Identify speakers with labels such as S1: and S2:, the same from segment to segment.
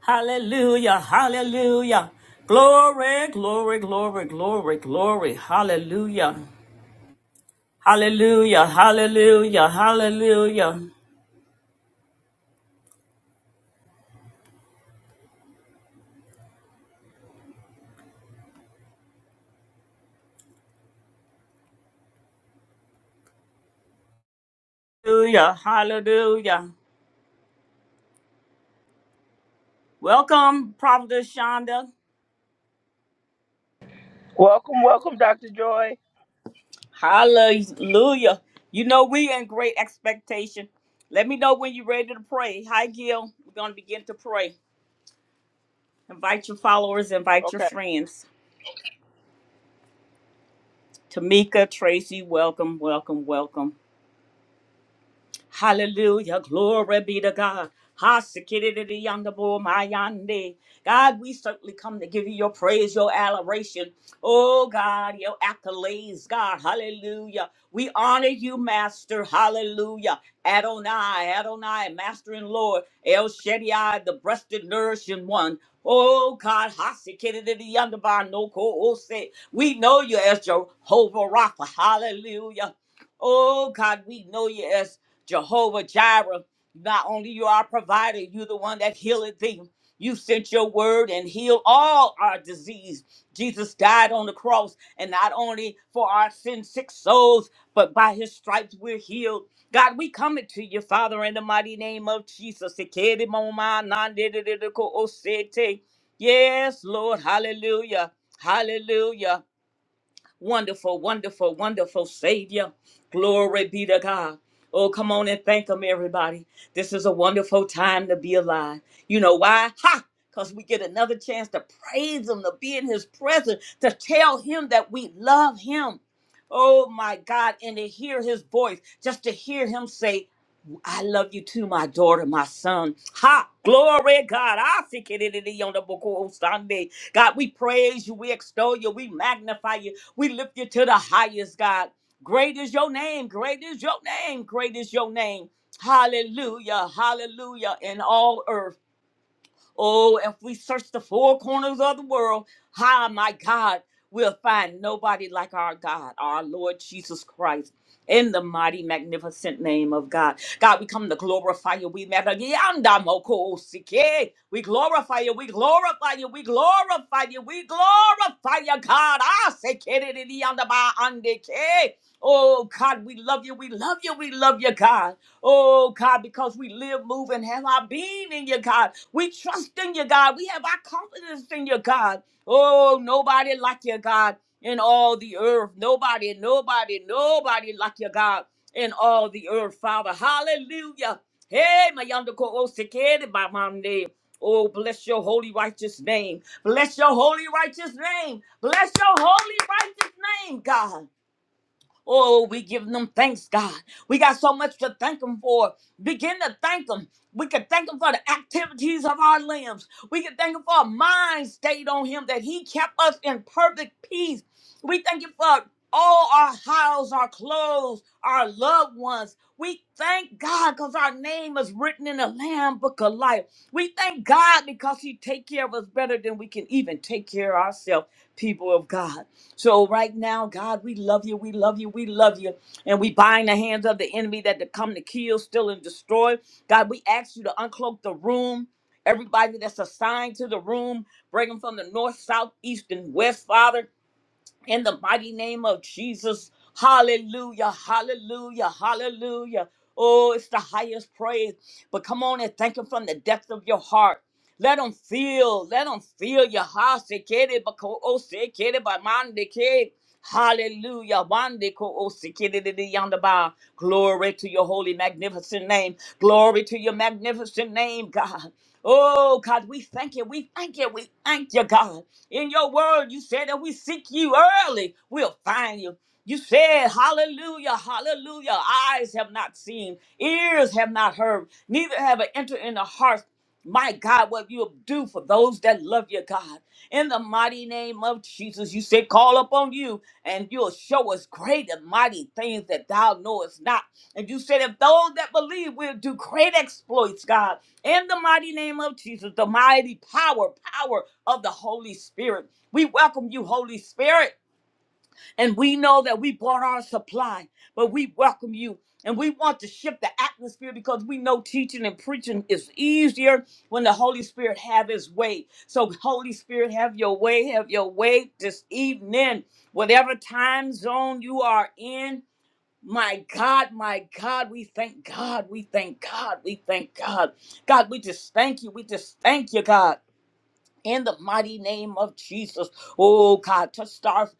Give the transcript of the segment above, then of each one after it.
S1: Hallelujah, hallelujah. Glory, glory, glory, glory, glory. Hallelujah. Hallelujah, hallelujah, hallelujah. Hallelujah, hallelujah. Welcome, Prophet Shonda.
S2: Welcome, welcome, Dr. Joy.
S1: Hallelujah. You know, we in great expectation. Let me know when you're ready to pray. Hi, Gil. We're going to begin to pray. Invite your followers, invite your
S2: Okay.
S1: friends. Tamika, Tracy, welcome, welcome, welcome. Hallelujah. Glory be to God. Hasikiriyandebomayande. God, we certainly come to give you your praise, your adoration. Oh, God, your accolades, God. Hallelujah. We honor you, Master. Hallelujah. Adonai, Adonai, Master and Lord. El Shaddai, the breasted, nourishing one. Oh, God. no Hasikiriyandebanokoose. We know you as Jehovah Rapha. Hallelujah. Oh, God, we know you as Jehovah Jireh, not only you are our provider, you the one that healeth thee. You sent your word and healed all our disease. Jesus died on the cross, and not only for our sin sick souls, but by his stripes we're healed. God, we coming to you, Father, in the mighty name of Jesus. Yes, Lord, hallelujah, hallelujah. Wonderful, wonderful, wonderful Savior. Glory be to God. Oh, come on and thank Him, everybody. This is a wonderful time to be alive. You know why? Ha! Because we get another chance to praise Him, to be in His presence, to tell Him that we love Him. Oh, my God. And to hear His voice, just to hear Him say, I love you too, my daughter, my son. Ha! Glory, God. I seek it in the on the book of Sunday. God, we praise you, we extol you, we magnify you, we lift you to the highest, God. Great is your name, great is your name, great is your name. Hallelujah, hallelujah, in all earth. Oh, if we search the four corners of the world, ah, my God, we'll find nobody like our God, our Lord Jesus Christ. In the mighty, magnificent name of God. God, we come to glorify you. We magnify you. We glorify you. We glorify you. We glorify you. We glorify you, God. Ah, sekere di di yanda ba ande Oh, God, we love you. We love you. We love you, God. Oh God, because we live, move, and have our being in you, God. We trust in you, God. We have our confidence in you, God. Oh, nobody like you, God, in all the earth. Nobody, nobody, nobody like you, God, in all the earth, Father. Hallelujah. Hey, my yonder ko o sekere ba mande. Oh, bless your holy righteous name. Bless your holy righteous name. Bless your holy righteous name, God. Oh, we give them thanks, God. We got so much to thank Him for. Begin to thank Him. We can thank Him for the activities of our limbs. We can thank Him for a mind stayed on Him that He kept us in perfect peace. We thank Him for all our house, our clothes, our loved ones. We thank God because our name is written in the Lamb Book of Life. We thank God because He take care of us better than we can even take care of ourselves, people of God. So right now, God, we love you, we love you, we love you. And we bind the hands of the enemy that to come to kill, steal, and destroy. God, we ask you to uncloak the room. Everybody that's assigned to the room, bring them from the north, south, east, and west, Father in the mighty name of Jesus. Hallelujah, hallelujah, hallelujah. Oh, it's the highest praise. But come on and thank Him from the depth of your heart. Let Him feel, let Him feel your heart. Sekere bako o sekere ba mande ke. Hallelujah. Wande ko o sekere de de yonder ba. Glory to your holy, magnificent name. Glory to your magnificent name, God. Oh, God, we thank you. We thank you. We thank you, God. In your word, you said that we seek you early, we'll find you. You said, Hallelujah, hallelujah. Eyes have not seen, ears have not heard, neither have it entered in the heart. My God, what you'll do for those that love you, God. In the mighty name of Jesus, you said, Call upon you, and you'll show us great and mighty things that thou knowest not. And you said, if those that believe will do great exploits, God, in the mighty name of Jesus, the mighty power, power of the Holy Spirit. We welcome you, Holy Spirit. And we know that we bought our supply, but we welcome you. And we want to shift the atmosphere because we know teaching and preaching is easier when the Holy Spirit have his way. So, Holy Spirit, have your way, have your way this evening, whatever time zone you are in my God, my God, we thank God, we thank God, we thank God. God, we just thank you, we just thank you, God, in the mighty name of Jesus. Oh, God, to start.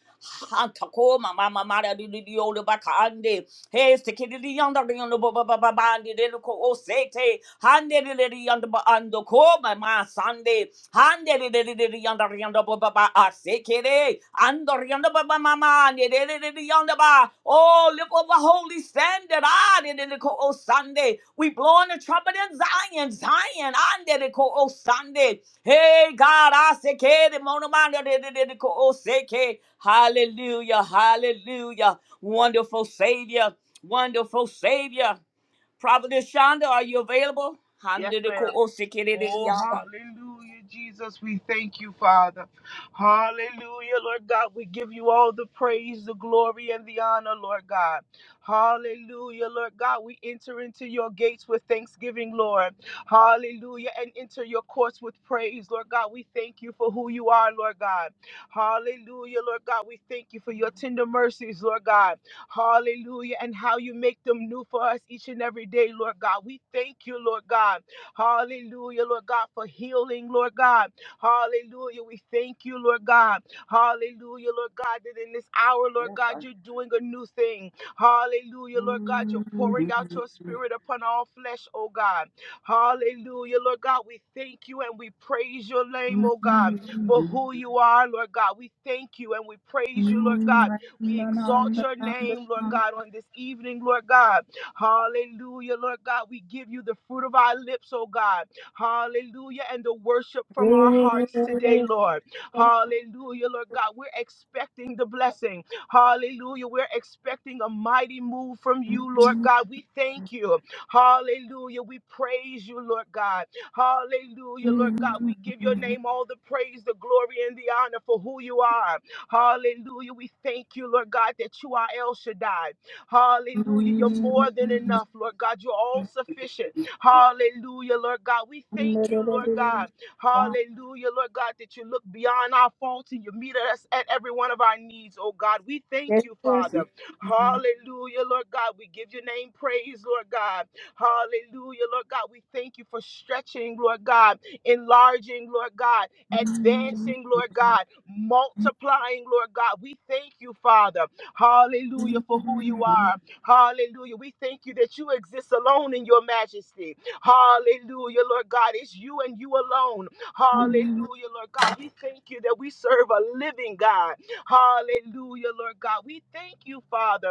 S1: Hey, sekiriri yanda riyondo ba ba ba ba ba ndirelo ko osete. Handeliri yanda ba ando ko ma ma sande. Handeliri yanda riyondo ba ba ba asekere. Ando riyondo ba ba ma ma ndiriri yanda ba. Oh, lift up a holy standard. Ah, ndirelo ko osande. We blowing the trumpet in Zion, Zion. Andirelo ko osande. Hey, God, asekere mono ma ndirelo ko oseke. Hallelujah, hallelujah. Wonderful Savior, wonderful Savior. Prophetess Shonda, are you available?
S2: Yes,
S1: handedeko
S2: ma'am. Oh, hallelujah, Jesus. We thank you, Father. Hallelujah, Lord God. We give you all the praise, the glory, and the honor, Lord God. Hallelujah, Lord God. We enter into your gates with thanksgiving, Lord. Hallelujah. And enter your courts with praise, Lord God. We thank you for who you are, Lord God. Hallelujah, Lord God. We thank you for your tender mercies, Lord God. Hallelujah. And how you make them new for us each and every day, Lord God. We thank you, Lord God. Hallelujah, Lord God, for healing, Lord God. Hallelujah. We thank you, Lord God. Hallelujah, Lord God, that in this hour, Lord God, you're doing a new thing. Hallelujah, Lord God, you're pouring out your spirit upon all flesh, oh God. Hallelujah, Lord God, we thank you and we praise your name, oh God, for who you are, Lord God. We thank you and we praise you, Lord God. We exalt your name, Lord God, on this evening, Lord God. Hallelujah, Lord God. We give you the fruit of our lips, oh God. Hallelujah. And the worship from our hearts today, Lord. Hallelujah, Lord God. We're expecting the blessing. Hallelujah. We're expecting a mighty move from you, Lord God. We thank you. Hallelujah. We praise you, Lord God. Hallelujah, Lord God. We give your name all the praise, the glory, and the honor for who you are. Hallelujah. We thank you, Lord God, that you are El Shaddai. Hallelujah. You're more than enough, Lord God. You're all sufficient. Hallelujah, Lord God. We thank you, Lord God. Hallelujah, Lord God, that you look beyond our faults and you meet us at every one of our needs, oh God. We thank
S1: Yes.
S2: you, Father. Hallelujah, Lord God. We give your name praise, Lord God. Hallelujah, Lord God. We thank you for stretching, Lord God, enlarging, Lord God, advancing, Lord God, multiplying, Lord God. We thank you, Father. Hallelujah for who you are. Hallelujah. We thank you that you exist alone in your majesty. Hallelujah, Lord God. It's you and you alone. Hallelujah, Lord God. We thank you that we serve a living God. Hallelujah, Lord God. We thank you, Father.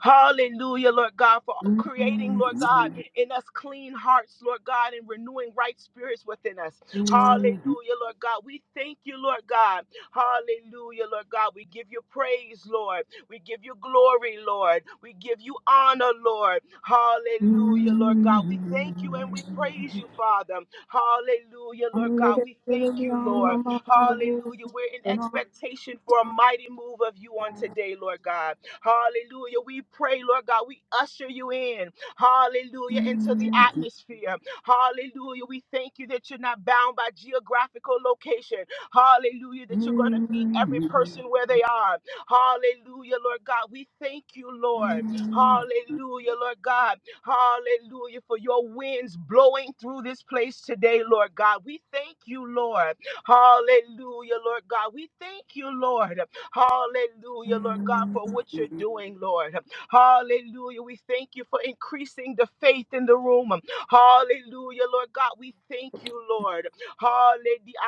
S2: Hallelujah, Lord God, for creating, Lord God, in us clean hearts, Lord God, and renewing right spirits within us. Hallelujah, Lord God. We thank you, Lord God. Hallelujah, Lord God. We give you praise, Lord. We give you glory, Lord. We give you honor, Lord. Hallelujah, Lord God. We thank you and we praise you, Father. Hallelujah, Lord God.
S1: Hallelujah.
S2: We thank you, Lord. Hallelujah. We're in expectation for a mighty move of you on today, Lord God. Hallelujah. We pray, Lord God, we usher you in. Hallelujah. Into the atmosphere. Hallelujah. We thank you that you're not bound by geographical location. Hallelujah. That you're going to meet every person where they are. Hallelujah, Lord God. We thank you, Lord. Hallelujah, Lord God. Hallelujah for your winds blowing through this place today, Lord God. We thank you, Lord. Hallelujah, Lord God. We thank you, Lord. Hallelujah, Lord God, for what you're doing, Lord. Hallelujah. We thank you for increasing the faith in the room. Hallelujah, Lord God. We thank you, Lord. Hallelujah.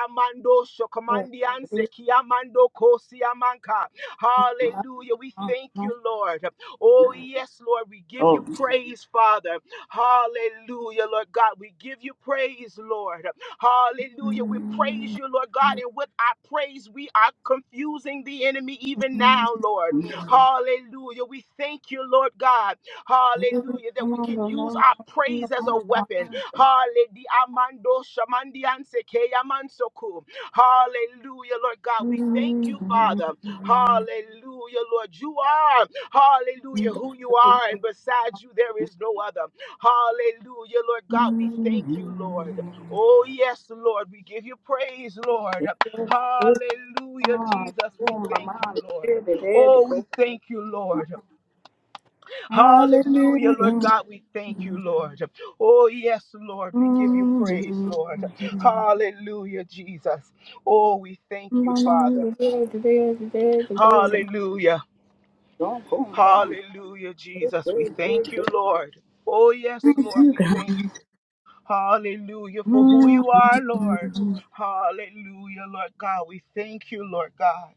S2: Amando shokomandianse kiamando kosiamanka. Hallelujah. We thank you, Lord. Oh, yes, Lord. We give you praise, Father. Hallelujah, Lord God. We give you praise, Lord. Hallelujah. We praise you, Lord God. And with our praise, we are confusing the enemy even now, Lord. Hallelujah. We thank you, Lord God. Hallelujah. That we can use our praise as a weapon. Hallelujah. Amando shamandianse keyamansoku. Hallelujah, Lord God. We thank you, Father. Hallelujah, Lord. You are, hallelujah, who you are. And besides you, there is no other. Hallelujah, Lord God. We thank you, Lord. Oh, yes, Lord. We give you praise, Lord. Hallelujah, Jesus. We thank you, Lord. Oh, we thank you, Lord. Hallelujah, Lord God. We thank you, Lord. Oh, yes, Lord. We give you praise, Lord. Hallelujah, Jesus. Oh, we thank you, Father. Hallelujah. Hallelujah, Jesus. We thank you, Lord. Oh, yes, Lord. We thank Hallelujah for who you are, Lord. Hallelujah, Lord God. We thank you, Lord God.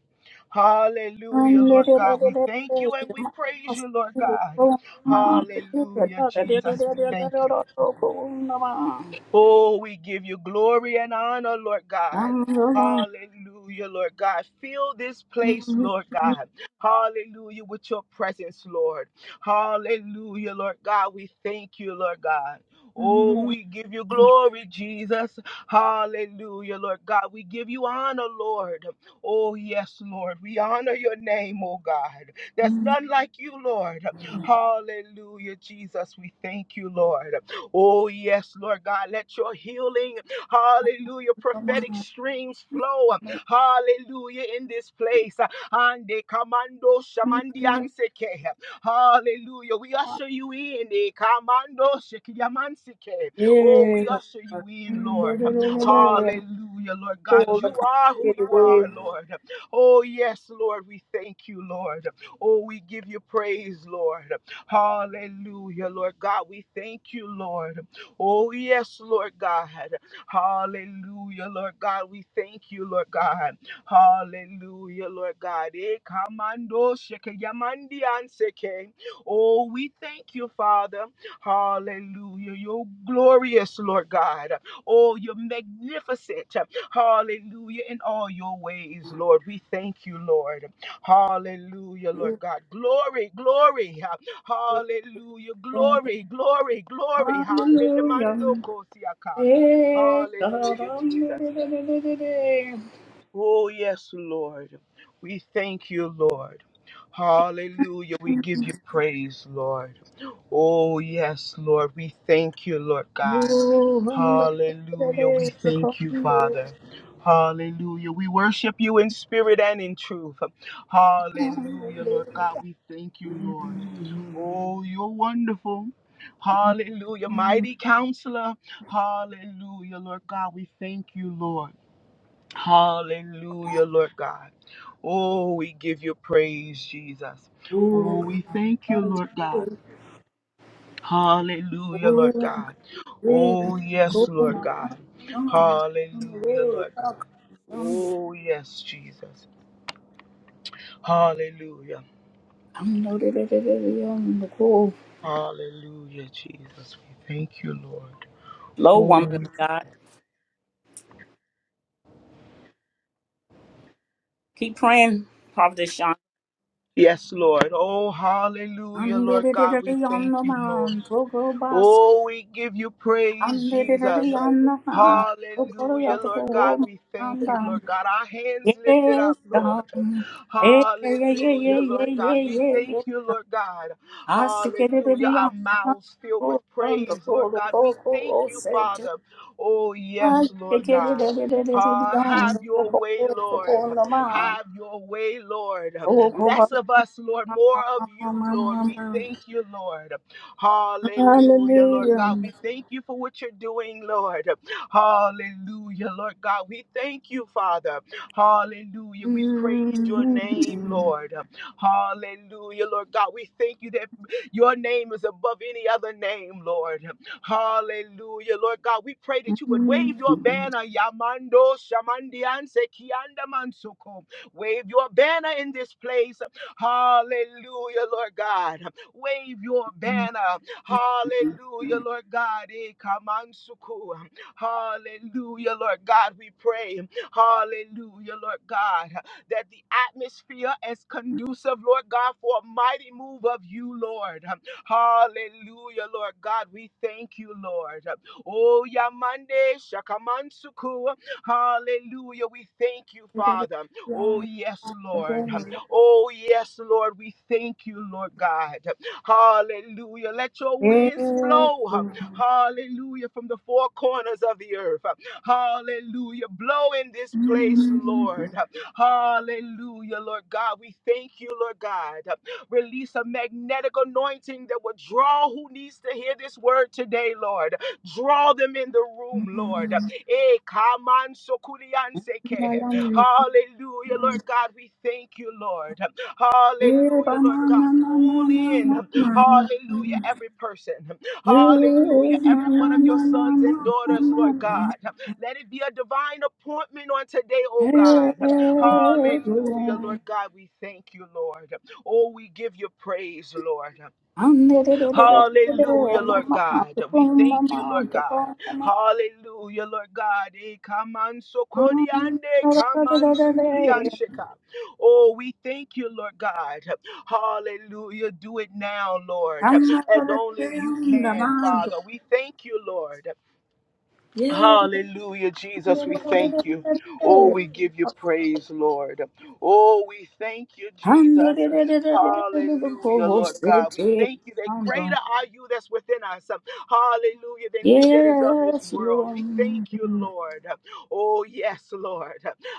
S2: Hallelujah, Lord God. We thank you and we praise you, Lord God. Hallelujah, Jesus. We thank you. Oh, we give you glory and honor, Lord God.
S1: Hallelujah.
S2: Hallelujah, Lord God. Fill this place, Lord God. Hallelujah, with your presence, Lord. Hallelujah, Lord God. We thank you, Lord God. Oh, we give you glory, Jesus. Hallelujah, Lord God. We give you honor, Lord. Oh, yes, Lord. We honor your name, oh God. There's none like you, Lord. Hallelujah, Jesus. We thank you, Lord. Oh, yes, Lord God, let your healing, hallelujah, prophetic streams flow, hallelujah, in this place. And the commando shamandianseke, hallelujah, we usher you in, the commando shekiyamanseke. Oh, we usher you in, Lord. Hallelujah, Lord God, you are who you are, Lord. Oh, yes, Lord, we thank you, Lord. Oh, we give you praise, Lord. Hallelujah, Lord God. We thank you, Lord. Oh, yes, Lord God. Hallelujah, Lord God. We thank you, Lord God. Hallelujah, Lord God. Eh, kamando sheke yamandi anseke. Oh, we thank you, Father. Hallelujah. You're glorious, Lord God. Oh, you're magnificent. Hallelujah. In all your ways, Lord. We thank you, Lord. Hallelujah, Lord God. Glory, glory. Hallelujah. Glory, glory, glory. Hallelujah. Mando kosiaka. Hallelujah, Jesus. Oh, yes, Lord. We thank you, Lord. Hallelujah. We give you praise, Lord. Oh, yes, Lord. We thank you, Lord God.
S1: Oh, Honda,
S2: Hallelujah. We thank you, Father. Hallelujah. We worship you in spirit and in truth. Hallelujah, Lord God. We thank you, Lord. Oh, you're wonderful. Hallelujah. Mighty counselor. Hallelujah, Lord God. We thank you, Lord. Hallelujah, Lord God. Oh, we give you praise, Jesus. Oh, we thank you, Lord God. Hallelujah, Lord God. Oh, yes, Lord God. Hallelujah, Lord God. Oh, yes, Jesus. Hallelujah. Hallelujah, Jesus. We thank you, Lord.
S1: Low
S2: Oh,
S1: woman
S2: we-
S1: of God. Keep praying, Prophet Sean.
S2: yes, Lord. Oh, hallelujah, Lord God. We thank you, Lord. Oh, we give you praise, Jesus. Hallelujah, Lord God. We thank you, Lord God. Our hands lifted
S1: Yes,
S2: up, Lord.
S1: God. Yeah, yeah, yeah, yeah,
S2: Hallelujah,
S1: yeah, yeah,
S2: Lord God.
S1: yeah,
S2: We
S1: yeah,
S2: thank you, Lord God.
S1: I see Asikerere
S2: Hallelujah. Our
S1: beyond the mountain,
S2: mouths filled with
S1: cold from the
S2: praise, Lord
S1: cold
S2: God.
S1: oh,
S2: We thank
S1: cold
S2: you,
S1: set to
S2: Father. Oh, yes, Lord
S1: Asikerere
S2: God. Ah,
S1: beyond
S2: have
S1: the
S2: your way,
S1: cold
S2: Lord.
S1: upon the man.
S2: Have your way, Lord.
S1: Oh, Koba,
S2: Less of us, Lord. More of you, Lord. We thank you, Lord. Hallelujah, Lord God.
S1: hallelujah.
S2: We thank you for what you're doing, Lord. Hallelujah, Lord God. We thank you, Father. Hallelujah. We praise your
S1: Mhm.
S2: name, Lord. Hallelujah, Lord God. We thank you that your name is above any other name, Lord. Hallelujah, Lord God. We pray that you would wave your
S1: Mhm.
S2: banner, Yamando Shamandianse Kianda Mansuko. Wave your banner in this place. Hallelujah, Lord God. Wave your banner. Hallelujah, Lord God. Eh, kamansuku. Hallelujah, Lord God. We pray. Hallelujah, Lord God. That the atmosphere is conducive, Lord God, for a mighty move of you, Lord. Hallelujah, Lord God. We thank you, Lord. Oh, Yamande Shakamansuku. Hallelujah. We thank you, Father. Oh,
S1: Beyond
S2: yes,
S1: the cold,
S2: Lord.
S1: the mountain.
S2: Oh, yes, Lord, we thank you, Lord God. Hallelujah. Let your winds
S1: Yes,
S2: blow.
S1: Lord.
S2: Hallelujah. From the four corners of the earth. Hallelujah. Blow in this place,
S1: Mhm.
S2: Lord. Hallelujah, Lord God. We thank you, Lord God. Release a magnetic anointing that will draw who needs to hear this word today, Lord. Draw them in the room, Lord. Eh, kaman sokulian
S1: By
S2: seke. Hallelujah, Lord God, we thank you, Lord. Hallelujah,
S1: my,
S2: Lord God,
S1: my, my,
S2: pull in.
S1: my, my, my, my.
S2: Hallelujah, every person.
S1: Hey, na,
S2: Hallelujah, every
S1: na,
S2: one of
S1: na,
S2: your
S1: na, na,
S2: sons and
S1: na,
S2: daughters, Lord
S1: na,
S2: God.
S1: na.
S2: Let it be a divine appointment on today, oh
S1: Hey,
S2: God. Hallelujah, Lord God, we thank you, Lord. Oh, we give you praise, Lord.
S1: Andre, re, re, re, re,
S2: Hallelujah, Lord
S1: mama,
S2: God. We
S1: tukum,
S2: thank you,
S1: mama,
S2: Lord God.
S1: tukum, mama.
S2: Hallelujah, Lord God. Eh, kaman
S1: Andre,
S2: sokoriande,
S1: re, re, re,
S2: kaman
S1: re, re.
S2: sokoriansheka. Oh, we thank you, Lord God. Hallelujah. Do it now, Lord,
S1: Amma, re,
S2: as
S1: re, re, re,
S2: only you
S1: mama,
S2: can, Father.
S1: tukum.
S2: We thank you, Lord.
S1: Yeah.
S2: Hallelujah, Jesus, we thank you. Oh, we give you praise, Lord. Oh, we thank you,
S1: Andre, re,
S2: Jesus.
S1: re, re, re, re, re. Andre, re, re, re, re, re, re, re, re, ho,
S2: Hallelujah,
S1: ho,
S2: Lord
S1: se,
S2: God. We
S1: te,
S2: thank you that
S1: mama.
S2: greater are you that's within us. Hallelujah, than he that is of this
S1: Yes,
S2: world.
S1: Lord.
S2: We thank you,
S1: Andre,
S2: Lord. Oh, yes, Lord.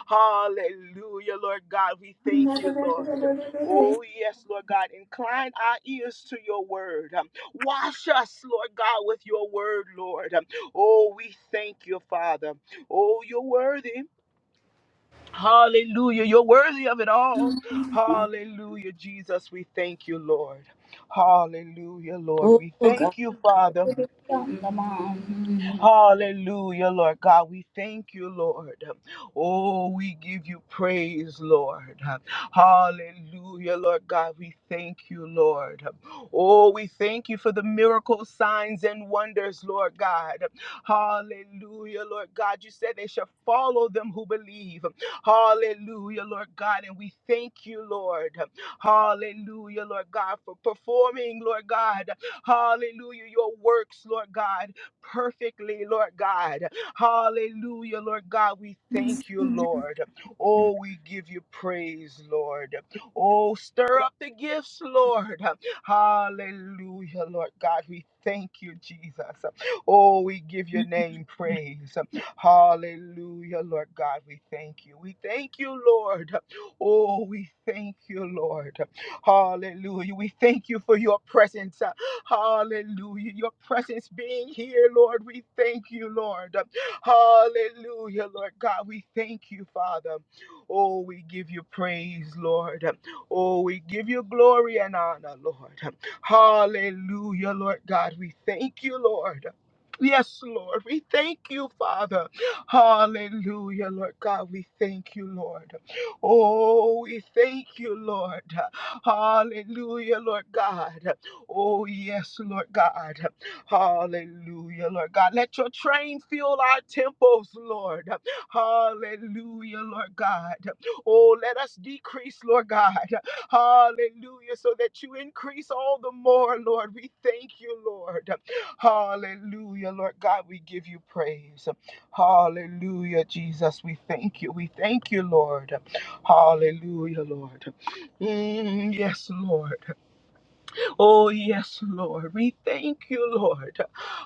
S2: Hallelujah, Lord God. We
S1: re, re,
S2: thank you, Lord.
S1: re, re, re, re.
S2: Oh, yes, Lord God. Incline our ears to your word. Wash us, Lord God, with your word, Lord. Oh, we thank you, Father. Oh, you're worthy. Hallelujah. You're worthy of it all. Hallelujah, Jesus. We thank you, Lord. Hallelujah, Lord.
S1: Oh
S2: We
S1: God,
S2: thank you, Father.
S1: hallelujah, Mom.
S2: Hallelujah, Lord God. We thank you, Lord. Oh, we give you praise, Lord. Hallelujah, Lord God. We thank you, Lord. Oh, we thank you for the miracles, signs, and wonders, Lord God. Hallelujah, Lord God. You said they shall follow them who believe. Hallelujah, Lord God. And we thank you, Lord. Hallelujah, Lord God, for performing, Lord God. Hallelujah, your works, Lord God perfectly, Lord God. Hallelujah, Lord God. We thank you, Lord. Oh, we give you praise, Lord. Oh, stir up the gifts, Lord. Hallelujah, Lord God. We thank you, Jesus. Oh, we give your name praise. Hallelujah, Lord God. We thank you. We thank you, Lord. Oh, we thank you, Lord. Hallelujah. We thank you for your presence. uh, Hallelujah. Your presence being here, Lord. We thank you, Lord. Uh, Hallelujah, Lord God. We thank you, Father. Oh, we give you praise, Lord. Uh, Oh, we give you glory and honor, Lord. Uh, Hallelujah, Lord God. We thank you, Lord. Yes, Lord. We thank you, Father. Hallelujah, Lord God. We thank you, Lord. Oh, we thank you, Lord. Hallelujah, Lord God. Oh, yes, Lord God. Hallelujah, Lord God. Let your train fill our temples, Lord. Hallelujah, Lord God. Oh, let us decrease, Lord God. Hallelujah, so that you increase all the more, Lord. We thank you, Lord. Hallelujah, Lord God. We give you praise. Hallelujah, Jesus. We thank you. We thank you, Lord. Hallelujah, Lord. Mm, yes, Lord. Oh, yes, Lord. We thank you, Lord.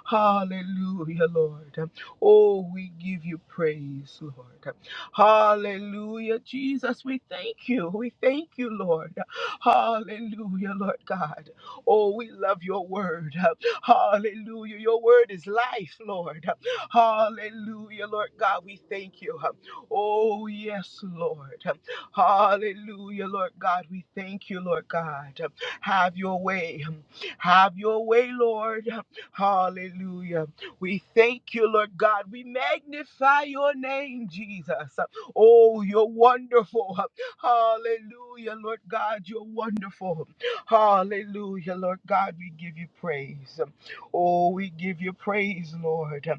S2: Hallelujah, Lord. Oh, we give you praise, Lord. Hallelujah, Jesus. We thank you. We thank you, Lord. Hallelujah, Lord God. Oh, we love your word. Hallelujah. Your word is life, Lord. Hallelujah, Lord God. We thank you. Oh, yes, Lord. Hallelujah, Lord God. We thank you, Lord God. Have your way. Have your way, Lord. Hallelujah. We thank you, Lord God. We magnify your name, Jesus. Oh, you're wonderful. Hallelujah, Lord God. You're wonderful. Hallelujah, Lord God. We give you praise. Oh, we give you praise, Lord.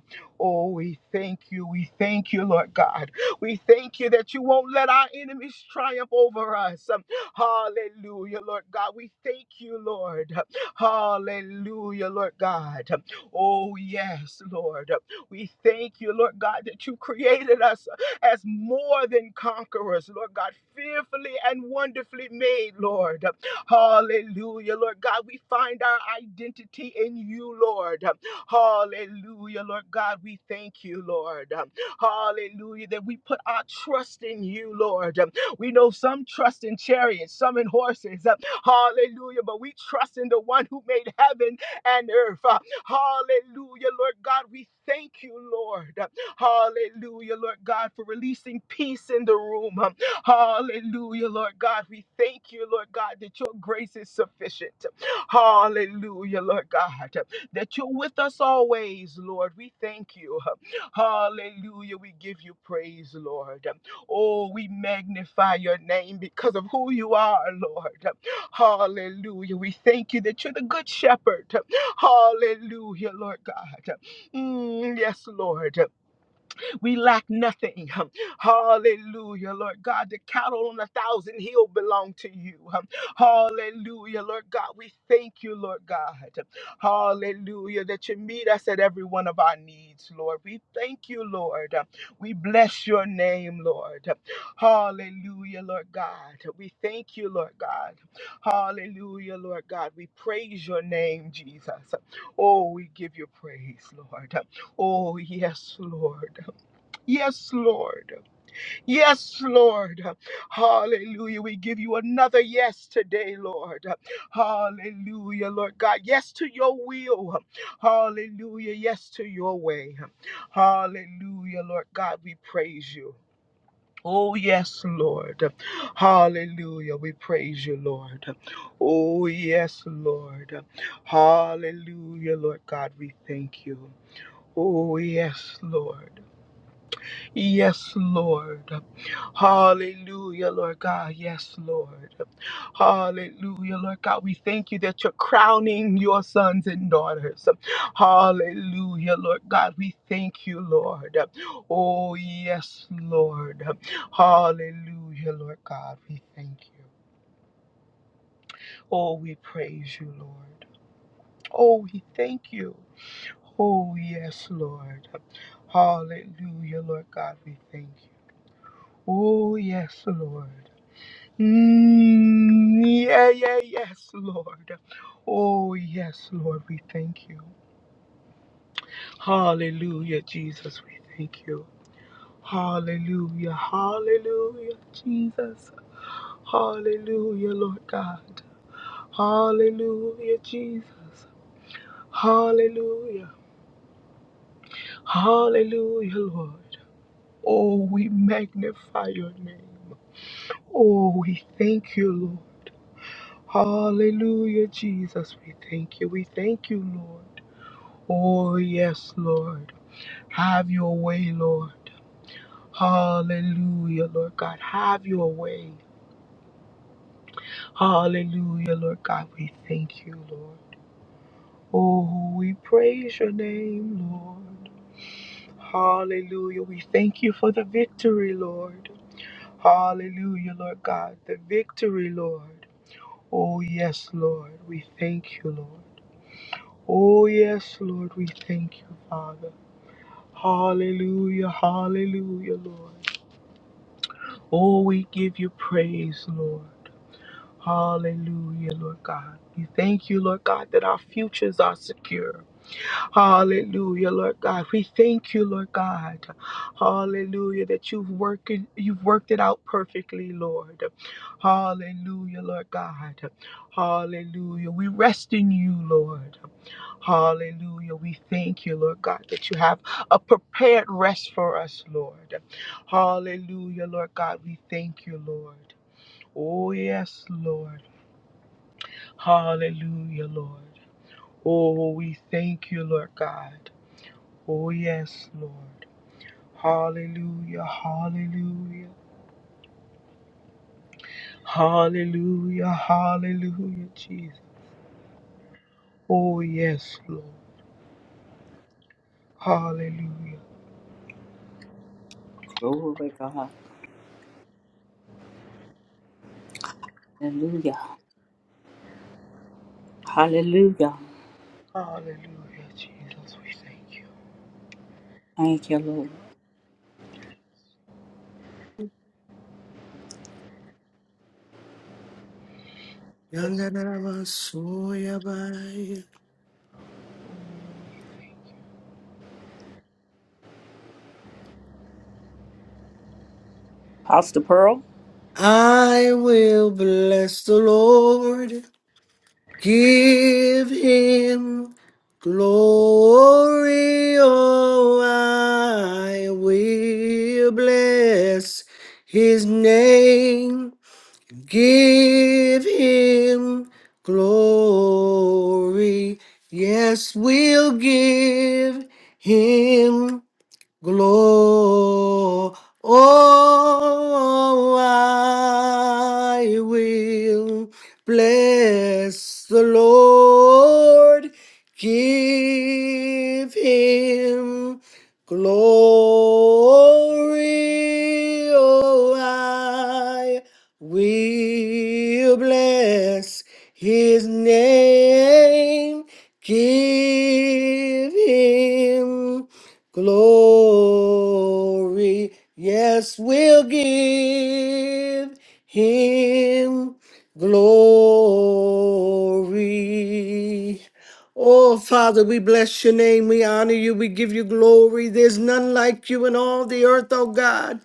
S2: Oh, we thank you. We thank you, Lord God. We thank you that you won't let our enemies triumph over us. Hallelujah, Lord God. We thank you, Lord. Hallelujah, Lord God. Oh, yes, Lord. We thank you, Lord God, that you created us as more than conquerors, Lord God, fearfully and wonderfully made, Lord. Hallelujah, Lord God. We find our identity in you, Lord. Hallelujah, Lord God. We thank you, Lord. Hallelujah, that we put our trust in you, Lord. We know some trust in chariots, some in horses. Uh, Hallelujah. But we trust in the one who made heaven and earth. Uh, Hallelujah, Lord God. We thank you, Lord. Uh, Hallelujah, Lord God, for releasing peace in the room. Um, Hallelujah, Lord God. We thank you, Lord God, that your grace is sufficient. Hallelujah, Lord God, that you're with us always, Lord. We thank you. Hallelujah. We give you praise, Lord. Oh, we magnify your name because of who you are, Lord. Hallelujah. We thank you that you're the good shepherd. Hallelujah, Lord God. Mm, yes, Lord. We lack nothing. um, Hallelujah, Lord God. The cattle on a thousand hill belong to you. um, Hallelujah, Lord God. We thank you, Lord God. Hallelujah, that you meet us at every one of our needs, Lord. We thank you, Lord. We bless your name, Lord. Hallelujah, Lord God. We thank you, Lord God. Hallelujah, Lord God. We praise your name, Jesus. Oh, we give you praise, Lord. Oh, yes, Lord. Yes, Lord. Yes, Lord. Hallelujah. We give you another yes today, Lord. Hallelujah, Lord God. Yes to your will. Hallelujah. Yes to your way. Hallelujah, Lord God. We praise you. Oh, yes, Lord. Hallelujah. We praise you, Lord. Oh, yes, Lord. Hallelujah, Lord God. We thank you. Oh, yes, Lord. Yes, Lord. Hallelujah, Lord God. Yes, Lord. Hallelujah, Lord God. We thank you that you're crowning your sons and daughters. Hallelujah, Lord God. We thank you, Lord. Oh, yes, Lord. Hallelujah, Lord God. We thank you. Oh, we praise you, Lord. Oh, we thank you. Oh, yes, Lord. Hallelujah, Lord God. We thank you. Oh, yes, Lord. Mm, yeah, yeah, yes, Lord. Oh, yes, Lord, we thank you. Hallelujah, Jesus, we thank you. Hallelujah, hallelujah, Jesus. Hallelujah, Lord God. Hallelujah, Jesus. Hallelujah, hallelujah, Lord. Oh, we magnify your name. Oh, we thank you, Lord. Hallelujah, Jesus. We thank you. We thank you, Lord. Oh, yes, Lord. Have your way, Lord. Hallelujah, Lord God. Have your way. Hallelujah, Lord God. We thank you, Lord. Oh, we praise your name, Lord. Hallelujah. We thank you for the victory, Lord. Hallelujah, Lord God. The victory, Lord. Oh, yes, Lord. We thank you, Lord. Oh, yes, Lord, we thank you, Father. Hallelujah, hallelujah, Lord. Oh, we give you praise, Lord. Hallelujah, Lord God. We thank you, Lord God, that our futures are secure. Hallelujah, Lord God. We thank you, Lord God. Hallelujah, that you've working you've worked it out perfectly, Lord. Hallelujah, Lord God. Hallelujah. We rest in you, Lord. Hallelujah. We thank you, Lord God, that you have a prepared rest for us, Lord. Hallelujah, Lord God. We thank you, Lord. Oh, yes, Lord. Hallelujah, Lord. Oh, we thank you, Lord God. Oh, yes, Lord. Hallelujah, hallelujah. Hallelujah, hallelujah, Jesus. Oh, yes, Lord. Hallelujah,
S1: glory God, hallelujah, hallelujah.
S2: hallelujah, Jesus. We thank you.
S1: Thank you, Lord.
S2: Yes,
S3: Yandarabasooyabai.
S2: oh, we thank
S1: Pastor Pearl.
S3: I will bless the Lord. Give him glory. Oh, I will bless his name. Give him glory. Yes, we'll give him Glory, oh, I will bless the Lord. Give him glory, oh, I will bless his name. Give him glory. Yes, we'll give him glory. Oh, Father, we bless your name. We honor you. We give you glory. There's none like you in all the earth, oh God.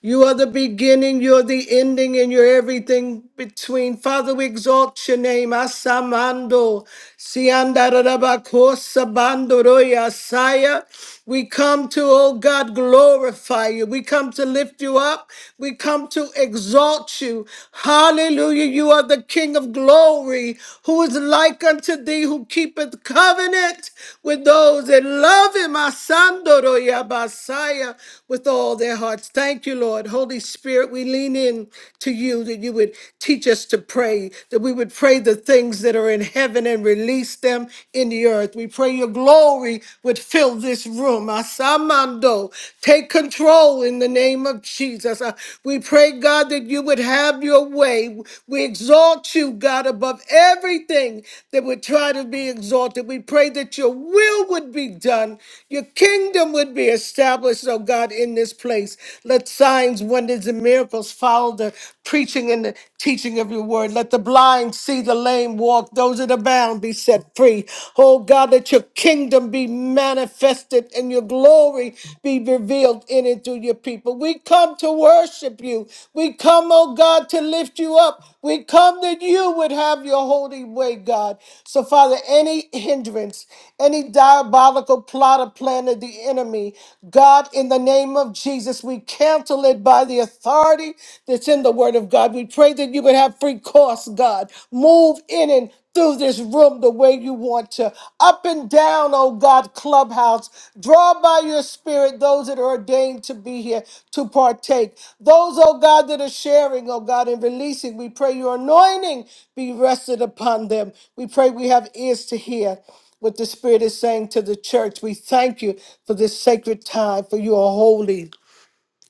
S3: You are the beginning, you're the ending, and you're everything between. Father, we exalt your name. Asamando, Siandarabakosa Bandoroya Saya. We come to, oh God, glorify you. We come to lift you up. We come to exalt you. Hallelujah. You are the King of glory, who is like unto thee, who keepeth covenant with those that love him. Asandoroya Basaya with all their hearts. Thank Thank you, Lord. Holy Spirit, we lean in to you that you would teach us to pray, that we would pray the things that are in heaven and release them in the earth. We pray your glory would fill this room. Asamando, take control in the name of Jesus. Uh, We pray, God, that you would have your way. We exalt you, God, above everything that would try to be exalted. We pray that your will would be done, your kingdom would be established, oh God, in this place. Let signs, wonders, and miracles follow the preaching and the teaching of your word. Let the blind see the lame walk, those that are bound be set free. Oh God, let your kingdom be manifested and your glory be revealed in and through your people. We come to worship you. We come, oh God, to lift you up. We come that you would have your holy way, God. So, Father, any hindrance, any diabolical plot or plan of the enemy, God, in the name of Jesus. Jesus, we cancel it by the authority that's in the Word of God. We pray that you would have free course, God. Move in and through this room the way you want to. Up and down, oh God, clubhouse. Draw by your spirit those that are ordained to be here to partake. Those, oh God, that are sharing, oh God, and releasing, we pray your anointing be rested upon them. We pray we have ears to hear what the Spirit is saying to the church. We thank you for this sacred time, for you are holy.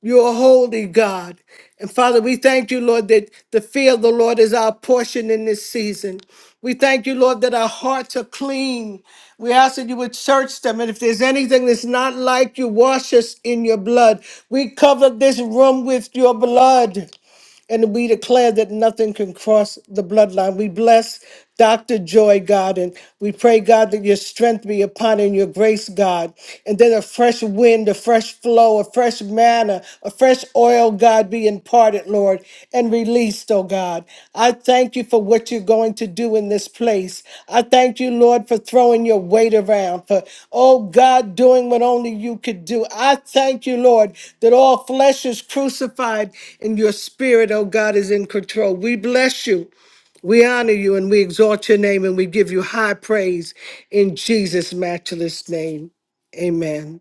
S3: You're holy, God. And Father, we thank you, Lord, that the fear of the Lord is our portion in this season. We thank you, Lord, that our hearts are clean. We ask that you would search them. And if there's anything that's not like you, wash us in your blood. We cover this room with your blood and we declare that nothing can cross the bloodline. We bless Dr. Joy, God, and we pray, God, that your strength be upon her and your grace, God, and that a fresh wind, a fresh flow, a fresh manna, a fresh oil, God, be imparted, Lord, and released, oh God. I thank you for what you're going to do in this place. I thank you, Lord, for throwing your weight around, for, oh God, doing what only you could do. I thank you, Lord, that all flesh is crucified and your spirit, oh God, is in control. We bless you. We honor you and we exalt your name and we give you high praise in Jesus' matchless name. Amen.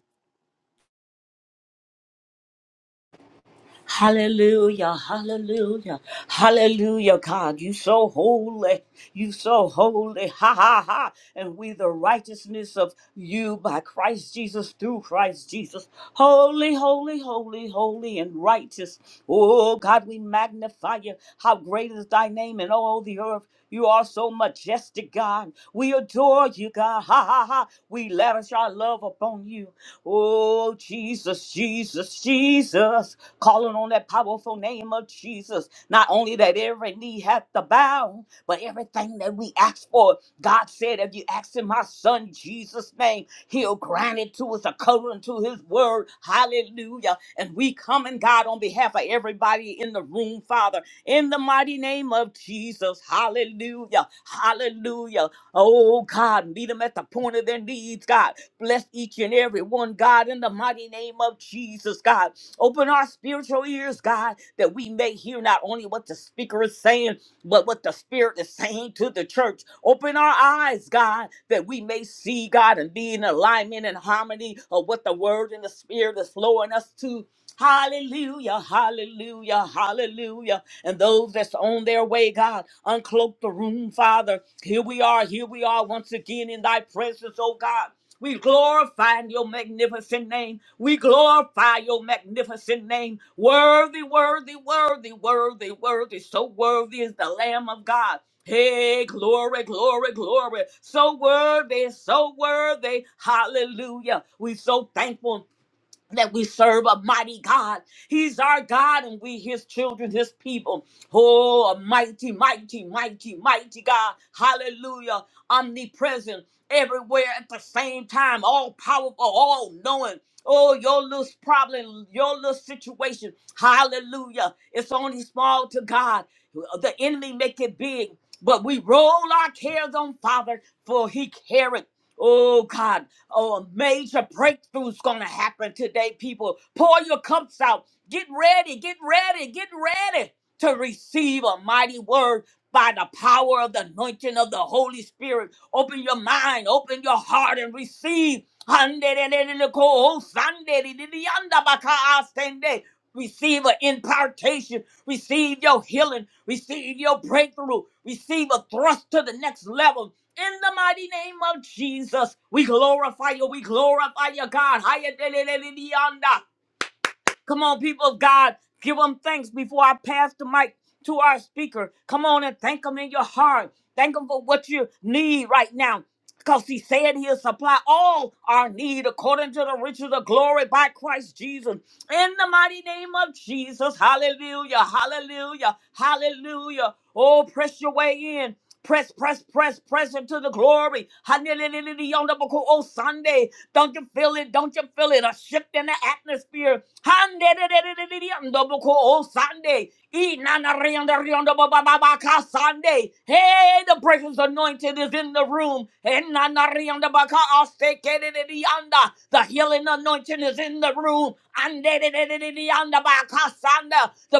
S1: Hallelujah, hallelujah, hallelujah, God. You so holy, you so holy, ha ha ha. And we the righteousness of you by Christ Jesus, through Christ Jesus. Holy, holy, holy, holy, and righteous. Oh God, we magnify you. How great is thy name in all the earth. You are so majestic, God. We adore you, God. Ha ha ha. We lavish our love upon you. Oh, Jesus, Jesus, Jesus calling on that powerful name of Jesus. Not only that every knee hath to bow, but everything that we ask for, God said, if you ask in my son Jesus' name, he'll grant it to us according to his word. Hallelujah. And we come in God on behalf of everybody in the room, Father, in the mighty name of Jesus. Hallelujah. Hallelujah. Oh God, meet them at the point of their needs, God. Bless each and every one, God, in the mighty name of Jesus, God. Open our spiritual ears, God, that we may hear not only what the speaker is saying, but what the Spirit is saying to the church. Open our eyes, God, that we may see, God, and be in alignment and harmony of what the Word and the Spirit is flowing us to. Hallelujah, hallelujah, hallelujah. And those that's on their way, God, uncloak the room, Father. Here we are, here we are once again in thy presence, oh God. We glorify your magnificent name. We glorify your magnificent name. Worthy, worthy, worthy, worthy, worthy. So worthy is the Lamb of God. Hey, glory, glory, glory. So worthy, so worthy. Hallelujah. We so thankful that we serve a mighty God. He's our God and we his children, his people. Oh, a mighty, mighty, mighty, mighty God. Hallelujah. Omnipresent everywhere at the same time, all powerful, all knowing. Oh, your little problem, your little situation. Hallelujah. It's only small to God. The enemy make it big, but we roll our cares on Father, for he careth. Oh God, Oh, a major breakthrough's gonna happen today, people. Pour your cups out. Get ready, get ready, get ready to receive a mighty word by the power of the anointing of the Holy Spirit. Open your mind, open your heart, and receive. Receive an impartation, receive your healing, receive your breakthrough, receive a thrust to the next level. In the mighty name of Jesus, we glorify you. We glorify you, God. Higher Come on, people of God, give them thanks before I pass the mic to our speaker. Come on and thank him in your heart. Thank him for what you need right now. Because he said he'll supply all our need according to the riches of glory by Christ Jesus. In the mighty name of Jesus. Hallelujah. Hallelujah. Hallelujah. Oh, press your way in. Press, press, press, press into the glory. Hallelujah. On the book of oh, Sunday. Don't you feel it? Don't you feel it? A shift in the atmosphere. Handedededededeyandoboko Sunday. Inanareyandoreyandobababaka Sunday. Hey, the presence anointed is in the room. Inanareyandobaka astekedededeyanda. Healing anointing is in the room. And The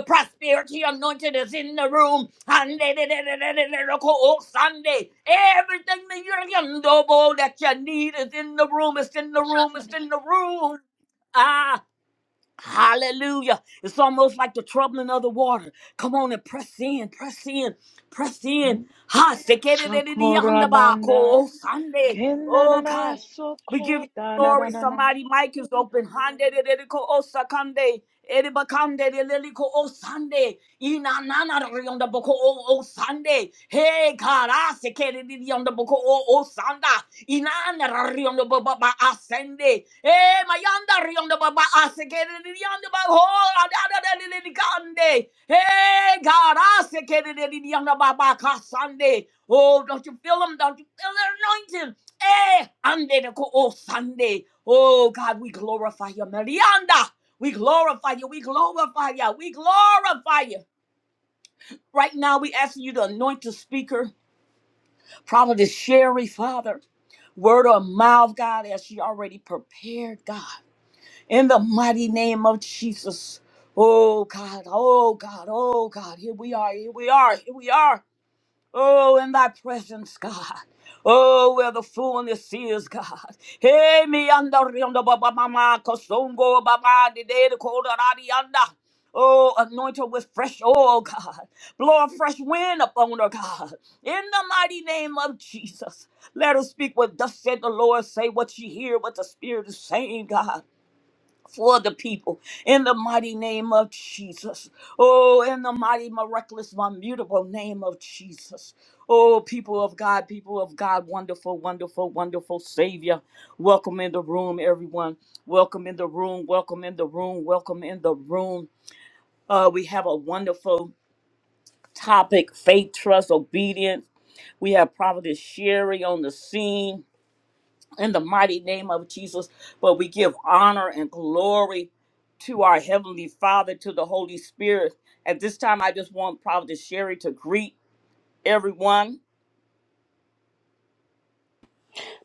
S1: prosperity anointing is in the room. And Sunday. Everything that you're yondobo that you need is in the room. It's in the room. It's in the room. Ah, Hallelujah. It's almost like the troubling of the water. Come on and press in, press in, press in. Ha,
S4: Socorabanda,
S1: sekererereriyandabako, Sunday. Oh,
S4: Kenanana,
S1: God. We give you glory.
S4: Socorabanda,
S1: Somebody, mic is open. Handerereriko osakande, eribakande, leliliko osande, inananariyondaboko o- Oh Sunday. Hey, God. ah, sekerereriyondaboko o- Oh Sunday. Inanda riondo baba ba asende. Eh mayanda riondo baba asekere riondo ba ho adada de de de gande. Eh God asekere de de riondo baba kasande. Oh, don't you feel him? Don't you feel the anointing? Eh, ande de ko o sande. Oh God, we glorify you, Marianda. We glorify you. We glorify you. We glorify you. Right now, we asking you to anoint the speaker, Prophetess Sherry, Father word of mouth, God, as she already prepared, God. In the mighty name of Jesus. Oh God, oh God, oh God, here we are, here we are, here we are. Oh, in thy presence, God. Oh, where the fullness is, God. Hey, me anda rianda baba mama kosongo baba de de de koda radianda. Oh, anoint her with fresh oil, God. Blow a fresh wind upon her, God. In the mighty name of Jesus. Let her speak what thus said the Lord. Say what she hear, what the Spirit is saying, God for the people in the mighty name of Jesus. Oh, in the mighty, miraculous, immutable name of Jesus. Oh, people of God, people of God, wonderful, wonderful, wonderful Savior. Welcome in the room, everyone. Welcome in the room. Welcome in the room. Welcome in the room. Uh, we have a wonderful topic faith, trust, obedience. We have Prophetess Sherry on the scene in the mighty name of Jesus. But we give honor and glory to our Heavenly Father, to the Holy Spirit. At this time, I just want Prophet Sherry to greet everyone.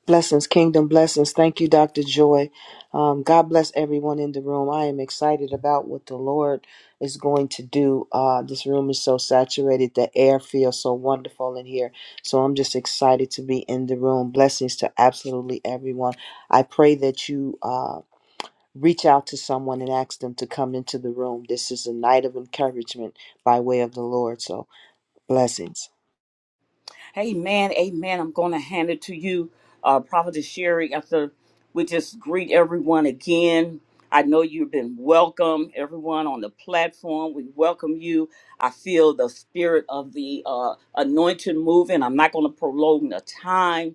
S5: Blessings, kingdom blessings. Thank you, Dr. Joy. Um, God bless everyone in the room. I am excited about what the Lord is going to do. Uh, this room is so saturated. The air feels so wonderful in here. So I'm just excited to be in the room. Blessings to absolutely everyone. I pray that you uh, reach out to someone and ask them to come into the room. This is a night of encouragement by way of the Lord. So blessings.
S1: Amen. Amen. I'm going to hand it to you, uh, Prophet Sherry, after we just greet everyone again. I know you've been welcome, everyone on the platform. We welcome you. I feel the spirit of the uh, anointing moving. I'm not going to prolong the time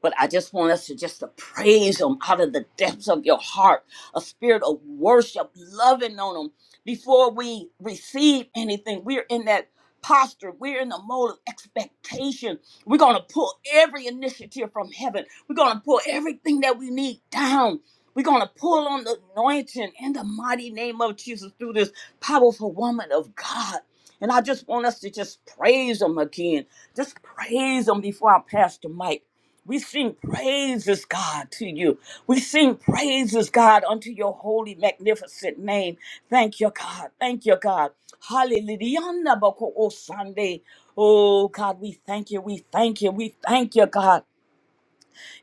S1: But I just want us to just to praise him out of the depths of your heart, a spirit of worship, loving on him. Before we receive anything, we're in that posture. We're in the mode of expectation. We're going to pull every initiative from heaven. We're going to pull everything that we need down. We're going to pull on the anointing in the mighty name of Jesus through this powerful woman of God. And I just want us to just praise him again. Just praise him before I pass the mic. We sing praises, God, to you. We sing praises, God, unto your holy, magnificent name. Thank you, God. Thank you, God. Hallelujah. Oh, Sunday. Oh, God, we thank you. We thank you. We thank you, God.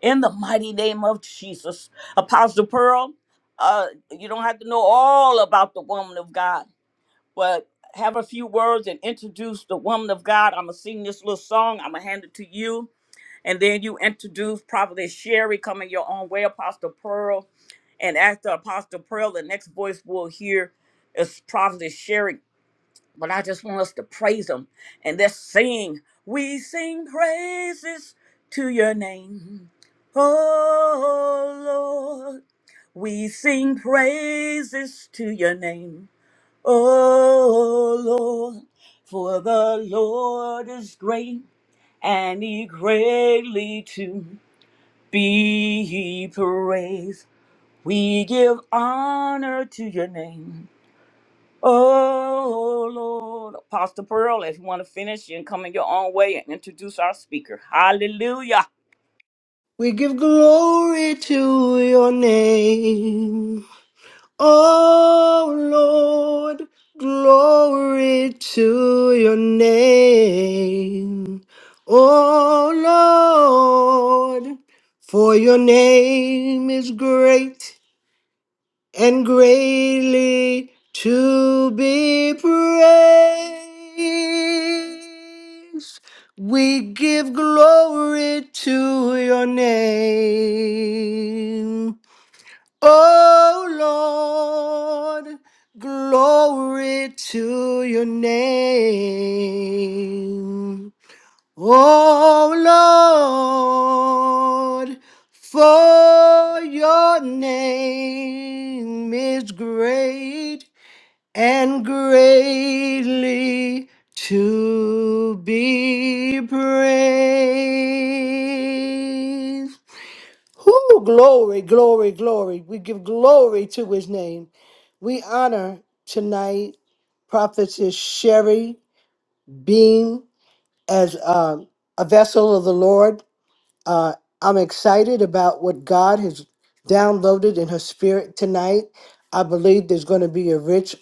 S1: In the mighty name of Jesus. Apostle Pearl, uh, you don't have to know all about the woman of God, but have a few words and introduce the woman of God. I'm going to sing this little song. I'm going to hand it to you and then you introduce Prophetess Sherry, coming your own way, Apostle Pearl. And after Apostle Pearl, the next voice we'll hear is Prophetess Sherry. But I just want us to praise him and let's sing. We sing praises to your name. Oh Lord, we sing praises to your name. Oh Lord, for the Lord is great and he greatly too. Be ye praised. We give honor to your name. Oh Lord. Apostle Pearl, if you want to finish, you can come in your own way and introduce our speaker. Hallelujah.
S3: We give glory to your name. Oh Lord, glory to your name. Oh Lord, for your name is great and greatly to be praised. We give glory to your name. Oh Lord, glory to your name. Oh Lord, for your name is great and greatly to be praised. Whoo, glory, glory, glory. We give glory to his name. We honor tonight Prophetess Sherry Beam as uh, a vessel of the Lord. Uh, I'm excited about what God has downloaded in her spirit tonight. I believe there's going to be a rich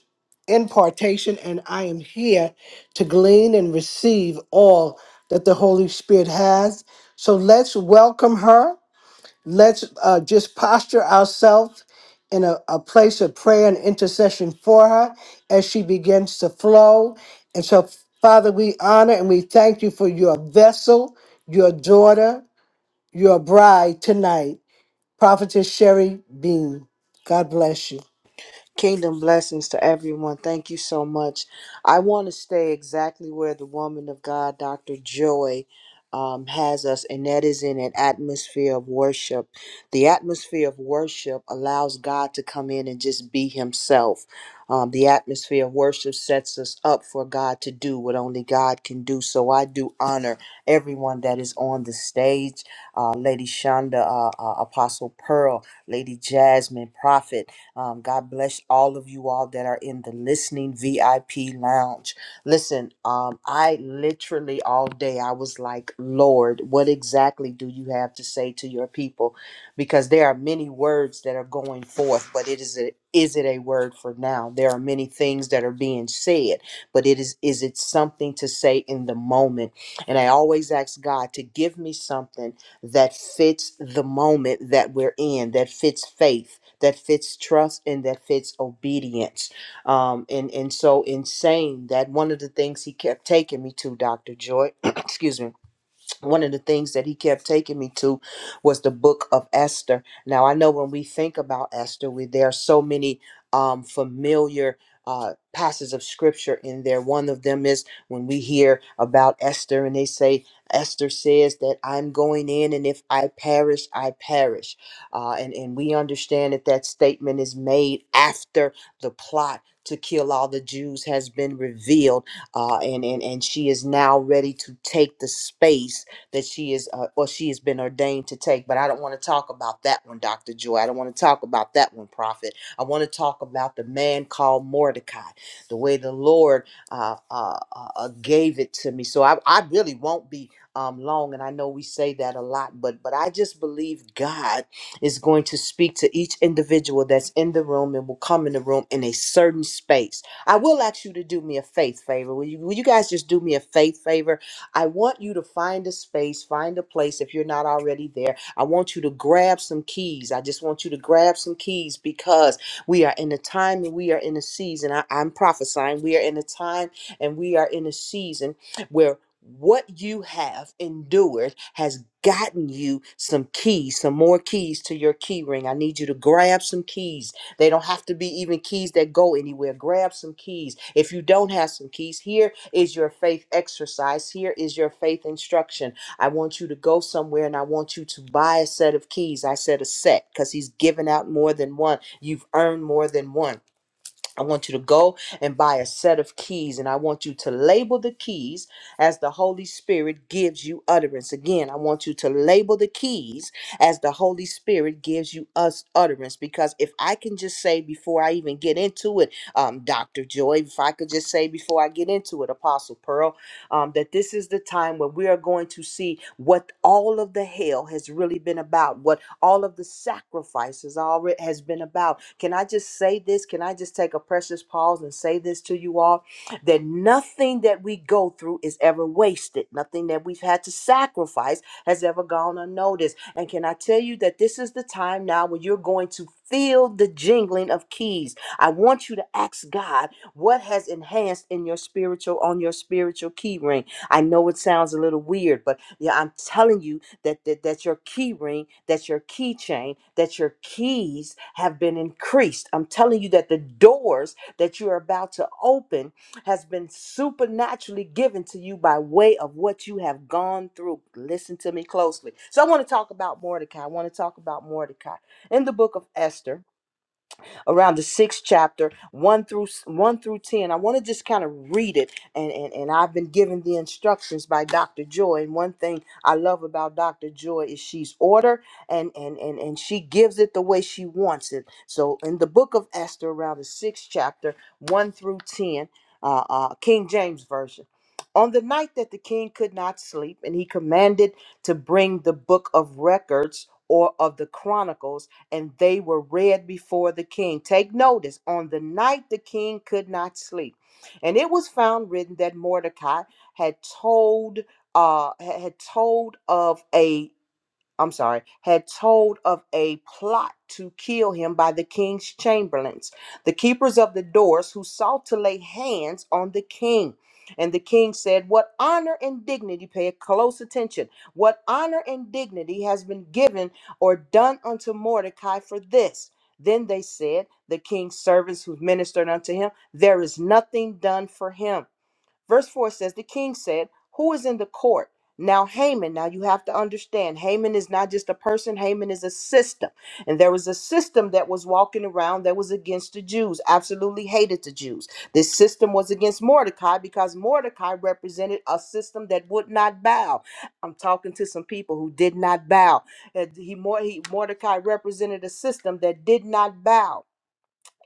S3: impartation, and I am here to glean and receive all that the Holy Spirit has. So let's welcome her. Let's uh, just posture ourselves in a, a place of prayer and intercession for her as she begins to flow. And so, Father, we honor and we thank you for your vessel, your daughter, your bride tonight, Prophetess Sherry Bean. God bless you.
S5: Kingdom blessings to everyone. Thank you so much. I want to stay exactly where the woman of God, Dr. Joy, um, has us, and that is in an atmosphere of worship. The atmosphere of worship allows God to come in and just be Himself. Um, the atmosphere of worship sets us up for God to do what only God can do. So I do honor everyone that is on the stage uh, Lady Shonda, uh, uh, Apostle Pearl, Lady Jasmine, Prophet. Um, God bless all of you all that are in the listening VIP lounge. Listen, um, I literally all day I was like, Lord, what exactly do you have to say to your people? Because there are many words that are going forth, but it is a is it a word for now? There are many things that are being said, but it is is it something to say in the moment? And I always ask God to give me something that fits the moment that we're in, that fits faith, that fits trust, and that fits obedience. Um, and and so in saying that, one of the things he kept taking me to, Doctor Joy, excuse me one of the things that he kept taking me to was the book of Esther. Now, I know when we think about Esther, we, there are so many um, familiar uh, passages of scripture in there. One of them is when we hear about Esther and they say, Esther says that I'm going in, and if I perish, I perish. Uh, and, and we understand that that statement is made after the plot to kill all the Jews has been revealed. Uh, and, and, and she is now ready to take the space that she is uh, or she has been ordained to take. But I don't want to talk about that one, Dr. Joy. I don't want to talk about that one, Prophet. I want to talk about the man called Mordecai, the way the Lord uh, uh, uh, uh, gave it to me. So I, I really won't be um, long, and I know we say that a lot, but but I just believe God is going to speak to each individual that's in the room and will come in the room in a certain space. I will ask you to do me a faith favor. Will you, will you guys just do me a faith favor? I want you to find a space, find a place if you're not already there. I want you to grab some keys. I just want you to grab some keys because we are in a time and we are in a season. I, I'm prophesying. We are in a time and we are in a season where what you have endured has gotten you some keys, some more keys to your key ring. I need you to grab some keys they don't have to be even keys that go anywhere. Grab some keys. If you don't have some keys, here is your faith exercise. Here is your faith instruction. I want you to go somewhere and I want you to buy a set of keys. I said a set because he's given out more than one. You've earned more than one. I want you to go and buy a set of keys, and I want you to label the keys as the Holy Spirit gives you utterance. Again, I want you to label the keys as the Holy Spirit gives you us utterance. Because if I can just say before I even get into it, um, Dr. Joy, if I could just say before I get into it, Apostle Pearl, um, that this is the time where we are going to see what all of the hell has really been about, what all of the sacrifices all it has been about can i just say this can i just take a precious pause and say this to you all that nothing that we go through is ever wasted nothing that we've had to sacrifice has ever gone unnoticed and can i tell you that this is the time now where you're going to feel the jingling of keys i want you to ask god what has enhanced in your spiritual on your spiritual key ring i know it sounds a little weird but yeah i'm telling you that, that that your key ring, that your keychain, that your keys have been increased. I'm telling you that the doors that you are about to open has been supernaturally given to you by way of what you have gone through. Listen to me closely. So I want to talk about Mordecai. I want to talk about Mordecai in the book of Esther around the sixth chapter, one through one through ten. I want to just kind of read it, and, and and I've been given the instructions by Dr. Joy. And one thing I love about Dr. Joy is she's order, and and and and she gives it the way she wants it. So in the book of Esther, around the sixth chapter, one through ten, uh, uh, King James version. On the night that the king could not sleep, and he commanded to bring the book of records or of the chronicles and they were read before the king. Take notice, on the night the king could not sleep. And it was found written that Mordecai had told uh had told of a I'm sorry, had told of a plot to kill him by the king's chamberlains, the keepers of the doors, who sought to lay hands on the king. And the king said, What honor and dignity, pay close attention, what honor and dignity has been given or done unto Mordecai for this? Then they said, The king's servants who ministered unto him, There is nothing done for him. Verse 4 says, The king said, Who is in the court? Now, Haman, now you have to understand, Haman is not just a person, Haman is a system. And there was a system that was walking around that was against the Jews, absolutely hated the Jews. This system was against Mordecai because Mordecai represented a system that would not bow. I'm talking to some people who did not bow. Uh, He, Mor- he Mordecai represented a system that did not bow.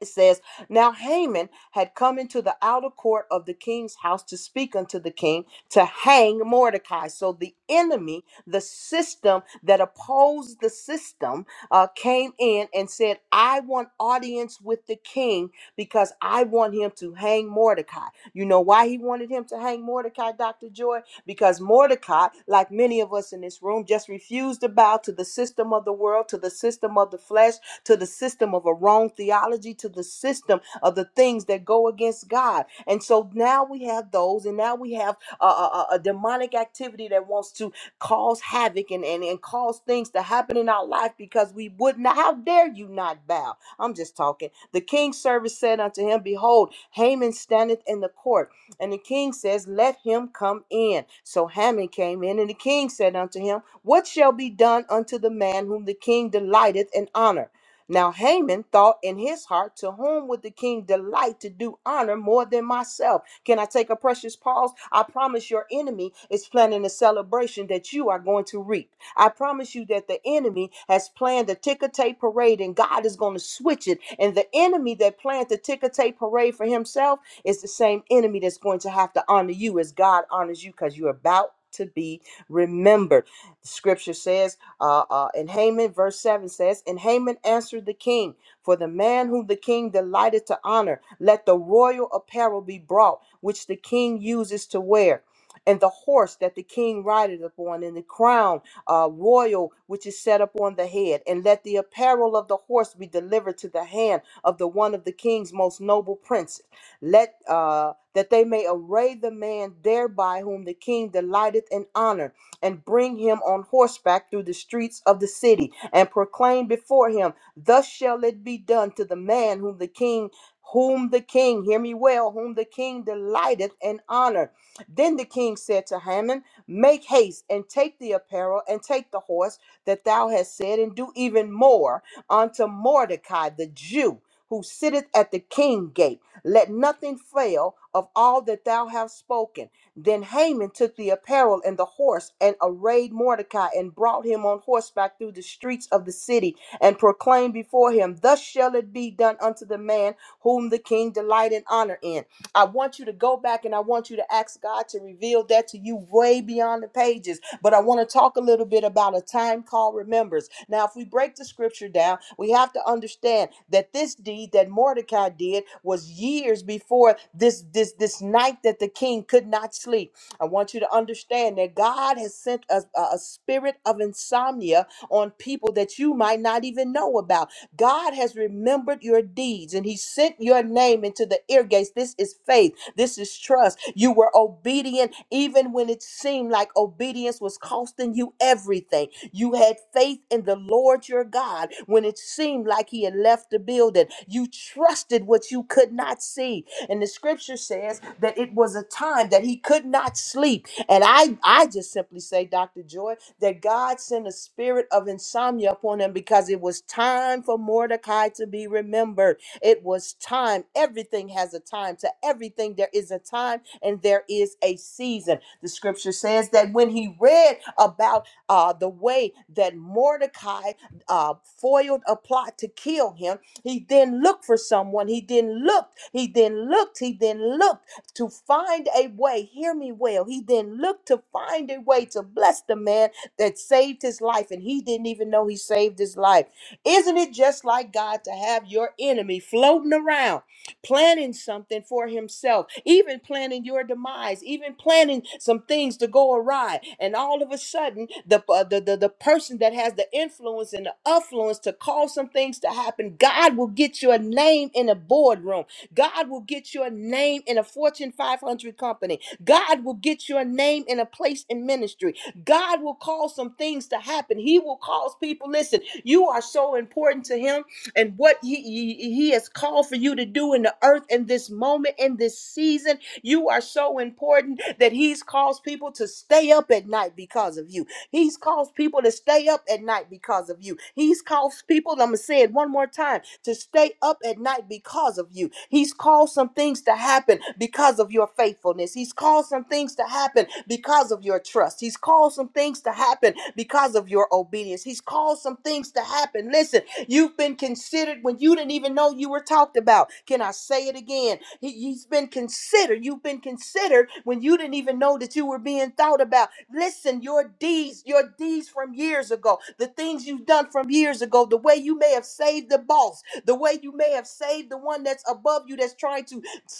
S5: It says, Now Haman had come into the outer court of the king's house to speak unto the king to hang Mordecai. So the enemy, the system that opposed the system, uh, came in and said, I want audience with the king because I want him to hang Mordecai. You know why he wanted him to hang Mordecai, Dr. Joy? Because Mordecai, like many of us in this room, just refused to bow to the system of the world, to the system of the flesh to the system of a wrong theology, to the system of the things that go against God. And so now we have those, and now we have a, a, a demonic activity that wants to cause havoc and, and, and cause things to happen in our life because we would not. How dare you not bow? I'm just talking. The king's servant said unto him, Behold, Haman standeth in the court. And the king says, Let him come in. So Haman came in, and the king said unto him, What shall be done unto the man whom the king delighteth in honor? Now Haman thought in his heart, To whom would the king delight to do honor more than myself? Can I take a precious pause? I promise your enemy is planning a celebration that you are going to reap. I promise you that the enemy has planned a ticker tape parade and God is going to switch it. And the enemy that planned the ticker tape parade for himself is the same enemy that's going to have to honor you as God honors you because you're about to be remembered. The Scripture says. Uh, uh, and Haman, verse 7 says, And Haman answered the king, For the man whom the king delighted to honor, let the royal apparel be brought, which the king uses to wear. And the horse that the king rideth upon, and the crown uh, royal which is set upon the head, and let the apparel of the horse be delivered to the hand of the one of the king's most noble princes. Let uh, that they may array the man thereby whom the king delighteth in honor, and bring him on horseback through the streets of the city and proclaim before him, Thus shall it be done to the man whom the king, whom the king, hear me well, whom the king delighteth and honor. Then the king said to Haman, Make haste and take the apparel and take the horse that thou hast said, and do even more unto Mordecai the Jew. Who sitteth at the king gate, let nothing fail of all that thou hast spoken. Then Haman took the apparel and the horse and arrayed Mordecai and brought him on horseback through the streets of the city and proclaimed before him, Thus shall it be done unto the man whom the king delight and honor in. I want you to go back and I want you to ask God to reveal that to you way beyond the pages. But I want to talk a little bit about a time called remembrance. Now, if we break the scripture down, we have to understand that this deed that Mordecai did was years before this this this night that the king could not sleep. I want you to understand that God has sent a, a a spirit of insomnia on people that you might not even know about God has remembered your deeds and he sent your name into the ear gates. This is faith. This is trust. You were obedient even when it seemed like obedience was costing you everything. You had faith in the Lord your God when it seemed like he had left the building. You trusted what you could not see. And the scripture says that it was a time that he could not sleep. And I I just simply say, Dr. Joy, that God sent a spirit of insomnia upon him because it was time for Mordecai to be remembered. It was time. Everything has a time. To everything, there is a time and there is a season. The scripture says that when he read about uh, the way that Mordecai uh, foiled a plot to kill him, he then looked for someone. He then looked. He then looked. He then looked to find a way. Hear me well. He then looked to find a way to bless the man that saved his life and he didn't even know he saved his life. Isn't it just like God to have your enemy floating around, planning something for himself, even planning your demise, even planning some things to go awry? And all of a sudden, the, uh, the, the, the person that has the influence and the affluence to cause some things to happen, God will get your name in a boardroom. God will get your name in a Fortune 500 company. God will get your name in a place in ministry. God will cause some things to happen. He will cause people, listen, you are so important to Him and what he, he, he has called for you to do in the earth in this moment, in this season. You are so important that He's caused people to stay up at night because of you. He's caused people to stay up at night because of you. He's caused people, I'm going to say it one more time, to stay up at night because of you. He's caused some things to happen because of your faithfulness. He's caused some things to happen because of your trust. He's caused some things to happen because of your obedience. He's caused some things things to happen. Listen, you've been considered when you didn't even know you were talked about. Can I say it again? He, has been considered. You've been considered when you didn't even know that you were being thought about. Listen, your deeds, your deeds from years ago, the things you've done from years ago, the way you may have saved the boss, the way you may have saved the one that's above you that's trying to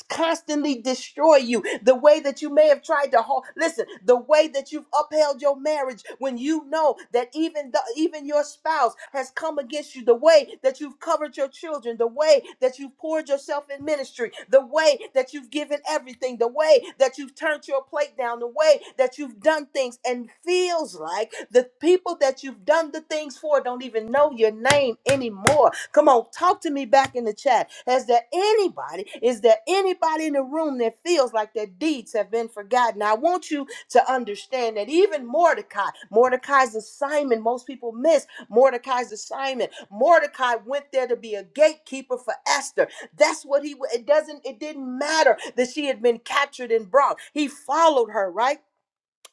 S5: constantly destroy you. The way that you may have tried to hold, listen, the way that you've upheld your marriage when you know that even the, even your spouse has come against you. The way that you've covered your children. The way that you've poured yourself in ministry. The way that you've given everything. The way way that you've turned your plate down, the way that you've done things, and feels like the people that you've done the things for don't even know your name anymore. Come on, talk to me back in the chat. Is there anybody, is there anybody in the room that feels like their deeds have been forgotten? I want you to understand that even Mordecai, Mordecai's assignment, most people miss Mordecai's assignment. Mordecai went there to be a gatekeeper for Esther. That's what he it doesn't it didn't matter that she had been captured and brought. He followed her, right?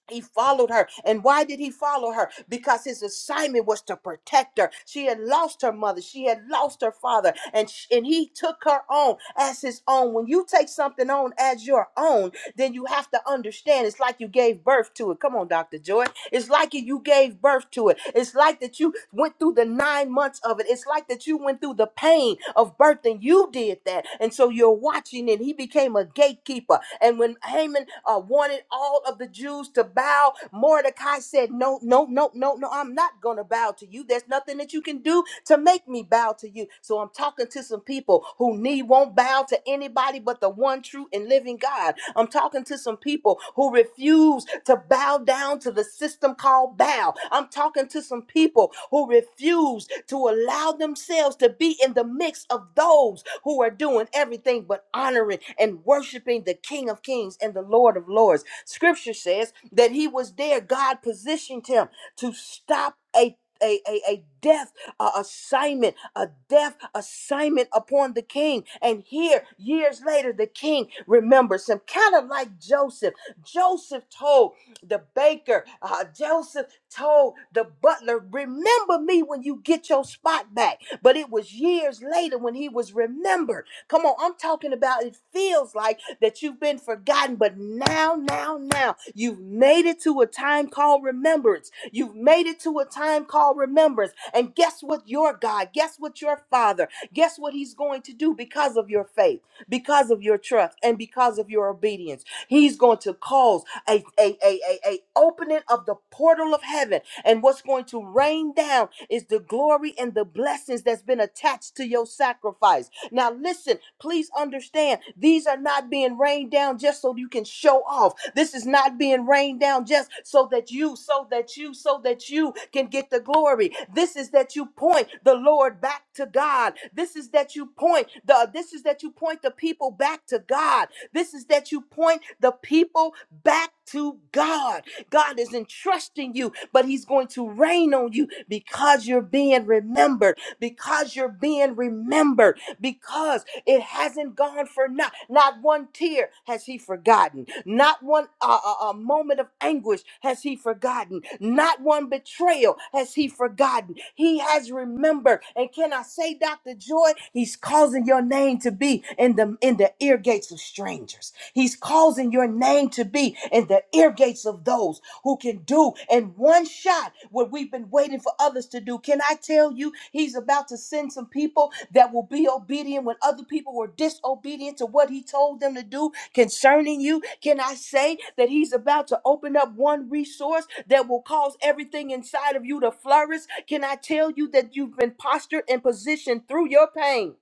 S5: He followed her. And why did he follow her? Because his assignment was to protect her. She had lost her mother. She had lost her father. And, sh- and he took her on as his own. When you take something on as your own, then you have to understand it's like you gave birth to it. Come on, Dr. Joy. It's like you you gave birth to it. It's like that you went through the nine months of it. It's like that you went through the pain of birth and you did that. And so you're watching and he became a gatekeeper. And when Haman uh, wanted all of the Jews to bow, Mordecai said, no, no, no, no, no, I'm not going to bow to you. There's nothing that you can do to make me bow to you. So I'm talking to some people who knee won't bow to anybody but the one true and living God. I'm talking to some people who refuse to bow down to the system called bow. I'm talking to some people who refuse to allow themselves to be in the mix of those who are doing everything but honoring and worshiping the King of Kings and the Lord of Lords. Scripture says that he was there, God positioned him to stop a a, a, a death a assignment, a death assignment upon the king. And here, years later, the king remembers him, kind of like Joseph. Joseph told the baker, uh, Joseph told the butler, Remember me when you get your spot back. But it was years later when he was remembered. Come on, I'm talking about it feels like that you've been forgotten, but now, now, now, you've made it to a time called remembrance You've made it to a time called remembrance. And guess what? Your God, guess what? Your Father, guess what He's going to do because of your faith, because of your trust, and because of your obedience. He's going to cause a, a, a, a, a opening of the portal of heaven. And what's going to rain down is the glory and the blessings that's been attached to your sacrifice. Now, listen, please understand these are not being rained down just so you can show off. This is not being rained down just so that you, so that you, so that you can get the glory. This is that you point the Lord back to God. This is that you point the this is that you point the people back to God. This is that you point the people back to God. God is entrusting you, but He's going to rain on you because you're being remembered. Because you're being remembered because it hasn't gone for naught. Not one tear has he forgotten. Not one uh, uh, uh, moment of anguish has he forgotten. Not one betrayal has he forgotten. He has remembered. And can I say, Dr. Joy, he's causing your name to be in the in the ear gates of strangers. He's causing your name to be in the ear gates of those who can do in one shot what we've been waiting for others to do. Can I tell you, He's about to send some people that will be obedient when other people were disobedient to what He told them to do concerning you? Can I say that He's about to open up one resource that will cause everything inside of you to flourish? Can I tell you that you've been postured and positioned through your pain?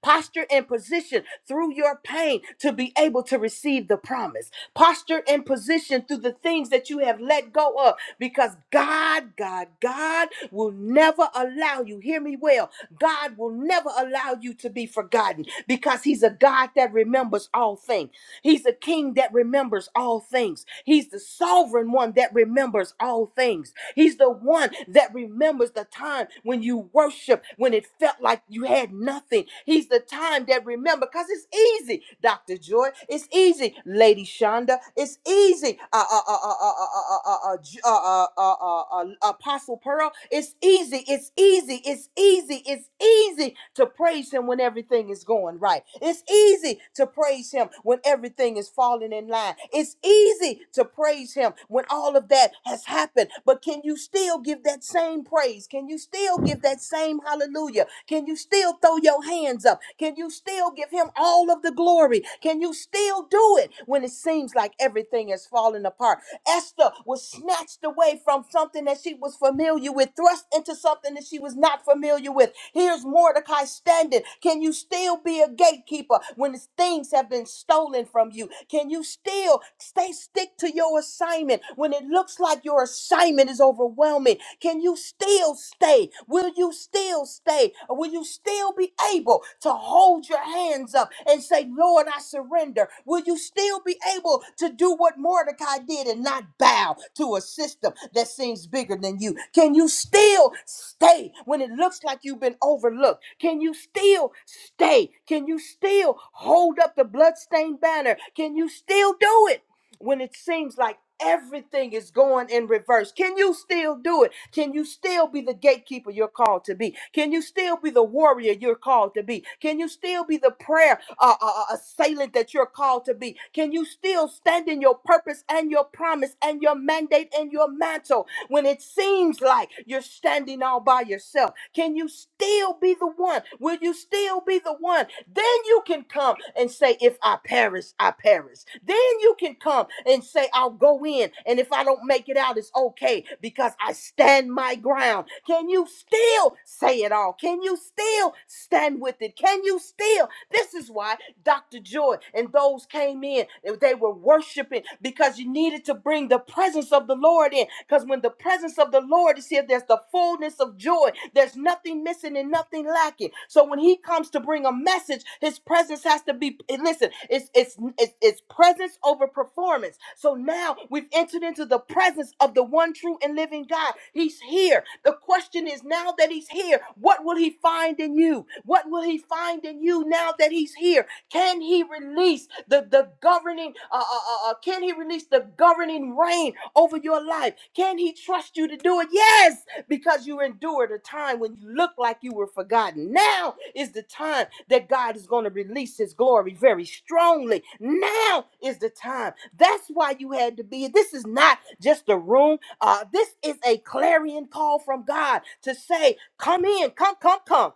S5: Posture and position through your pain to be able to receive the promise. Posture and position through the things that you have let go of because God, God, God will never allow you, hear me well, God will never allow you to be forgotten because He's a God that remembers all things. He's a king that remembers all things. He's the sovereign one that remembers all things. He's the one that remembers the time when you worship, when it felt like you had nothing. He's the time that remember because it's easy, Dr. Joy. It's easy, Lady Shonda. It's easy, uh, uh, uh, uh, uh, uh, uh, uh, uh, uh, uh, uh, uh, uh, Apostle Pearl. It's easy. It's easy. It's easy easy. It's easy to praise him when everything is going right. It's easy to praise him when everything is falling in line. It's easy to praise him when all of that has happened. But can you still give that same praise? Can you still give that same hallelujah? Can you still throw your hands up? Can you still give him all of the glory? Can you still do it when it seems like everything is falling apart? Esther was snatched away from something that she was familiar with, thrust into something that she was not familiar with. Here's Mordecai standing. Can you still be a gatekeeper when things have been stolen from you? Can you still stay stick to your assignment when it looks like your assignment is overwhelming? Can you still stay? Will you still stay? will you still be able to hold your hands up and say, Lord, I surrender? Will you still be able to do what Mordecai did and not bow to a system that seems bigger than you? Can you still stay when it looks like you've been overlooked? Can you still stay? Can you still hold up the bloodstained banner? Can you still do it? when it seems like everything is going in reverse? Can you still do it? Can you still be the gatekeeper you're called to be? Can you still be the warrior you're called to be? Can you still be the prayer uh, uh, uh, assailant that you're called to be? Can you still stand in your purpose and your promise and your mandate and your mantle? when it seems like you're standing all by yourself? Can you still be the one? Will you still be the one? Then you can come and say, If I perish, I perish. Then you can come and say, I'll go in. And if I don't make it out, it's okay because I stand my ground. Can you still say it all? Can you still stand with it? Can you still? This is why Dr. Joy and those came in. They were worshiping worshiping because you needed to bring the presence of the Lord in. Because when the presence of the Lord is here, there's the fullness of joy. There's nothing missing and nothing lacking. So when He comes to bring a message, His presence has to be. and Listen, it's it's it's, it's presence over performance. So now we've entered into the presence of the one true and living God. He's here. The question is now that He's here, what will He find in you? What will He find in you now that He's here? Can he release the, the governing, uh, uh, uh, uh, can he release the governing reign over your life? Can he trust you to do it? Yes, because you endured a time when you looked like you were forgotten. Now is the time that God is going to release his glory very strongly. Now is the time. That's why you had to be. This is not just a room. Uh, this is a clarion call from God to say, come in, come, come, come.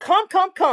S5: Come, come, come.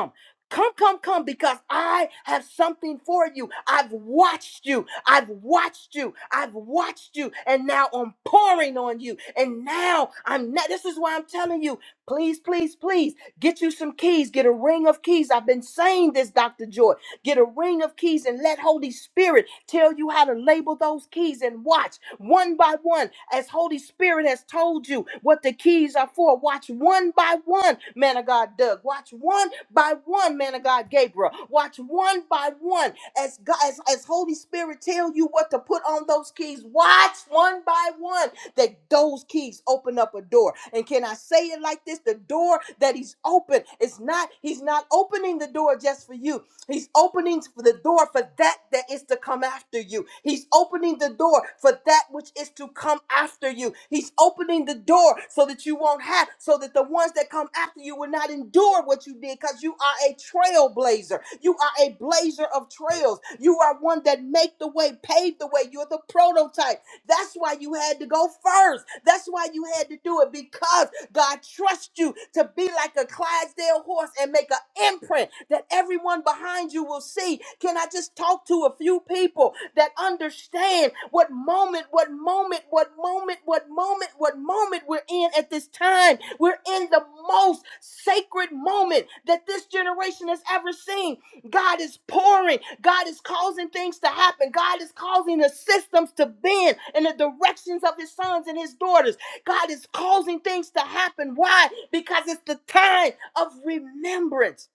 S5: Come, come, come, because I have something for you. I've watched you. I've watched you. I've watched you. And now I'm pouring on you. And now I'm not. This is why I'm telling you, please, please, please get you some keys. Get a ring of keys. I've been saying this, Dr. Joy. Get a ring of keys and let Holy Spirit tell you how to label those keys and watch one by one as Holy Spirit has told you what the keys are for. Watch one by one, man of God, Doug. Watch one by one, man of God, Gabriel. Watch one by one as God, as, as Holy Spirit tell you what to put on those keys. Watch one by one that those keys open up a door. And can I say it like this? The door that he's open is not, he's not opening the door just for you. He's opening the door for that that is to come after you. He's opening the door for that which is to come after you. He's opening the door so that you won't have, so that the ones that come after you will not endure what you did because you are a trailblazer. You are a blazer of trails. You are one that make the way, pave the way. You're the prototype. That's why you had to go first. That's why you had to do it because God trusts you to be like a Clydesdale horse and make an imprint that everyone behind you will see. Can I just talk to a few people that understand what moment, what moment, what moment, what moment, what moment we're in at this time? We're in the most sacred moment that this generation has ever seen. God is pouring. God is causing things to happen. God is causing the systems to bend in the directions of his sons and his daughters. God is causing things to happen. Why? Because it's the time of remembrance.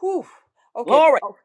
S5: Whew. Okay.
S1: Glory.
S5: Oh,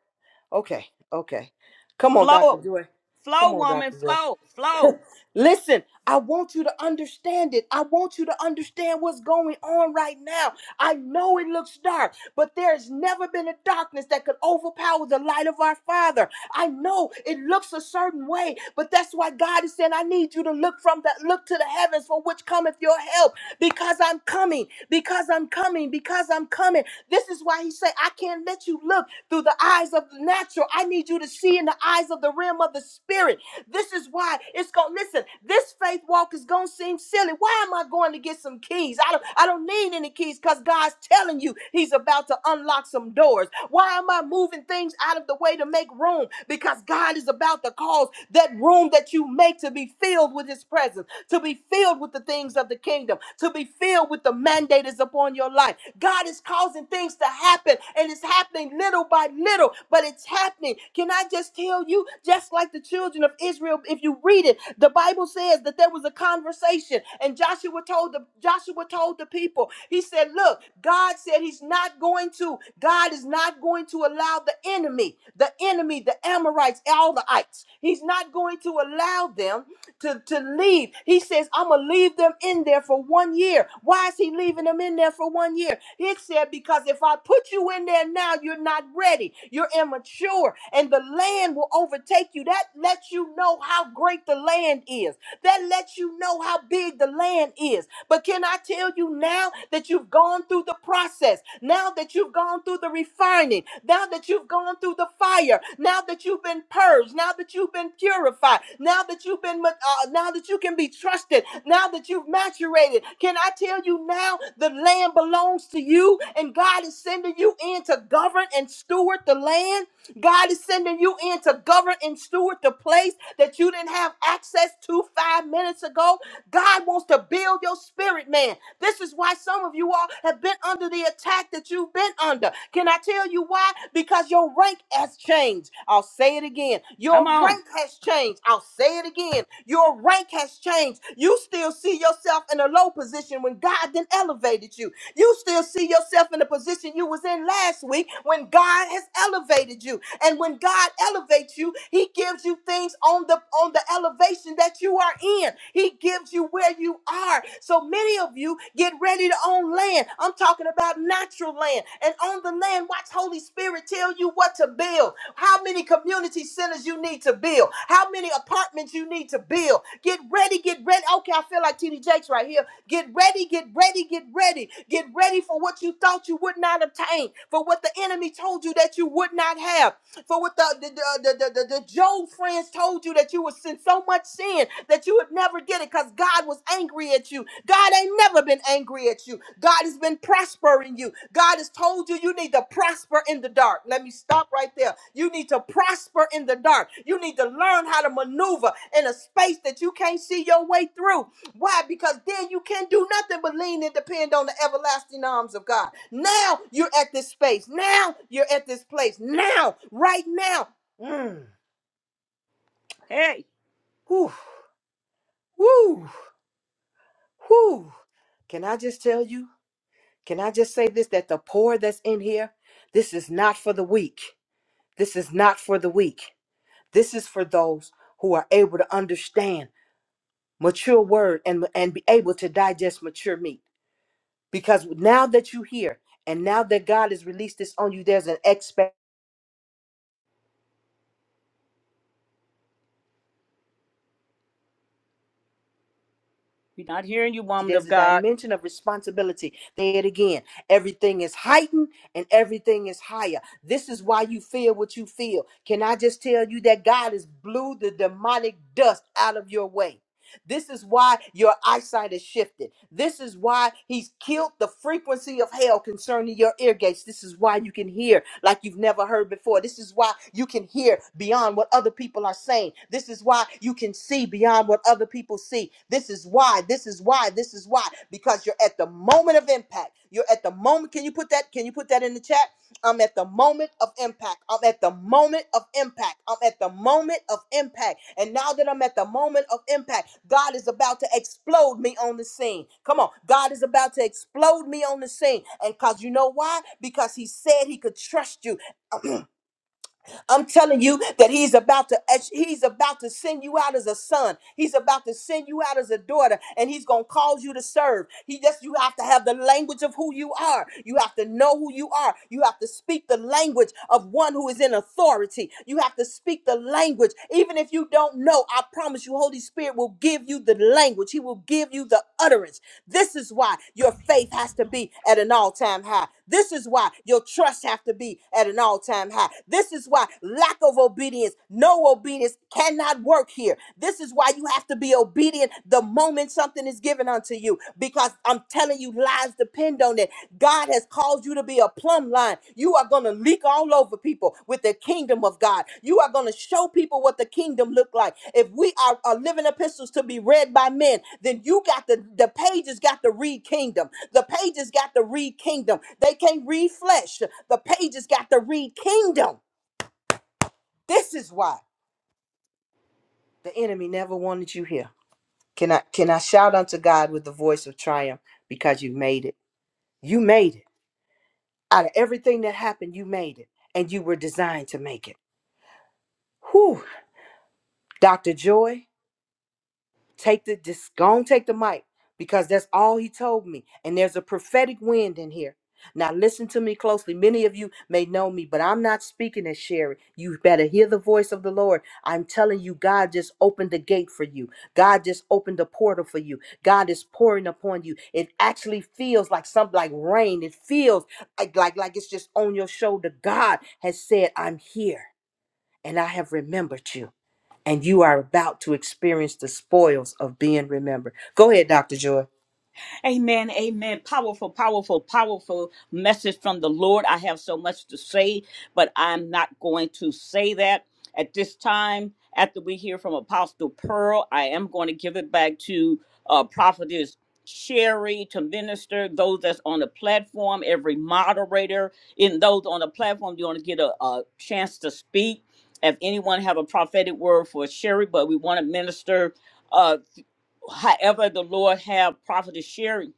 S5: okay. Okay. Come on, Dr.
S1: Flow.
S5: Joy.
S1: Flow,
S5: Come on,
S1: woman.
S5: Dr. Joy.
S1: Flow. Flow.
S5: Listen, I want you to understand it. I want you to understand what's going on right now. I know it looks dark, but there's never been a darkness that could overpower the light of our Father. I know it looks a certain way, but that's why God is saying, I need you to look from that, look to the heavens for which cometh your help, because I'm coming, because I'm coming, because I'm coming. This is why He said, I can't let you look through the eyes of the natural. I need you to see in the eyes of the realm of the spirit. This is why it's going listen. This faith walk is going to seem silly. Why am I going to get some keys? I don't I don't need any keys cuz God's telling you he's about to unlock some doors. Why am I moving things out of the way to make room? Because God is about to cause that room that you make to be filled with his presence, to be filled filled with the things of the kingdom, to be filled with the mandate is upon your life. God is causing things to happen, and it's happening little by little, but it's happening. Can I just tell you, just like the children of Israel, if you read it, the Bible says that there was a conversation, and Joshua told the Joshua told the people, he said, Look, God said he's not going to, God is not going to allow the the enemy, the enemy, the Amorites, all the ites. He's not going to allow them to, to leave. He says, I'm going to leave them in there for one year. Why is he leaving them in there for one year? He said, Because if I put you in there now, you're not ready. You're immature, and the land will overtake you. That lets you know how great the land is. That lets you know how big the land land is. But can I tell you now that you've gone through the process, now that you've gone through the refining, now that you've gone through the fire, now that you've been purged, now that you've been purified, now that you've been, ma- uh, now that you can be trusted, now that you've maturated, can I tell you now the land belongs to you and God is sending you in to govern and steward the land? God is sending you in to govern and steward the place that you didn't have access to five minutes ago God wants to build your spirit, man. This is why some of you all have been under the attack that you've been under. Can I tell you why? Because your rank has changed. I'll say it again.
S1: Come
S5: Your
S1: on.
S5: rank has changed. I'll say it again. Your rank has changed. You still see yourself in a low position when God then elevated you. You still see yourself in the position you was in last week when God has elevated you. And when God elevates you, he gives you things on the on the elevation that you are in. He gives you where you are. So many of you get ready to own land. I'm talking about natural land. And on the the land. Watch Holy Spirit tell you what to build, how many community centers you need to build, how many apartments you need to build. Get ready, get ready. Okay, I feel like TD Jakes right here. Get ready, get ready, get ready. Get ready for what you thought you would not obtain, for what the enemy told you that you would not have. For what the the, the, the, the, the Job friends told you that you was in so much sin that you would never get it because God was angry at you. God ain't never been angry at you. God has been prospering you. God has told you you need to prosper in the dark. Let me stop right there. You need to prosper in the dark. You need to learn how to maneuver in a space that you can't see your way through. Why? Because then you can do nothing but lean and depend on the everlasting arms of God. Now you're at this space. Now you're at this place. Now, right now. Mm.
S1: Hey.
S5: Whew, whew, whew. Can I just tell you? Can I just say this that the poor that's in here, this is not for the weak. This is not for the weak. This is for those who are able to understand mature word and, and be able to digest mature meat. Because now that you're here and now that God has released this on you, there's an expectation,
S1: We're not hearing you, woman
S5: there's
S1: of
S5: a
S1: God.
S5: dimension of responsibility. There it again. Everything is heightened and everything is higher. This is why you feel what you feel. Can I just tell you that God has blew the demonic dust out of your way? This is why your eyesight is shifted. This is why he's killed the frequency of hell concerning your ear gates. This is why you can hear like you've never heard before. This is why you can hear beyond what other people are saying. This is why you can see beyond what other people see. This is why, this is why, this is why, because you're at the moment of impact of impact. You're at the moment. Can you put that? Can you put that in the chat? I'm at the moment of impact. I'm at the moment of impact. I'm at the moment of impact. And now that I'm at the moment of impact, God is about to explode me on the scene. Come on. God is about to explode me on the scene. And because you know why? Because He said He could trust you I'm telling you that he's about to he's about to send you out as a son. He's about to send you out as a daughter and he's going to cause you to serve. He just you have to have the language of who you are. You have to know who you are. You have to speak the language of one who is in authority. You have to speak the language even if you don't know. I promise you Holy Spirit will give you the language. He will give you the utterance. This is why your faith has to be at an all-time high. This is why your trust has to be at an all-time high. This is is why lack of obedience, no obedience cannot work here. This is why you have to be obedient the moment something is given unto you because I'm telling you, lives depend on it. God has called you to be a plumb line. You are going to leak all over people with the kingdom of God. You are going to show people what the kingdom look like. If we are, are living epistles to be read by men, then you got the, the pages got to read kingdom. The pages got to read kingdom. They can't read flesh. The pages got to read kingdom. This is why the enemy never wanted you here. Can I can I shout unto God with the voice of triumph because you made it. You made it. Out of everything that happened, you made it. And you were designed to make it. Whew. Dr. Joy, Take the just go and take the mic because that's all he told me. And there's a prophetic wind in here. Now listen to me closely. Many of you may know me, but I'm not speaking as Sherry. You better hear the voice of the Lord. I'm telling you, God just opened the gate for you. God just opened the portal for you. God is pouring upon you. It actually feels like something like rain. It feels like like, like it's just on your shoulder. God has said, I'm here and I have remembered you. And you are about to experience the spoils of being remembered. Go ahead, Dr. Joy.
S1: Amen, amen. Powerful, powerful, powerful message from the Lord. I have so much to say, but I'm not going to say that at this time. After we hear from Apostle Pearl, I am going to give it back to uh, Prophetess Sherry to minister those that's on the platform, every moderator, and those on the platform, you want to get a, a chance to speak. If anyone have a prophetic word for Sherry, but we want to minister uh, however the Lord have Prophetess Sherry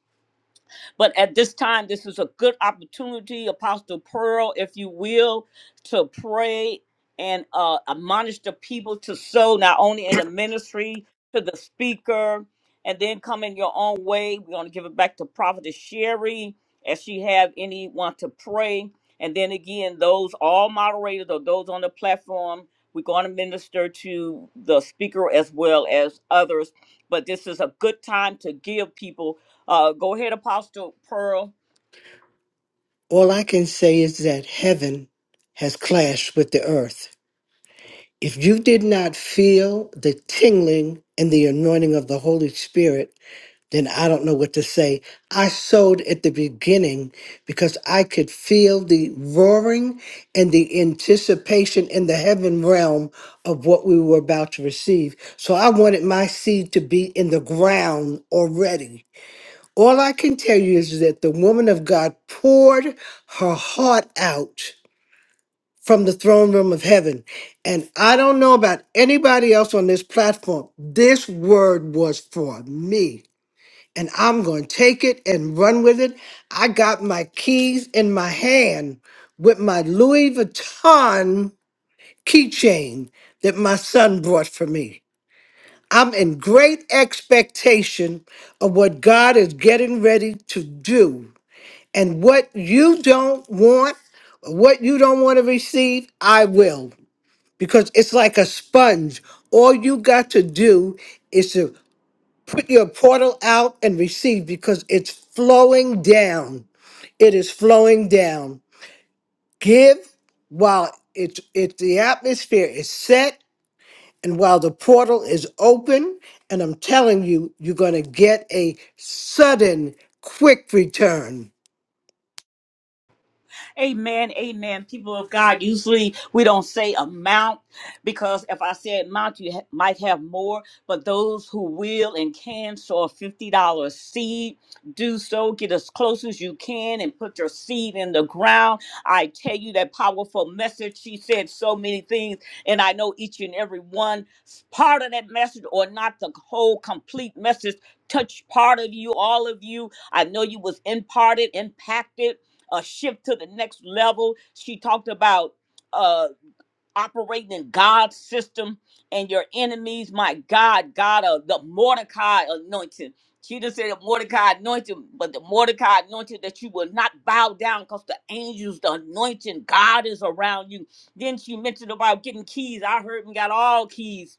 S1: but at this time, this is a good opportunity, Apostle Pearl, if you will, to pray and uh, admonish the people to sow not only in the ministry to the speaker, and then come in your own way. We're going to give it back to Prophetess Sherry as she have anyone to pray. And then again, those all moderators or those on the platform, we're going to minister to the speaker as well as others. But this is a good time to give people uh, go ahead, Apostle Pearl.
S3: All I can say is that heaven has clashed with the earth. If you did not feel the tingling and the anointing of the Holy Spirit, then I don't know what to say. I sowed at the beginning because I could feel the roaring and the anticipation in the heaven realm of what we were about to receive. So I wanted my seed to be in the ground already. All I can tell you is that the woman of God poured her heart out from the throne room of heaven. And I don't know about anybody else on this platform. This word was for me and I'm going to take it and run with it. I got my keys in my hand with my Louis Vuitton keychain that my son brought for me. I'm in great expectation of what God is getting ready to do. And what you don't want, or what you don't want to receive, I will. Because it's like a sponge. All you got to do is to Put your portal out and receive because it's flowing down. It is flowing down. Give while it's it the atmosphere is set and while the portal is open. And I'm telling you, you're gonna get a sudden, quick return.
S1: Amen. Amen. People of God, usually we don't say amount because if I said amount, you ha- might have more. But those who will and can sow a $50 seed, do so. Get as close as you can and put your seed in the ground. I tell you that powerful message. She said so many things, and I know each and every one part of that message or not the whole complete message touched part of you, all of you. I know you was imparted, impacted a shift to the next level. She talked about uh operating in God's system and your enemies. My God, God of the Mordecai anointing. She didn't say the Mordecai anointing, but the Mordecai anointing that you will not bow down because the angels, the anointing, God is around you. Then she mentioned about getting keys. I heard and got all keys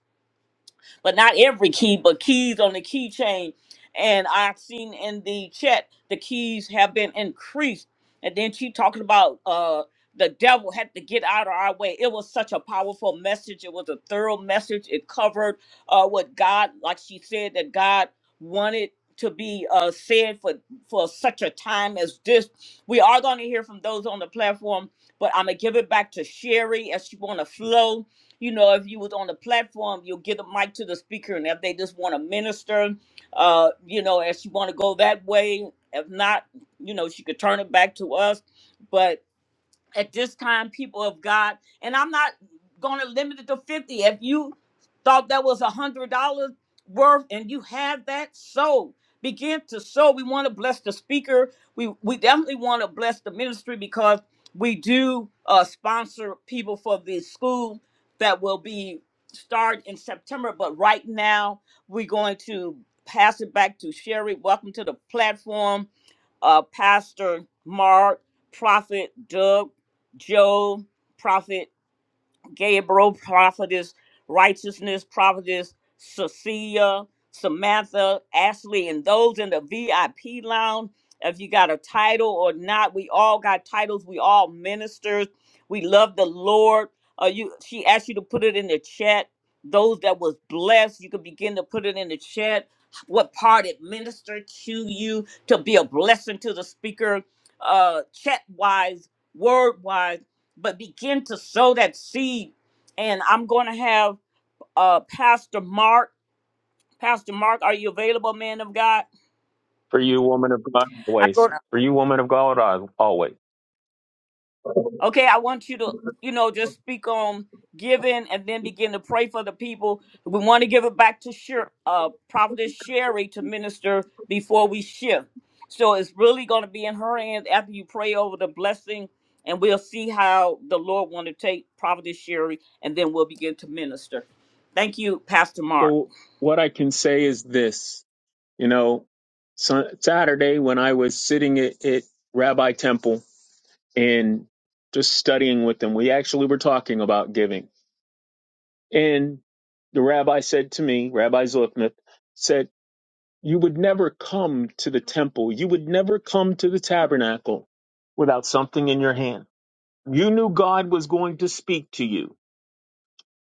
S1: but not every key, but keys on the keychain. And I've seen in the chat the keys have been increased. And then she talking about uh the devil had to get out of our way. It was such a powerful message. It was a thorough message. It covered uh what God, like she said, that God wanted to be uh said for for such a time as this. We are going to hear from those on the platform, but I'm gonna give it back to Sherry as she want to flow you know, if you was on the platform, you'll get a mic to the speaker, and if they just want to minister, uh, you know, if she want to go that way, if not, you know, she could turn it back to us. But at this time, people of God, and I'm not going to limit it to 50. If you thought that was a $100 worth and you have that, so begin to sow. We want to bless the speaker. We, we definitely want to bless the ministry because we do uh, sponsor people for the school that will be start in September. But right now, we're going to pass it back to Sherry. Welcome to the platform uh, Pastor Mark, Prophet Doug, Joe, Prophet Gabriel, prophetess, righteousness, prophetess, Cecilia, Samantha, Ashley, and those in the VIP lounge. If you got a title or not, we all got titles. We all ministers. We love the Lord. Uh, you, she asked you to put it in the chat. Those that was blessed, you could begin to put it in the chat. What part it ministered to you to be a blessing to the speaker, uh, chat wise, word wise but begin to sow that seed. And I'm going to have uh, Pastor Mark. Pastor Mark, are you available, man of God?
S6: For you, woman of God,
S1: I'm
S6: always.
S1: going to.
S6: For you, woman of God, al- always.
S1: Okay, I want you to, you know, just speak on giving and then begin to pray for the people. We want to give it back to Sher- uh, Prophetess Sherry to minister before we shift. So it's really going to be in her hands after you pray over the blessing, and we'll see how the Lord want to take Prophetess Sherry, and then we'll begin to minister. Thank you, Pastor Mark.
S6: So, what I can say is this you know, Sun- Saturday when I was sitting at, at Rabbi Temple and just studying with them, we actually were talking about giving. And the rabbi said to me, Rabbi Zlipnath, said, You would never come to the temple, you would never come to the tabernacle without something in your hand. You knew God was going to speak to you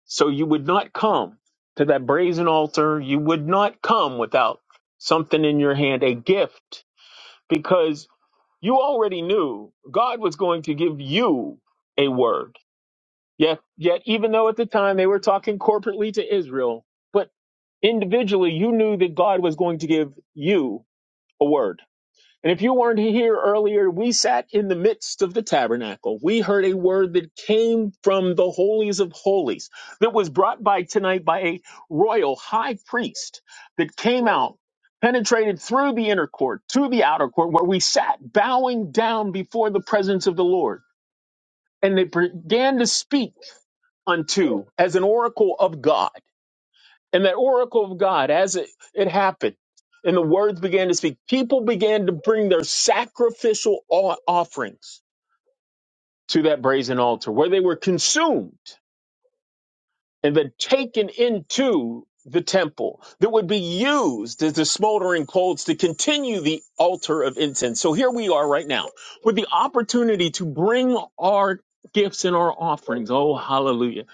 S6: So you would not come to that brazen altar. You would not come without something in your hand, a gift, because you already knew God was going to give you a word. Yet, yet, even though at the time they were talking corporately to Israel, but individually, you knew that God was going to give you a word and if you weren't here earlier, we sat in the midst of the tabernacle. We heard a word that came from the holies of holies that was brought by tonight by a royal high priest that came out, penetrated through the inner court to the outer court where we sat bowing down before the presence of the Lord. And they began to speak unto as an oracle of God. And that oracle of God, as it, it happened, and the words began to speak, people began to bring their sacrificial o- offerings to that brazen altar where they were consumed and then taken into the temple that would be used as the smoldering coals to continue the altar of incense. So here we are right now with the opportunity to bring our gifts and our offerings, oh hallelujah,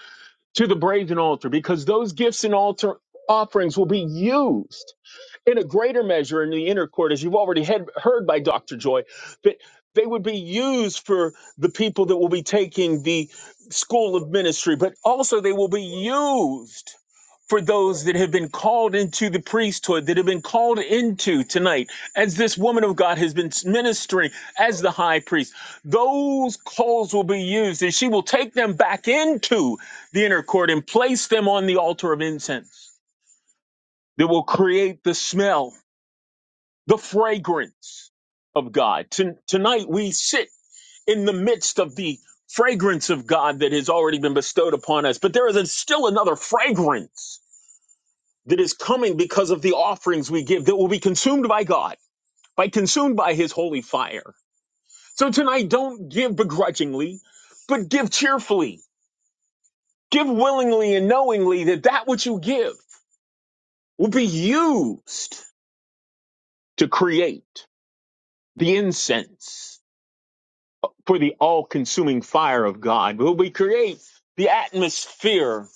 S6: to the brazen altar because those gifts and altar offerings will be used in a greater measure in the inner court, as you've already had, heard by Dr. Joy, that they would be used for the people that will be taking the school of ministry, but also they will be used for those that have been called into the priesthood, that have been called into tonight, as this woman of God has been ministering as the high priest. Those calls will be used, and she will take them back into the inner court and place them on the altar of incense that will create the smell the fragrance of God. Ton- tonight we sit in the midst of the fragrance of God that has already been bestowed upon us, but there is a, still another fragrance that is coming because of the offerings we give that will be consumed by God, by consumed by his holy fire. So tonight don't give begrudgingly, but give cheerfully. Give willingly and knowingly that that which you give will be used to create the incense for the all consuming fire of God. Will we create the atmosphere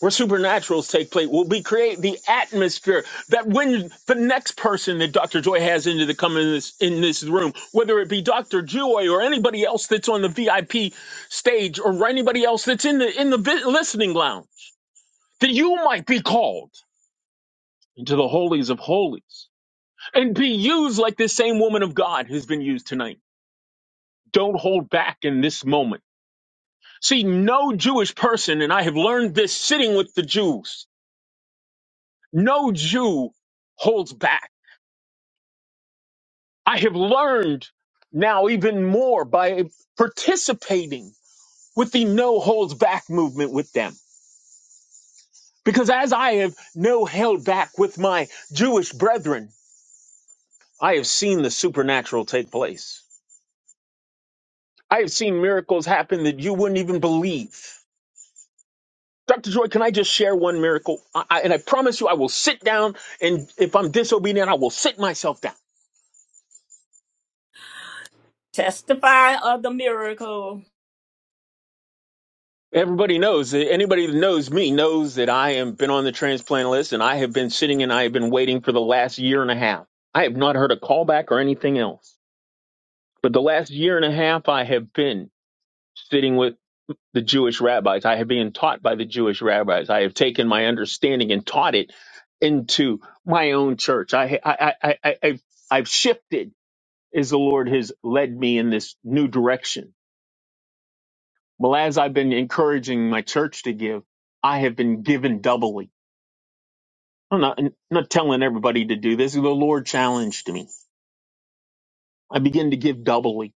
S6: where supernaturals take place? Will we create the atmosphere that when the next person that Dr. Joy has into the coming in this, in this room, whether it be Dr. Joy or anybody else that's on the VIP stage or anybody else that's in the in the vi- listening lounge, that you might be called into the holies of holies and be used like this same woman of God who's been used tonight. Don't hold back in this moment See, no Jewish person, and I have learned this sitting with the Jews, no Jew holds back. I have learned now even more by participating with the no holds back movement with them. Because as I have no held back with my Jewish brethren, I have seen the supernatural take place. I have seen miracles happen that you wouldn't even believe. Dr. Joy, can I just share one miracle? I, I, and I promise you, I will sit down, and if I'm disobedient, I will sit myself down.
S1: Testify of the miracle.
S6: Everybody knows, anybody that knows me knows that I have been on the transplant list, and I have been sitting and I have been waiting for the last year and a half. I have not heard a callback or anything else. But the last year and a half, I have been sitting with the Jewish rabbis. I have been taught by the Jewish rabbis. I have taken my understanding and taught it into my own church. I, I, I, I, I, have I've shifted is the Lord has led me in this new direction. Well, as I've been encouraging my church to give, I have been given doubly. I'm not, I'm not telling everybody to do this. The Lord challenged me. I began to give doubly.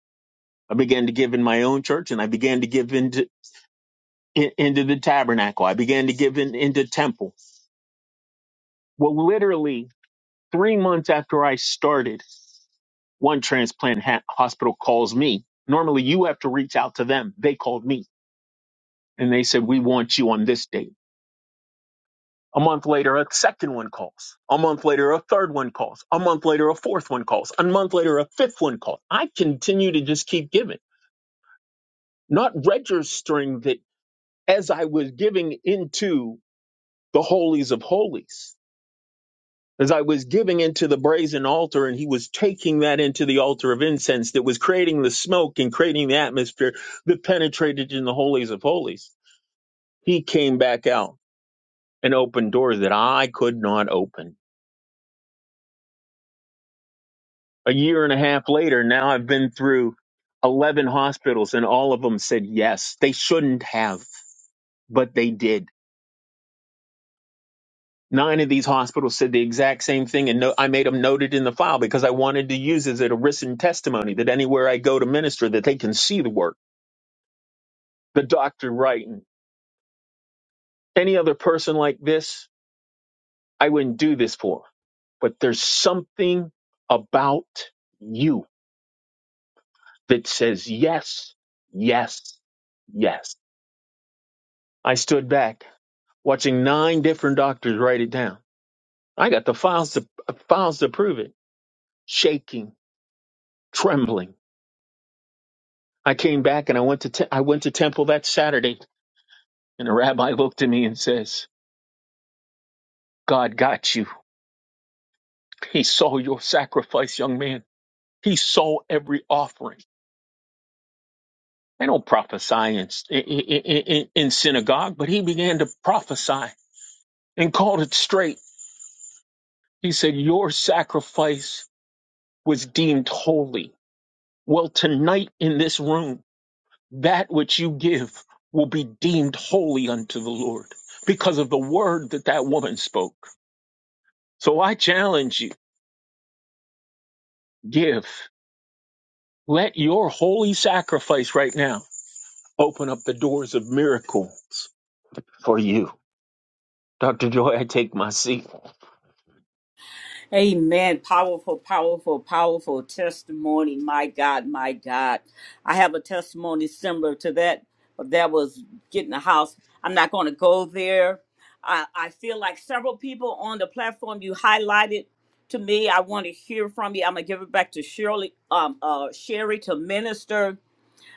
S6: I began to give in my own church and I began to give into, in, into the tabernacle. I began to give in, into temple. Well, literally three months after I started, one transplant ha- hospital calls me. Normally you have to reach out to them. They called me and they said, we want you on this date A month later, a second one calls. A month later, a third one calls. A month later, a fourth one calls. A month later, a fifth one calls. I continue to just keep giving, not registering that as I was giving into the holies of holies, as I was giving into the brazen altar, and he was taking that into the altar of incense that was creating the smoke and creating the atmosphere that penetrated in the holies of holies. He came back out and opened doors that I could not open a year and a half later, now I've been through 11 hospitals and all of them said yes. They shouldn't have, but they did. Nine of these hospitals said the exact same thing, and no, I made them noted in the file because I wanted to use it as a written testimony that anywhere I go to minister, that they can see the work, the doctor writing. Any other person like this, I wouldn't do this for. But there's something about you that says yes, yes, yes. I stood back watching nine different doctors write it down. I got the files to uh, files to prove it. Shaking, trembling. I came back and I went to te- I went to temple that Saturday, and the rabbi looked at me and says, "God got you. He saw your sacrifice, young man. He saw every offering." I don't prophesy in, in, in, in synagogue, but he began to prophesy and called it straight. He said, "Your sacrifice was deemed holy." Well, tonight in this room. that which you give will be deemed holy unto the Lord because of the word that that woman spoke. So I challenge you, give. Let your holy sacrifice right now open up the doors of miracles for you. Dr. Joy, I take my seat.
S1: Amen. Powerful, powerful, powerful testimony. My God, my God. I have a testimony similar to that, but that was getting a house. I'm not going to go there. I, I feel like several people on the platform you highlighted to me. I want to hear from you. I'm gonna give it back to Shirley, um, uh, Sherry to minister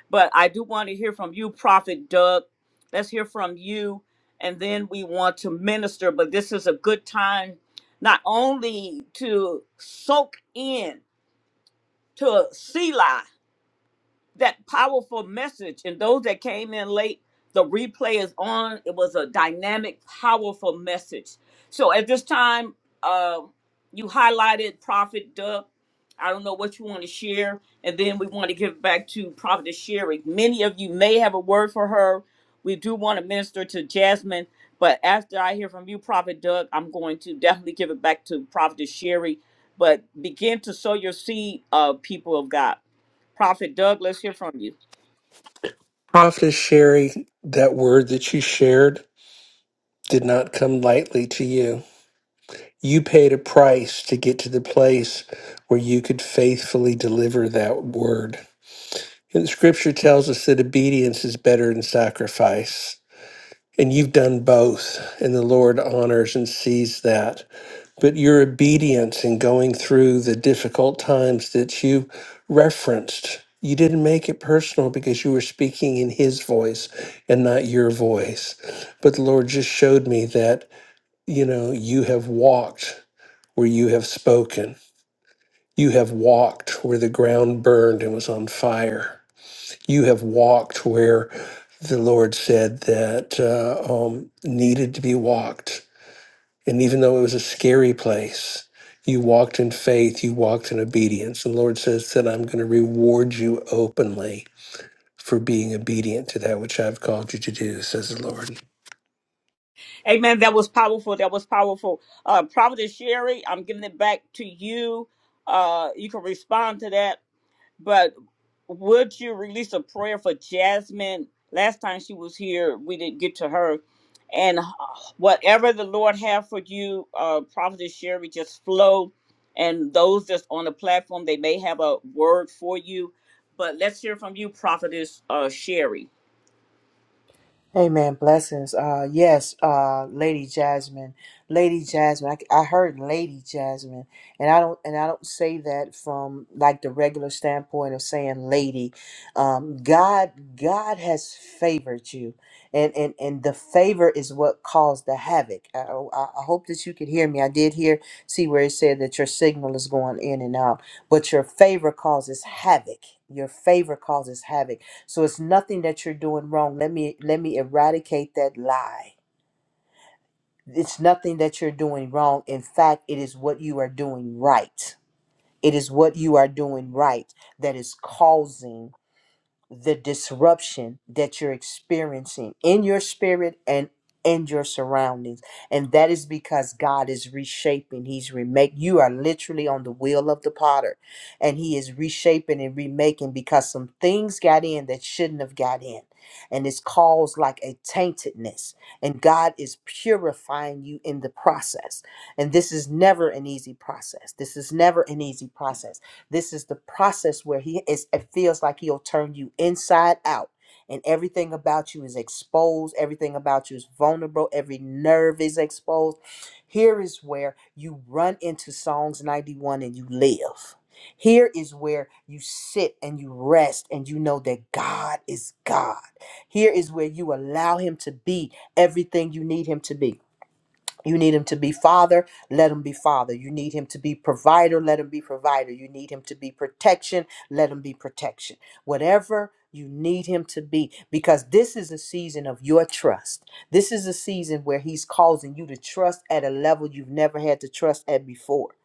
S1: But I do want to hear from you, Prophet Doug. Let's hear from you. And then we want to minister. But this is a good time not only to soak in, to see life that powerful message. And those that came in late, the replay is on. It was a dynamic, powerful message. So at this time, uh, you highlighted Prophet Doug. I don't know what you want to share. And then we want to give back to Prophet Sherry. Many of you may have a word for her. We do want to minister to Jasmine. But after I hear from you, Prophet Doug, I'm going to definitely give it back to Prophet Sherry. But begin to sow your seed, uh, people of God. Prophet Doug, let's hear from you.
S7: Prophetess Sherry, that word that you shared did not come lightly to you. You paid a price to get to the place where you could faithfully deliver that word. And scripture tells us that obedience is better than sacrifice. And you've done both, and the Lord honors and sees that. but your obedience in going through the difficult times that you referenced. You didn't make it personal because you were speaking in his voice and not your voice. But the Lord just showed me that, you know, you have walked where you have spoken. You have walked where the ground burned and was on fire. You have walked where the Lord said that uh, um, needed to be walked and even though it was a scary place, you walked in faith, you walked in obedience. And the Lord says that I'm going to reward you openly for being obedient to that which I've called you to do, says the Lord.
S1: Amen. That was powerful. That was powerful. Uh, Prophet Sherry, I'm giving it back to you. Uh, you can respond to that. But would you release a prayer for Jasmine? Last time she was here, we didn't get to her. And uh, whatever the Lord have for you, uh, Prophet Sherry, just flow. And those that's on the platform, they may have a word for you. But let's hear from you, Prophetess uh, Sherry.
S5: Amen. Blessings. Uh, yes, uh, Lady Jasmine, Lady Jasmine. I, I heard Lady Jasmine, and I don't, and I don't say that from like the regular standpoint of saying lady. Um, God, God has favored you, and and and the favor is what caused the havoc. I, oh, I I hope that you could hear me. I did hear, see where it said that your signal is going in and out, but your favor causes havoc. Your favor causes havoc so it's nothing that you're doing wrong. Let me let me eradicate that lie. It's nothing that you're doing wrong. In fact, it is what you are doing right. It is what you are doing right that is causing the disruption that you're experiencing in your spirit and in your surroundings and that is because god is reshaping he's remake you are literally on the wheel of the potter and he is reshaping and remaking because some things got in that shouldn't have got in and it's caused like a taintedness and god is purifying you in the process and this is never an easy process this is never an easy process this is the process where he is it feels like he'll turn you inside out and everything about you is exposed, everything about you is vulnerable, every nerve is exposed. Here is where you run into Psalms 91 and you live. Here is where you sit and you rest and you know that God is God. Here is where you allow him to be everything you need him to be. You need him to be father, let him be father. You need him to be provider, let him be provider. You need him to be protection, let him be protection. Whatever you need him to be, because this is a season of your trust. This is a season where he's causing you to trust at a level you've never had to trust at before.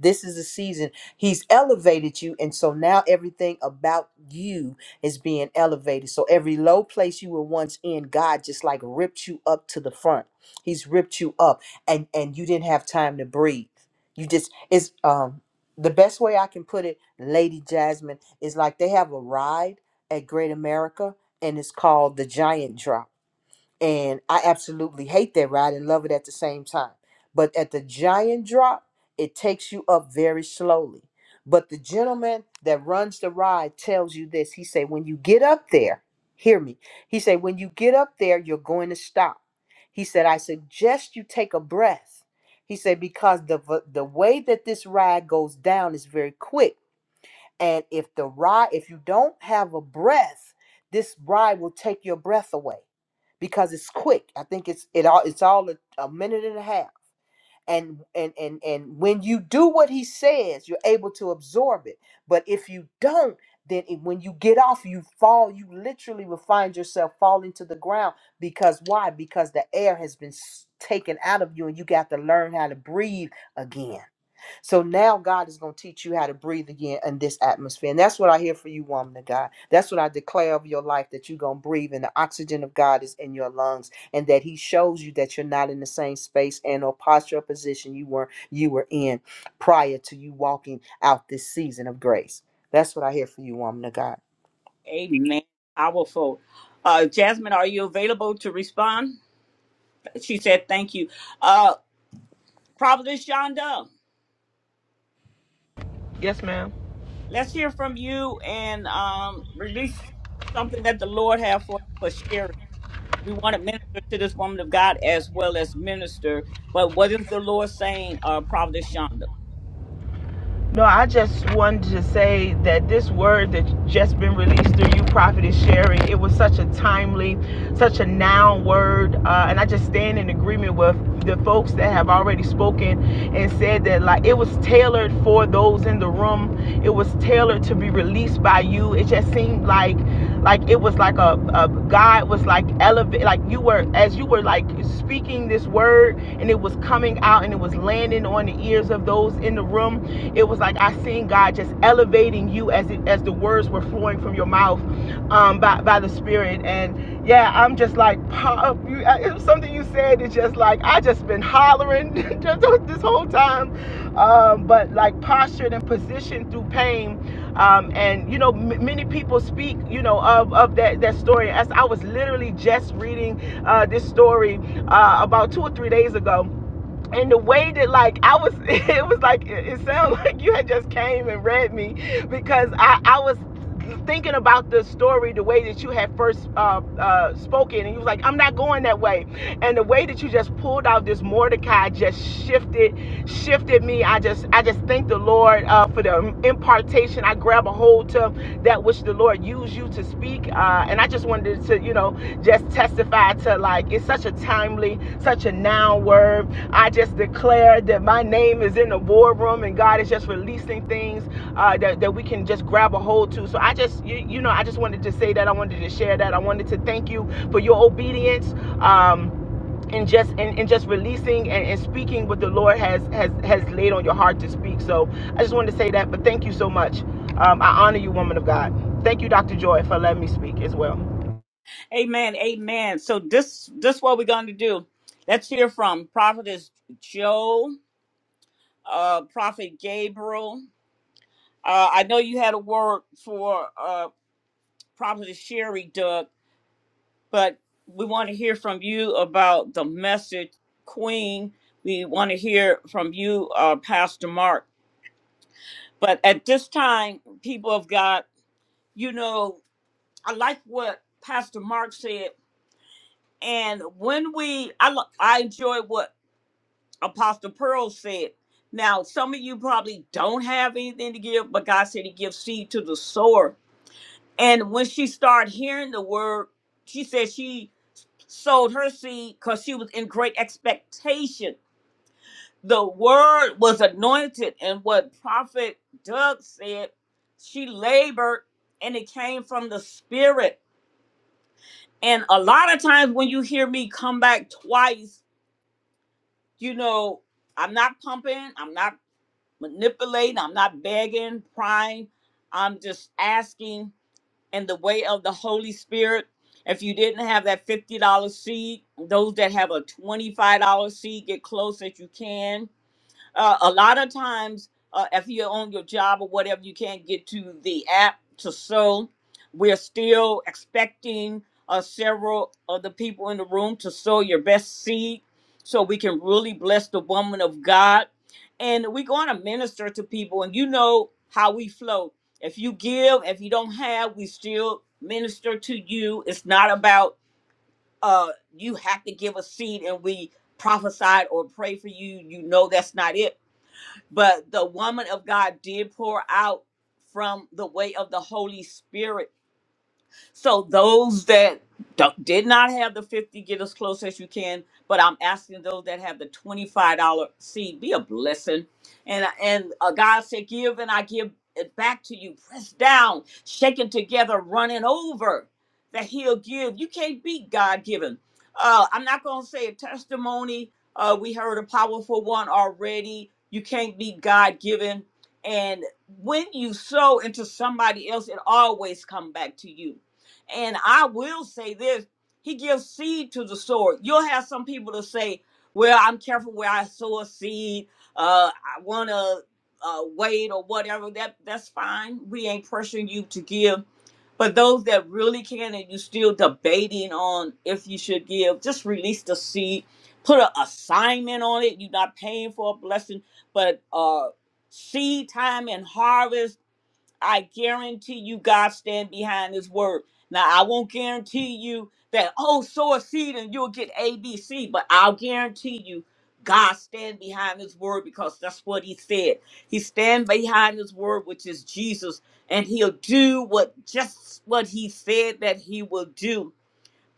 S5: This is a season he's elevated you, and so now everything about you is being elevated. So every low place you were once in, God just like ripped you up to the front. He's ripped you up and and you didn't have time to breathe. You just it's um the best way I can put it, Lady Jasmine, is like they have a ride at Great America and it's called the Giant Drop and I absolutely hate that ride and love it at the same time. But at the giant drop, it takes you up very slowly. But the gentleman that runs the ride tells you this. He said, when you get up there, hear me. He said, when you get up there, you're going to stop. He said, I suggest you take a breath. He said, because the v- the way that this ride goes down is very quick and if the rye, if you don't have a breath, this rye will take your breath away because it's quick. I think it's it all it's all a, a minute and a half. And and and and when you do what he says, you're able to absorb it. But if you don't, then it- when you get off, you fall. You literally will find yourself falling to the ground because why? Because the air has been s- taken out of you, and you got to learn how to breathe again so now God is going to teach you how to breathe again in this atmosphere. And that's what I hear for you, woman of God. That's what I declare of your life that you're going to breathe and the oxygen of God is in your lungs and that he shows you that you're not in the same space and or posture or position you were you were in prior to you walking out this season of grace. That's what I hear for you, woman of God.
S1: Amen. Powerful. Uh, Jasmine, are you available to respond? She said, thank you. Uh, Providence Shonda,
S2: you. Yes, ma'am.
S1: let's hear from you and um, release something that the Lord have for for sharing. We want to minister to this woman of God as well as minister, but what is the Lord saying, uh, Providence Shonda?
S2: No, I just wanted to say that this word that just been released through you, Prophet, is sharing. It was such a timely, such a noun word, uh, and I just stand in agreement with the folks that have already spoken and said that like it was tailored for those in the room. It was tailored to be released by you. It just seemed like, like it was like a, a God was like elevate, like you were as you were like speaking this word, and it was coming out and it was landing on the ears of those in the room it was like I seen God just elevating you as it, as the words were flowing from your mouth um, by by the Spirit. And yeah, I'm just like pop. You, it was something you said is just like I just been hollering this whole time. Um, but like postured and positioned through pain. Um, and you know, m- many people speak, you know, of of that that story. As I was literally just reading uh, this story uh, about two or three days ago and the way that like I was it was like it it sounded like you had just came and read me because I I was thinking about the story the way that you had first uh, uh, spoken and you was like I'm not going that way and the way that you just pulled out this Mordecai just shifted shifted me I just I just thank the Lord uh, for the impartation I grab a hold to that which the Lord used you to speak uh, and I just wanted to you know just testify to like it's such a timely such a now word I just declare that my name is in the war room and God is just releasing things uh, that, that we can just grab a hold to. So I just, you, you know, I just wanted to say that. I wanted to share that. I wanted to thank you for your obedience. Um, and just and, and just releasing and, and speaking what the Lord has has so I just wanted to say that much. Um, I honor you, woman of God. Thank you.
S1: Amen, amen. So this this what we're going to do. Let's hear from Prophetess Joe, uh, Prophet Gabriel, Uh, I know you had a word for uh, Prophet Sherry, Doug, but we want to hear from you about the message, Queen. We want to hear from you, uh, Pastor Mark. But at this time, people of God, you know, I like what Pastor Mark said. And when we, I, lo- I enjoy what Apostle Pearl said. Now, some of you probably don't have anything to give, but God said He gives seed to the sower. And when she started hearing the word, she said she sowed her seed because she was in great expectation. The word was anointed, and what Prophet Doug said, she labored and it came from the Spirit. And a lot of times when you hear me come back twice, you know, I'm not pumping, I'm not manipulating, I'm not begging, prying, I'm just asking and the way of the Holy Spirit. If you didn't have that $50 seed, those that have a $25 seed, get close as you can uh, a lot of times uh, if you're on your job or whatever you can't get to the app to sew we're still expecting uh, several of the people in the room to sow your best seed so we can really bless the woman of god and we're going to minister to people and you know how we flow if you give if you don't have we still minister to you it's not about uh you have to give a seed and we prophesied or pray for you you know that's not it but the woman of God did pour out from the way of the Holy Spirit so those that do- did not have the 50, get as close as you can. But I'm asking those that have the $25 seed, be a blessing. And, and uh, God said, give and I give it back to you. Pressed down, shaken together, running over that he'll give. You can't beat God given. Uh, I'm not going to say a testimony. Uh, we heard a powerful one already. You can't beat God given. And when you sow into somebody else, it always come back to you and I will say this He gives seed to the sower. You'll have some people to say, Well, I'm careful where I sow a seed. Uh, I want to uh, wait or whatever. That That's fine. We ain't pressuring you to give. But those that really can and you still debating on if you should give, just release the seed. Put an assignment on it. You're not paying for a blessing, but uh, seed time and harvest I guarantee you God stand behind his word. Now I won't guarantee you that oh sow a seed and you'll get ABC, but I'll guarantee you God stand behind his word because that's what he said. He stand behind his word, which is Jesus, and he'll do what just what he said that he will do.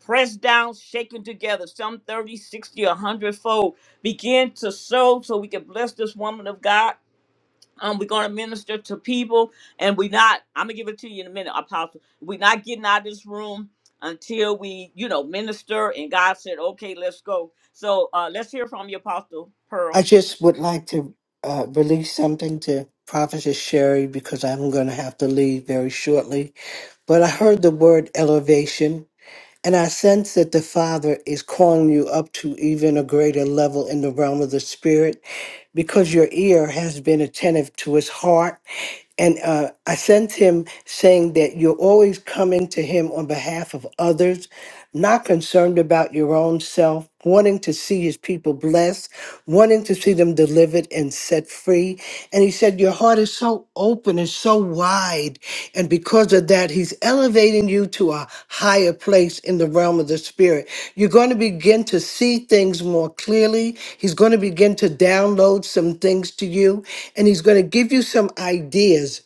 S1: Pressed down, shaken together, some 30, 60, a hundredfold. Begin to sow so we can bless this woman of God um, we're going to minister to people and we not i'm gonna give it to you in a minute apostle we're not getting out of this room until we you know minister and god said okay let's go so uh let's hear from you apostle pearl
S3: I just would like to uh, release something to Prophetess Sherry because I'm gonna have to leave very shortly. But I heard the word elevation And I sense that the Father is calling you up to even a greater level in the realm of the Spirit because your ear has been attentive to his heart. And uh, I sense him saying that you're always coming to him on behalf of others not concerned about your own self, wanting to see his people blessed, wanting to see them delivered and set free. And he said, Your heart is so open and so wide. And because of that, he's elevating you to a higher place in the realm of the spirit. You're going to begin to see things more clearly. He's going to begin to download some things to you, and he's going to give you some ideas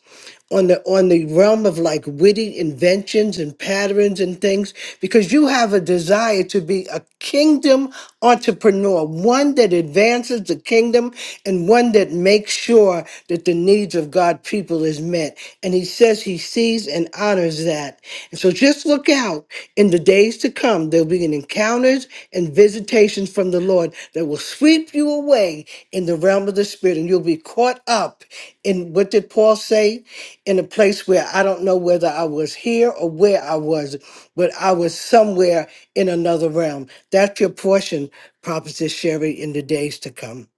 S3: on the on the realm of like witty inventions and patterns and things because you have a desire to be a kingdom entrepreneur one that advances the kingdom and one that makes sure that the needs of god people is met and he says he sees and honors that and so just look out in the days to to come. There will be an encounters and visitations from the Lord that will sweep you away in the realm of the spirit, and you'll be caught up in what did Paul say? In a place where I don't know whether I was here or where I was, but I was somewhere in another realm. That's your portion, Prophetess Sherry, in the days to come.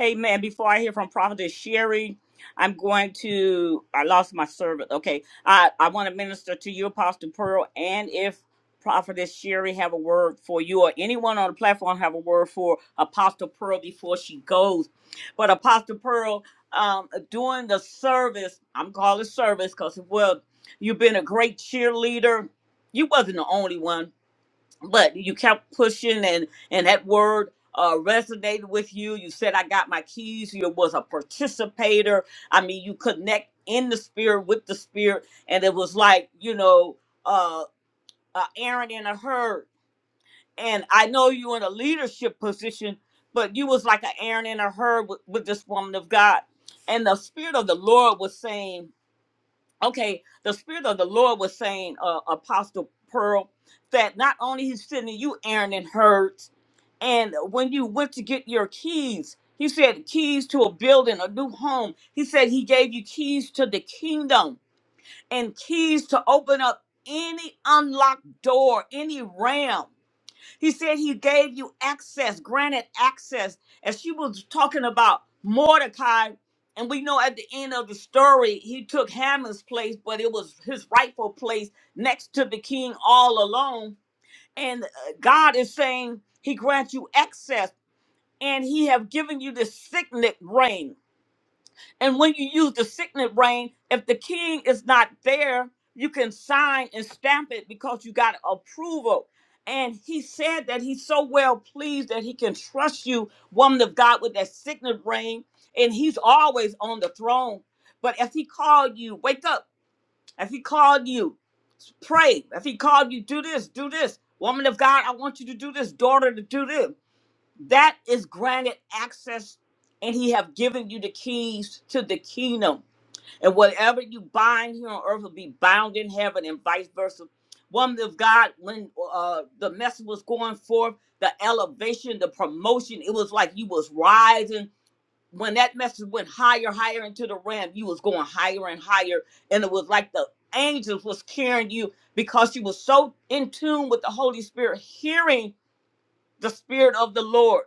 S1: Amen. Before I hear from Prophetess Sherry, I'm going to. I lost my servant. Okay, I I want to minister to you, Apostle Pearl, and if Prophetess Sherry have a word for you or anyone on the platform have a word for Apostle Pearl before she goes. But Apostle Pearl, um, during the service, I'm calling service because well, you've been a great cheerleader. You wasn't the only one but you kept pushing and and that word uh resonated with you you said i got my keys you was a participator i mean you connect in the spirit with the spirit and it was like you know uh, uh aaron in a herd and i know you in a leadership position but you was like an aaron in a herd with, with this woman of god and the spirit of the lord was saying okay, the spirit of the Lord was saying, uh, Apostle Pearl, that not only he's sending you Aaron and Herds, and when you went to get your keys, he said keys to a building, a new home. He said he gave you keys to the kingdom and keys to open up any unlocked door, any realm. He said he gave you access, granted access. As she was talking about Mordecai, and we know at the end of the story, he took Haman's place, but it was his rightful place next to the king all alone. And uh, God is saying he grants you access, and he have given you the signet ring. And when you use the signet ring, if the king is not there, you can sign and stamp it because you got approval. And he said that he's so well pleased that he can trust you, woman of God, with that signet ring. And he's always on the throne. But if he called you, wake up. If he called you, pray. If he called you, do this, do this. Woman of God, I want you to do this. Daughter, to do this. That is granted access, and he have given you the keys to the kingdom and whatever you bind here on earth will be bound in heaven, and vice versa. Woman of God, when uh, the message was going forth, the elevation, the promotion, it was like you was rising. When that message went higher, higher into the realm, you was going higher and higher, and it was like the angels was carrying you because you was so in tune with the Holy Spirit, hearing the Spirit of the Lord.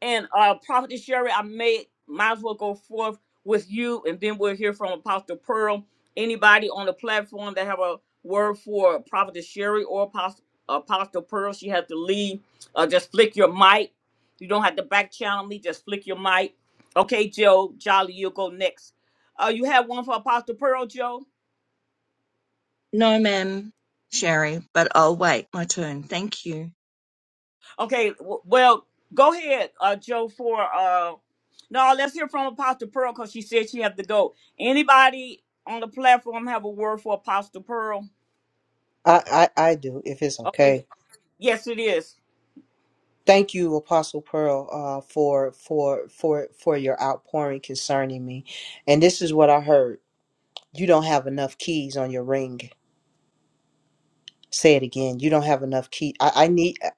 S1: And uh, Prophet Sherry, I may might as well go forth with you, and then we'll hear from Apostle Pearl. Anybody on the platform that have a word for Prophetess Sherry or Apostle, Apostle Pearl, she has to leave. Uh, just flick your mic. You don't have to back channel me. Just flick your mic. Okay, Joe Jolly, you'll go next. Uh, you have one for Apostle Pearl, Joe.
S8: No, ma'am, Sherry, but I'll wait my turn. Thank you.
S1: Okay, w- well, go ahead, uh, Joe. For uh, no, let's hear from Apostle Pearl because she said she had to go. Anybody on the platform have a word for Apostle Pearl?
S5: I, I, I do, if it's
S1: Okay,
S5: okay.
S1: yes, it is.
S5: Thank you, Apostle Pearl, uh, for for for for your outpouring concerning me. And this is what I heard. you don't have enough keys on your ring. Say it again. You don't have enough key. I, I need. uh,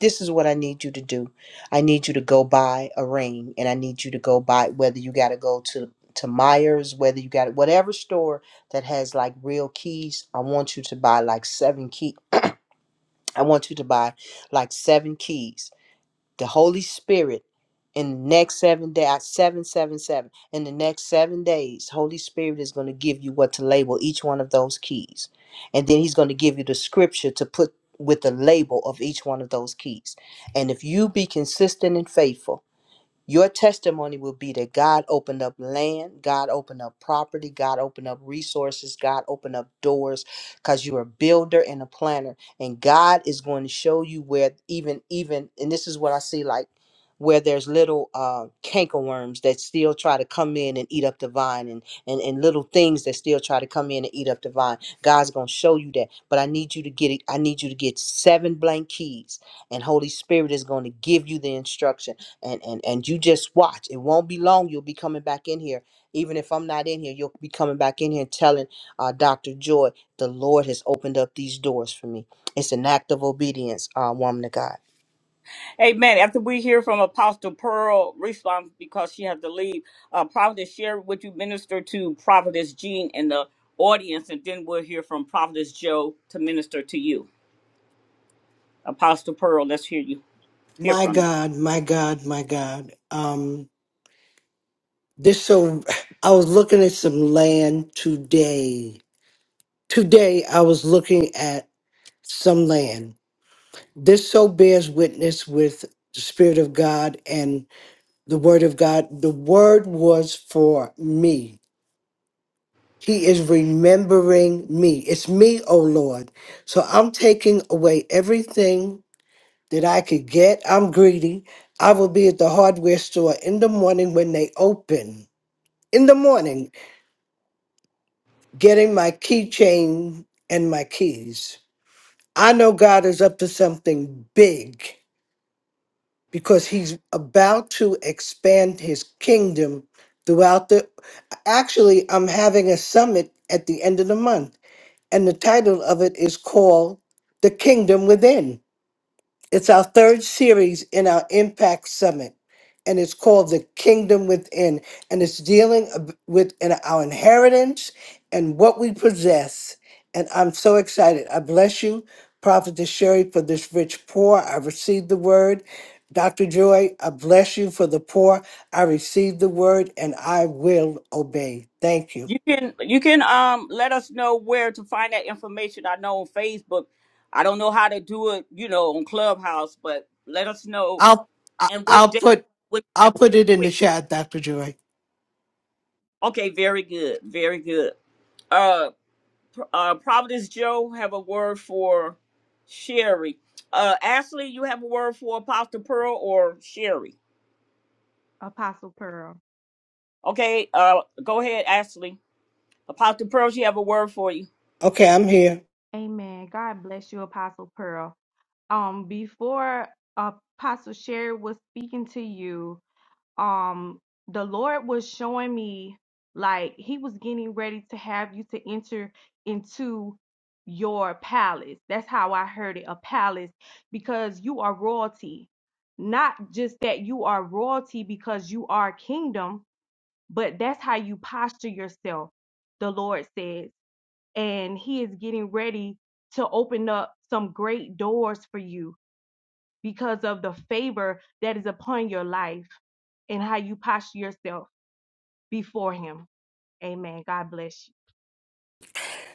S5: This is what I need you to do. I need you to go buy a ring, and I need you to go buy whether you got to go to to Myers, whether you got whatever store that has like real keys. I want you to buy like seven key. I want you to buy like seven keys the Holy Spirit in the next seven days, seven, seven, seven. In the next seven days, Holy Spirit is going to give you what to label each one of those keys. And then he's going to give you the scripture to put with the label of each one of those keys. And if you be consistent and faithful, your testimony will be that God opened up land, God opened up property, God opened up resources, God opened up doors because you're a builder and a planner. And God is going to show you where even, even, and this is what I see like where there's little uh, cankerworms that still try to come in and eat up the vine and, and, and little things that still try to come in and eat up the vine. God's going to show you that. But I need you to get it. I need you to get seven blank keys and Holy Spirit is going to give you the instruction and and and you just watch it won't be long you'll be coming back in here even if i'm not in here you'll be coming back in here and telling uh, dr joy the lord has opened up these doors for me it's an act of obedience uh, woman of god
S1: Amen. After we hear from Apostle Pearl, respond because she has to leave. Uh, Prophetess share would you minister to Prophetess Jean in the audience, and then we'll hear from Prophetess Joe to minister to you. Apostle Pearl, let's hear you. Hear
S3: My
S1: from you.
S3: God, my God, my God. Um, this so I was looking at some land today. Today I was looking at some land. This so bears witness with the Spirit of God and the Word of God. The Word was for me. He is remembering me. It's me, O Lord. So I'm taking away everything that I could get. I'm greedy. I will be at the hardware store in the morning when they open, in the morning, getting my keychain and my keys. I know God is up to something big. because he's about to expand his kingdom throughout the actually i'm having a summit at the end of the month and the title of it is called the kingdom within it's our third series in our Impact Summit, and it's called The Kingdom Within. And it's dealing ab- with in our inheritance and what we possess. And I'm so excited. I bless you, Prophetess Sherry, for this rich pour. I received the word. Dr. Joy, I bless you for the poor. I received the word and I will obey. Thank you.
S1: You can you can um let us know where to find that information. I know on Facebook. I don't know how to do it, you know, on Clubhouse, but let us know
S3: I'll I-
S1: and what
S3: I'll
S1: day
S3: put
S1: would
S3: I'll
S1: that
S3: put
S1: real
S3: it in the
S1: quick.
S3: chat, Dr. Joy.
S1: Okay, very good. Very good. Uh P- uh Providence Joe have a word for Sherry. Uh Ashley, you have a word for Apostle Pearl or Sherry?
S9: Apostle Pearl.
S1: Okay, uh go ahead, Ashley. Apostle Pearl, she have a word for you.
S3: Okay, I'm here.
S9: Amen. God bless you, Apostle Pearl. Um, before Apostle Sherry was speaking to you, um, the Lord was showing me like He was getting ready to have you to enter into your palace. That's how I heard it, a palace, because you are royalty. Not just that you are royalty because you are kingdom, but that's how you posture yourself, the Lord says. and he is getting ready to open up some great doors for you because of the favor that is upon your life and how you posture yourself before him. Amen. God bless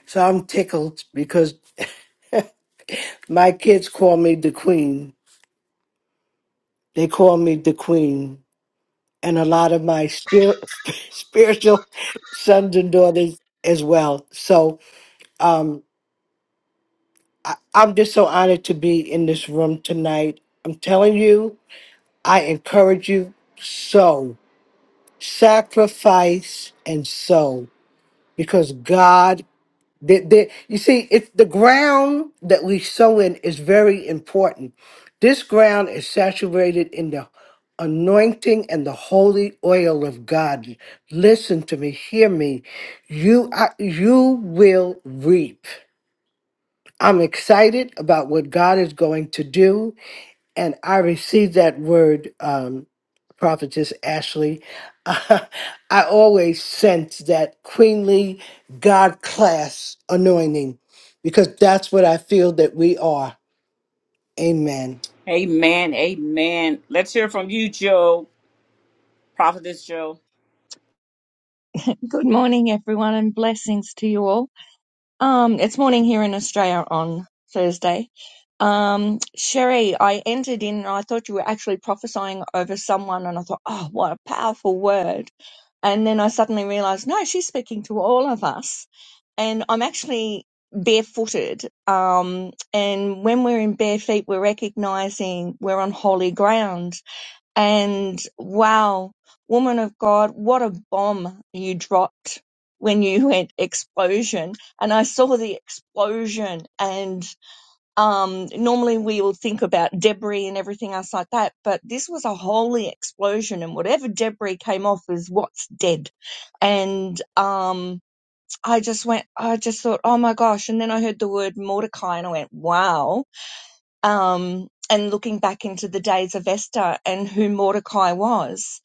S3: So I'm tickled because My kids call me the queen. They call me the queen. And a lot of my spir- spiritual sons and daughters as well. So um, I'm just so honored to be in this room tonight. I'm telling you, I encourage you, sow, sacrifice and sow because God That that- you see, it's the ground that we sow in is very important. This ground is saturated in the anointing and the holy oil of God. Listen to me, hear me. You I, you will reap. I'm excited about what God is going to do and I received that word, um, prophetess Ashley. I always sense that queenly God class anointing because that's what I feel that we are. Amen.
S1: Amen. Amen. Let's hear from you, Joe. Prophetess Joe.
S8: Good morning, everyone, and blessings to you all. Um, it's morning here in Australia on Thursday. Um, Sherry, I entered in and I thought you were actually prophesying over someone, and I thought, oh, what a powerful word. And then I suddenly realized, no, she's speaking to all of us. And I'm actually barefooted. Um, and when we're in bare feet, we're recognizing we're on holy ground And wow, woman of God, what a bomb you dropped when you went explosion. And I saw the explosion. And um, normally we all think about debris and everything else like that, but this was a holy explosion. And whatever debris came off is what's dead. And um, I just went, I just thought, oh my gosh. And then I heard the word Mordecai and I went, wow um, and looking back into the days of Esther and who Mordecai was.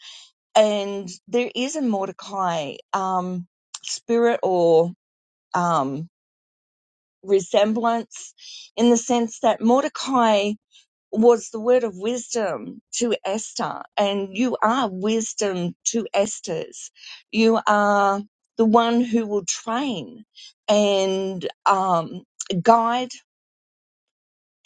S8: And there is a Mordecai um, spirit or um, resemblance in the sense that Mordecai was the word of wisdom to Esther, and you are wisdom to Esther's. You are the one who will train and um, guide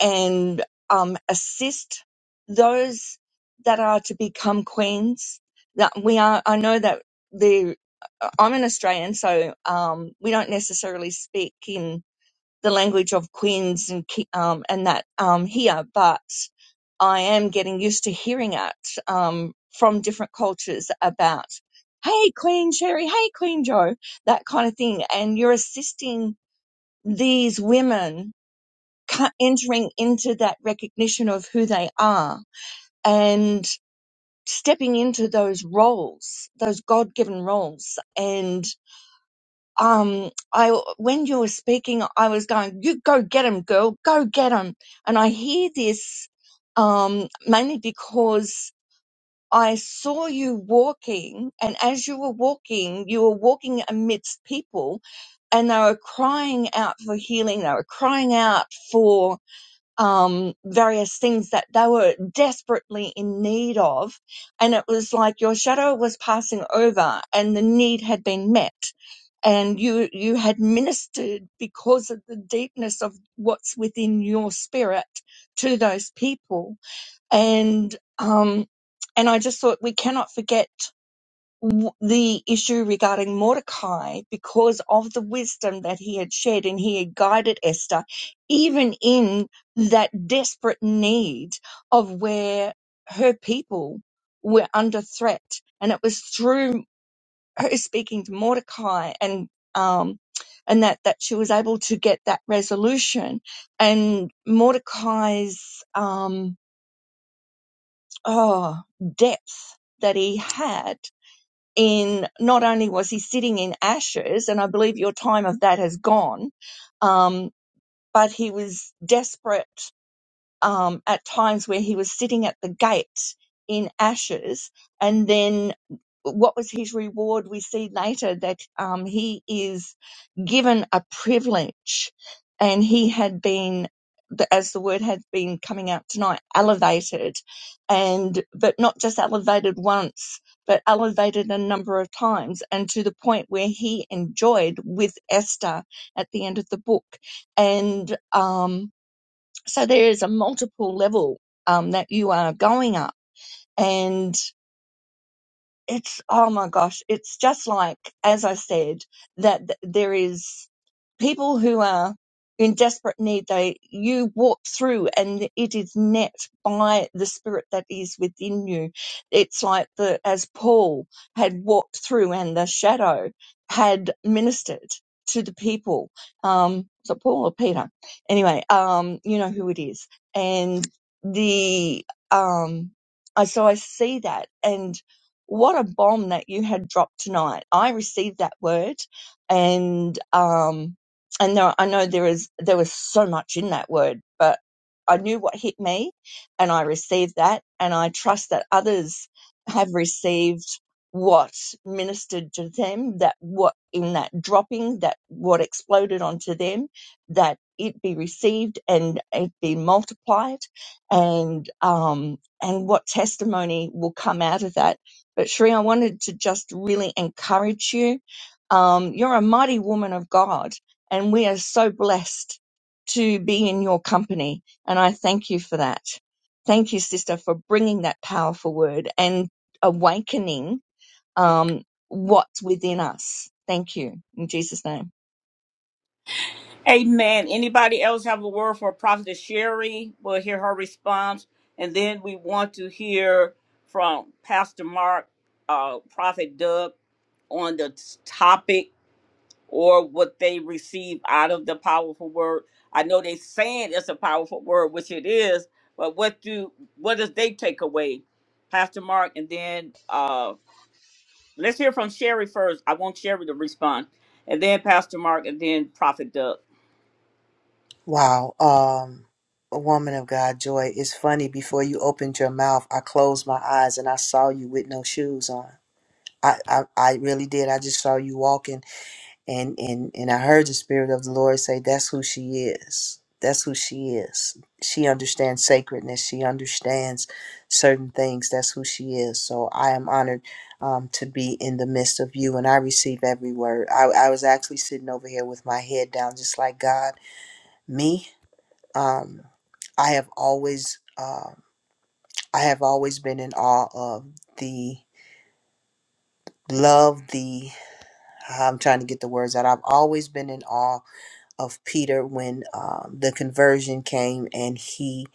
S8: and um, assist those that are to become queens. That we are, I know that the uh, I'm an Australian, so um, we don't necessarily speak in the language of queens and ki- um, and that um, here, but I am getting used to hearing it um, from different cultures about, hey, Queen Sherry, hey, Queen Joe, that kind of thing, and you're assisting these women entering into that recognition of who they are and stepping into those roles, those God given roles. And um, I, when you were speaking, I was going, "You go get him, girl, go get him." And I hear this um, mainly because I saw you walking, and as you were walking, you were walking amidst people and they were crying out for healing. They were crying out for um, various things that they were desperately in need of. And it was like your shadow was passing over and the need had been met. And you, you had ministered because of the deepness of what's within your spirit to those people. And, um, and I just thought we cannot forget w- the issue regarding Mordecai because of the wisdom that he had shared and he had guided Esther, even in that desperate need of where her people were under threat. And it was through her speaking to Mordecai and um, and that that she was able to get that resolution and Mordecai's um, oh depth that he had in not only was he sitting in ashes, and I believe your time of that has gone, um, but he was desperate um, at times where he was sitting at the gate in ashes. And then what was his reward? We see later that um, he is given a privilege and he had been as the word had been coming out tonight elevated and but not just elevated once but elevated a number of times and to the point where he enjoyed with esther at the end of the book and um so there is a multiple level um, that you are going up. And it's oh my gosh it's just like as i said that th- there is people who are in desperate need they you walk through and it is met by the spirit that is within you it's like the as paul had walked through and the shadow had ministered to the people um was it paul or peter anyway um you know who it is and the um I so I see that, and what a bomb that you had dropped tonight. I received that word and um and there, I know there is there was so much in that word, but I knew what hit me and I received that and I trust that others have received what ministered to them that what in that dropping that what exploded onto them that it be received and it be multiplied and um and what testimony will come out of that but Sheree, I wanted to just really encourage you. Um, you're a mighty woman of God, and we are so blessed to be in your company. And I thank you for that. Thank you, sister, for bringing that powerful word and awakening um, what's within us. Thank you in Jesus' name.
S1: Amen. Anybody else have a word for Prophetess Sherry? We'll hear her response. And then we want to hear from Pastor Mark, uh, Prophet Doug on the t- topic or what they receive out of the powerful word. I know they saying it's a powerful word, which it is, but what do what does they take away? Pastor Mark, and then uh let's hear from Sherry first. I want Sherry to respond. And then Pastor Mark and then Prophet Doug.
S5: Wow. Um, a woman of God, Joy, it's funny. Before you opened your mouth, I closed my eyes and I saw you with no shoes on. I, I, I really did. I just saw you walking. and and and I heard the spirit of the Lord say that's who she is. That's who she is. She understands sacredness. She understands certain things. That's who she is. So I am honored um, to be in the midst of you, and I receive every word. I, I was actually sitting over here with my head down, just like God. Me, um, I have always, uh, I have always been in awe of the love. The I'm trying to get the words out. I've always been in awe of Peter when um, the conversion came and he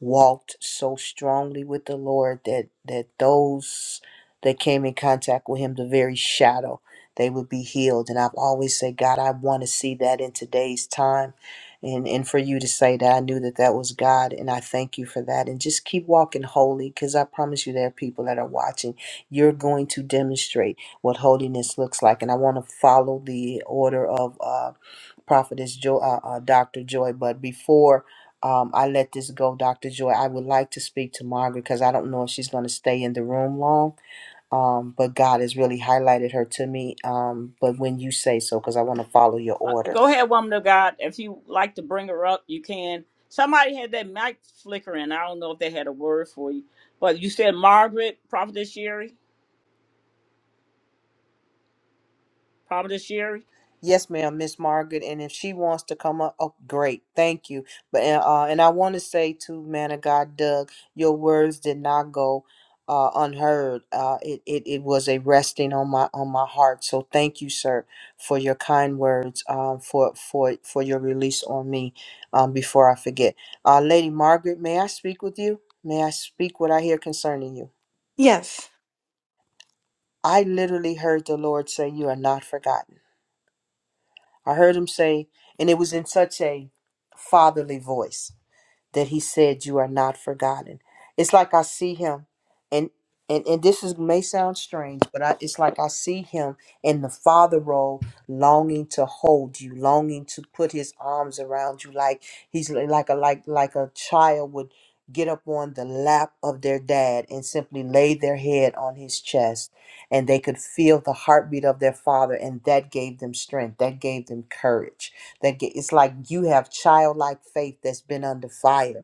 S5: walked so strongly with the Lord that that those that came in contact with him, the very shadow, they would be healed. And I've always said, God, I want to see that in today's time. And, and for you to say that I knew that that was God, and I thank you for that. And just keep walking holy, because I promise you, there are people that are watching. You're going to demonstrate what holiness looks like, and I want to follow the order of uh, prophetess Joy, uh, uh, Dr. Joy. But before um, I let this go, Dr. Joy, I would like to speak to Margaret because I don't know if she's going to stay in the room long. Um, but God has really highlighted her to me. Um, but when you say so, because I want to follow your
S1: Uh,
S5: order.
S1: go ahead, woman of God. If you like to bring her up, you can. Somebody had that mic flickering. I don't know if they had a word for you, but you said Margaret, Prophetess Sherry, Prophetess Sherry.
S5: Yes, ma'am, Miss Margaret. And if she wants to come up, oh, great, thank you. But uh, uh, and I want to say to man of God, Doug, your words did not go uh, unheard. Uh, it, it it was a resting on my on my heart. So thank you, sir, for your kind words. Um, for for for your release on me. Um, before I forget, uh, Lady Margaret, may I speak with you? May I speak what I hear concerning you?
S10: Yes.
S5: I literally heard the Lord say, "You are not forgotten." I heard him say, and it was in such a fatherly voice that he said you are not forgotten it's like i see him and and, and this is may sound strange but I, it's like i see him in the father role longing to hold you longing to put his arms around you like he's li- like a like like a child would get up on the lap of their dad and simply lay their head on his chest and they could feel the heartbeat of their father and that gave them strength that gave them courage that get, it's like you have childlike faith that's been under fire.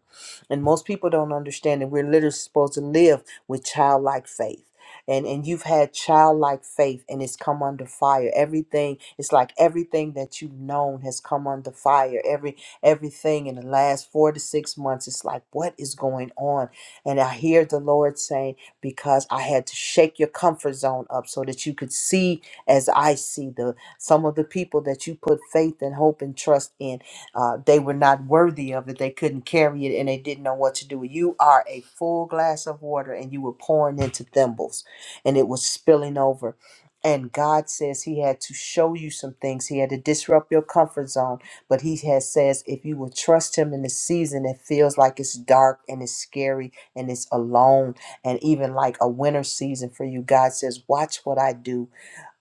S5: And most people don't understand that we're literally supposed to live with childlike faith. And, and you've had childlike faith and it's come under fire. Everything, it's like everything that you've known has come under fire. Every everything in the last four to six months, it's like, what is going on? And I hear the Lord saying, because I had to shake your comfort zone up so that you could see as I see. the. Some of the people that you put faith and hope and trust in, uh, they were not worthy of it. They couldn't carry it and they didn't know what to do. You are a full glass of water and you were pouring into thimbles and it was spilling over. And God says He had to show you some things. He had to disrupt your comfort zone. But He has says if you will trust Him in the season, it feels like it's dark and it's scary and it's alone and even like a winter season for you. God says, Watch what I do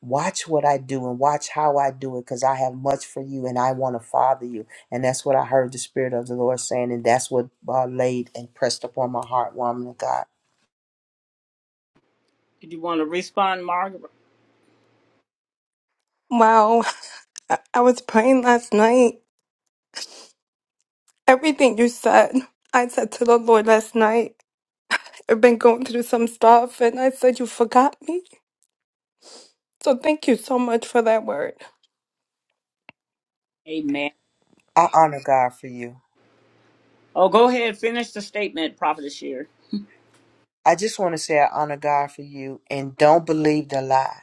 S5: Watch what I do and watch how I do it because I have much for you and I want to father you. And that's what I heard the Spirit of the Lord saying. And that's what uh, laid and pressed upon my heart, woman of God.
S1: Did you want to respond, Margaret?
S10: Wow. I I was praying last night. Everything you said, I said to the Lord last night. I've been going through some stuff, and I said, You forgot me. So thank you so much for that word.
S1: Amen.
S5: I honor God for you.
S1: Oh, go ahead. Finish the statement, Prophetess Sherry.
S5: I just want to say I honor God for you and don't believe the lie.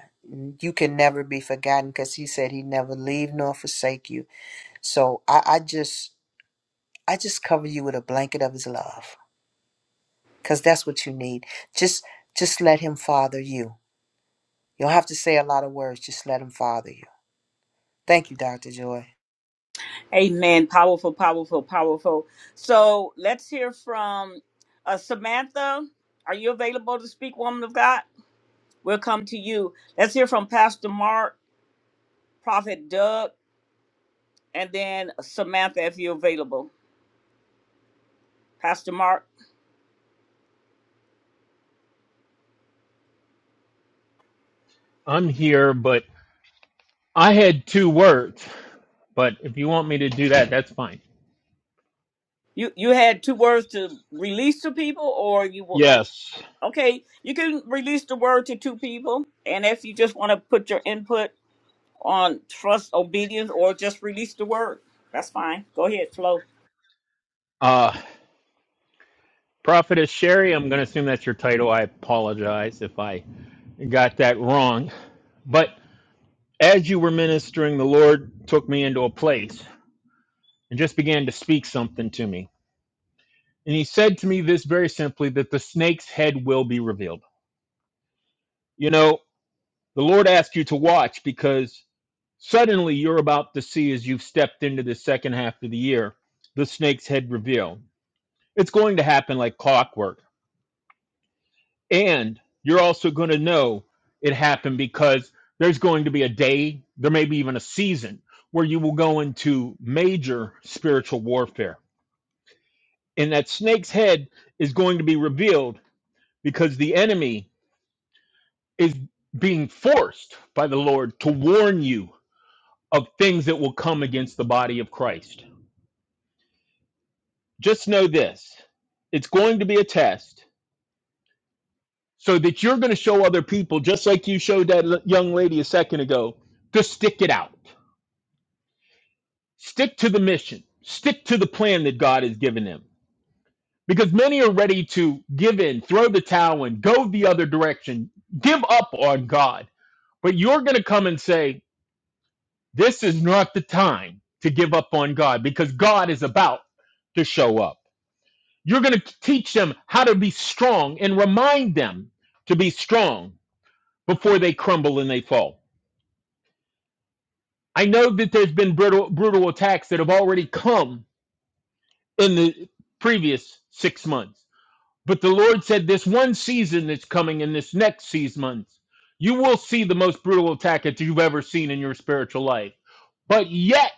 S5: You can never be forgotten because He said He never leave nor forsake you. So I, I just. I just cover you with a blanket of his love because that's what you need. Just just let him father you You don't have to say a lot of words. Just let them father you. Thank you, Dr. Joy.
S1: Amen. Powerful, powerful, powerful. So let's hear from uh, Samantha. Are you available to speak, woman of God? We'll come to you. Let's hear from Pastor Mark, Prophet Doug. and then Samantha, if you're available. Pastor Mark,
S6: I'm here, but I had two words. But if you want me to do that, that's fine.
S1: you you had two words to release to people, or you will.
S6: Yes.
S1: Okay, you can release the word to two people, and if you just want to put your input on trust, obedience, or just release the word, that's fine. Go ahead, flow.
S6: Uh Prophetess Sherry, I'm gonna assume that's your title. I apologize if I got that wrong. but. As you were ministering, the Lord took me into a place and just began to speak something to me. And he said to me this very simply that the snake's head will be revealed. You know, the Lord asked you to walk. Suddenly you're about there. This show. It's work. And you're also going to know it happened because there's going to be a day, there may be even a season, where you will go spirit there. And that snake's head is going to be revealed because the enemy is being forced by the Lord to warn you of things that will be of Christ. Just it's so that you show other people, just like you showed that young lady a second ago, to stick it out, stick to the mission, stick to the plan that God has given them. Because many are ready to give in, throw the towel in, go the other direction, give up on God. But you're going to come and say, This is not the time to give up on God because God is about to show up. You're going to teach them how to be strong and remind them to be strong before they crumble and they fall. I know that there's been brutal, brutal attacks that have already come in the previous six months, but the Lord said this one season that's coming in this next six months, you will see the most brutal attack that you've ever seen in your spiritual life. But yet,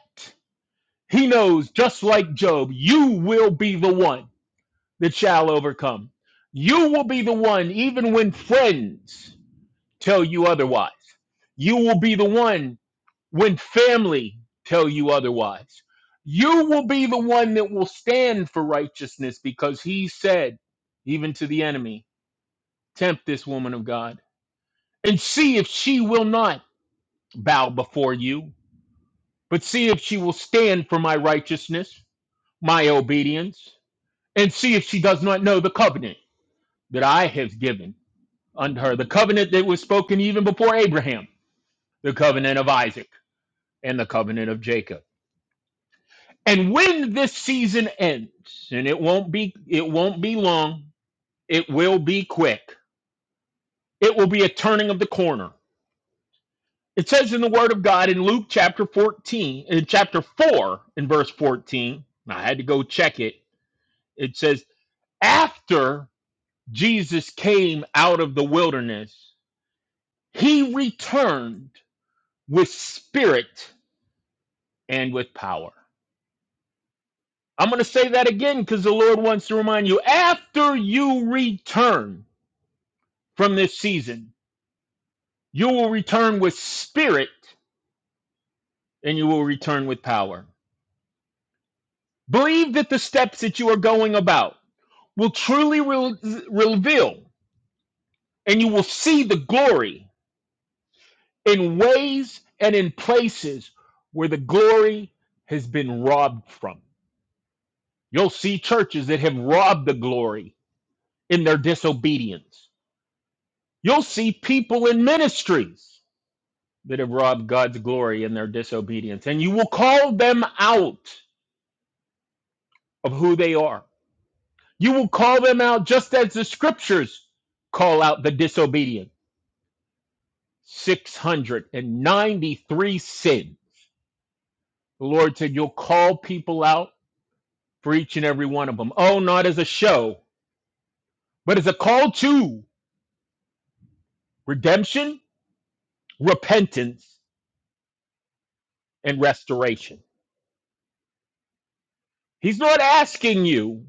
S6: He knows, just like Job, you will be the one that shall overcome. You will be the one, even when friends tell you otherwise. You will be the one when family tell you otherwise. You will be the one that will stand for righteousness because he said, even to the enemy, tempt this woman of God and see if she will not bow before you, but see if she will stand for my righteousness, my obedience, and see if she does not know the covenant that I have given unto her, the covenant that was spoken even before Abraham, the covenant of Isaac and the covenant of Jacob. And when this season ends, and it won't be it won't be long, it will be quick. It will be a turning of the corner. It says in the word of God in Luke chapter 14, in chapter 4 in verse 14. I had to go check it. It says after Jesus came out of the wilderness, he returned with spirit and with power. I'm going to say that again because the Lord wants to remind you after you return from this season, you will return with spirit and you will return with power. Believe that the steps that you are going about will truly re- reveal and you will see the glory in ways and in places where the glory has been robbed from. You'll see churches that have robbed the glory in their disobedience. You'll see people in ministries that have robbed God's glory in their disobedience. And you will call them out of who they are. You will call them out just as the scriptures call out the disobedient. 693 sin. The Lord said, You'll call people out for each and every one of them. Oh, not as a show, but as a call to redemption, repentance, and restoration. He's not asking you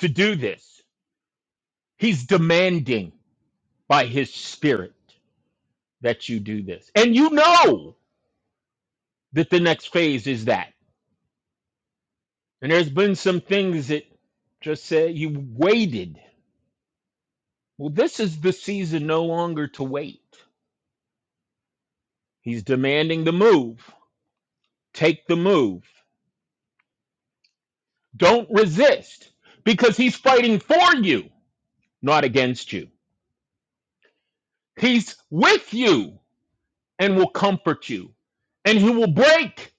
S6: to do this, He's demanding by His Spirit. that you do this. And you know that the next phase is that. And there's been some things that just said you waited. Well, this is the season no longer to wait. He's demanding the move. Take the move. Don't resist because he's fighting for you, not against you. He's with you and will comfort you, and he will break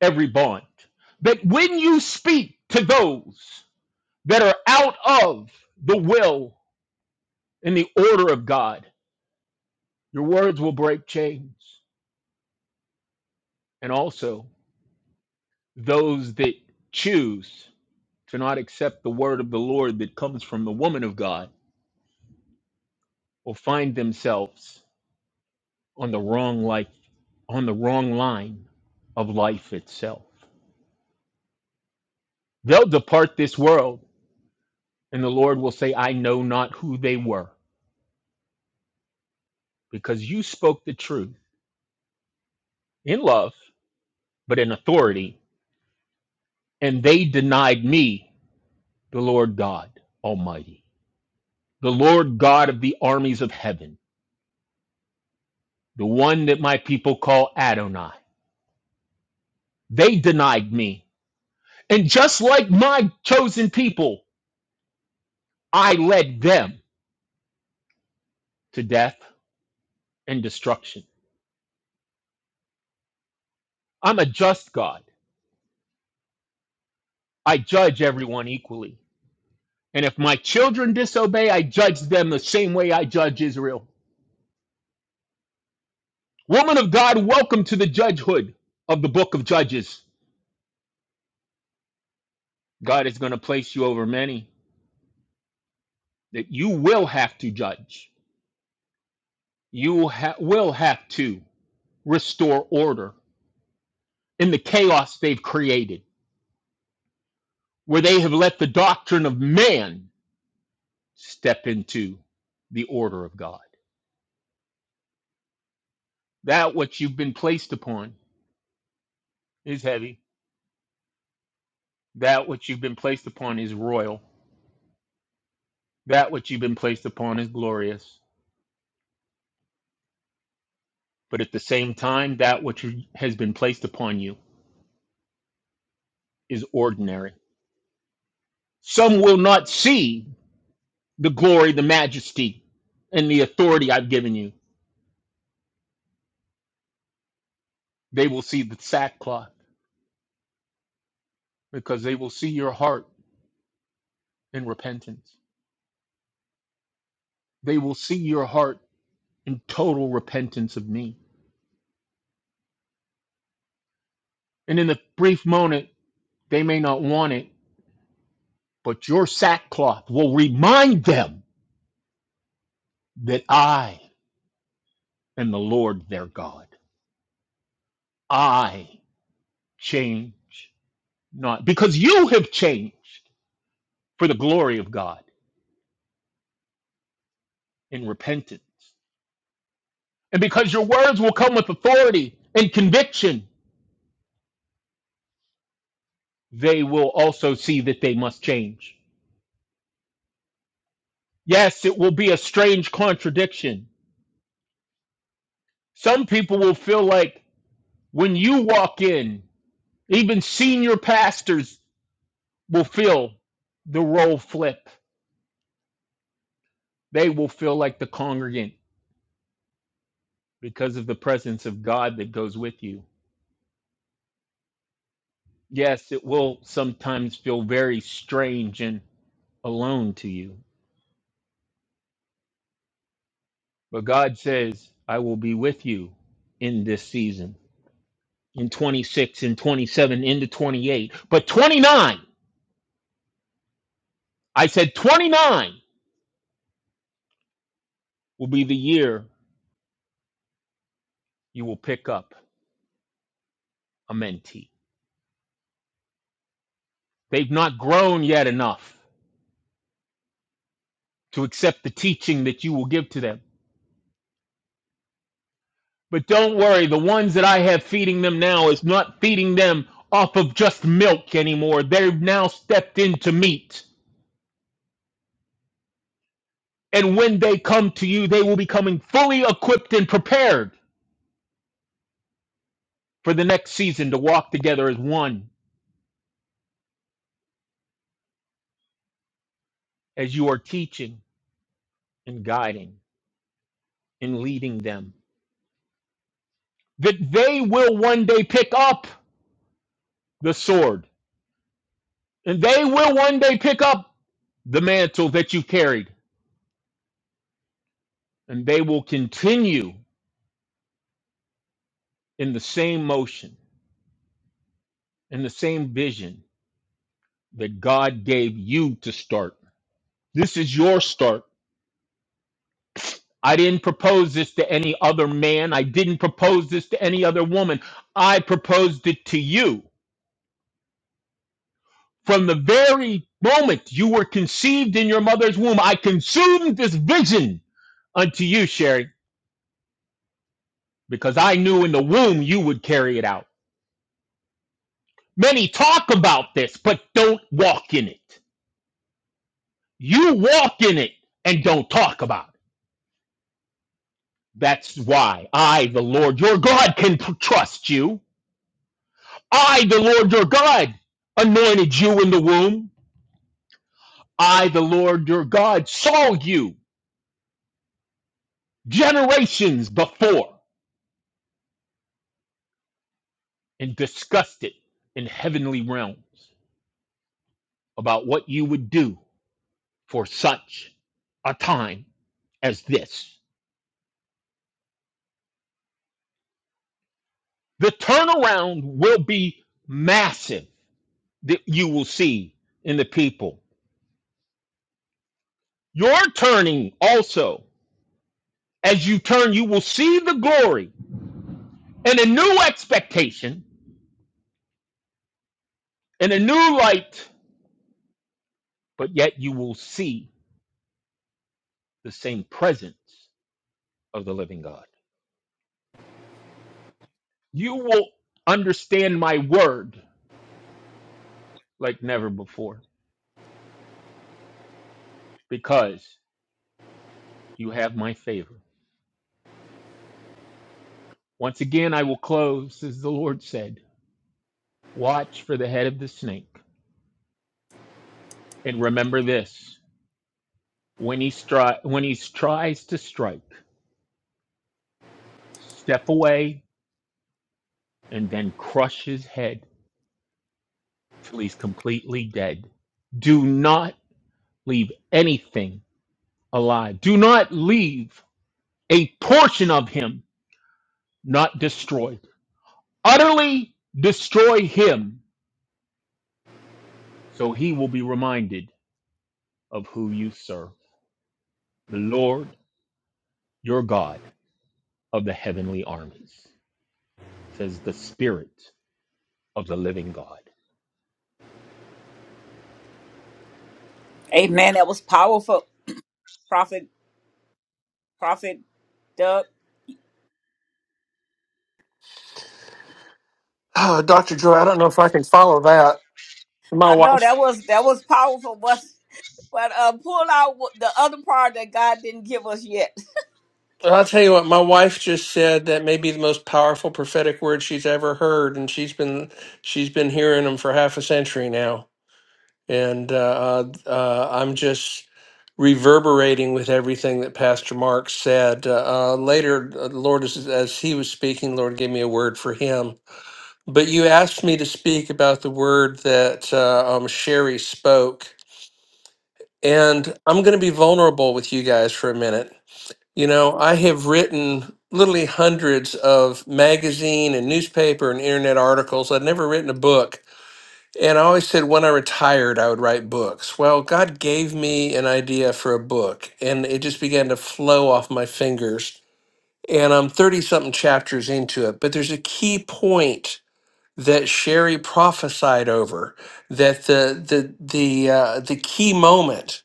S6: every bond. But when you speak to those that are out of the will in the order of God. Your words will break chains. And also, those that choose to not accept the word of the Lord that comes from the woman of God will find themselves on the wrong life, on the wrong line of life itself. They'll depart this world, and the Lord will say, I know not who they were, because you spoke the truth in love, but in authority, and they denied me, the Lord God Almighty. the Lord God of the armies of heaven, the one that my people call Adonai. They denied me. And just like my chosen people, I led them to death and destruction. I'm a just God. I judge everyone equally. And if my children disobey, I judge them the same way I judge Israel. Woman of God, welcome to the judgehood of the book of Judges. God is going to place you over many that you will have to judge. You ha- will have to restore order in the chaos they've created, where they have let the doctrine of man step into the order of God. That what you've been placed upon is heavy. That what you've been placed upon is royal. That what you've been placed upon is glorious. But at the same time, that which has been placed upon you is ordinary. Some will not see the glory, the majesty, and the authority I've given you. They will see the sackcloth because they will see your heart In repentance. They will see your heart in total repentance of me. And in the brief moment, they may not want it, but your sackcloth will remind them that I am the Lord their God. I change not because you have changed for the glory of God in repentance. And because your words will come with authority and conviction, they will also see that they must change. Yes, it will be a strange contradiction Some people will feel like when you walk in, even senior pastors will feel the role flip. They will feel like the congregant because of the presence of God that goes with you. Yes, it will sometimes feel very strange and alone to you, but God says, I will be with you in this season, in 26 in 27, into 28. But 29, I said 29 will be the year you will pick up. a mentee. They've not grown yet enough to accept the teaching that you will give to them. But don't worry, the ones that I have feeding them now is not feeding them off of just milk anymore. They've now stepped into meat. And when they come to you, they will be coming fully equipped and prepared for the next season to walk together as one, as you are teaching and guiding and leading them. That they will one day pick up the sword. And they will one day pick up the mantle that you carried, and they will continue in the same motion, in the same vision that God gave you to start. This is your start. I didn't propose this to any other man. I didn't propose this to any other woman. I proposed it to you. From the very moment you were conceived in your mother's womb, I consumed this vision unto you, Sherry, because I knew in the womb you would carry it out. Many talk about this, but don't walk in it. You walk in it and don't talk about it. That's why I, the Lord your God, can p- trust you. I, the Lord your God, anointed you in the womb. I, the Lord your God, saw you generations before and discussed it in heavenly realms about what you would do for such a time as this. The turnaround will be massive that you will see in the people Your turning also, as you turn, you will see the glory and a new expectation and a new light, but yet you will see the same presence of the living God. You will understand my word like never before because you have my favor. Once again, I will close, as the Lord said, watch for the head of the snake. And remember this when he, stri- when he tries to strike, step away and then crush his head till he's completely dead. Do not leave anything alive. Do not leave a portion of him not destroyed. Utterly destroy him so he will be reminded of who you serve. The Lord your God of the heavenly armies, says the Spirit of the living God.
S1: Amen. That was powerful, Prophet. Prophet Doug.
S7: Oh, Dr. Joy, I don't know if I can follow that. My
S1: I know
S7: wife,
S1: that was that was powerful, but but uh, pull out wh- the other part that God didn't give us yet.
S7: I'll tell you what, my wife just said that may be the most powerful prophetic word she's ever heard. And she's been, she's been hearing them for half a century now. And uh, uh, uh, I'm just reverberating with everything that Pastor Mark said. Uh, uh, later, uh, the Lord, as, as he was speaking, the Lord gave me a word for him. But you asked me to speak about the word that uh, um, Sherry spoke. And I'm going to be vulnerable with you guys for a minute. You know, I have written literally hundreds of magazine and newspaper and internet articles. I've never written a book and I always said when I retired, I would write books. Well, God gave me an idea for a book, and it just began to flow off my fingers. And I'm 30 something chapters into it, but there's a key point that Sherry prophesied over that the the the uh, the key moment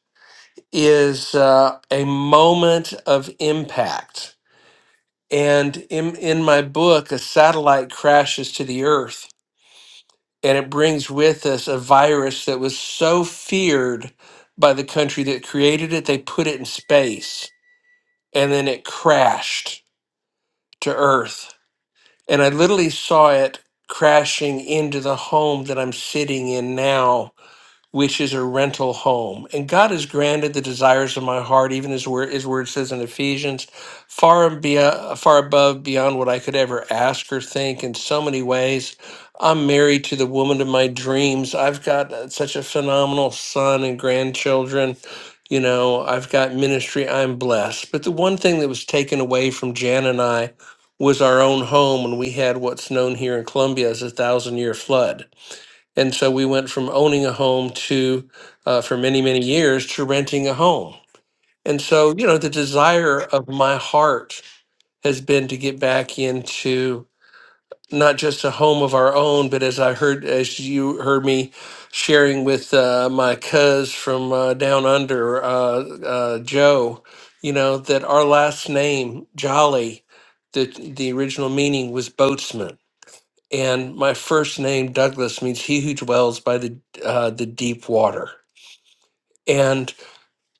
S7: is uh, a moment of impact. And in in my book, a satellite crashes to the earth and it brings with us a virus that was so feared by the country that created it they put it in space and then it crashed to earth and i literally saw it crashing into the home that i'm sitting in now which is a rental home. And God has granted the desires of my heart, even as where his word says in Ephesians, far and be, far above beyond what I could ever ask or think in so many ways. I'm married to the woman of my dreams. I've got uh, such a phenomenal son and grandchildren. You know, I've got ministry. I'm blessed. But the one thing that was taken away from Jan and I was our own home when we had what's known here in Colombia as a thousand year flood and so we went from owning a home to, uh, for many, many years, to renting a home. And so, you know, the desire of my heart has been to get back into not just a home of our own, but as I heard, as you heard me sharing with uh, my cuz from uh, down under, uh, uh, Joe, you know, that our last name, Jolly, the, the original meaning was boatsman and my first name Douglas means he who dwells by the uh, the deep water. And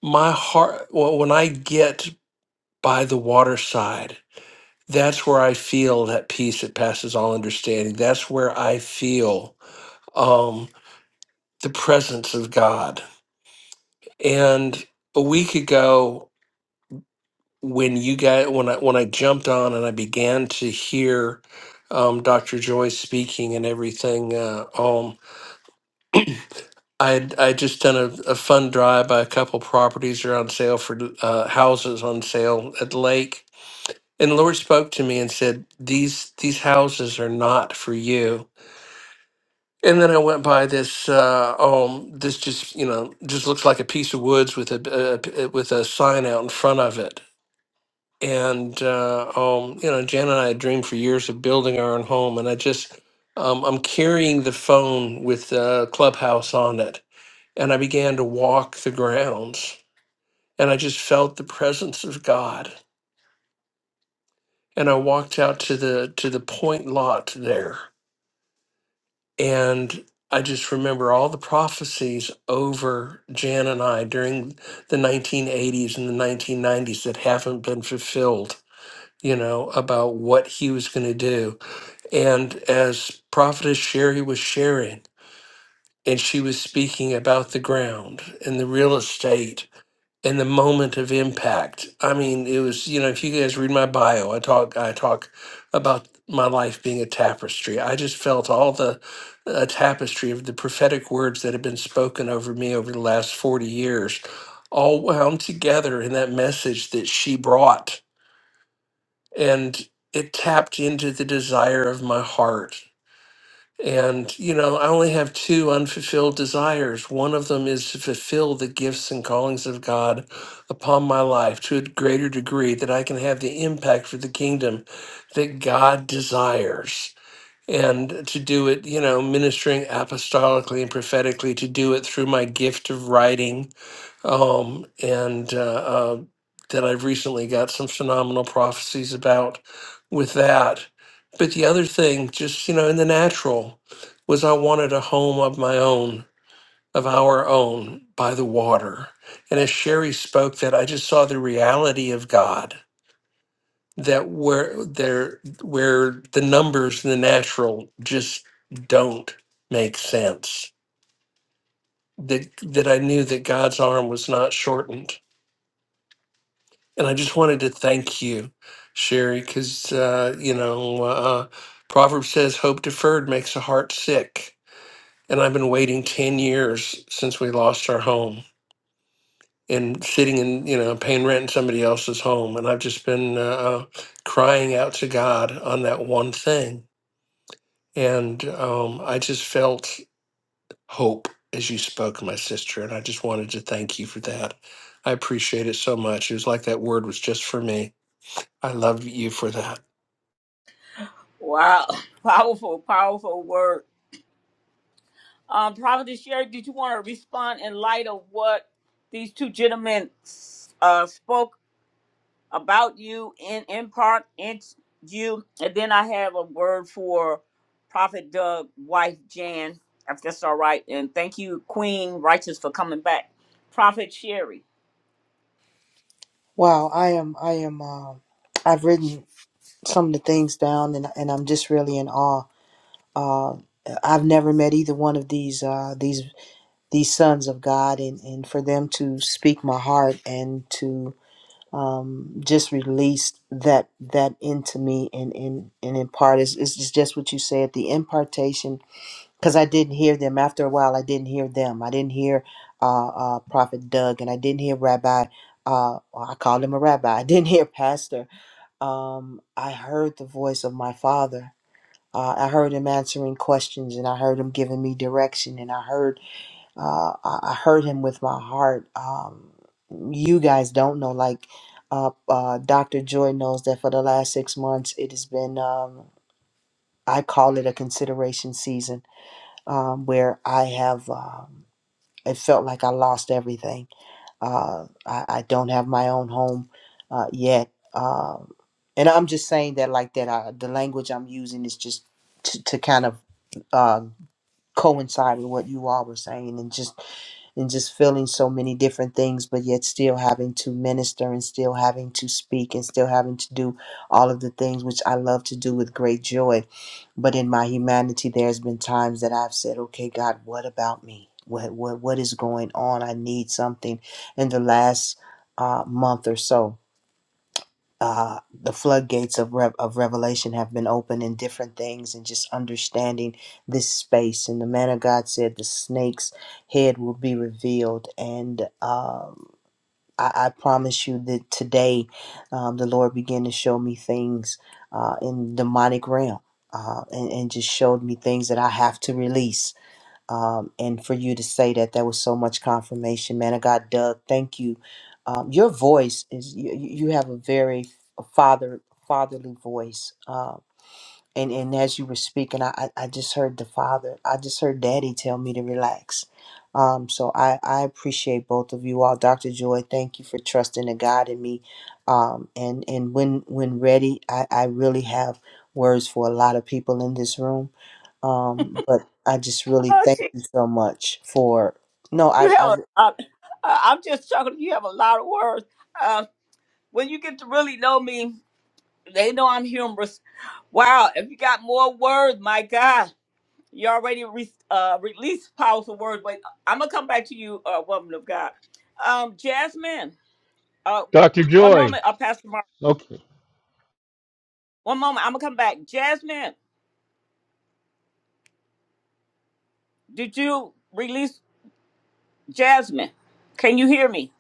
S7: my heart, well, when I get by the waterside, that's where I feel that peace that passes all understanding. That's where I feel um, the presence of God. And a week ago, when you guys, when I when I jumped on and I began to hear um, Dr. Joy speaking and everything, uh, um, I I just done a, a fun drive by a couple properties that are on sale for uh, houses on sale at the lake, and the Lord spoke to me and said, "These these houses are not for you." And then I went by this uh, um this just you know just looks like a piece of woods with a, a with a sign out in front of it, and uh, um you know Jan and I had dreamed for years of building our own home, and I just um, I'm carrying the phone with uh, Clubhouse on it and I began to walk the grounds and I just felt the presence of God and I walked out to the to the point lot there and I just remember all the prophecies over Jan and I during the 1980s and the 1990s that haven't been fulfilled, you know, about what he was going to do. And as Prophetess Sherry was sharing, and she was speaking about the ground and the real estate and the moment of impact. I mean, it was you know if you guys read my bio, I talk I talk about my life being a tapestry. I just felt all the uh, tapestry of the prophetic words that have been spoken over me over the last forty years, all wound together in that message that she brought, and it tapped into the desire of my heart and, you know, I only have two unfulfilled desires. One of them is to fulfill the gifts and callings of God upon my life to a greater degree that I can have the impact for the kingdom that God desires. And to do it, you know, ministering apostolically and prophetically, to do it through my gift of writing, um, and uh, uh, that I've recently got some phenomenal prophecies about with that. But the other thing, just you know, in the natural, was I wanted a home of my own, of our own, by the water. And as Sherry spoke, that I just saw the reality of God that where there where the numbers in the natural just don't make sense. That that I knew that God's arm was not shortened And I just wanted to thank you, Sherry, because, uh, you know, uh, Proverbs says hope deferred makes a heart sick. And I've been waiting 10 years since we lost our home and sitting in, you know, paying rent in somebody else's home. And I've just been uh, crying out to God on that one thing. And um, I just felt hope as you spoke, my sister. And I just wanted to thank you for that. I appreciate it so much. It was like that word was just for me. I love you for that.
S1: Wow, powerful, powerful word. Um, Providence Sherry, did you want to respond in light of what these two gentlemen uh, spoke about you in, in part, in you? And then I have a word for Prophet Doug, wife Jan, if that's all right. And thank you, Queen Righteous, for coming back. Prophet Sherry.
S5: Wow, I am. I am. Uh, I've written some of the things down, and and I'm just really in awe. Uh, I've never met either one of these uh, these these sons of God, and and for them to speak my heart and to um, just release that that into me and and and impart is is just what you said. The impartation because I didn't hear them. After a while, I didn't hear them. I didn't hear uh, uh, Prophet Doug, and I didn't hear Rabbi. Uh, well, I called him a rabbi. I didn't hear Pastor. Um, I heard the voice of my father. Uh, I heard him answering questions, and I heard him giving me direction, and I heard uh, I I heard him with my heart. Um, you guys don't know, like uh, uh, Doctor Joy knows that for the last six months, it has been. Um, I call it a consideration season um, where I have, um, it felt like I lost everything. Uh, I, I don't have my own home uh, yet. Um, and I'm just saying that like that. I, the language I'm using is just to, to kind of uh, coincide with what you all were saying and just and just feeling so many different things, but yet still having to minister and still having to speak and still having to do all of the things which I love to do with great joy. But in my humanity, there's been times that I've said, okay, God, what about me? What, what, what is going on? I need something. In the last uh, month or so, uh, the floodgates of, rev of revelation have been opened in different things and just understanding this space. And the man of God said the snake's head will be revealed. And um, I, I promise you that today um, the Lord began to show me things uh, in demonic realm. Uh, and, and just showed me things that I have to release um, and for you to say that, that was so much confirmation, man. of God, Doug, thank you. Um, your voice is you, you you have a very father fatherly voice. Um, and and as you were speaking, I I I just heard the father. I just heard Daddy tell me to relax. Um, so I I appreciate both of you all, Doctor Joy. Thank you for trusting the God in me. Um, and and when when ready, I I really have words for a lot of people in this room. Um, but I just really
S1: Oh,
S5: thank
S1: gee,
S5: you so much for no,
S1: you
S5: I
S1: have
S5: I
S1: a, uh, uh, I'm just chuckling. You have a lot of words. Uh, when you get to really know me, they know I'm humorous. Wow, if you got more words, my God. You already re- uh, released powerful words, but I'm gonna come back to you, uh, woman of God. Um, Jasmine, uh,
S6: Dr.
S1: one
S6: Joy,
S1: moment, uh, Pastor Mark.
S6: Okay.
S1: One moment, I'm gonna come back. Jasmine, did you release Jasmine? Can you hear me?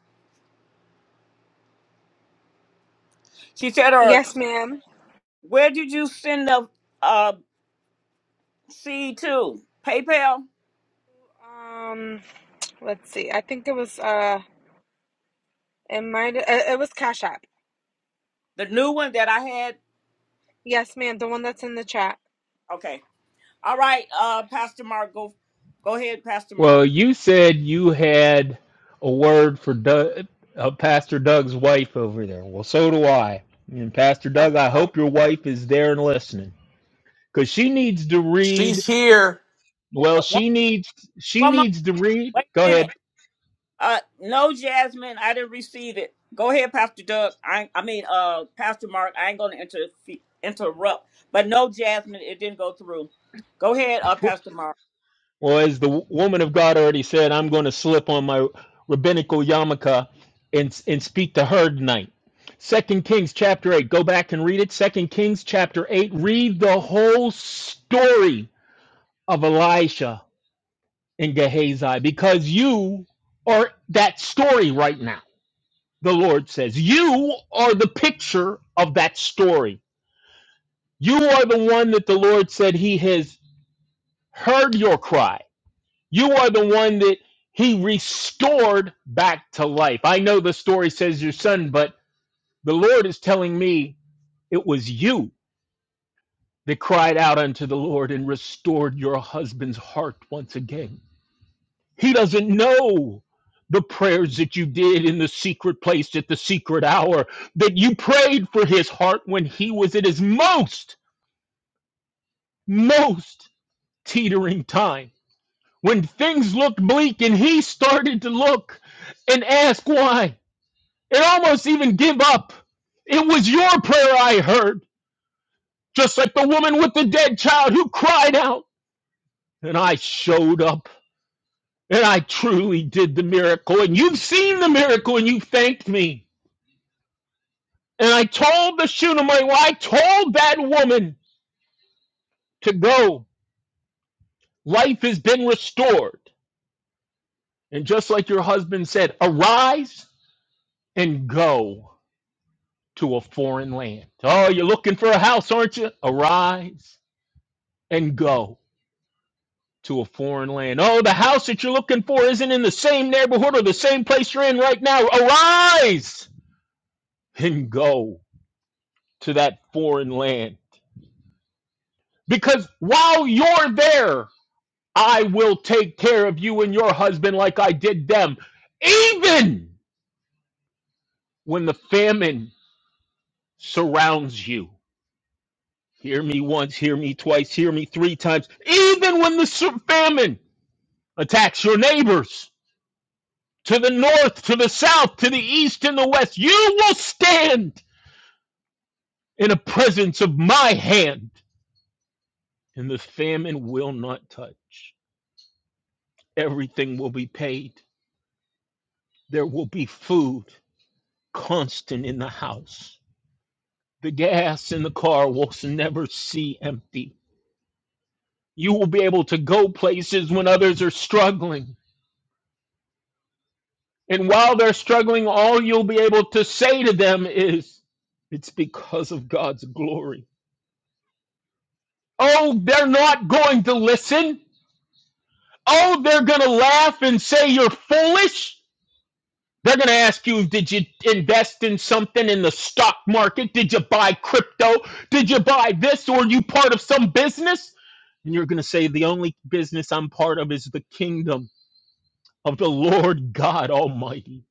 S1: She said, "Or
S11: Yes, ma'am.
S1: where did you send the uh, seed to? PayPal,
S11: Um, let's see. I think it was uh, it might uh, it was Cash App.
S1: the new one that I had."
S11: Yes, ma'am. The one that's in the chat.
S1: Okay, all right, uh, Pastor Mark, go, go ahead, Pastor Mark.
S6: Well, you said you had a word for Doug, uh, Pastor Doug's wife over there. Well, so do I. And Pastor
S1: Oh,
S6: Doug, I
S1: oh,
S6: hope your wife is there and listening because she needs to
S7: She's
S6: read.
S7: here.
S1: oh,
S6: Well,
S1: one,
S6: she needs she
S1: one moment.
S6: needs to read.
S1: Wait
S6: Go
S1: a minute.
S6: ahead.
S1: Uh, no, Jasmine, I didn't receive it. Go ahead, Pastor Doug. I, I mean, uh, Pastor Mark. I ain't gonna interfe interrupt. But no, Jasmine, it didn't go through. Go ahead, uh, Pastor Mark.
S6: Well, as the w- woman of God already said, I'm going to slip on my rabbinical yarmulke and and speak to her tonight. Second Kings chapter eight. Go back and read it. Second Kings chapter eight. Read the whole story of Elisha in Gehazi because you are that story right now. The Lord says, You are the picture of that story. You are the one that the Lord said He has heard your cry. You are the one that He restored back to life. I know the story says your son, but the Lord is telling me it was you that cried out unto the Lord and restored your husband's heart once again. He doesn't know the prayers that you did in the secret place at the secret hour, that you prayed for his heart when he was at his most, most teetering time, when things looked bleak and he started to look and ask why, and almost even give up. It was your prayer I heard, just like the woman with the dead child who cried out, and I showed up. And I truly did the miracle, and you've seen the miracle, and you thanked me And I told the Shunammite, well, I told that woman to go. Life has been restored. And just like your husband said, arise and go to a foreign land. Oh, you're looking for a house, aren't you? Arise and go to a foreign land. Oh, the house that you're looking for isn't in the same neighborhood or the same place you're in right now. Arise and go to that foreign land. Because while you're there, I will take care of you and your husband like I did them, even when the famine surrounds you. Hear me once, hear me twice, hear me three times. Even when the sur- famine attacks your neighbors to the north, to the south, to the east, and the west, you will stand in the presence of my hand, and the famine will not touch. Everything will be paid, there will be food constant in the house The gas in the car will never see empty. You will be able to go places when others are struggling. And while they're struggling, all you'll be able to say to them is, It's because of God's glory. Oh, they're not going to listen. Oh, they're going to laugh and say you're foolish. They're going to ask you, did you invest in something in the stock market? Did you buy crypto? Did you buy this? Or are you part of some business? And you're going to say, the only business I'm part of is the kingdom of the Lord God Almighty.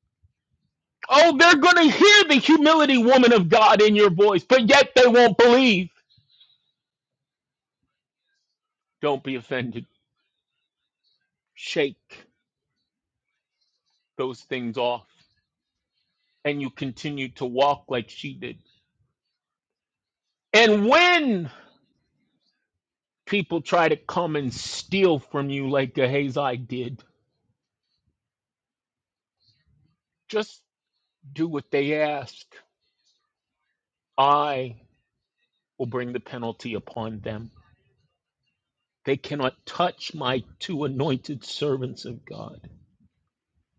S6: Oh, they're going to hear the humility, woman of God, in your voice, but yet they won't believe. Don't be offended. Shake those things off. And you continue to walk like she did. And when people try to come and steal from you like Gehazi did, just do what they ask. I will bring the penalty upon them. They cannot touch my two anointed servants of God.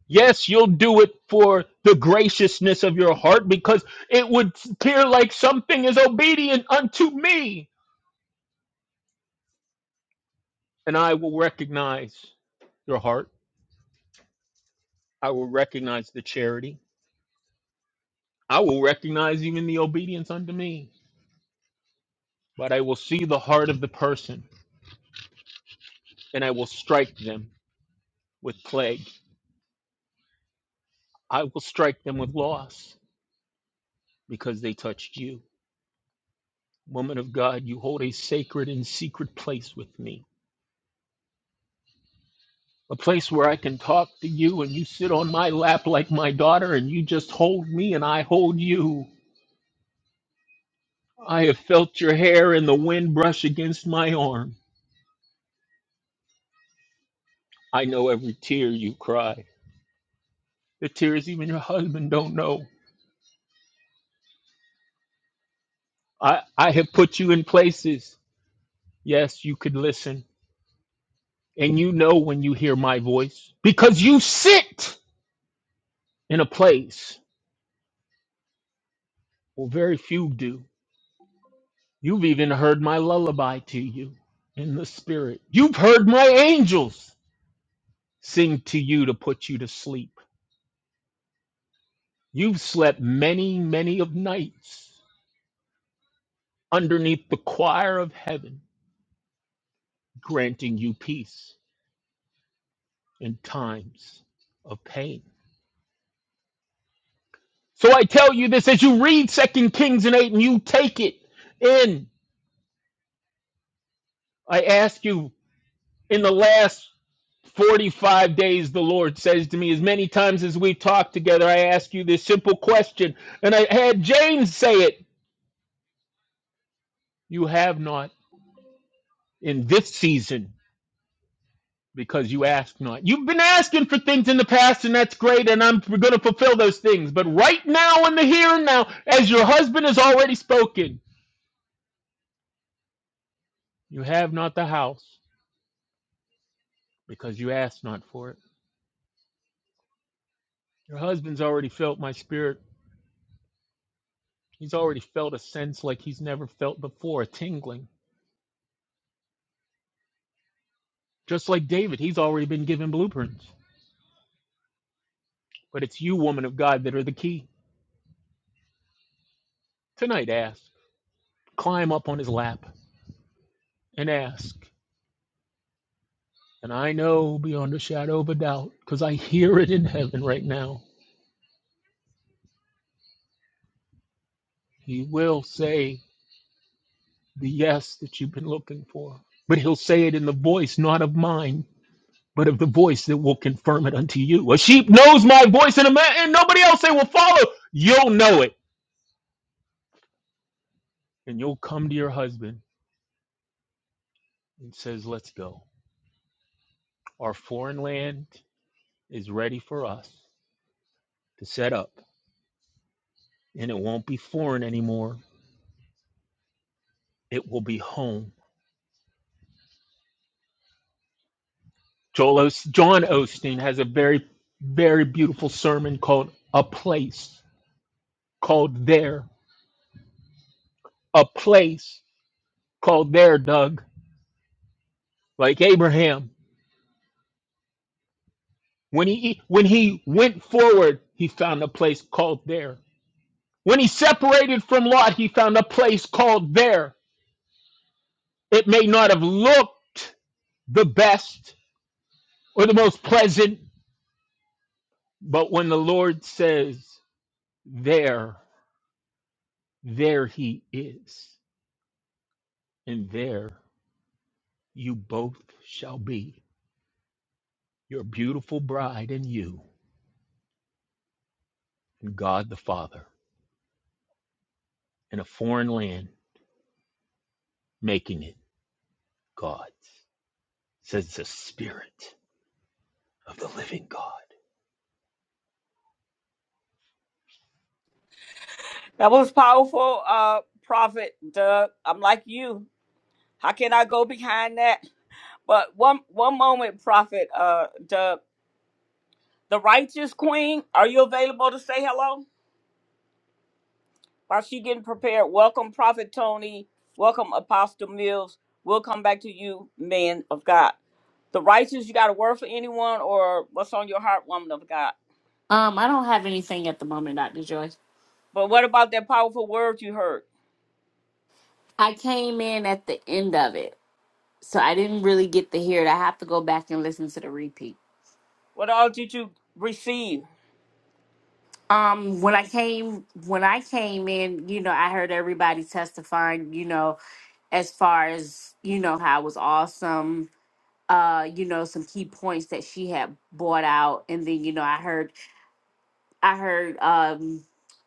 S6: Yes, you'll do it for the graciousness of your heart because it would appear like something is obedient unto me. And I will recognize your heart. I will recognize the charity. I will recognize even the obedience unto me But I will see the heart of the person, and I will strike them with plague. I will strike them with loss, because they touched you. Woman of God, you hold a sacred and secret place with me. A place where I can talk to you and you sit on my lap like my daughter and you just hold me and I hold you. I have felt your hair in the wind brush against my arm. I know every tear you cry. The tears even your husband don't know. I, I have put you in places. Yes, you could listen. and you know when you hear my voice because you sit in a place where very few do. You've even heard my lullaby to you in the spirit. You've heard my angels sing to you to put you to sleep. You've slept many, many of nights underneath the choir of heaven, granting you peace in times of pain. So I tell you this as you read Second Kings and 8 and you take it in. I ask you in the last 45 days, the Lord says to me, as many times as we've talked together, I ask you this simple question. And I had James say it You have not in this season because you ask not. You've been asking for things in the past, and that's great, and I'm going to fulfill those things. But right now, in the here and now, as your husband has already spoken, you have not the house because you ask not for it. Your husband's already felt my spirit. He's already felt a sense like he's never felt before, a tingling Just like David, he's already been given blueprints. But it's you, woman of God, that are the key. Tonight, ask. Climb up on his lap and ask. And I know beyond a shadow of a doubt, because I hear it in heaven right now. He will say the yes that you've been looking for. But he'll say it in the voice not of mine, but of the voice that will confirm it unto you. A sheep knows my voice, and a man and nobody else they will follow. You'll know it. And you'll come to your husband and says, Let's go. Our foreign land is ready for us to set up, and it won't be foreign anymore. It will be home. Joel Os- John Osteen has a very, very beautiful sermon called "A Place Called There." A place called there, Doug. Like Abraham, when he when he went forward, he found a place called there. When he separated from Lot, he found a place called there. It may not have looked the best or the most pleasant But when the Lord says, There, there he is, and there you both shall be, your beautiful bride and you, and God the Father, in a foreign land, making it God's, says the Spirit of the living God.
S1: That was powerful, uh, Prophet Doug. I'm like you. How can I go behind that? But one one moment, Prophet uh, Doug. The righteous queen, are you available to say hello? While she getting prepared, welcome Prophet Tony. Welcome Apostle Mills. We'll come back to you, man of God. The righteous, you got a word for anyone or what's on your heart, woman of God?
S12: Um, I don't have anything at the moment, Dr. Joyce.
S1: But what about that powerful word you heard?
S12: I came in at the end of it, so I didn't really get to hear it. I have to go back and listen to the repeat.
S1: What all did you receive?
S12: Um, when I came when I came in, you know, I heard everybody testifying, you know, as far as, you know, how it was awesome. Uh, you know, some key points that she had brought out. And then, you know, I heard I heard um,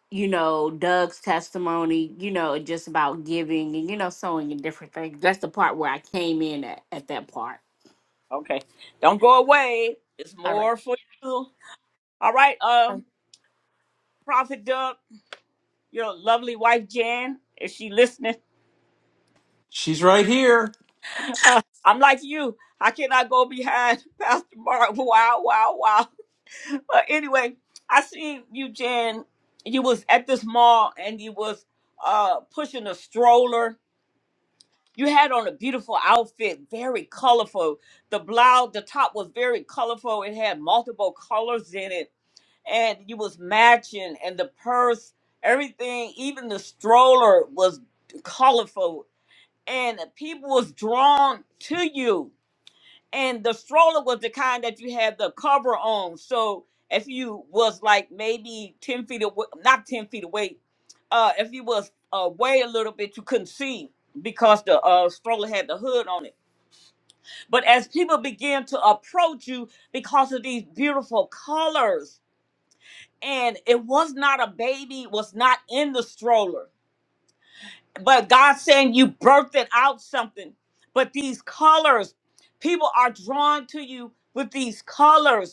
S12: you know, Doug's testimony, you know, just about giving and, you know, sewing and different things. That's the part where I came in at, at that part.
S1: Okay. Don't go away. It's
S12: All right.
S1: more for you. All right, uh,
S12: Um,
S1: Prophet Doug, your lovely wife Jan, is she listening?
S7: She's right here.
S1: Uh, I'm like you. I cannot go behind Pastor Mark. Wow, wow, wow. But anyway, I seen you, Jan. You was at this mall and you was uh pushing a stroller. You had on a beautiful outfit, very colorful. The blouse, the top was very colorful. It had multiple colors in it, and you was matching. And the purse, everything, even the stroller was colorful. And people was drawn to you and the stroller was the kind that you had the cover on. So if you was like maybe ten feet away, not ten feet away, uh, if you was away a little bit, you couldn't see because the uh, stroller had the hood on it. But as people began to approach you because of these beautiful colors, and it was not a baby, was not in the stroller, but God saying you birthed it out something. But these colors, people are drawn to you with these colors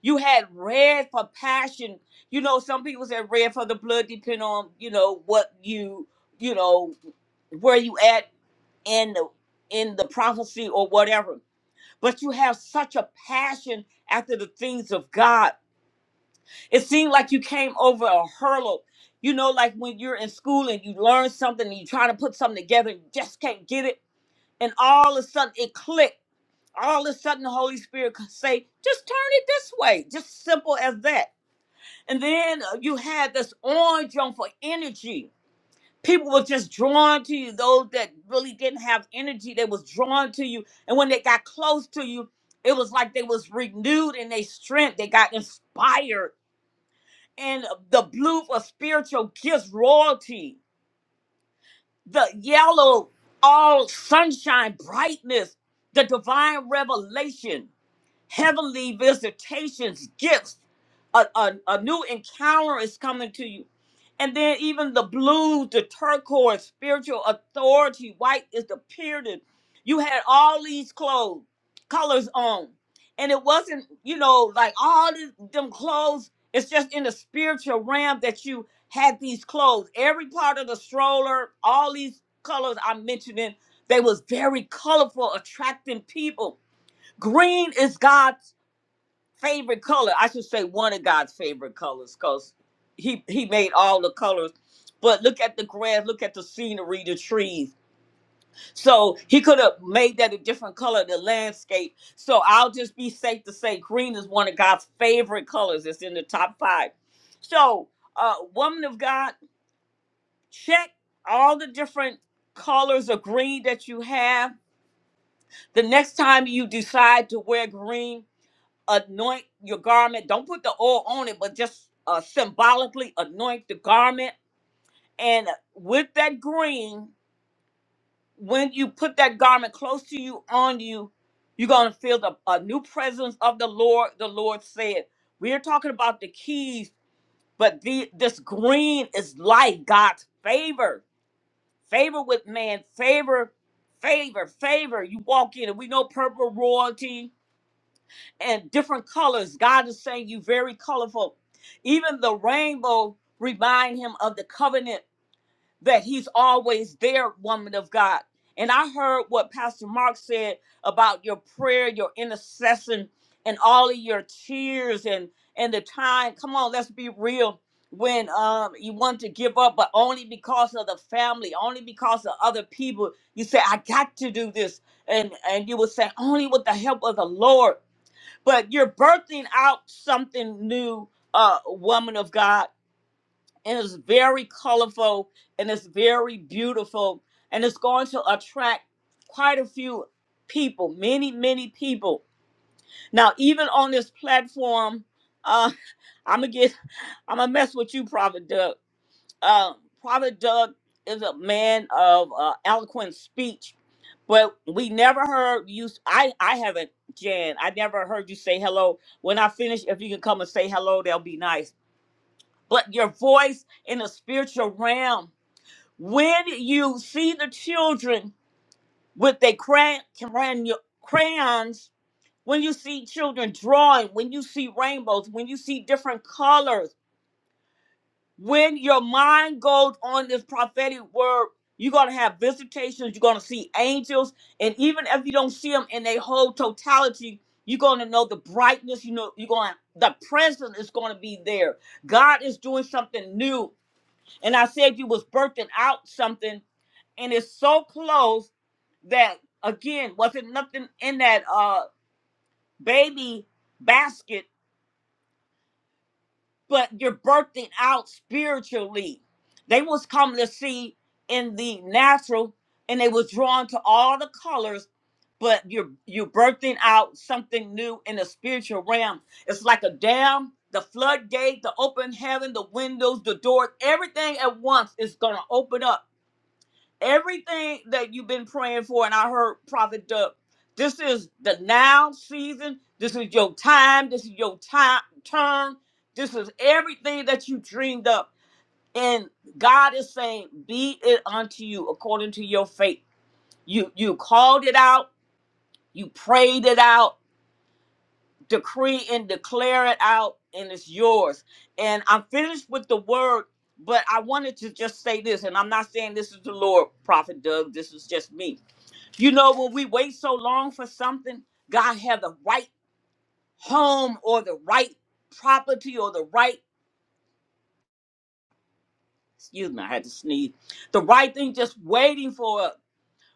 S1: You had red for passion. You know, some people said red for the blood, depending on you know what you you know where you at in the in the prophecy or whatever. But you have such a passion after the things of God. It seemed like you came over a hurdle. You know, like when you're in school and you learn something and you're trying to put something together, you just can't get it, and all of a sudden it clicked. All of a sudden, the Holy Spirit could say, "Just turn it this way." Just simple as that and then uh, you had this orange on for energy. People were just drawn to you. Those that really didn't have energy, they was drawn to you. And when they got close to you, it was like they was renewed in their strength. They got inspired. And the blue for spiritual gifts, royalty. The yellow, all sunshine, brightness. The divine revelation heavenly visitations, gifts. A, a, a new encounter is coming to you. And then even the blue, the turquoise, spiritual authority, white is the period. You had all these clothes, colors on. And it wasn't, you know, like all this, them clothes. It's just in the spiritual realm that you had these clothes. Every part of the stroller, all these colors I'm mentioning, they was very colorful, attracting people. Green is God favorite color. I should say one of God's favorite colors, cause he he made all the colors. But look at the grass, look at the scenery, the trees. So he could have made that a different color, the landscape. So I'll just be safe to say green is one of God's favorite colors. It's in the top five. So, uh, woman of God, check all the different colors of green that you have. The next time you decide to wear green, anoint your garment. Don't put the oil on it, but just uh, symbolically anoint the garment. And with that green, when you put that garment close to you, on you, you're going to feel the a new presence of the Lord. The Lord said, We are talking about the keys, but the, this green is life, God's favor, favor with man, favor, favor, favor. You walk in, and we know purple royalty and different colors. God is saying you very colorful. Even the rainbow remind him of the covenant that he's always there, woman of God. And I heard what Pastor Mark said about your prayer, your intercession, and all of your tears and and the time. Come on, let's be real. When um you want to give up, but only because of the family, only because of other people, you say, I got to do this. And and you will say, only with the help of the Lord but you're birthing out something new uh woman of god and it's very colorful and it's very beautiful and it's going to attract quite a few people many many people now even on this platform uh i'm gonna get i'm gonna mess with you prophet Doug uh, Prophet Doug is a man of uh, eloquent speech, but we never heard you. I I haven't, Jan. I never heard you say hello. When I finish, if you can come and say hello, that'll be nice. But your voice in the spiritual realm, when you see the children with their crayon, crayon, crayons, when you see children drawing, when you see rainbows, when you see different colors when your mind goes on this prophetic word, you're going to have visitations, you're going to see angels, and even if you don't see them in their whole totality, you're going to know the brightness, you know, you're going to the presence is going to be there. God is doing something new. And I said you was birthing out something and it's so close that again, wasn't nothing in that uh baby basket but you're birthing out spiritually. They was coming to see in the natural, and they was drawn to all the colors, but you're you're birthing out something new in the spiritual realm. It's like a dam, the floodgate, the open heaven, the windows, the doors, everything at once is gonna open up everything that you've been praying for, and I heard Prophet Duck, this is the now season. This is your time. This is your time turn. This is everything that you dreamed up. And God is saying, be it unto you according to your faith. You you called it out, you prayed it out, decree and declare it out, and it's yours. And I'm finished with the word, but I wanted to just say this, and I'm not saying this is the Lord, Prophet Doug, this is just me you know, when we wait so long for something, God had the right home or the right property or the right, excuse me, I had to sneeze, the right thing just waiting for us.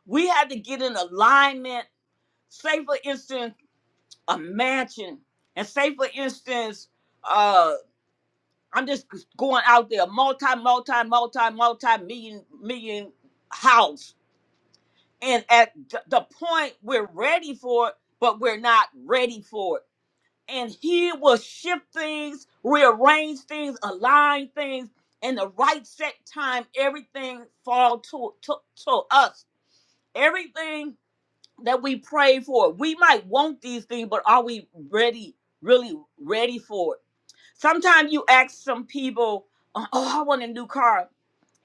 S1: We had to get in alignment. Say, for instance, a mansion. And say, for instance, uh, I'm just going out there, multi, multi, multi, multi million, million house. And at th- the point we're ready for it, but we're not ready for it and he will shift things, rearrange things, align things in the right set time. Everything fall to, to, to us. Everything that we pray for, we might want these things, but are we ready, really ready for it? Sometimes you ask some people, "Oh, oh, I want a new car,"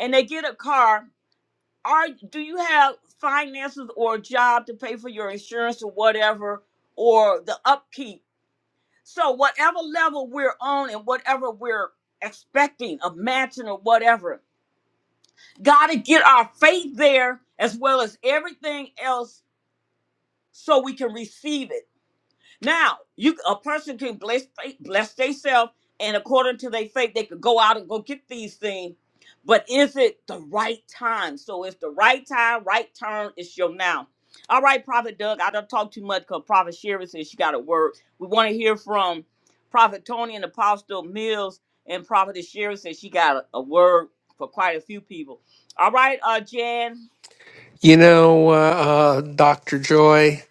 S1: and they get a car. Are do you have finances or a job to pay for your insurance or whatever, or the upkeep? So whatever level we're on and whatever we're expecting, a mansion or whatever, got to get our faith there as well as everything else so we can receive it. Now, you a person can bless bless themselves, and according to their faith, they could go out and go get these things. But is it the right time? So it's the right time, right turn. It's your now. All right, Prophet Doug. I don't talk too much because Prophet Sherry says she got a word. We want to hear from Prophet Tony and Apostle Mills, and Prophet Sherry says she got a, a word for quite a few people. All right, uh, Jan.
S7: You know, uh, uh, Dr. Joy,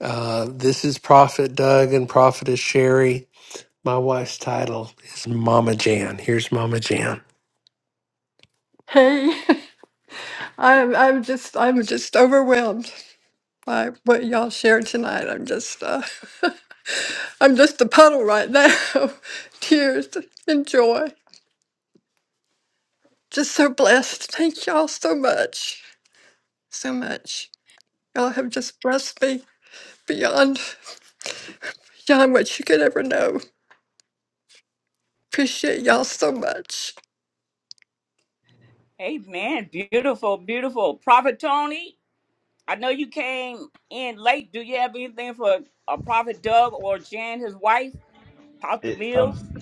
S7: uh, this is Prophet Doug and Prophetess Sherry. My wife's title is Mama Jan. Here's Mama Jan. Hey, I'm I'm just I'm just overwhelmed by what y'all shared tonight. I'm just uh, I'm just a puddle right now. of Tears and joy. Just so blessed. Thank y'all so much. So much. Y'all have just blessed me beyond. Y'all much you could ever know. Appreciate y'all so much.
S1: Amen. Beautiful, beautiful. Prophet Tony. I know you came in late. Do you have anything for uh, Prophet Doug or Jan, his wife, Apostle
S13: It,
S1: Mills?
S13: um,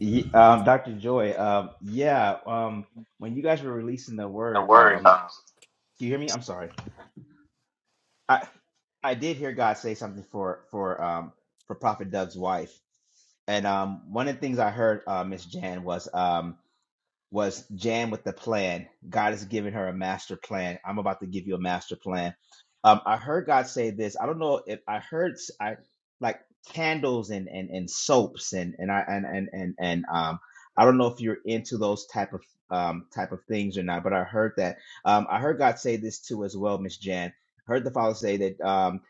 S13: y um, Dr. Joy, um, yeah, um, when you guys were releasing the
S7: Don't
S13: word,
S7: worry
S13: um,
S7: about
S13: do you hear me? I'm sorry. I I did hear God say something for for um for Prophet Doug's wife, and um, one of the things I heard, uh, Miss Jan, was um. was Jan with the plan. God has given her a master plan. I'm about to give you a master plan. Um, I heard God say this. I don't know if I heard s- I like candles and and and soaps and and I and and and and um I don't know if you're into those type of um type of things or not, but I heard that. Um, I heard God say this too as well, Miss Jan. Heard the Father say that um,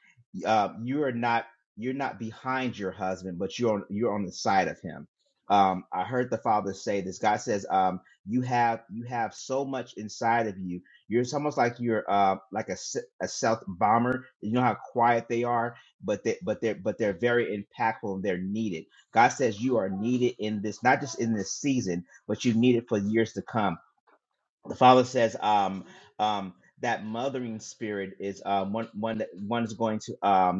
S13: uh, you are not you're not behind your husband, but you're on, you're on the side of him um, I heard the father say this. God says, um, you have you have so much inside of you you're it's almost like you're uh like a, s- a stealth bomber you know how quiet they are but they but they're but they're very impactful and they're needed god says you are needed in this not just in this season but you need it for years to come the father says um um that mothering spirit is um one one that one is going to um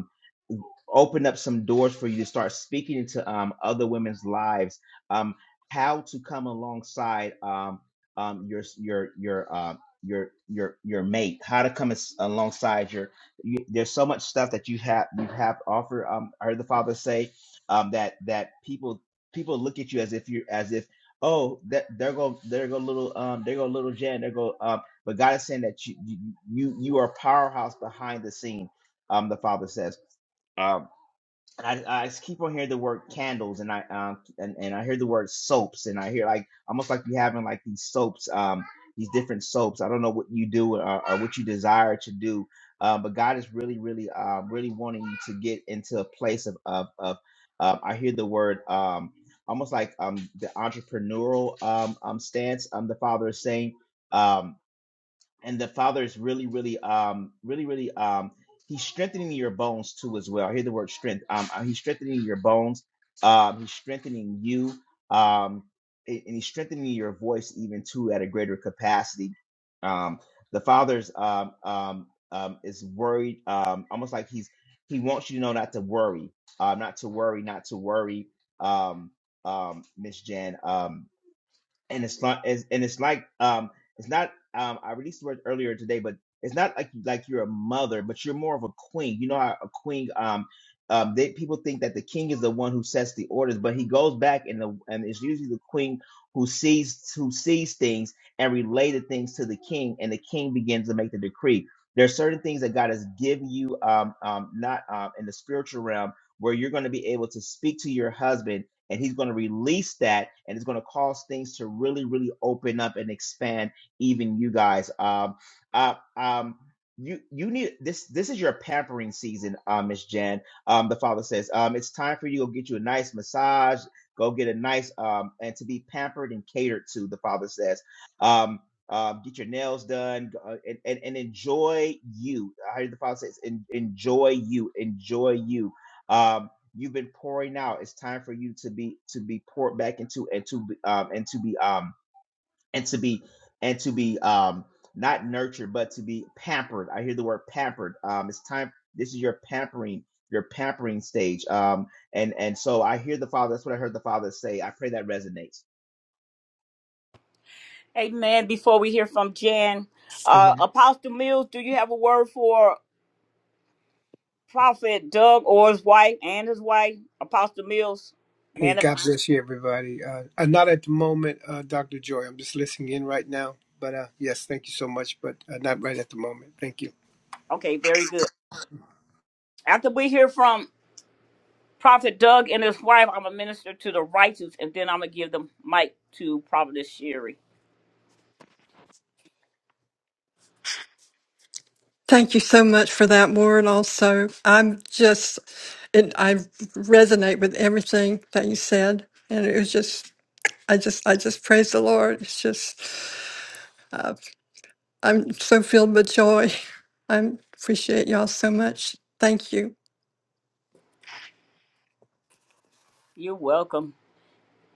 S13: opened up some doors for you to start speaking into um, other women's lives. Um, how to come alongside um, um, your your your uh, your your your mate? How to come as, alongside your? You, there's so much stuff that you have you have to offer. Um, I heard the father say um, that that people people look at you as if you as if oh that there go there go little um there go little Jan there go um but God is saying that you you you you are a powerhouse behind the scene. Um, the father says. Um, I, I keep on hearing the word candles and I um and, and I hear the word soaps and I hear like almost like you having like these soaps um these different soaps I don't know what you do or, or what you desire to do uh, but God is really really uh, really wanting you to get into a place of of, of um, I hear the word um almost like um the entrepreneurial um um stance um the Father is saying um and the father is really really um really really um he's strengthening your bones too as well i hear the word strength um uh, he's strengthening your bones um he's strengthening you um a- and he's strengthening your voice even too at a greater capacity um the father's um um um is worried um almost like he's he wants you to know not to worry um not to worry not to worry um um miss jan Um, and it's not it's, and it's like um it's not um I released the word earlier today, but it's not like like you're a mother, but you're more of a queen. You know how a queen um um they, people think that the king is the one who sets the orders, but he goes back and the and it's usually the queen who sees who sees things and related things to the king, and the king begins to make the decree. There are certain things that God has given you um um not um in the spiritual realm where you're going to be able to speak to your husband and he's going to release that and it's going to cause things to really really open up and expand even you guys um uh, um you you need this this is your pampering season uh miss jan um the father says um it's time for you to go get you a nice massage go get a nice um and to be pampered and catered to the father says um um, get your nails done g- uh, and, and, and enjoy you. I heard the father says, en- enjoy you, enjoy you. Um, You've been pouring out. It's time for you to be to be poured back into and to be um and to be um and to be and to be um not nurtured but to be pampered. I hear the word pampered. Um, it's time. This is your pampering your pampering stage. Um, and and so I hear the father. That's what I heard the father say. I pray that resonates.
S1: Amen. Before we hear from Jan,
S7: it. Good
S1: uh,
S7: one.
S1: Apostle Mills, do you have a word for Prophet Doug or his wife and his wife, Apostle Mills?
S14: Hey,
S1: Man, of-
S14: God bless you, everybody. Uh, uh, not at the moment, uh, Dr. Joy. I'm just listening in right now. But uh, yes, thank you so much. But uh, not right at the moment. Thank you.
S1: okay, very good. After we hear from Prophet Doug and his wife, I'm a minister to the righteous, and then I'm gonna give the mic to Prophetess Sherry.
S7: Thank you so much for that, Warren. Also, I'm just, and I resonate with everything that you said. And it was just, I just, I just praise the Lord. It's just, uh, I'm so filled with joy. I appreciate y'all so much. Thank you.
S1: You're welcome.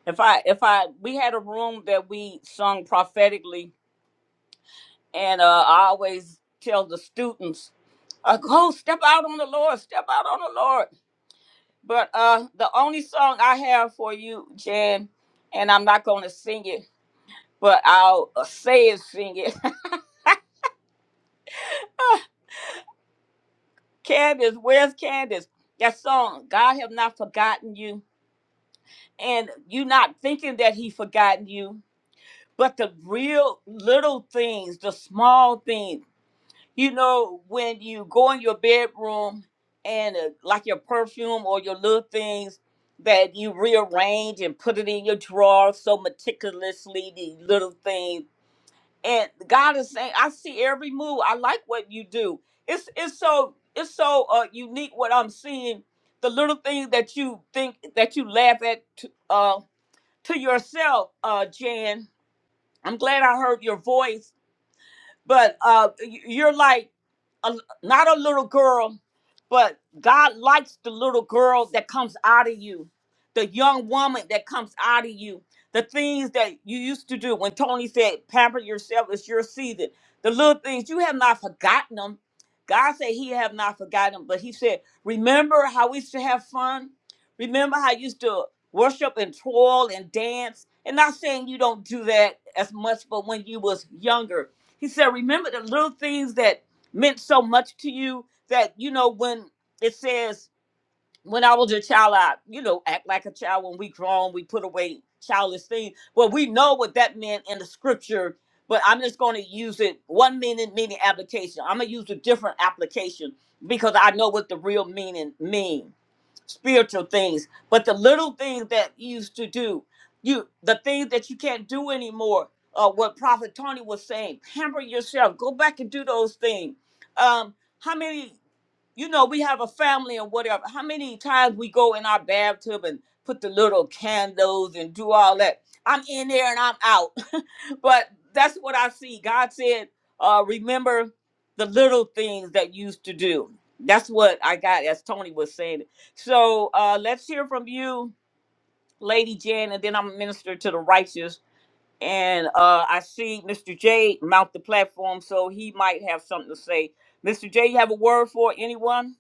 S1: If I if I we had a room that we sung prophetically And uh, I always tell the students, uh, go step out on the Lord, step out on the Lord. But uh, the only song I have for you, Jan, and I'm not going to sing it, but I'll uh, say it, sing it. Candace, where's Candace? That song, God have not forgotten you. And you not thinking that he forgotten you, but the real little things, the small things. you know, when you go in your bedroom and uh, like your perfume or your little things that you rearrange and put it in your drawer so meticulously, the little things. And God is saying, I see every move. I like what you do. It's it's so it's so uh, unique what I'm seeing. The little things that you think that you laugh at to, uh, to yourself, uh, Jan. I'm glad I heard your voice but uh, y- you're like a, not a little girl, but God likes the little girl that comes out of you, the young woman that comes out of you, the things that you used to do. When Tony said, "Pamper yourself; it's your season." The little things you have not forgotten them. God said He have not forgotten them, but He said, "Remember how we used to have fun. Remember how you used to worship and twirl and dance." And not saying you don't do that as much, but when you was younger, he said, Remember the little things that meant so much to you that, you know, when it says, when I was a child, I, you know, act like a child. When we grown, we put away childish things. Well, we know what that meant in the scripture, but I'm just going to use it one meaning, meaning application. I'm going to use a different application because I know what the real meaning means spiritual things, but the little things that you used to do, you the things that you can't do anymore. Uh, what Prophet Tony was saying, pamper yourself, go back and do those things. Um, how many? you know, we have a family and whatever. How many times we go in our bathtub and put the little candles and do all that? I'm in there and I'm out. but that's what I see. God said, uh, remember the little things that you used to do. That's what I got, as Tony was saying. So uh, let's hear from you, Lady Jan, and then I'm a minister to the righteous. And uh, I see Mr. J mount the platform, so he might have something to say. Mr. J, you have a word for anyone?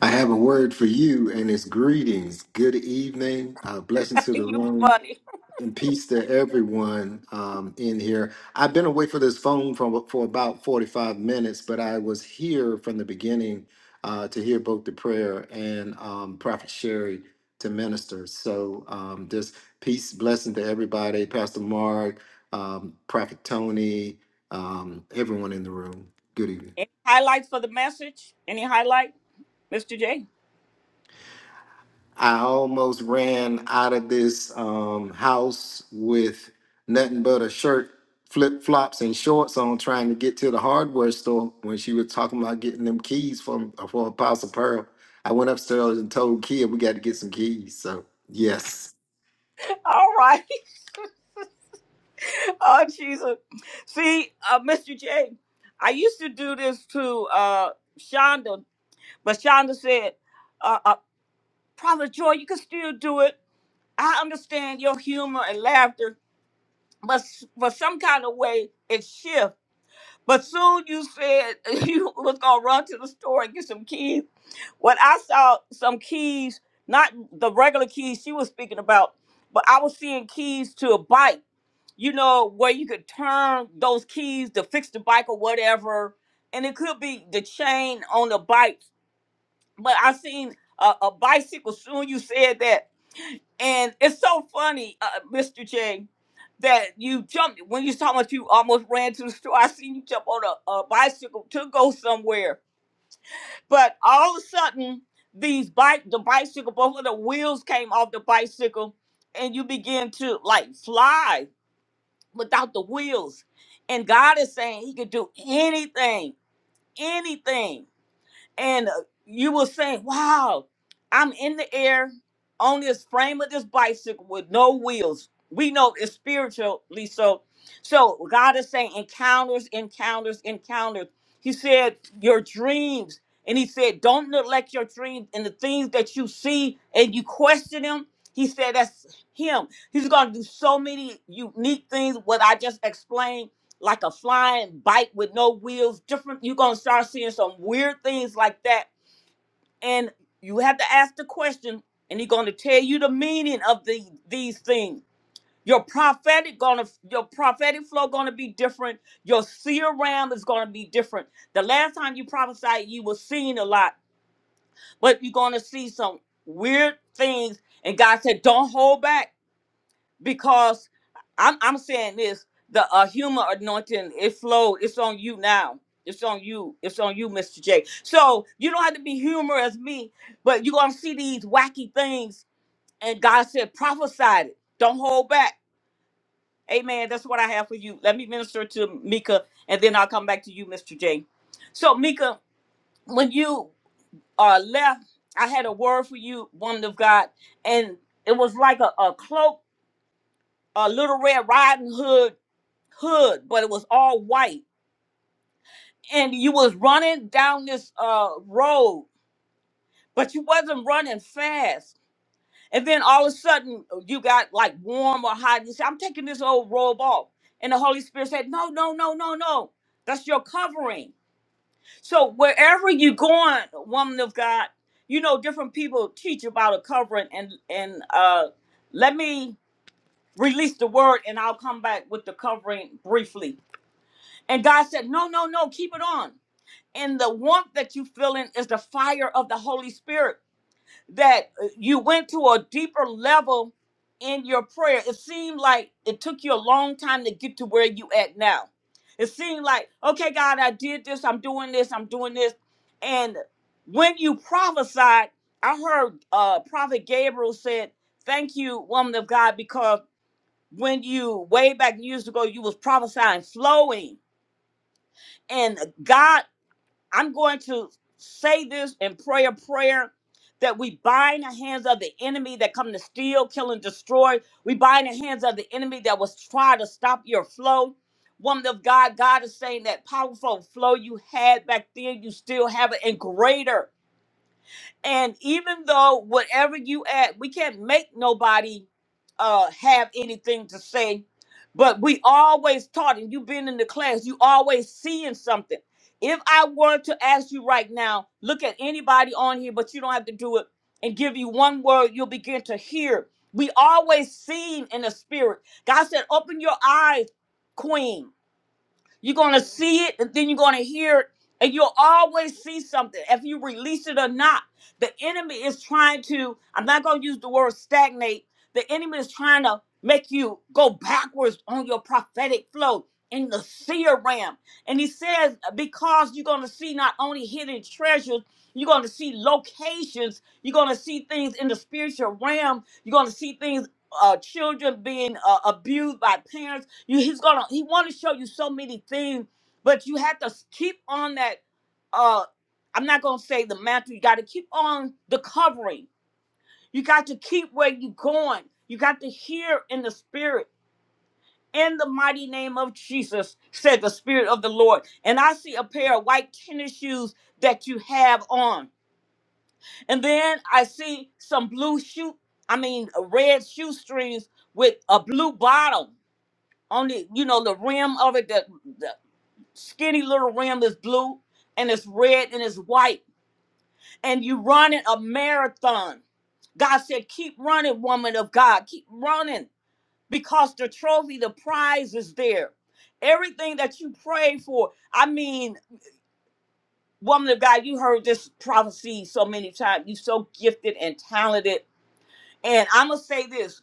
S15: I have a word for you, and it's greetings. Good evening. Uh, blessings to the
S1: you
S15: room
S1: funny.
S15: and peace to everyone um, in here. I've been away for this phone for for about 45 minutes, but I was here from the beginning uh, to hear both the prayer and um, Prophet Sherry to minister. So um, just peace, blessing to everybody, Pastor Mark, um, Prophet Tony, um, everyone in the room. Good evening.
S1: Any highlights for the message? Any highlight, Mr. J?
S15: I almost ran out of this um, house with nothing but a shirt, flip flops, and shorts on, trying to get to the hardware store when she was talking about getting them keys from for Apostle Pearl. I went upstairs and told Kia we got to get some keys. So yes,
S1: All right. Oh, Jesus. See, uh, Mr. J, I used to do this to uh, Shonda, but Shonda said, uh, uh, Prophet Joy, you can still do it. I understand your humor and laughter, but s- for some kind of way, it shifts. But soon you said you was gonna run to the store and get some keys. When I saw some keys, not the regular keys she was speaking about, but I was seeing keys to a bike. You know where you could turn those keys to fix the bike or whatever, and it could be the chain on the bike. But I seen a, a bicycle. Soon you said that, and it's so funny, uh, Mr. J, that you jumped when you was talking about you almost ran to the store. I seen you jump on a, a bicycle to go somewhere, but all of a sudden, these bike the bicycle, both of the wheels came off the bicycle, and you began to like fly without the wheels. And God is saying He could do anything, anything and uh, you will say, "Wow, I'm in the air on this frame of this bicycle with no wheels." We know it's spiritually so. So God is saying encounters, encounters, encounters. He said your dreams, and He said don't neglect your dreams and the things that you see and you question them. He said that's Him. He's going to do so many unique things. What I just explained like a flying bike with no wheels, different. You're gonna start seeing some weird things like that. And you have to ask the question, and he's gonna tell you the meaning of the these things. Your prophetic gonna your prophetic flow gonna be different. Your seer realm is gonna be different. The last time you prophesied, you were seeing a lot, but you're gonna see some weird things. And God said, Don't hold back because I'm I'm saying this the uh, human anointing it flowed. It's on you now. It's on you. It's on you, Mr. J. So you don't have to be humorous me, but you're gonna see these wacky things. And God said, prophesy it. Don't hold back. Amen. That's what I have for you. Let me minister to Mika, and then I'll come back to you, Mr. J. So Mika, when you uh, left, I had a word for you, woman of God, and it was like a, a cloak, a little red riding hood hood, but it was all white. And you was running down this uh road, but you wasn't running fast. And then all of a sudden uh, you got like warm or hot. You said, I'm taking this old robe off. And the Holy Spirit said, No, no, no, no, no. That's your covering. So wherever you going, woman of God, you know, different people teach about a covering and and uh let me release the word and I'll come back with the covering briefly. And God said, No, no, no, keep it on. and the warmth that you feel in is the fire of the Holy Spirit that uh, you went to a deeper level in your prayer. It seemed like it took you a long time to get to where you at now. It seemed like, okay, God, I did this, I'm doing this, I'm doing this. And when you prophesied, I heard uh Prophet Gabriel said, Thank you, woman of God, because when you way back years ago you was prophesying flowing and God I'm going to say this and pray a prayer that we bind the hands of the enemy that come to steal, kill, and destroy. We bind the hands of the enemy that was trying to stop your flow. Woman of God, God is saying that powerful flow you had back then, you still have it, and greater. And even though whatever you add, we can't make nobody uh have anything to say, but we always taught, and you've been in the class, you always seeing something. If I were to ask you right now, look at anybody on here, but you don't have to do it, and give you one word, you'll begin to hear. We always seen in the spirit. God said, open your eyes, queen. You're gonna see it, and then you're gonna hear it, and you'll always see something if you release it or not. The enemy is trying to, I'm not gonna use the word stagnate, the enemy is trying to make you go backwards on your prophetic flow in the seer realm. And he says, because you're gonna see not only hidden treasures, you're gonna see locations, you're gonna see things in the spiritual realm, you're gonna see things uh, children being uh, abused by parents you, he's gonna he want to show you so many things, but you have to s- keep on that. Uh, I'm not gonna say the mantle. You got to keep on the covering. You got to keep where you going. You got to hear in the spirit. In the mighty name of Jesus, said the Spirit of the Lord. And I see a pair of white tennis shoes that you have on. And then I see some blue shoe, I mean, uh, red shoestrings with a blue bottom on the, you know, the rim of it, the, skinny little rim is blue and it's red and it's white and you running a marathon god said keep running woman of god keep running because the trophy the prize is there everything that you prayed for i mean woman of god you heard this prophecy so many times you are so gifted and talented and i'm gonna say this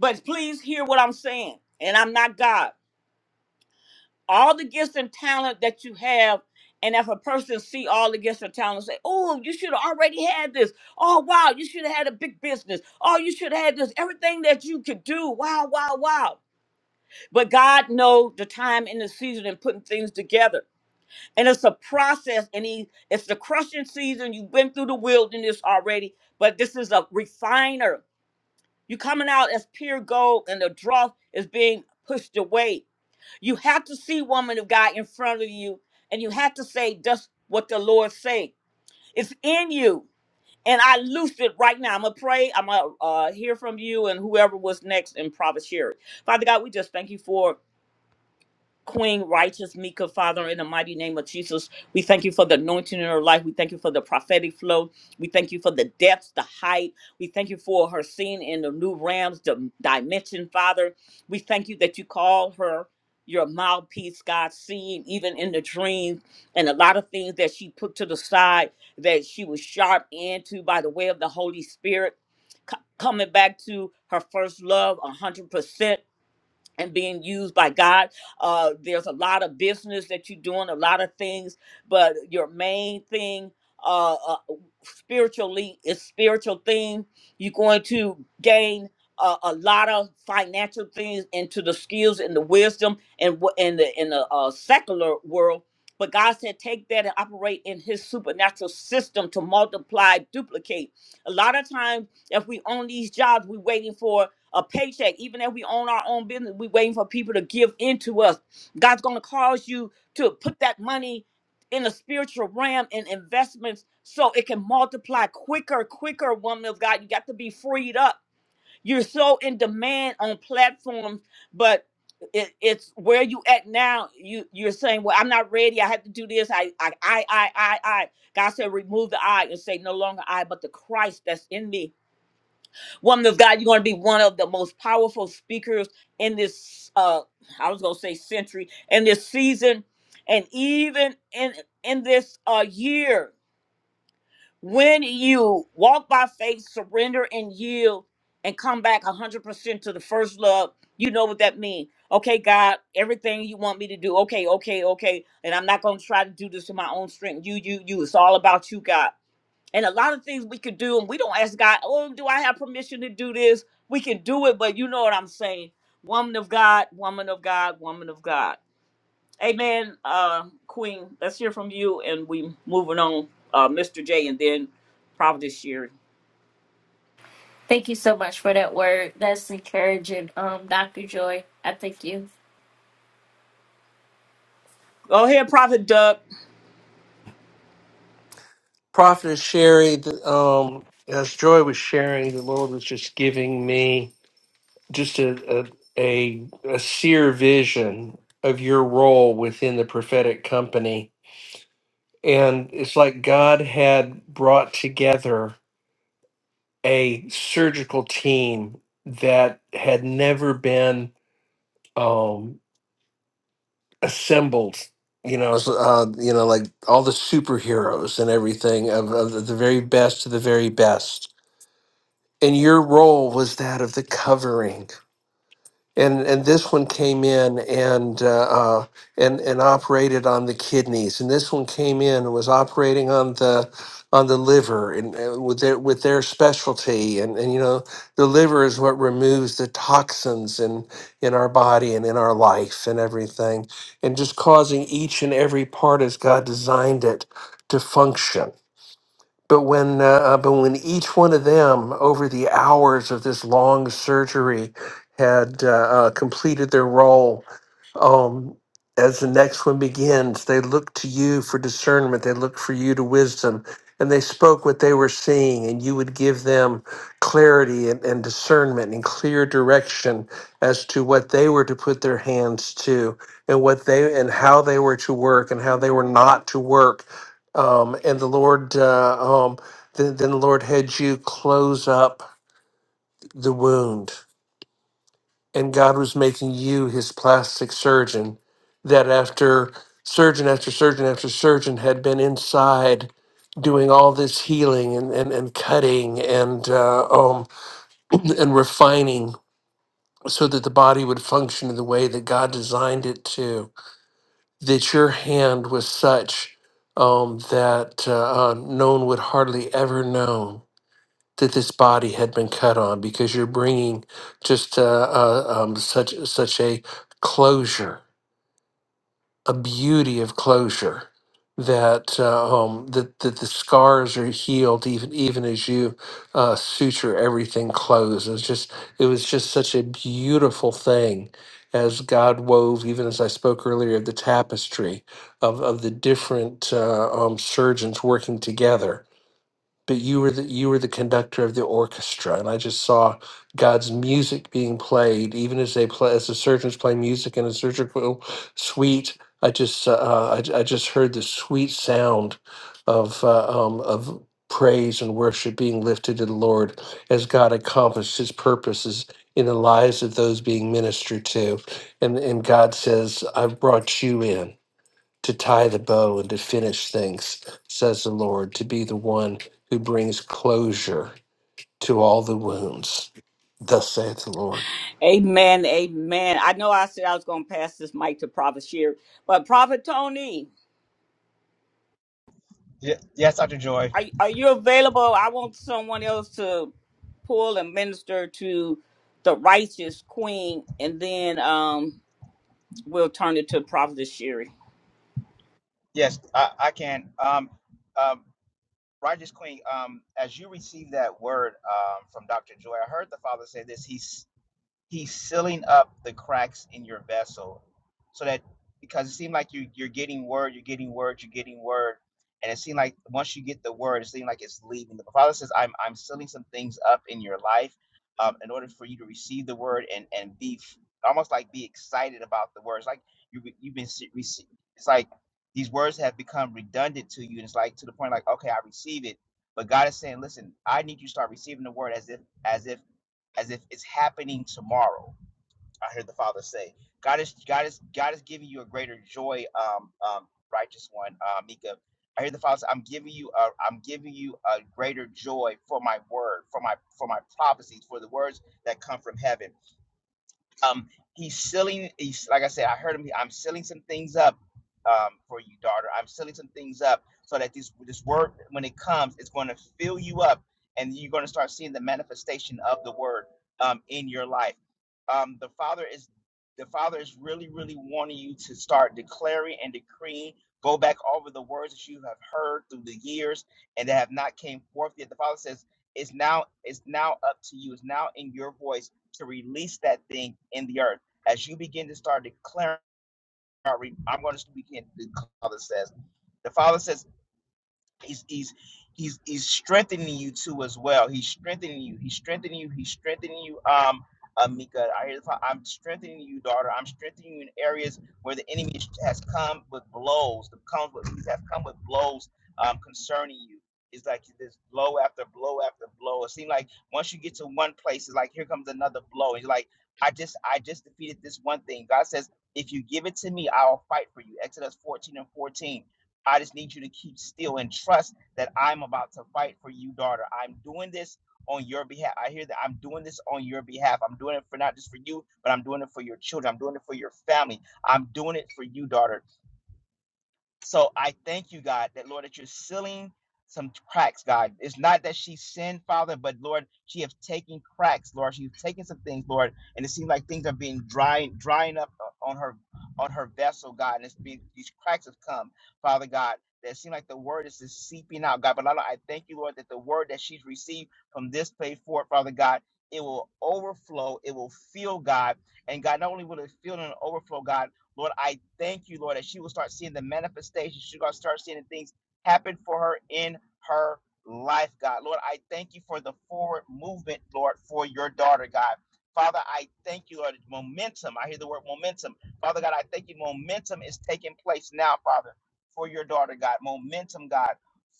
S1: but please hear what i'm saying and i'm not god all the gifts and talent that you have and if a person see all the gifts and talent and say oh you should have already had this oh wow you should have had a big business oh you should have had this everything that you could do wow wow wow but god know the time and the season and putting things together and it's a process and he it's the crushing season you've been through the wilderness already but this is a refiner you coming out as pure gold and the dross is being pushed away you have to see woman of God in front of you, and you have to say just what the Lord say. It's in you, and I loose it right now. I'm gonna pray. I'm gonna uh, hear from you and whoever was next, and Prophet Sherry. Father God, we just thank you for Queen, righteous Mika, Father, in the mighty name of Jesus, we thank you for the anointing in her life. We thank you for the prophetic flow. We thank you for the depths, the height. We thank you for her seeing in the new realms, the dimension, Father. We thank you that you call her your mouthpiece, God, seeing even in the dreams and a lot of things that she put to the side that she was sharp into by the way of the Holy Spirit. Co- Coming back to her first love, 100% and being used by God. Uh, there's a lot of business that you're doing, a lot of things, but your main thing, uh, uh spiritually, is spiritual thing. You're going to gain a, a lot of financial things into the skills and the wisdom and what in the in the uh, secular world. But God said, take that and operate in His supernatural system to multiply, duplicate. A lot of times, if we own these jobs, we're waiting for a paycheck. Even if we own our own business, we waiting for people to give into us. God's gonna cause you to put that money in the spiritual realm and investments so it can multiply quicker, quicker, woman of God. You got to be freed up. You're so in demand on platforms, but it, it's where you at now. You you're saying, Well, I'm not ready. I have to do this. I I I I I I God said remove the I and say no longer I, but the Christ that's in me woman of God, you're going to be one of the most powerful speakers in this, uh, I was going to say century, in this season, and even in in this uh, year. When you walk by faith, surrender and yield, and come back 100% to the first love, you know what that means. Okay, God, everything you want me to do. Okay, okay, okay. And I'm not going to try to do this in my own strength. You, you, you. It's all about you, God. And a lot of things we could do, and we don't ask God, oh, do I have permission to do this? We can do it, but you know what I'm saying. Woman of God, woman of God, woman of God. Amen, uh, Queen. Let's hear from you, and we moving on, uh, Mr. J, and then Prophet Sherry.
S12: Thank you so much for that word. That's encouraging, um, Dr. Joy. I thank you.
S1: Go ahead, Prophet Doug.
S7: Prophetess Sherry, the, um, as Joy was sharing, the Lord was just giving me. just a, a a a seer vision of your role within the prophetic company and it's like god had brought together a surgical team that had never been um assembled you know it's, uh, you know like all the superheroes and everything of, of the very best of the very best and your role was that of the covering and and this one came in and uh, uh, and and operated on the kidneys, and this one came in and was operating on the on the liver, and uh, with their with their specialty, and and you know the liver is what removes the toxins in in our body and in our life and everything, and just causing each and every part as God designed it to function but when, uh, uh, but when each one of them, over the hours of this long surgery, had uh, uh, completed their role, um, as the next one begins, they looked to you for discernment. They looked for you to wisdom, and they spoke what they were seeing, and you would give them clarity and, and discernment and clear direction as to what they were to put their hands to, and what they and how they were to work, and how they were not to work um, and the Lord, uh, um, then, then the Lord had you close up the wound, and God was making you His plastic surgeon. That after surgeon after surgeon after surgeon had been inside doing all this healing and and, and cutting and uh, um, and refining. So that the body would function in the way that God designed it to, that your hand was such um, that uh, uh, no one would hardly ever know that this body had been cut on because you're bringing just uh, uh, um, such such a closure, a beauty of closure that uh, um, that that the scars are healed even even as you uh, suture everything closed. It was just it was just such a beautiful thing as God wove, even as I spoke earlier, the tapestry of of the different uh, um, surgeons working together but you were the you were the conductor of the orchestra and i just saw god's music being played even as they play as the surgeons play music in a surgical suite i just uh, uh, I, I just heard the sweet sound of uh, um, of praise and worship being lifted to the lord as god accomplished his purposes in the lives of those being ministered to and and god says i've brought you in to tie the bow and to finish things, says the Lord, to be the one who brings closure to all the wounds. Thus saith the Lord.
S1: Amen, amen. I know I said I was going to pass this mic to Prophet Sherry, but Prophet Tony.
S13: Ye- Yes, Dr. Joy.
S1: Are, are you available? I want someone else to pull and minister to the righteous queen, and then um, we'll turn it to Prophet Sherry.
S13: Yes, I, I can. Um, um, Righteous Queen, um, as you receive that word um, from Dr. Joy, I heard the Father say this. He He's sealing up the cracks in your vessel so that because it seemed like you you're getting word, you're getting word, you're getting word. And it seemed like once you get the word, it seemed like it's leaving. The Father says, I'm I'm sealing some things up in your life um, in order for you to receive the word and and be f- almost like be excited about the words. Like you you've been se- rece- it's like these words have become redundant to you. And it's like to the point like, okay, I receive it. But God is saying, listen, I need you to start receiving the word as if as if as if it's happening tomorrow. I heard the Father say, "God is God is God is giving you a greater joy, um, um, righteous one, uh, Mika." I hear the Father say, "I'm giving you a I'm giving you a greater joy for my word, for my for my prophecies, for the words that come from heaven." Um, he's selling. He's like I said. I heard him. I'm selling some things up um, for you, daughter. I'm selling some things up so that this this word, when it comes, it's going to fill you up, and you're going to start seeing the manifestation of the word um, in your life. Um, the Father is the Father is really, really wanting you to start declaring and decreeing. Go back over the words that you have heard through the years and that have not came forth yet. The Father says, "It's now. It's now up to you. It's now in your voice." to release that thing in the earth. As you begin to start declaring, I'm going to begin to declare, the Father says, the Father says, he's he's he's he's strengthening you too as well. He's strengthening you. He's strengthening you. He's strengthening you. Um, uh, Mika, I I'm strengthening you, daughter. I'm strengthening you in areas where the enemy has come with blows. The comes with he's have come with blows um, concerning you. It's like this blow after blow after blow. It seems like once you get to one place, it's like here comes another blow. It's like I just I just defeated this one thing. God says, if you give it to me, I'll fight for you. Exodus 14 and 14 I just need you to keep still and trust that I'm about to fight for you, daughter. I'm doing this on your behalf. I hear that I'm doing this on your behalf. I'm doing it for not just for you, but I'm doing it for your children. I'm doing it for your family. I'm doing it for you, daughter. So I thank you, God, that Lord, that you're sealing some cracks, God. It's not that she sinned, Father, but Lord, she have taken cracks, Lord. She's taken some things, Lord, and it seems like things are being drying, drying up on her, on her vessel, God. And it's been these cracks have come, Father God. That seem like the word is just seeping out, God. But Lord, I thank you, Lord, that the word that she's received from this day forward, Father God, it will overflow. It will fill, God. And God, not only will it fill and overflow, God. Lord, I thank you, Lord, that she will start seeing the manifestation. She's going to start seeing the things happen for her in her life, God. Lord, I thank you for the forward movement, Lord, for your daughter, God. Father, I thank you, Lord. Momentum. I hear the word momentum. Father God, I thank you. Momentum is taking place now, Father, for your daughter, God. Momentum, God.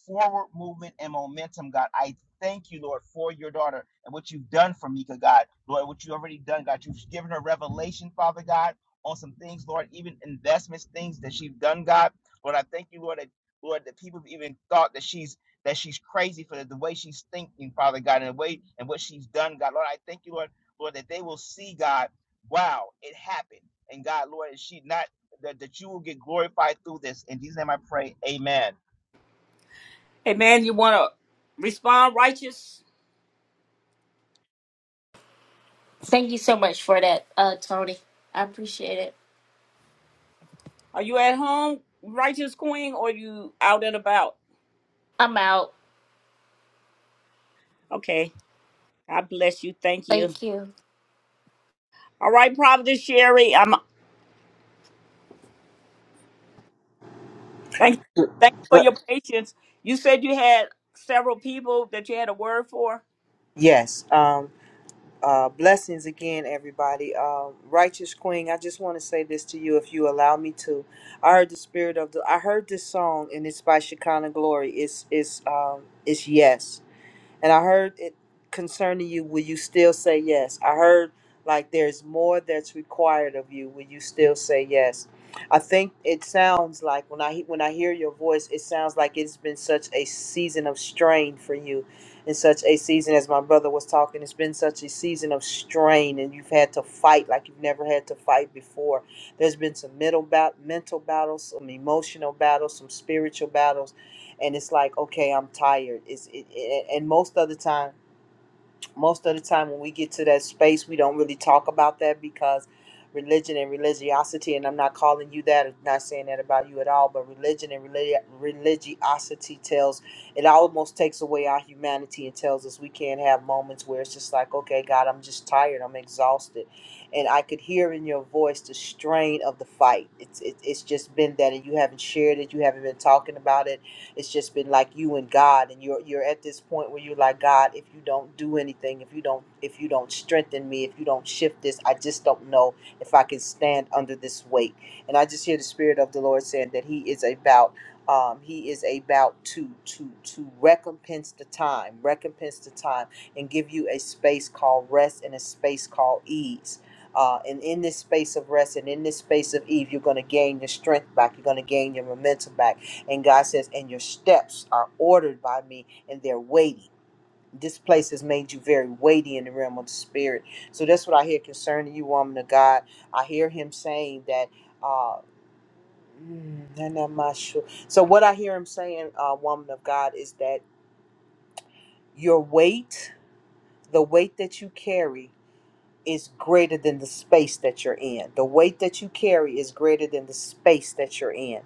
S13: Forward movement and momentum, God. I thank you, Lord, for your daughter and what you've done for Mika, God. Lord, what you've already done, God. You've given her revelation, Father God on some things, Lord, even investments, things that she's done, God. Lord, I thank you, Lord, that Lord, that people have even thought that she's that she's crazy for the, the way she's thinking, Father God, and the way and what she's done, God. Lord, I thank you, Lord, Lord, that they will see, God, wow, it happened. And God, Lord, is she not that, that you will get glorified through this. In Jesus' name I pray. Amen.
S1: Hey, man, you want to respond, righteous?
S12: Thank you so much for that, uh, Tony. I appreciate it.
S1: Are you at home, righteous queen, or you out and about?
S12: I'm out.
S1: Okay. God bless you. Thank you.
S12: Thank you.
S1: All right, Prophet Sherry. I'm thank thank you for your
S5: but
S1: patience. You said you had several people that you had a word for.
S5: yes. Um, Uh, blessings again, everybody. Um, Righteous Queen, I just want to say this to you, if you allow me to. I heard the spirit of the. I heard this song, and it's by Shekinah Glory. It's it's um it's yes. And I heard it concerning you, will you still say yes? I heard like there's more that's required of you. Will you still say yes? I think it sounds like when I he- when I hear your voice, it sounds like it's been such a season of strain for you, and such a season as my brother was talking. It's been such a season of strain, and you've had to fight like you've never had to fight before. There's been some mental bat- mental battles, some emotional battles, some spiritual battles and it's like okay i'm tired it's it, it, and most of the time most of the time when we get to that space we don't really talk about that because religion and religiosity and i'm not calling you that I'm not saying that about you at all but religion and religi- religiosity tells it almost takes away our humanity and tells us we can't have moments where it's just like okay god i'm just tired i'm exhausted and i could hear in your voice the strain of the fight it's it, it's just been that and you haven't shared it you haven't been talking about it it's just been like you and God, and you're you're at this point where you're like, God, if you don't do anything, if you don't if you don't strengthen me, if you don't shift this, I just don't know if I can stand under this weight. And I just hear the Spirit of the Lord saying that He is about um, He is about to to to recompense the time, recompense the time, and give you a space called rest and a space called ease. Uh, and in this space of rest and in this space of ease, you're going to gain your strength back. You're going to gain your momentum back and God says, And your steps are ordered by me and they're weighty. This place has made you very weighty in the realm of the spirit. So that's what I hear concerning you, woman of God. I hear him saying that. Uh, mm, I'm not my sure. So what I hear him saying, uh, woman of God, is that your weight, the weight that you carry, is greater than the space that you're in. The weight that you carry is greater than the space that you're in.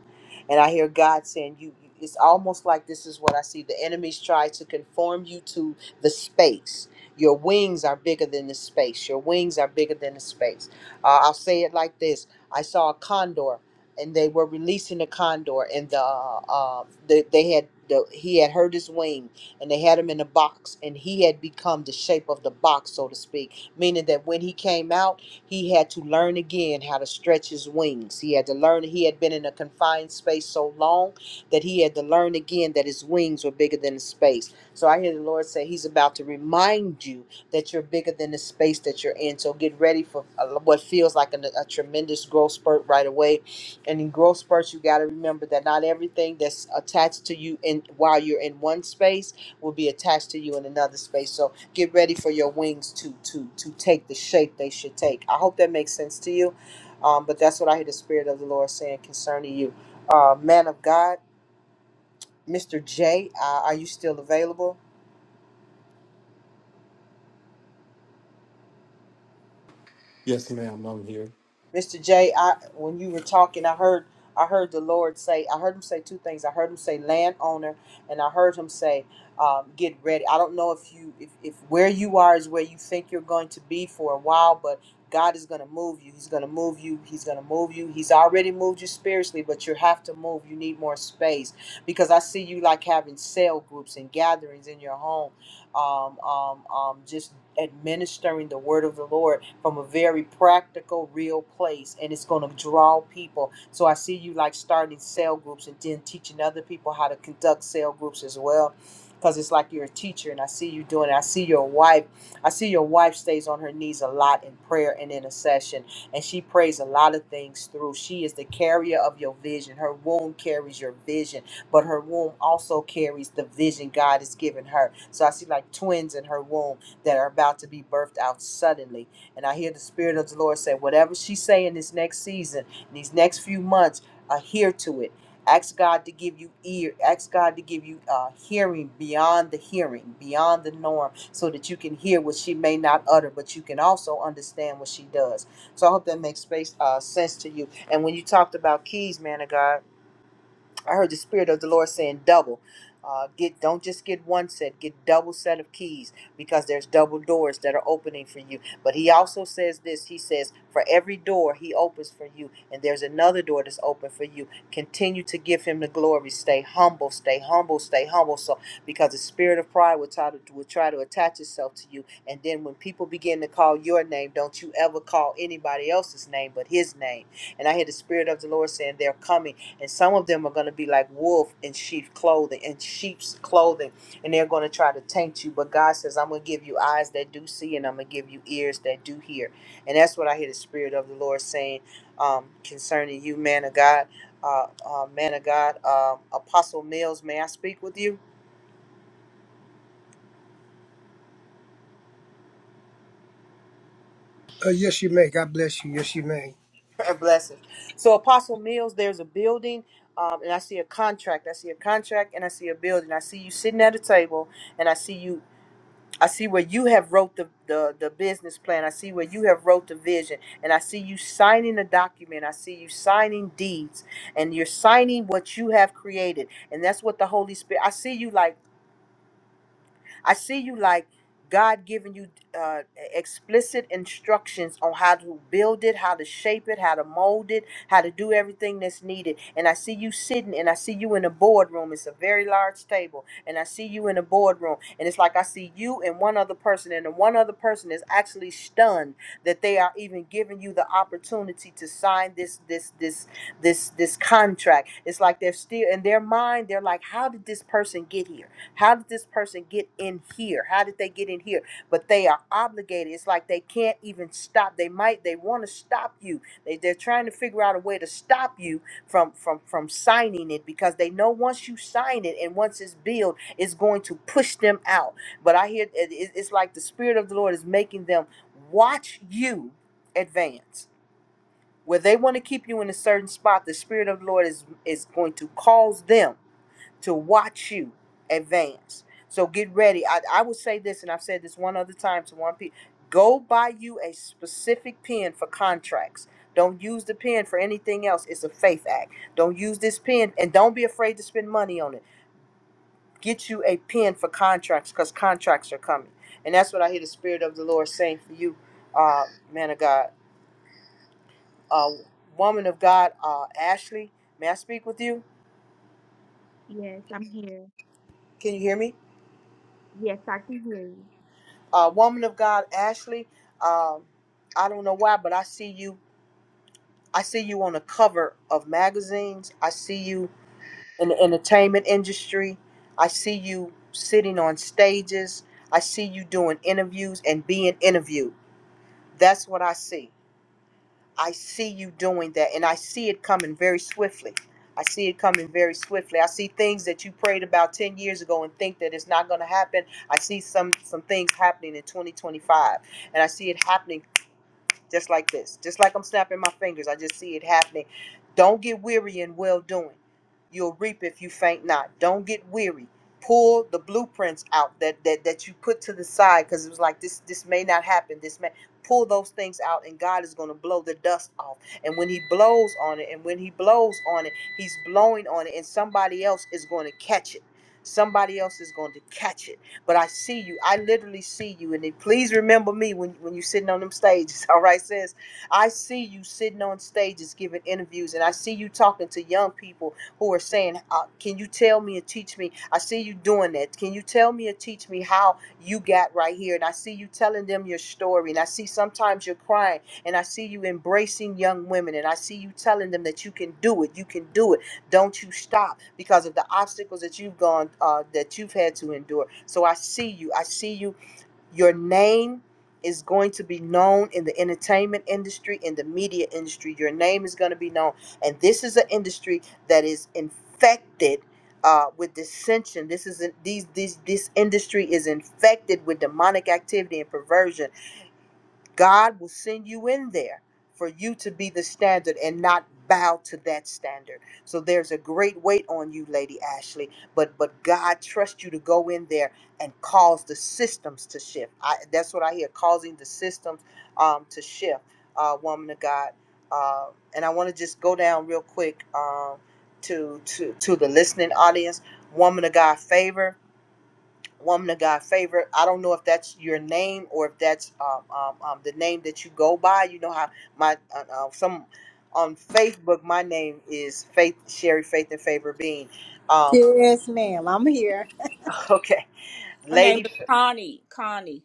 S5: And I hear God saying, you, you- it's almost like this is what I see. The enemies try to conform you to the space. Your wings are bigger than the space. Your wings are bigger than the space. Uh, I'll say it like this I saw a condor, and they were releasing the condor, and the, uh, the they had the, he had hurt his wing, and they had him in a box, and he had become the shape of the box, so to speak meaning that when he came out, he had to learn again how to stretch his wings. He had to learn, he had been in a confined space so long that he had to learn again that his wings were bigger than the space. So I hear the Lord say, He's about to remind you that you're bigger than the space that you're in. So get ready for uh, what feels like an- a, tremendous growth spurt right away. And in growth spurts, you got to remember that not everything that's attached to you in while you're in one space will be attached to you in another space. So get ready for your wings to to to take the shape they should take. I hope that makes sense to you. Um, but that's what I hear the spirit of the Lord saying concerning you, uh, man of God, Mr. J. Uh, are you still available?
S15: Yes.
S5: Mr. J, I when you were talking, I heard I heard the Lord say, I heard him say two things. I heard him say landowner, and I heard him say, um, get ready. I don't know if you if, if where you are is where you think you're going to be for a while, but God is going to move you. He's going to move you. He's going to move you. He's already moved you spiritually, but you have to move. You need more space because I see you like having cell groups and gatherings in your home, um, um, um, just administering the word of the Lord from a very practical, real place, and it's going to draw people. So I see you like starting cell groups and then teaching other people how to conduct cell groups as well, because it's like you're a teacher, and I see you doing it. I see your wife. I see your wife stays on her knees a lot in prayer and intercession, and she prays a lot of things through. She is the carrier of your vision. Her womb carries your vision, but her womb also carries the vision God has given her. So I see like twins in her womb that are about to be birthed out suddenly. And I hear the Spirit of the Lord say, whatever she's saying this next season, these next few months, adhere to it. Ask God to give you ear. Ask God to give you uh, hearing beyond the hearing, beyond the norm, so that you can hear what she may not utter, but you can also understand what she does. So I hope that makes space uh, sense to you. And when you talked about keys, man of God I heard the spirit of the Lord saying double. Uh, get don't just get one set, get double set of keys because there's double doors that are opening for you. But he also says this. He says for every door he opens for you, and there's another door that's open for you. Continue to give him the glory. Stay humble. Stay humble. Stay humble. So because the spirit of pride will try to will try to attach itself to you, and then when people begin to call your name, don't you ever call anybody else's name but his name. And I hear the spirit of the Lord saying they're coming and some of them are going to be like wolf in sheep clothing in sheep's clothing and they're going to try to taint you but god says i'm going to give you eyes that do see and i'm going to give you ears that do hear and that's what i hear the spirit of the lord saying um, concerning you man of god uh, uh, man of god uh, apostle mills may i speak with you
S14: Uh, yes, you may. God bless you. Yes, you may.
S5: blessings so apostle mills there's a building um, and i see a contract i see a contract and i see a building i see you sitting at a table and i see you I see where you have wrote the, the, the business plan. I see where you have wrote the vision. And I see you signing the document. I see you signing deeds. And you're signing what you have created. And that's what the Holy Spirit I see you like I see you like God giving you uh, explicit instructions on how to build it, how to shape it, how to mold it, how to do everything that's needed. And I see you sitting and I see you in a boardroom. It's a very large table. And I see you in a boardroom. And it's like I see you and one other person. And the one other person is actually stunned that they are even giving you the opportunity to sign this, this, this, this, this contract. It's like they're still in their mind, they're like, how did this person get here? How did this person get in here? How did they get in here? But they are obligated. It's like they can't even stop. They might, they want to stop you. They, they're trying to figure out a way to stop you from, from, from signing it because they know once you sign it and once it's billed, it's going to push them out. But I hear it, it- it's like the Spirit of the Lord is making them watch you advance. Where they want to keep you in a certain spot, the Spirit of the Lord is, is going to cause them to watch you advance. So get ready. I, I would say this, and I've said this one other time to one people go buy you a specific pen for contracts. Don't use the pen for anything else. It's a faith act. Don't use this pen, and don't be afraid to spend money on it. Get you a pen for contracts because contracts are coming. And that's what I hear the Spirit of the Lord saying for you, uh, man of God. Uh, woman of God, uh, Ashley, may I speak with you?
S9: you. Yes, I'm here.
S5: Can you hear me?
S9: Yes, I can hear you.
S5: uh, woman of God, Ashley. Um, I don't know why, but I see you. I see you on the cover of magazines. I see you in the entertainment industry. I see you sitting on stages. I see you doing interviews and being interviewed. That's what I see. I see you doing that, and I see it coming very swiftly. I see it coming very swiftly. I see things that you prayed about 10 years ago and think that it's not going to happen. I see some some things happening in 2025 and I see it happening just like this, just like I'm snapping my fingers. I just see it happening. Don't get weary in well doing. You'll reap if you faint not. Don't get weary. Pull the blueprints out that that that you put to the side because it was like this this may not happen. This may pull those things out and God is going to blow the dust off. And when he blows on it and when he blows on it, he's blowing on it and somebody else is going to catch it. Somebody else is going to catch it but I see you. I literally see you. And then please remember me when, when you're sitting on them stages. All right, sis. I see you sitting on stages giving interviews, and I see you talking to young people who are saying, uh, Can you tell me and teach me? I see you doing that. Can you tell me and teach me how you got right here? And I see you telling them your story. And I see sometimes you're crying, and I see you embracing young women, and I see you telling them that you can do it. You can do it don't you stop because of the obstacles that you've gone, uh, that you've had to endure. So I see you. I see you. Your name is going to be known in the entertainment industry, in the media industry. Your name is going to be known. And this is an industry that is infected. Uh, with dissension, this is these these this industry is infected with demonic activity and perversion God will send you in there for you to be the standard and not bow to that standard. So there's a great weight on you, Lady Ashley, but but God trusts you to go in there and cause the systems to shift. I, that's what I hear, causing the systems um, to shift, uh, woman of God. Uh, and I want to just go down real quick um, to to to the listening audience, woman of God favor woman of God favorite. I don't know if that's your name or if that's um, um, um, the name that you go by. You know how my uh, uh, some on Facebook, my name is Faith Sherry Faith and Favor Bean. Um,
S16: Yes, ma'am. I'm here.
S5: okay,
S1: Her name
S5: lady,
S1: is Connie. Connie.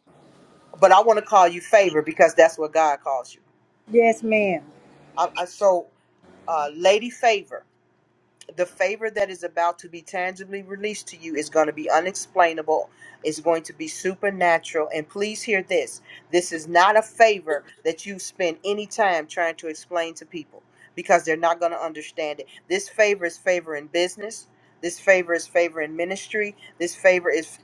S5: but I want to call you Favor because that's what God calls you.
S16: Yes, ma'am.
S5: I, I, so, uh, Lady Favor. the favor that is about to be tangibly released to you is going to be unexplainable. It's going to be supernatural. And please hear this this is not a favor that you spend any time trying to explain to people because they're not going to understand it. This favor is favor in business. This favor is favor in ministry. This favor is,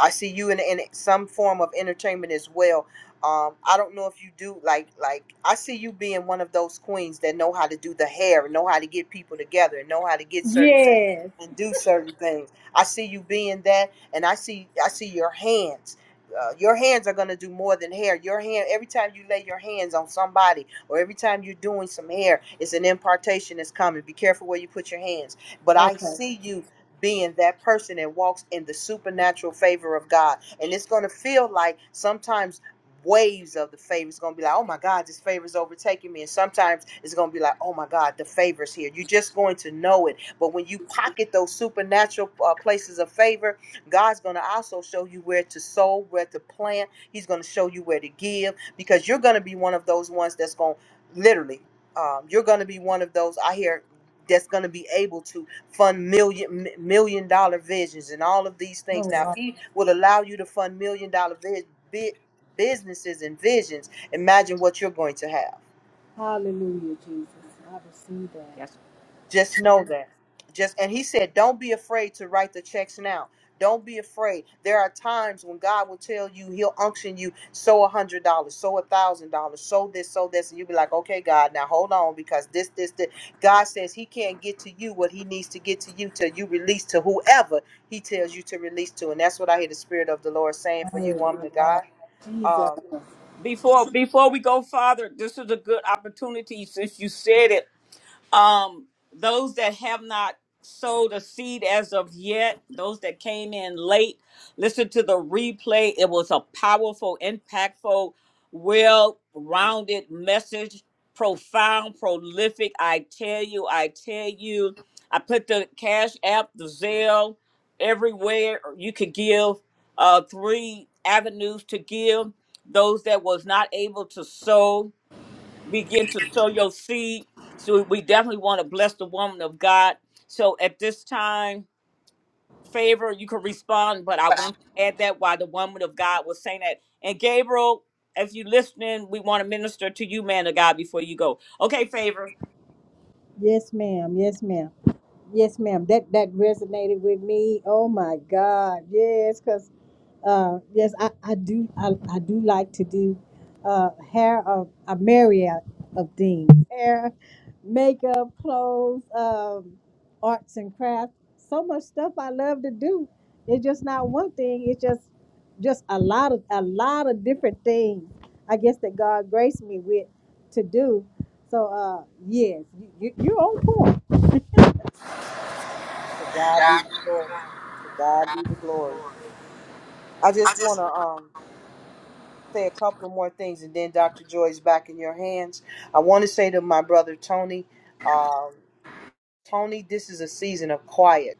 S5: I see you in, in some form of entertainment as well um, I don't know if you do like like I see you being one of those queens that know how to do the hair and know how to get people together and know how to get certain things
S16: Yes.
S5: and do certain things. I see you being that, and I see I see your hands. Uh, your hands are gonna do more than hair. Your hand every time you lay your hands on somebody or every time you're doing some hair, it's an impartation that's coming. Be careful where you put your hands. But I
S16: Okay.
S5: see you being that person that walks in the supernatural favor of God and it's going to feel like sometimes waves of the favor. It's gonna be like, oh my God, this favor's overtaking me. And sometimes it's gonna be like, oh my God, the favor's here. You're just going to know it. But when you pocket those supernatural uh, places of favor, God's gonna also show you where to sow, where to plant. He's gonna show you where to give because you're gonna be one of those ones that's gonna literally, um, you're gonna be one of those. I hear that's going to be able to fund million m- million dollar visions and all of these things.
S16: Oh,
S5: Now, if
S16: wow.
S5: he would allow you to fund million dollar visions businesses and visions, imagine what you're going to have.
S16: Hallelujah, Jesus. I receive that.
S1: Yes,
S5: Just know that. Just and he said, don't be afraid to write the checks now. Don't be afraid. There are times when God will tell you He'll unction you sow a hundred dollars, sow a thousand dollars, sow this, sow this, and you'll be like, okay, God, now hold on because this, this, this. God says He can't get to you what He needs to get to you till you release to whoever He tells you to release to, and that's what I hear the Spirit of the Lord saying for you,
S16: Oh,
S5: woman of
S16: wow.
S5: God.
S16: Jesus.
S5: Um.
S1: Before before we go farther, this is a good opportunity since you said it. Um, those that have not sowed a seed as of yet, those that came in late, listen to the replay. It was a powerful, impactful, well rounded message, profound, prolific. I tell you, I tell you. I put the Cash App, the Zelle, everywhere you could give, uh, three avenues to give. Those that was not able to sow, begin to sow your seed. So we definitely want to bless the woman of God. So at this time, favor, you can respond, but I want to add that while the woman of God was saying that. And Gabriel, if you listening, we want to minister to you, man of God, before you go. Okay, favor.
S16: Yes, ma'am. Yes, ma'am. Yes, ma'am. That that resonated with me. Oh my God. Yes, because Uh, yes, I, I do. I, I do like to do uh, hair of a myriad of things: hair, makeup, clothes, um, arts and crafts. So much stuff I love to do. It's just not one thing. It's just just a lot of a lot of different things. I guess that God graced me with to do. So uh, yes, you, you're on point.
S5: To God be the glory. To God be the glory. I just want to um say a couple more things, and then Dr. Joy's back in your hands. I want to say to my brother Tony, um, Tony, this is a season of quiet.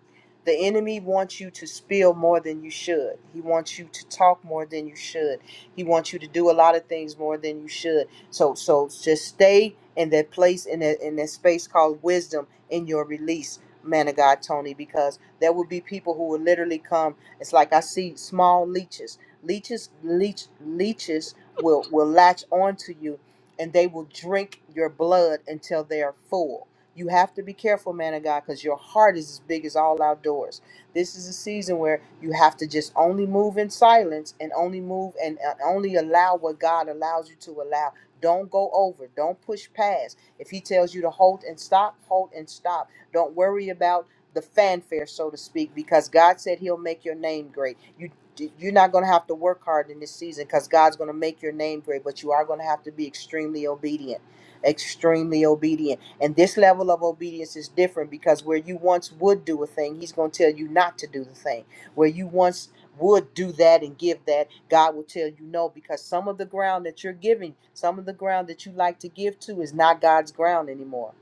S5: The enemy wants you to spill more than you should. He wants you to talk more than you should. He wants you to do a lot of things more than you should. So so just stay in that place in that in that space called wisdom in your release, man of God, Tony, because there will be people who will literally come. It's like I see small leeches. Leeches leech leeches will will latch onto you and they will drink your blood until they are full you have to be careful, man of God, because your heart is as big as all outdoors. This is a season where you have to just only move in silence and only move and and only allow what God allows you to allow. Don't go over. Don't push past. If He tells you to hold and stop, hold and stop. Don't worry about the fanfare, so to speak, because God said He'll make your name great. You you're not going to have to work hard in this season because God's going to make your name great, but you are going to have to be extremely obedient. Extremely obedient and this level of obedience is different because where you once would do a thing, he's going to tell you not to do the thing. Where you once would do that and give that, God will tell you no because some of the ground that you're giving, some of the ground that you like to give to is not God's ground anymore.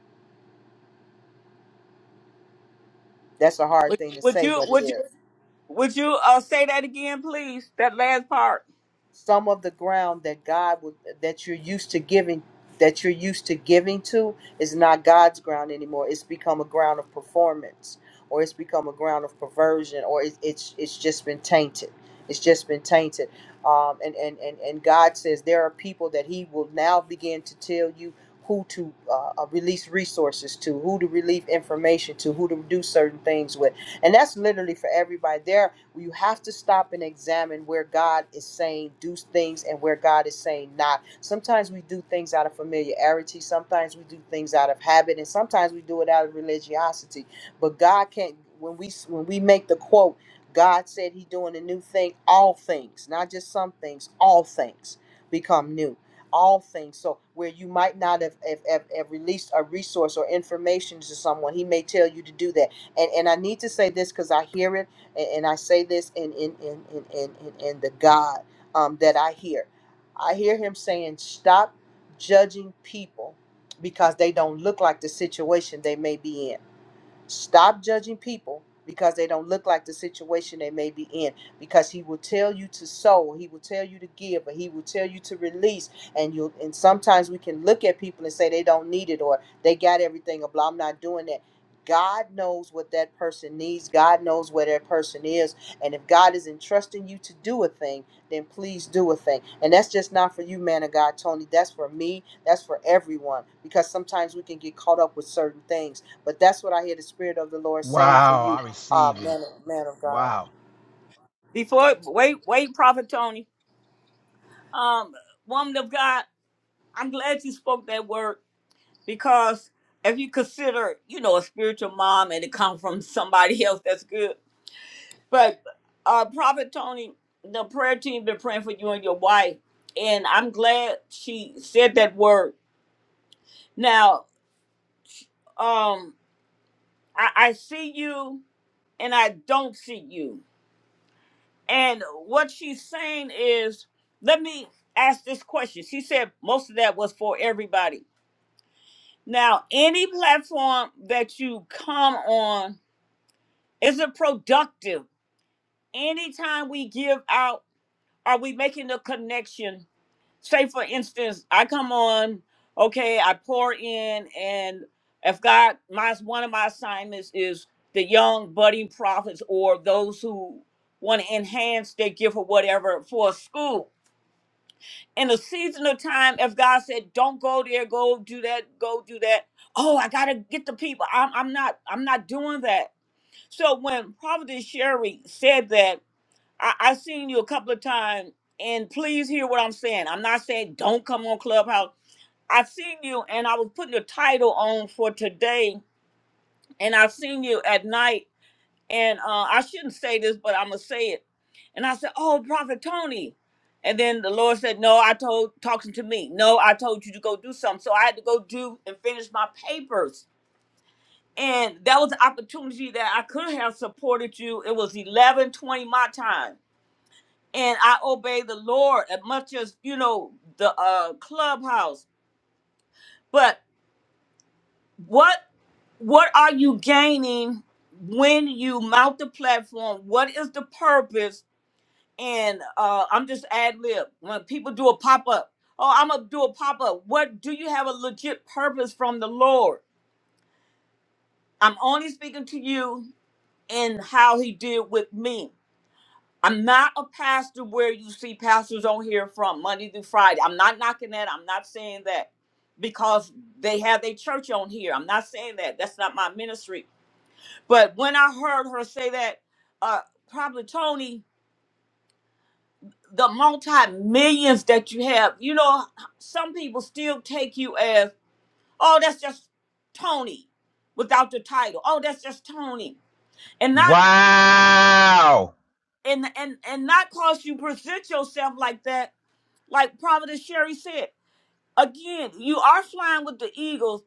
S5: That's a hard
S1: Would,
S5: thing to
S1: would
S5: say,
S1: you
S5: but it
S1: would you
S5: is.
S1: would you uh say that again, please? That last part.
S5: some of the ground that God would that you're used to giving that you're used to giving to is not God's ground anymore. It's become a ground of performance, or it's become a ground of perversion, or it, it's it's just been tainted. It's just been tainted. Um, and, and and and God says there are people that He will now begin to tell you who to uh, uh, release resources to, who to release information to, who to do certain things with, and that's literally for everybody. There you have to stop and examine where God is saying do things and where God is saying not. Sometimes we do things out of familiarity, sometimes we do things out of habit, and sometimes we do it out of religiosity. But God can't when we when we make the quote, God said He doing a new thing, all things, not just some things, all things become new. All things. So where you might not have, have, have, have released a resource or information to someone, he may tell you to do that and and I need to say this because I hear it and, and I say this in in in in in, in, in the God um, that I hear. I hear him saying, "Stop judging people because they don't look like the situation they may be in." Stop judging people because they don't look like the situation they may be in. Because he will tell you to sow, he will tell you to give, but he will tell you to release. And you and sometimes we can look at people and say they don't need it or they got everything or blah, I'm not doing that. God knows what that person needs. God knows where that person is. And if God is entrusting you to do a thing, then please do a thing. And that's just not for you, man of God, Tony. That's for me. That's for everyone. Because sometimes we can get caught up with certain things but that's what I hear the Spirit of the Lord saying for
S13: Wow,
S5: you,
S13: I
S5: uh,
S13: receive it.
S5: man, of- man of God.
S13: Wow.
S1: Before wait, wait, Prophet Tony. Um, woman of God, I'm glad you spoke that word because if you consider, you know, a spiritual mom and it comes from somebody else, that's good. But uh Prophet Tony, the prayer team been praying for you and your wife, and I'm glad she said that word. Now, um, I, I see you and I don't see you. And what she's saying is, let me ask this question. She said most of that was for everybody. Now, any platform that you come on, is it productive? anytime we give out, are we making a connection? Say, for instance, I come on, okay, I pour in, and if God, my one of my assignments is the young budding prophets or those who want to enhance their gift or whatever for a school. In a season of time, if God said, "Don't go there, go do that, go do that," oh, I gotta get the people. I'm, I'm not, I'm not doing that. So when Prophet Sherry said that, I, I seen you a couple of times, and please hear what I'm saying. I'm not saying don't come on Clubhouse. I have seen you, and I was putting the title on for today, and I have seen you at night, and uh, I shouldn't say this, but I'm gonna say it. And I said, "Oh, Prophet Tony," and then the Lord said, "No, I told talking to me. No, I told you to go do something. So I had to go do and finish my papers." And that was an opportunity that I could have supported you. It was 11:20 my time and I obey the Lord as much as you know the uh, clubhouse. But what what are you gaining when you mount the platform? What is the purpose? And uh, I'm just ad lib. When people do a pop up, oh, I'm gonna do a pop up. What do you have a legit purpose from the Lord? I'm only speaking to you and how He did with me. I'm not a pastor where you see pastors on here from Monday through Friday. I'm not knocking that. I'm not saying that because they have their church on here. I'm not saying that. That's not my ministry. But when I heard her say that, uh, probably Tony, the multi millions that you have, you know, some people still take you as, oh, that's just Tony without the title. Oh, that's just Tony. And not
S13: Wow.
S1: and and and not cause you present yourself like that, like Providence Sherry said. again, you are flying with the Eagles,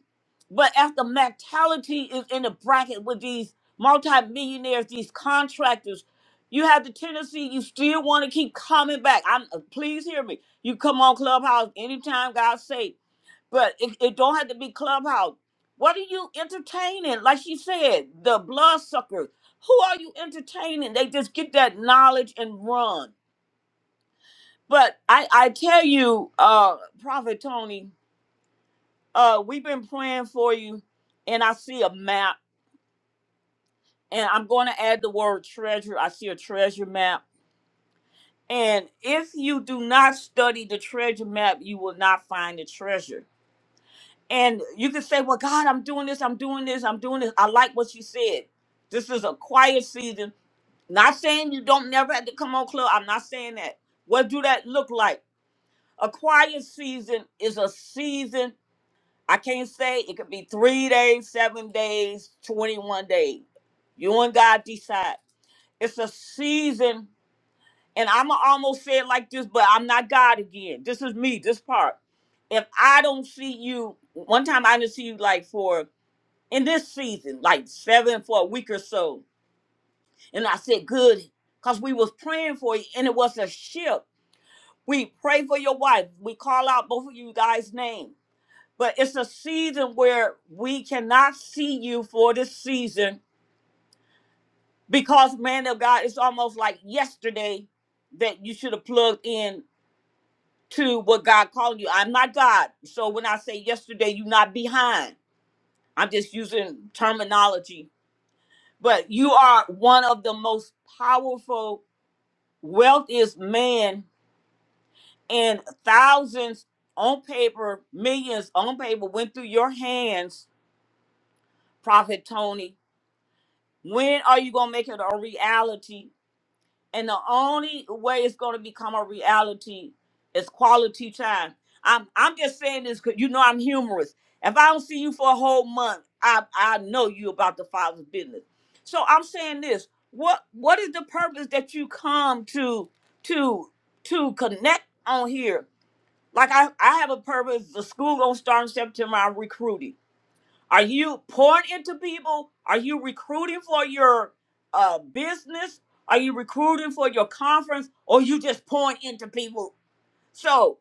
S1: but as the mentality is in the bracket with these multimillionaires, these contractors, you have the tendency you still want to keep coming back. I'm uh, please hear me. You come on Clubhouse anytime, God sake, but it, it don't have to be Clubhouse. What are you entertaining? Like she said, the bloodsuckers. Who are you entertaining? They just get that knowledge and run. But I, I tell you, uh, Prophet Tony, uh we've been praying for you and i see a map and i'm going to add the word treasure i see a treasure map and if you do not study the treasure map you will not find the treasure and you can say well god i'm doing this i'm doing this i'm doing this i like what you said this is a quiet season not saying you don't never have to come on club i'm not saying that what do that look like a quiet season is a season I can't say it could be three days, seven days, 21 days. You and God decide. It's a season, and I'm going to almost say it like this, but I'm not God again. This is me, this part. If I don't see you, one time I didn't see you like for in this season, like seven for a week or so. And I said, good, because we was praying for you, and it was a shift. We pray for your wife. We call out both of you guys' names But it's a season where we cannot see you for this season because, man of God, it's almost like yesterday that you should have plugged in to what God called you. I'm not God. So when I say yesterday, you're not behind. I'm just using terminology. But you are one of the most powerful. Wealth is man, and thousands on paper, millions on paper went through your hands, Prophet Tony When are you gonna make it a reality? And the only way it's gonna become a reality is quality time. I'm I'm just saying this because you know I'm humorous. If I don't see you for a whole month, I I know you about the father's business. So I'm saying this. What what is the purpose that you come to to to connect on here? Like I I have a purpose. The school gonna start in September. I'm recruiting. Are you pouring into people? Are you recruiting for your uh, business? Are you recruiting for your conference? Or you just pouring into people? So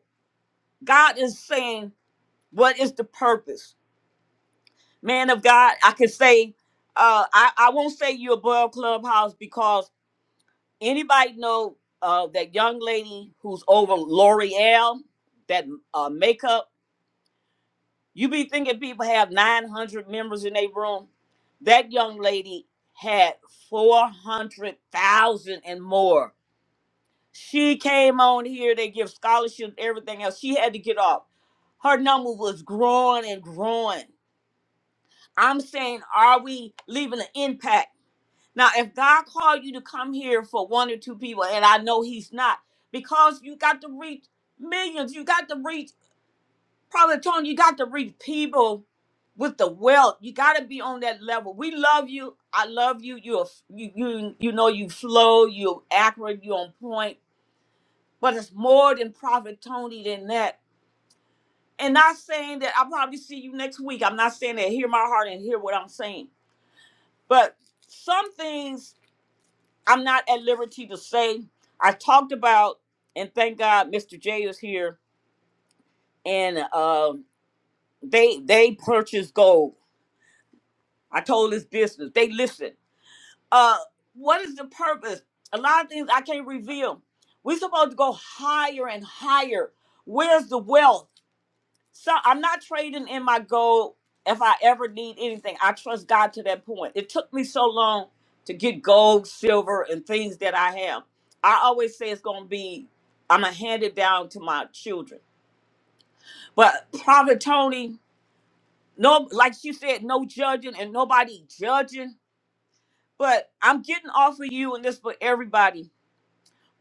S1: God is saying, what is the purpose? Man of God, I can say, uh, I, I won't say you're above Clubhouse because anybody know uh, that young lady who's over L'Oreal, that uh, makeup? You be thinking people have 900 members in their room? That young lady had 400,000 and more. She came on here, they give scholarships, everything else. She had to get off. Her number was growing and growing. I'm saying, are we leaving an impact? Now, if God called you to come here for one or two people, and I know He's not, because you got to reach millions, you got to reach Probably Tony, you got to reach people with the wealth. You got to be on that level. We love you. I love you. You're f- you you you know you flow. You're accurate. You're on point. But it's more than Prophet Tony than that. And not saying that I'll probably see you next week. I'm not saying that. Hear my heart and hear what I'm saying. But some things I'm not at liberty to say. I talked about, and thank God Mr. J is here, and um, they they purchased gold I told his business. They listen. Uh, what is the purpose? A lot of things I can't reveal. We're supposed to go higher and higher. Where's the wealth? So I'm not trading in my gold if I ever need anything. I trust God to that point. It took me so long to get gold, silver, and things that I have. I always say it's gonna be, I'm gonna hand it down to my children. But Prophet Tony, no like she said, no judging and nobody judging But I'm getting off of you, and this for everybody.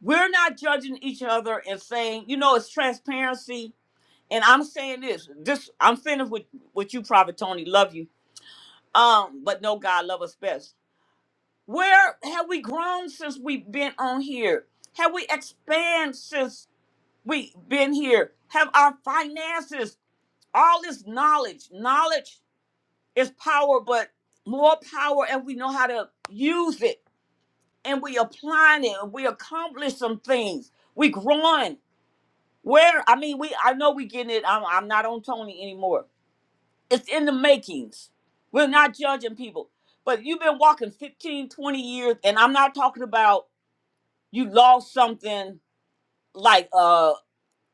S1: We're not judging each other and saying, you know, it's transparency. And I'm saying this, this I'm finished with with you, Prophet Tony. Love you. Um, but no, God love us best. Where have we grown since we've been on here? Have we expanded since we've been here? Have our finances, all this knowledge, knowledge is power, but more power if we know how to use it and we applying it and we accomplish some things. We growing. Where I mean, we I know we getting it. I'm, I'm not on Tony anymore. It's in the makings. We're not judging people. But you've been walking 15, 20 years, and I'm not talking about you lost something like uh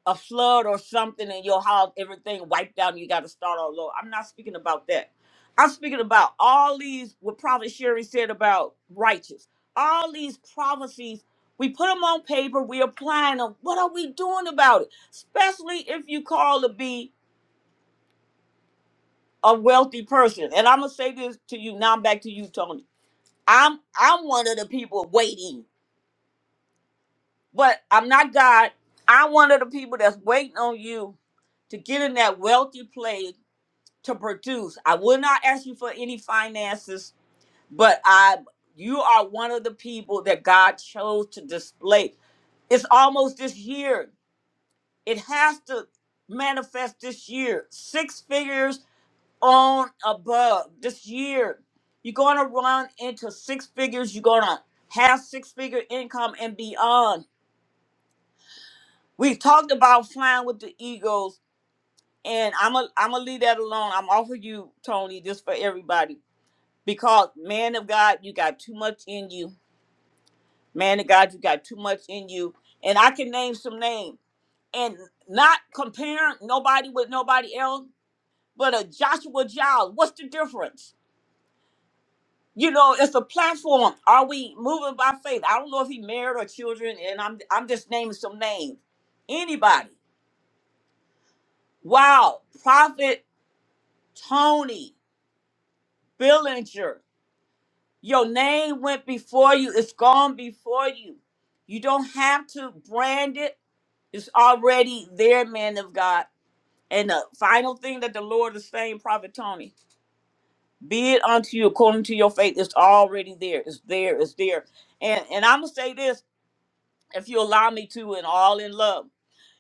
S1: a flood or something in your house, everything wiped out, and you got to start all over. I'm not speaking about that. I'm speaking about all these what Prophet Sherry said about righteous. All these prophecies, we put them on paper, we applying them. What are we doing about it? Especially if you call to be a wealthy person. And I'm gonna say this to you now. I'm back to you, Tony. I'm I'm one of the people waiting, but I'm not God. I'm one of the people that's waiting on you to get in that wealthy place to produce. I will not ask you for any finances, but I you are one of the people that God chose to display. It's almost this year. It has to manifest this year. Six figures on above this year. You're going to run into six figures. You're going to have six figure income and beyond. We've talked about flying with the eagles, and I'm a, I'm gonna leave that alone. I'm offering you, Tony, this for everybody because man of God, you got too much in you. Man of God, you got too much in you. And I can name some names and not comparing nobody with nobody else, but a Joshua Giles. What's the difference? You know, it's a platform. Are we moving by faith? I don't know if he married or children, and I'm I'm just naming some names. Anybody. Wow. Prophet Tony Billinger. Your name went before you, it's gone before you. You don't have to brand it, it's already there, man of God. And the final thing that the Lord is saying, Prophet Tony, be it unto you according to your faith, it's already there. It's there, it's there. And and I'm gonna say this, if you allow me to, and all in love.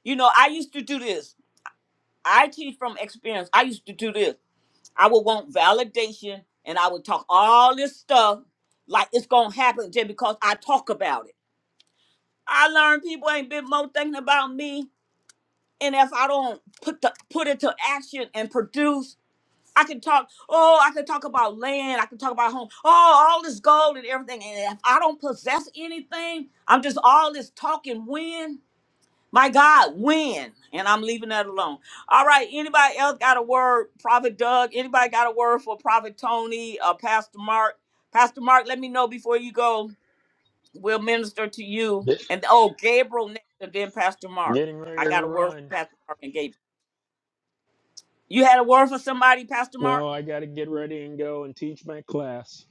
S1: You know, I used to do this. I teach from experience. I used to do this. I would want validation and I would talk all this stuff like it's gonna happen just because I talk about it I learned people ain't been more thinking about me. And if I don't put the put it to action and produce, I can talk. Oh, I can talk about land. I can talk about home. Oh, all this gold and everything. And if I don't possess anything, I'm just all this talking. When my God, when? And I'm leaving that alone. All right. Anybody else got a word? Prophet Doug. Anybody got a word for Prophet Tony? Uh, Pastor Mark. Pastor Mark, let me know before you go. We'll minister to you.
S6: This
S1: And oh, Gabriel next, and then Pastor Mark.
S6: Getting ready
S1: I
S6: to
S1: got a word for
S6: run.
S1: Pastor Mark and Gabriel. You had a word for somebody, Pastor Mark?
S6: No, I got to get ready and go and teach my class.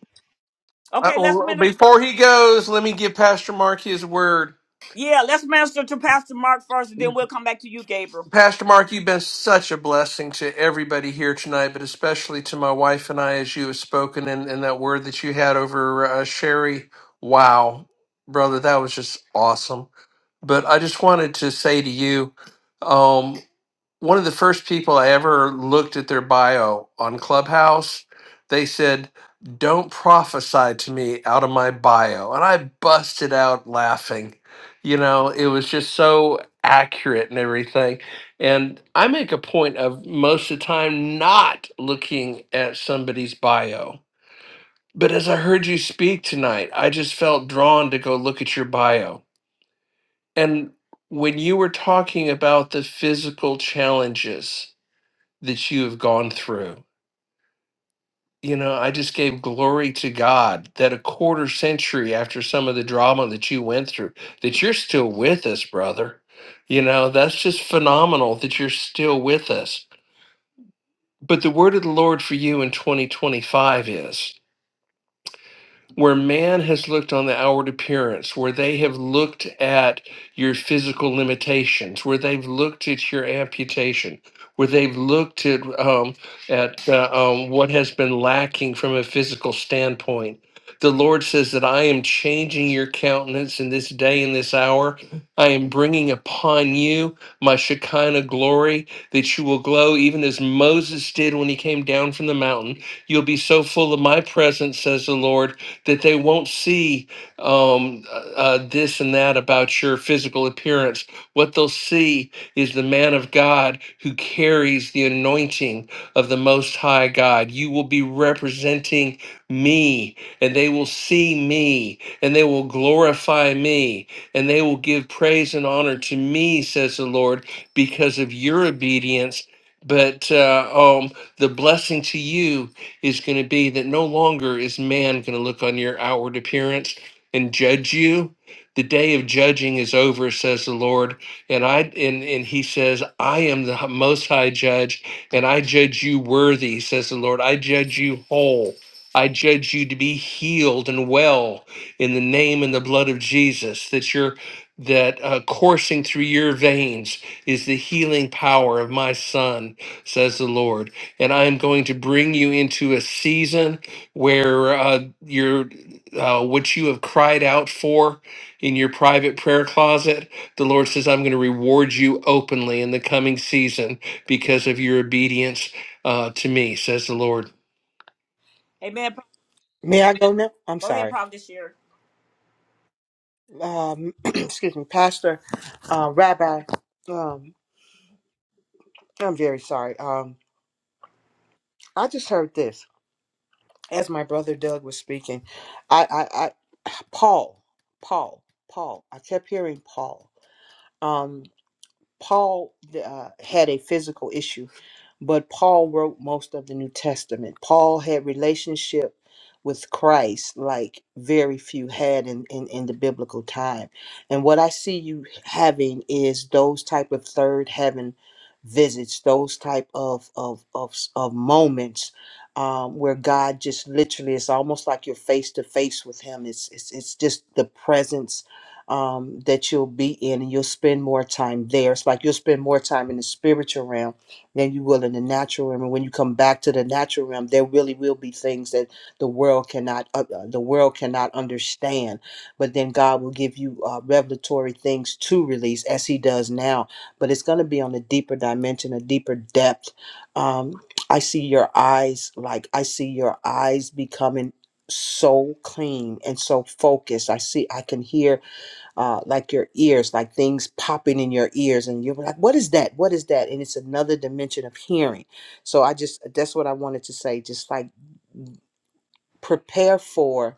S7: Uh,
S1: Okay, let's
S7: well,
S1: minister.
S7: before he goes, let me give Pastor Mark his word.
S1: Yeah, let's minister to Pastor Mark first, and then we'll come back to you, Gabriel.
S7: Pastor Mark, you've been such a blessing to everybody here tonight, but especially to my wife and I as you have spoken and, and that word that you had over uh, Sherry. Wow, brother, that was just awesome. But I just wanted to say to you, um, one of the first people I ever looked at their bio on Clubhouse, they said, Don't prophesy to me out of my bio. And I busted out laughing. You know, it was just so accurate and everything. And I make a point of most of the time not looking at somebody's bio. But as I heard you speak tonight, I just felt drawn to go look at your bio. And when you were talking about the physical challenges, that you have gone through. You know, I just gave glory to God that a quarter century after some of the drama that you went through, that you're still with us, brother. You know, that's just phenomenal that you're still with us. But the word of the Lord for you in 2025 is. where man has looked on the outward appearance, where they have looked at your physical limitations, where they've looked at your amputation, where they've looked at um, at uh, um, what has been lacking from a physical standpoint. The Lord says that I am changing your countenance in this day and this hour. I am bringing upon you my Shekinah glory that you will glow even as Moses did when he came down from the mountain. You'll be so full of my presence, says the Lord, that they won't see um, uh, uh, this and that about your physical appearance. What they'll see is the man of God who carries the anointing of the Most High God. You will be representing me, and they will see me, and they will glorify me, and they will give praise and honor to me, says the Lord, because of your obedience. But uh, um, the blessing to you is going to be that no longer is man going to look on your outward appearance and judge you. The day of judging is over, says the Lord. And I and, and he says, I am the most high judge, and I judge you worthy, says the Lord. I judge you whole. I judge you to be healed and well in the name and the blood of Jesus, that you're that uh, coursing through your veins is the healing power of my son, says the Lord and I am going to bring you into a season where uh, your uh, what you have cried out for in your private prayer closet, the Lord says, I'm going to reward you openly in the coming season because of your obedience uh, to me, says the Lord.
S1: Amen.
S5: May I go now? I'm
S1: Go ahead,
S5: sorry.
S1: Prophet Sherry.
S5: Um, excuse me, Pastor, uh, Rabbi. Um, I'm very sorry. Um, I just heard this as my brother Doug was speaking. I, I, I Paul, Paul, Paul. I kept hearing Paul. Um, Paul uh, had a physical issue but Paul wrote most of the New Testament. Paul had relationship with Christ like very few had in, in, in the biblical time. And what I see you having is those type of third heaven visits, those type of of of, of moments um, where God just literally it's almost like you're face to face with him. It's it's it's just the presence um, that you'll be in and you'll spend more time there. It's like you'll spend more time in the spiritual realm than you will in the natural realm. And when you come back to the natural realm, there really will be things that the world cannot uh, uh, the world cannot understand. But then God will give you uh, revelatory things to release, as He does now. But it's going to be on a deeper dimension, a deeper depth. Um, I see your eyes like I see your eyes becoming so clean and so focused. I see I can hear uh, like your ears, like things popping in your ears, and you're like, "What is that? What is that?" And it's another dimension of hearing. So I just that's what I wanted to say. Just like prepare for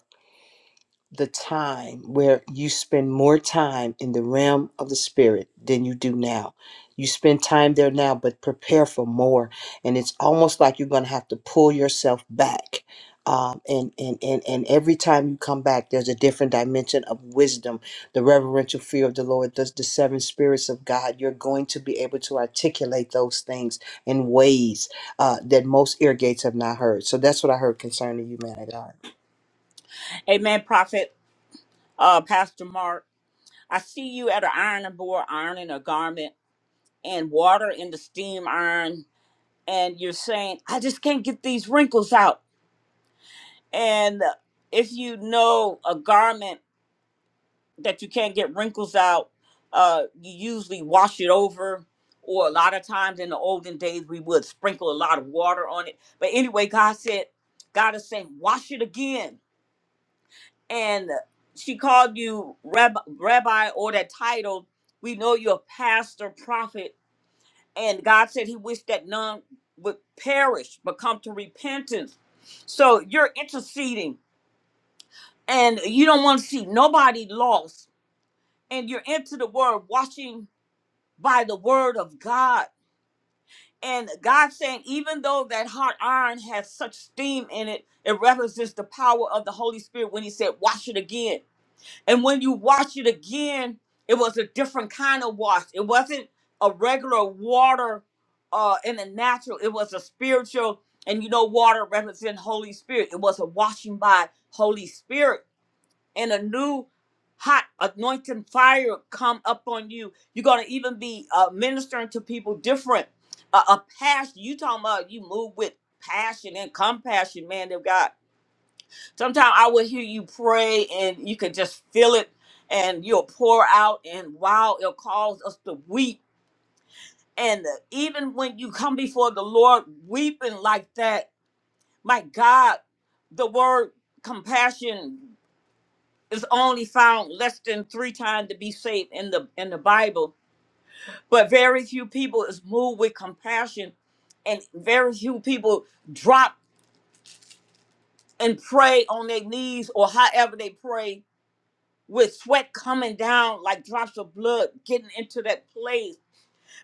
S5: the time where you spend more time in the realm of the spirit than you do now. You spend time there now, but prepare for more. And it's almost like you're going to have to pull yourself back. Um, and, and, and, and every time you come back, there's a different dimension of wisdom, the reverential fear of the Lord, the, the seven spirits of God. You're going to be able to articulate those things in ways uh, that most ear gates have not heard. So that's what I heard concerning you, man of God.
S1: Amen, Prophet uh, Pastor Mark. I see you at an ironing board ironing a garment and water in the steam iron, and you're saying, I just can't get these wrinkles out. And if you know a garment, that you can't get wrinkles out. Uh, you usually wash it over, or a lot of times in the olden days we would sprinkle a lot of water on it. But anyway, God said, God is saying, wash it again. And she called you rab rabbi or that title. We know you're a pastor, prophet, and God said He wished that none would perish but come to repentance. So you're interceding, and you don't want to see nobody lost, and you're into the Word, washing by the word of God. And God saying, even though that hot iron has such steam in it, it represents the power of the Holy Spirit when He said, wash it again. And when you wash it again, it was a different kind of wash. It wasn't a regular water uh, in the natural, it was a spiritual. And you know, water represents Holy Spirit. It was a washing by Holy Spirit and a new hot anointing fire come up on you. You're gonna even be uh, ministering to people different. Uh, a a passion. You talking about you move with passion and compassion, man of God. Sometimes I will hear you pray and you can just feel it, and you'll pour out, and wow, it'll cause us to weep. And even when you come before the Lord weeping like that, my God, the word compassion is only found less than three times to be saved in the in the Bible. But very few people is moved with compassion, and very few people drop and pray on their knees or however they pray with sweat coming down like drops of blood getting into that place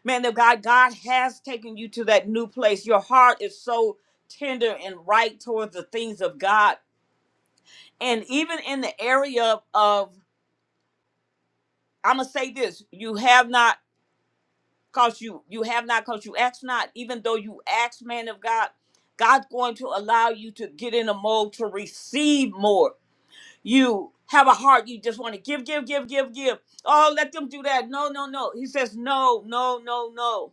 S1: man of god god has taken you to that new place your heart is so tender and right towards the things of god and even in the area of i'm gonna say this you have not cause you you have not cause you ask not even though you ask man of god god's going to allow you to get in a mode to receive more you have a heart you just want to give give give give give oh let them do that no no no he says no no no no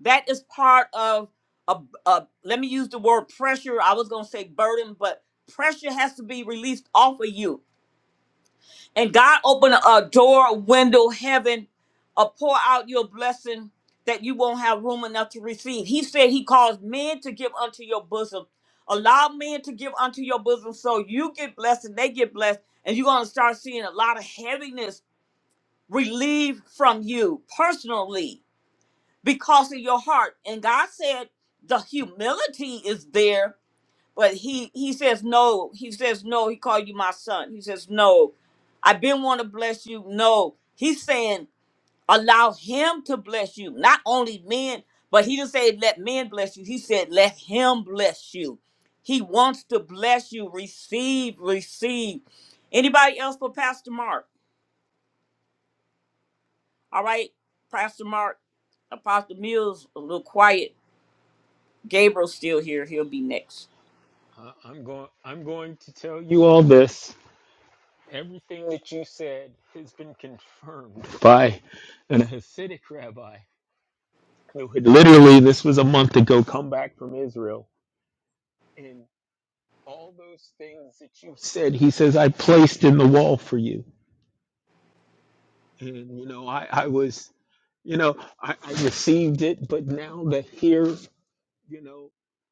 S1: that is part of a, a let me use the word pressure i was going to say burden but pressure has to be released off of you and God open a door, window, heaven, or pour out your blessing that you won't have room enough to receive. He said he caused men to give unto your bosom. Allow men to give unto your bosom so you get blessed and they get blessed. And you're going to start seeing a lot of heaviness relieved from you personally because of your heart. And God said the humility is there but he he says no he says no he called you my son he says no i've been want to bless you no he's saying allow him to bless you not only men but he didn't say let men bless you he said let him bless you he wants to bless you receive receive anybody else for pastor mark all right pastor mark apostle mills a little quiet gabriel's still here he'll be next
S6: Uh, I'm going. I'm going to tell you all this. Everything that you said has been confirmed by an Hasidic rabbi who had literally, this was a month ago, come back from Israel. And all those things that you said, he says, I placed in the wall for you. And, you know, I, I was, you know, I, I received it, but now that here, you know,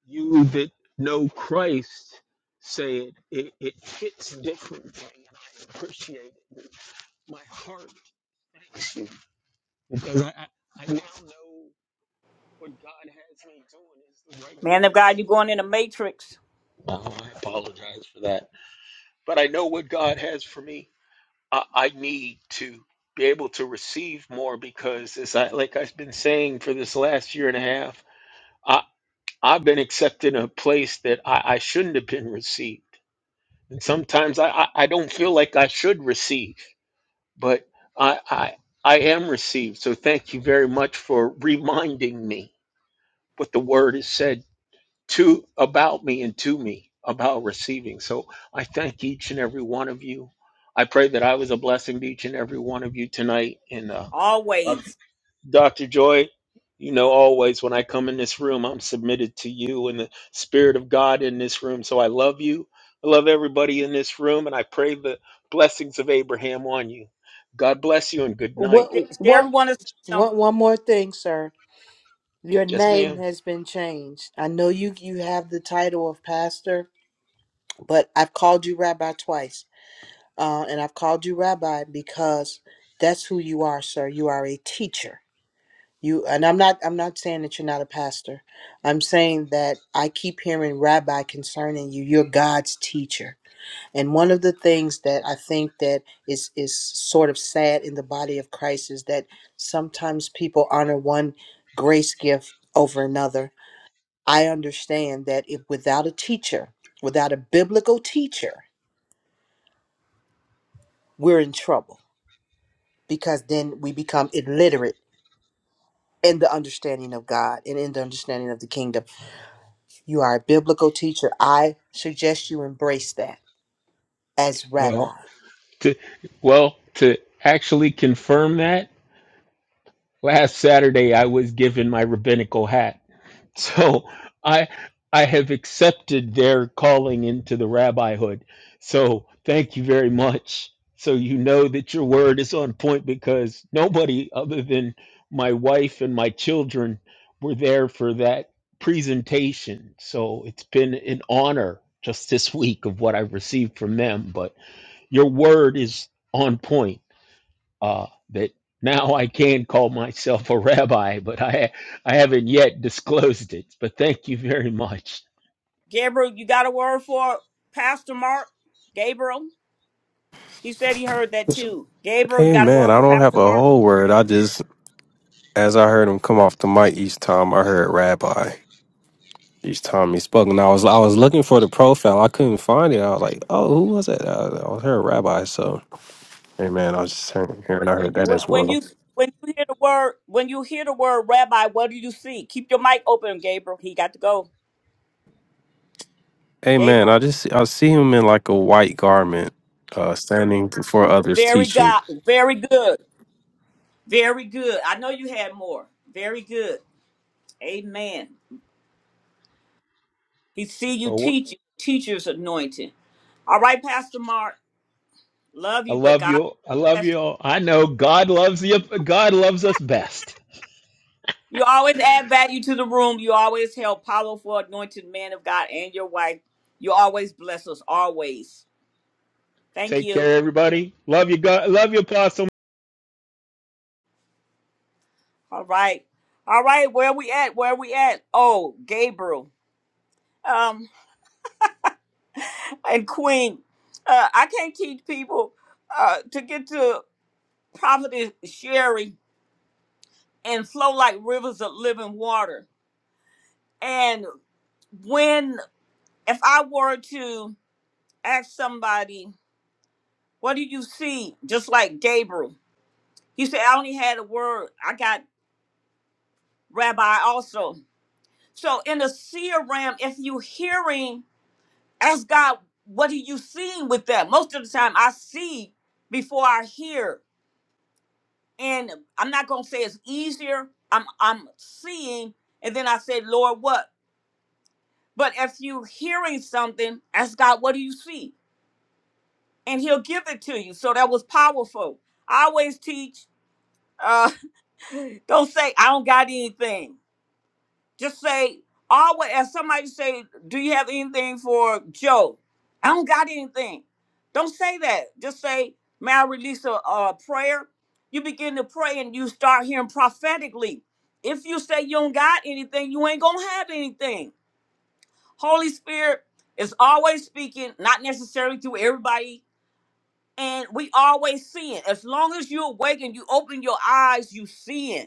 S6: you that know Christ say it, it, it fits differently. And I appreciate it. My heart thanks you. Because I, I, I now know what God has me doing is the right
S1: man of god you
S6: direction.
S1: going in the matrix
S6: Oh, I apologize for that. But I know what God has for me. I, I need to be able to receive more because, as I like I've been saying for this last year and a half, I, I've been accepted in a place that I, I shouldn't have been received. And sometimes I, I, I don't feel like I should receive, but I, I I am received. So thank you very much for reminding me what the word has said to about me and to me about receiving. So I thank each and every one of you. I pray that I was a blessing to each and every one of you tonight. And uh,
S1: always
S6: Dr. Joy, you know, always when I come in this room, I'm submitted to you and the Spirit of God in this room. So I love you. I love everybody in this room, and I pray the blessings of Abraham on you. God bless you and good
S5: What?
S6: night.
S1: Sherry
S5: What?
S1: want to say something.
S5: One one more thing, sir. Your
S6: Yes,
S5: name
S6: ma'am.
S5: has been changed. I know you you have the title of pastor, but I've called you rabbi twice. Uh, and I've called you rabbi because that's who you are, sir. You are a teacher. You and I'm not I'm not saying that you're not a pastor. I'm saying that I keep hearing rabbi concerning you. You're God's teacher. And one of the things that I think that is is sort of sad in the body of Christ is that sometimes people honor one grace gift over another. I understand that if without a teacher, without a biblical teacher, we're in trouble because then we become illiterate in the understanding of God and in the understanding of the kingdom. You are a biblical teacher. I suggest you embrace that as
S6: Well,
S5: rabbi.
S6: to well to actually confirm that. last Saturday I was given my rabbinical hat. So I I have accepted their calling into the rabbihood. So thank you very much. So you know that your word is on point because nobody other than my wife and my children were there for that presentation. So it's been an honor just this week of what I've received from them, but your word is on point uh, that now I can call myself a rabbi, but I I haven't yet disclosed it. But thank you very much.
S1: Gabriel, you got a word for Pastor Mark? Gabriel, he said he heard that too. Gabriel, you
S17: Hey
S1: got a
S17: man,
S1: word
S17: I
S1: for
S17: don't have
S1: Pastor
S17: a
S1: Mark?
S17: whole word. I just, as I heard him come off the mic each time, I heard Rabbi each time he spoke, and I was I was looking for the profile, I couldn't find it. I was like, oh, who was that? I, I was heard Rabbi. So, hey man, I was just hearing, hearing I heard that
S1: When,
S17: as
S1: when you
S17: well.
S1: when you hear the word when you hear the word Rabbi, what do you see? Keep your mic open, Gabriel. He got to go.
S17: Hey man,
S1: Gabriel,
S17: I just I see him in like a white garment, uh, standing before others
S1: very
S17: teaching.
S1: God, very good, very good. I know you had more. Very good. Amen. He see you
S6: Well, wha-
S1: teach teacher's anointing. All right, Pastor Mark, love
S6: I
S1: you, but
S6: love
S1: God.
S6: you. I love you. all. I know God loves you. God loves us best.
S1: You always add value to the room. You always help powerful, anointed man of God and your wife. You always bless us, always. Thank
S6: Take
S1: you.
S6: care, everybody. Love you, God. Love you, Apostle.
S1: All right. All right. Where we at? Where we at? Oh, Gabriel um, and Queen. Uh, I can't teach people uh, to get to Prophetess Sherry and flow like rivers of living water. And when, if I were to ask somebody, what do you see? Just like Gabriel You said I only had a word. I got rabbi also. So in the seer realm, if you hearing, ask God, what are you seeing with that? Most of the time I see before I hear. And I'm not gonna say it's easier. I'm I'm seeing and then I say, Lord, what? But if you hearing something, ask God, what do you see? And he'll give it to you. So that was powerful. I always teach, uh, don't say I don't got anything Just say always as somebody say, Do you have anything for Joe? I don't got anything. Don't say that. Just say, May I release a, a prayer? You begin to pray and you start hearing prophetically. If you say you don't got anything, you ain't gonna have anything. Holy Spirit is always speaking, not necessarily through everybody, and we always seeing. As long as you awaken, you open your eyes, you seeing.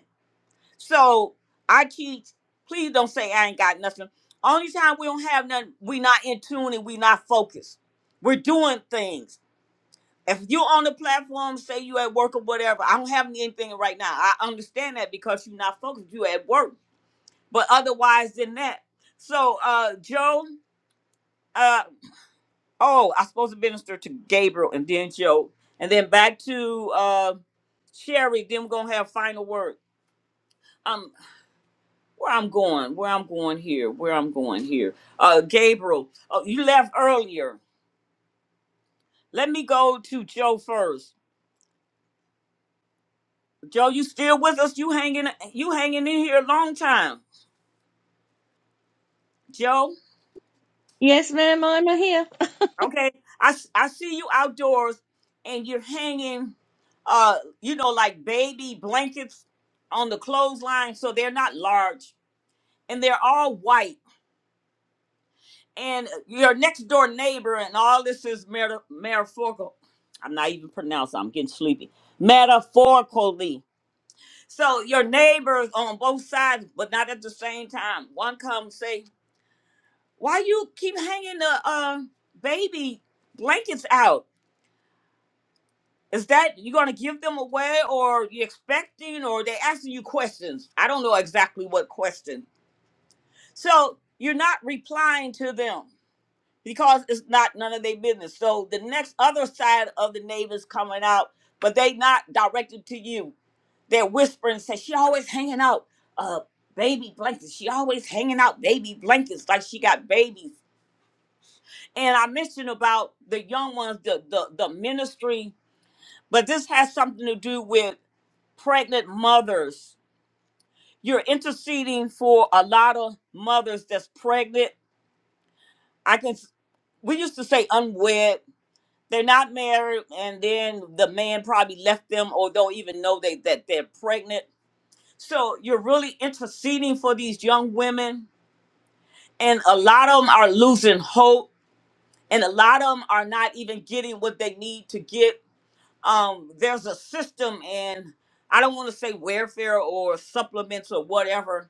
S1: So I teach, please don't say I ain't got nothing. Only time we don't have nothing, we not in tune and we not focused. We're doing things. If you on the platform, say you at work or whatever, I don't have anything right now. I understand that because you're not focused. You at work. But otherwise than that. So uh Joe, uh oh, I supposed to minister to Gabriel and then Joe. And then back to uh Sherry, then we're gonna have final word. Um, where I'm going, where I'm going here, where I'm going here. Uh, Gabriel, oh, you left earlier. Let me go to Joe first. Joe, you still with us? You hanging? You hanging in here a long time, Joe?
S8: Yes, ma'am, I'm here.
S1: Okay, I s- I see you outdoors, and you're hanging, uh, you know, like baby blankets on the clothesline, so they're not large, and they're all white and uh, your next door neighbor and all this is meta- metaphorical. I'm not even pronouncing. I'm getting sleepy. Metaphorically. So your neighbors on both sides, but not at the same time. One comes say, "Why you keep hanging the uh, baby blankets out? Is that you gonna give them away, or you expecting, or they asking you questions? I don't know exactly what question. So you're not replying to them because it's not none of their business. So the next other side of the neighbors coming out, but they not directed to you. They're whispering, say she always hanging out, uh, baby blankets. She always hanging out baby blankets like she got babies. And I mentioned about the young ones, the the the ministry, but this has something to do with pregnant mothers. You're interceding for a lot of mothers that's pregnant. I can. We used to say unwed They're not married, and then the man probably left them or don't even know they, that they're pregnant. So you're really interceding for these young women, and a lot of them are losing hope, and a lot of them are not even getting what they need to get. Um, there's a system, and I don't want to say welfare or supplements or whatever,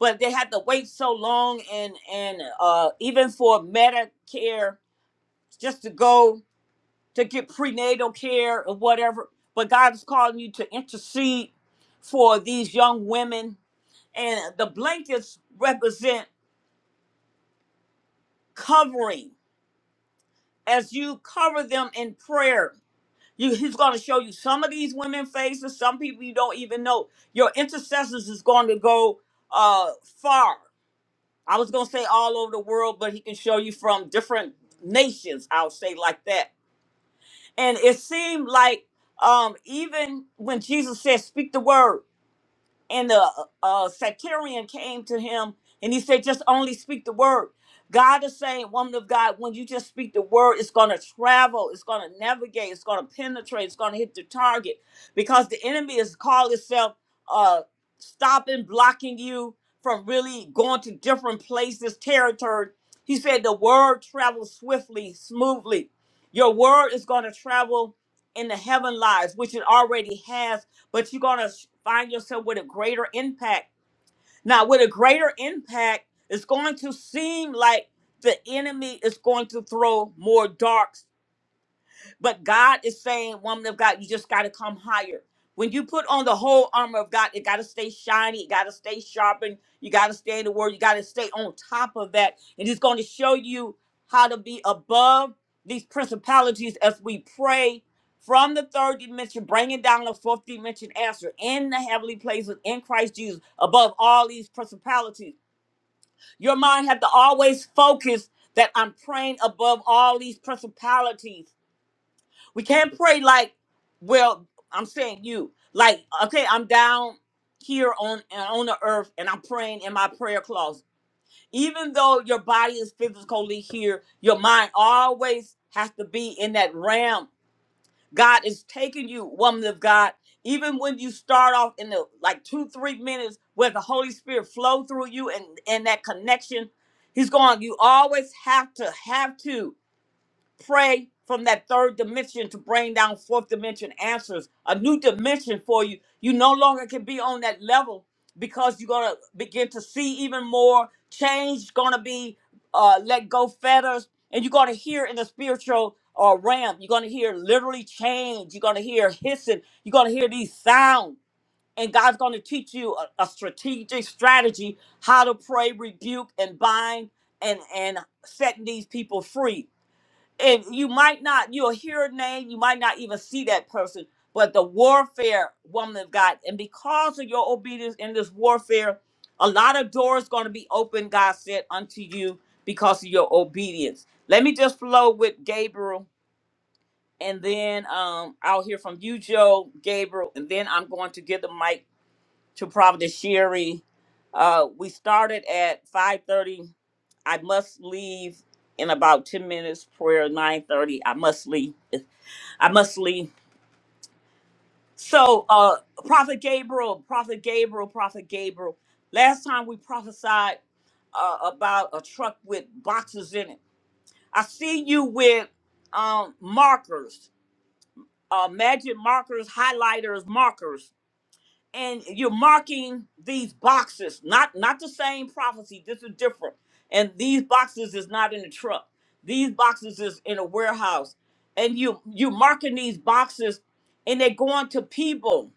S1: but they had to wait so long, and and uh, even for Medicare just to go. to get prenatal care or whatever. But God is calling you to intercede for these young women. And the blankets represent covering. As you cover them in prayer, you, He's going to show you some of these women faces, some people you don't even know. Your intercessors is going to go uh, far. I was going to say all over the world, but He can show you from different nations, I'll say like that And it seemed like um, even when Jesus said, "Speak the word," and the uh, sectarian came to him and he said, just only speak the word. God is saying, woman of God, when you just speak the word, it's going to travel, it's going to navigate, it's going to penetrate, it's going to hit the target because the enemy is called itself uh, stopping, blocking you from really going to different places, territory. He said, the word travels swiftly, smoothly. Your word is going to travel in the heaven lives, which it already has but you're going to find yourself with a greater impact. Now, with a greater impact, it's going to seem like the enemy is going to throw more darts but God is saying, woman of God, you just got to come higher. When you put on the whole armor of God, it got to stay shiny, it got to stay sharpened, you got to stay in the word, you got to stay on top of that. And He's going to show you how to be above these principalities as we pray from the third dimension, bringing down the fourth dimension answer in the heavenly places in Christ Jesus, above all these principalities. Your mind had to always focus that I'm praying above all these principalities we can't pray like, well, I'm saying you. Like, okay, I'm down here on on the earth and I'm praying in my prayer closet. Even though your body is physically here, your mind always has to be in that realm. God is taking you, woman of God. Even when you start off in the like two, three minutes where the Holy Spirit flow through you and, and that connection, He's going, you always have to, have to pray from that third dimension to bring down fourth dimension answers, a new dimension for you. You no longer can be on that level because you're gonna begin to see even more change. Gonna be uh, let go fetters, and you're gonna hear in the spiritual uh, realm. You're gonna hear literally change. You're gonna hear hissing. You're gonna hear these sounds. And God's going to teach you a, a strategic strategy how to pray, rebuke, and bind, and and setting these people free and you might not you'll hear a name you might not even see that person but the warfare woman of god and because of your obedience in this warfare a lot of doors going to be open god said unto you because of your obedience let me just flow with gabriel and then um, i'll hear from you joe gabriel and then i'm going to give the mic to providence sherry uh, we started at 5:30. I must leave in about ten minutes. Prayer nine thirty. I must leave. I must leave. So, uh, Prophet Gabriel, Prophet Gabriel, Prophet Gabriel. Last time we prophesied uh, about a truck with boxes in it. I see you with um, markers, uh, magic markers, highlighters, markers. and you're marking these boxes not not the same prophecy this is different and these boxes is not in the truck these boxes is in a warehouse and you you marking these boxes and they're going to people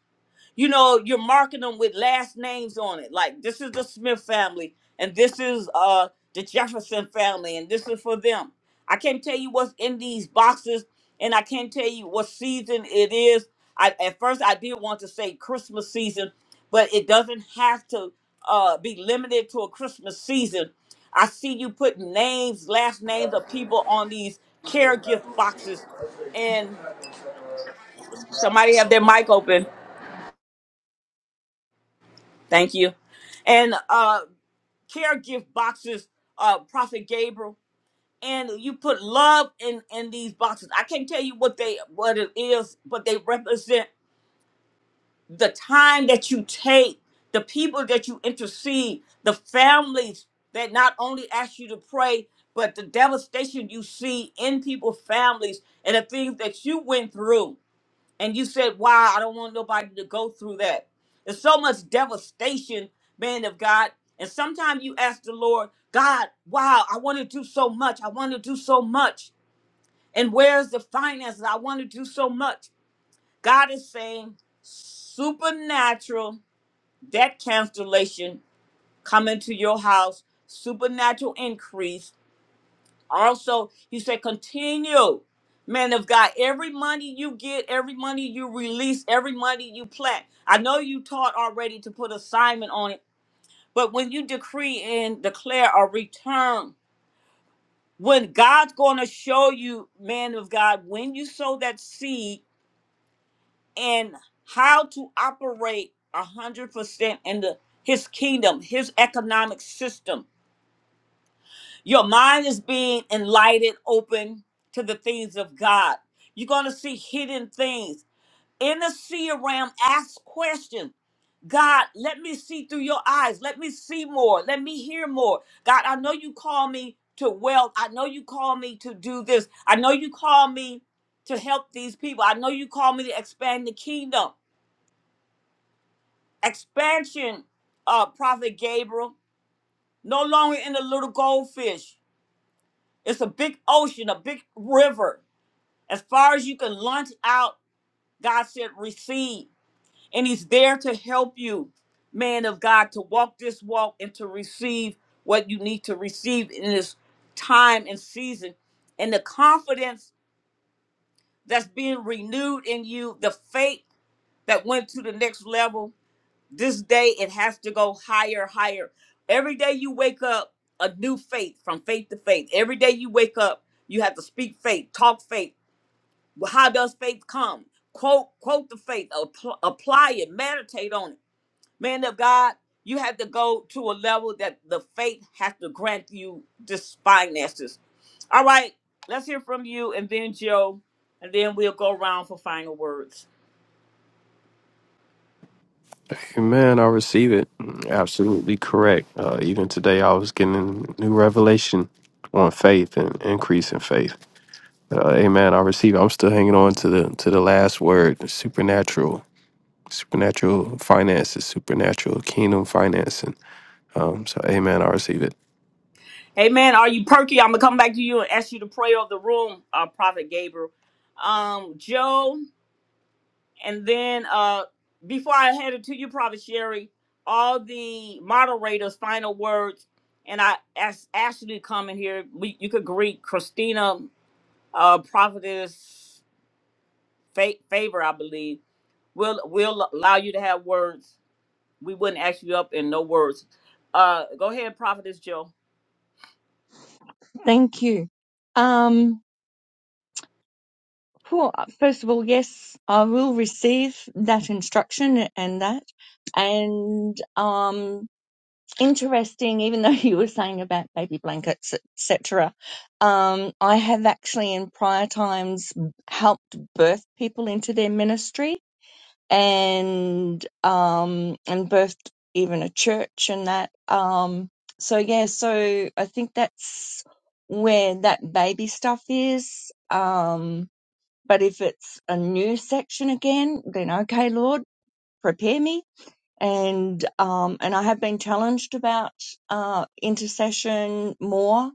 S1: you know, you're marking them with last names on it. Like this is the Smith family, and this is uh the Jefferson family, and this is for them. I can't tell you what's in these boxes, and I can't tell you what season it is. I at first I did want to say Christmas season, but it doesn't have to uh be limited to a Christmas season. I see you putting names, last names of people on these care gift boxes, and somebody have their mic open. Thank you. And uh care gift boxes, uh Prophet Gabriel. And you put love in in these boxes. I can't tell you what they what it is, but they represent the time that you take, the people that you intercede, the families that not only ask you to pray, but the devastation you see in people's families and the things that you went through and you said, "Wow, I don't want nobody to go through that." There's so much devastation, man of God. And sometimes you ask the Lord, God, wow, I want to do so much. I want to do so much. And where's the finances? I want to do so much. God is saying, supernatural debt cancellation coming to your house, supernatural increase also, he said, continue, man of God. Every money you get, every money you release, every money you plant. I know you taught already to put assignment on it, but when you decree and declare a return, when God's going to show you, man of God, when you sow that seed and how to operate a hundred percent in the His kingdom, His economic system. Your mind is being enlightened, open to the things of God. You're going to see hidden things. In the seer realm, ask questions. God, let me see through your eyes. Let me see more. Let me hear more. God, I know you call me to wealth. I know you call me to do this. I know you call me to help these people. I know you call me to expand the kingdom. Expansion, uh, Prophet Gabriel, no longer in the little goldfish. It's a big ocean, a big river. As far as you can launch out, God said, receive. And He's there to help you, man of God, to walk this walk and to receive what you need to receive in this time and season. And the confidence that's being renewed in you, the faith that went to the next level, this day it has to go higher, higher. Every day you wake up, a new faith from faith to faith. Every day you wake up, you have to speak faith, talk faith Well, How does faith come? Quote, quote the faith, appl- apply it, meditate on it. Man of God, you have to go to a level that the faith has to grant you this finances. All right, let's hear from you and then Joe, and then we'll go around for final words.
S17: Hey man, I receive it. Absolutely correct. Uh, even today, I was getting a new revelation on faith and increase in faith. Uh, amen. I receive. I'm still hanging on to the to the last word, supernatural, supernatural finances, supernatural kingdom financing. Um, so, amen. I receive it.
S1: Amen. Are you perky? I'm gonna come back to you and ask you to pray over the room, uh, Prophet Gabriel. Um, Joe. And then uh before I hand it to you, Prophet Sherry, all the moderators' final words, and I asked Ashley to come in here. We, you could greet Christina, uh, Prophetess fa- Favor, I believe. We'll, we'll allow you to have words. We wouldn't ask you up in no words. Uh, go ahead, Prophetess Joe.
S8: Thank you. Um, Cool. Uh, First of all, yes, I will receive that instruction and that. And um, interesting, even though you were saying about baby blankets, etc., um, I have actually in prior times helped birth people into their ministry and um, and birthed even a church and that. Um, so yeah, so I think that's where that baby stuff is. Um, but if it's a new section again, then okay, Lord, prepare me. And um, and I have been challenged about uh, intercession more.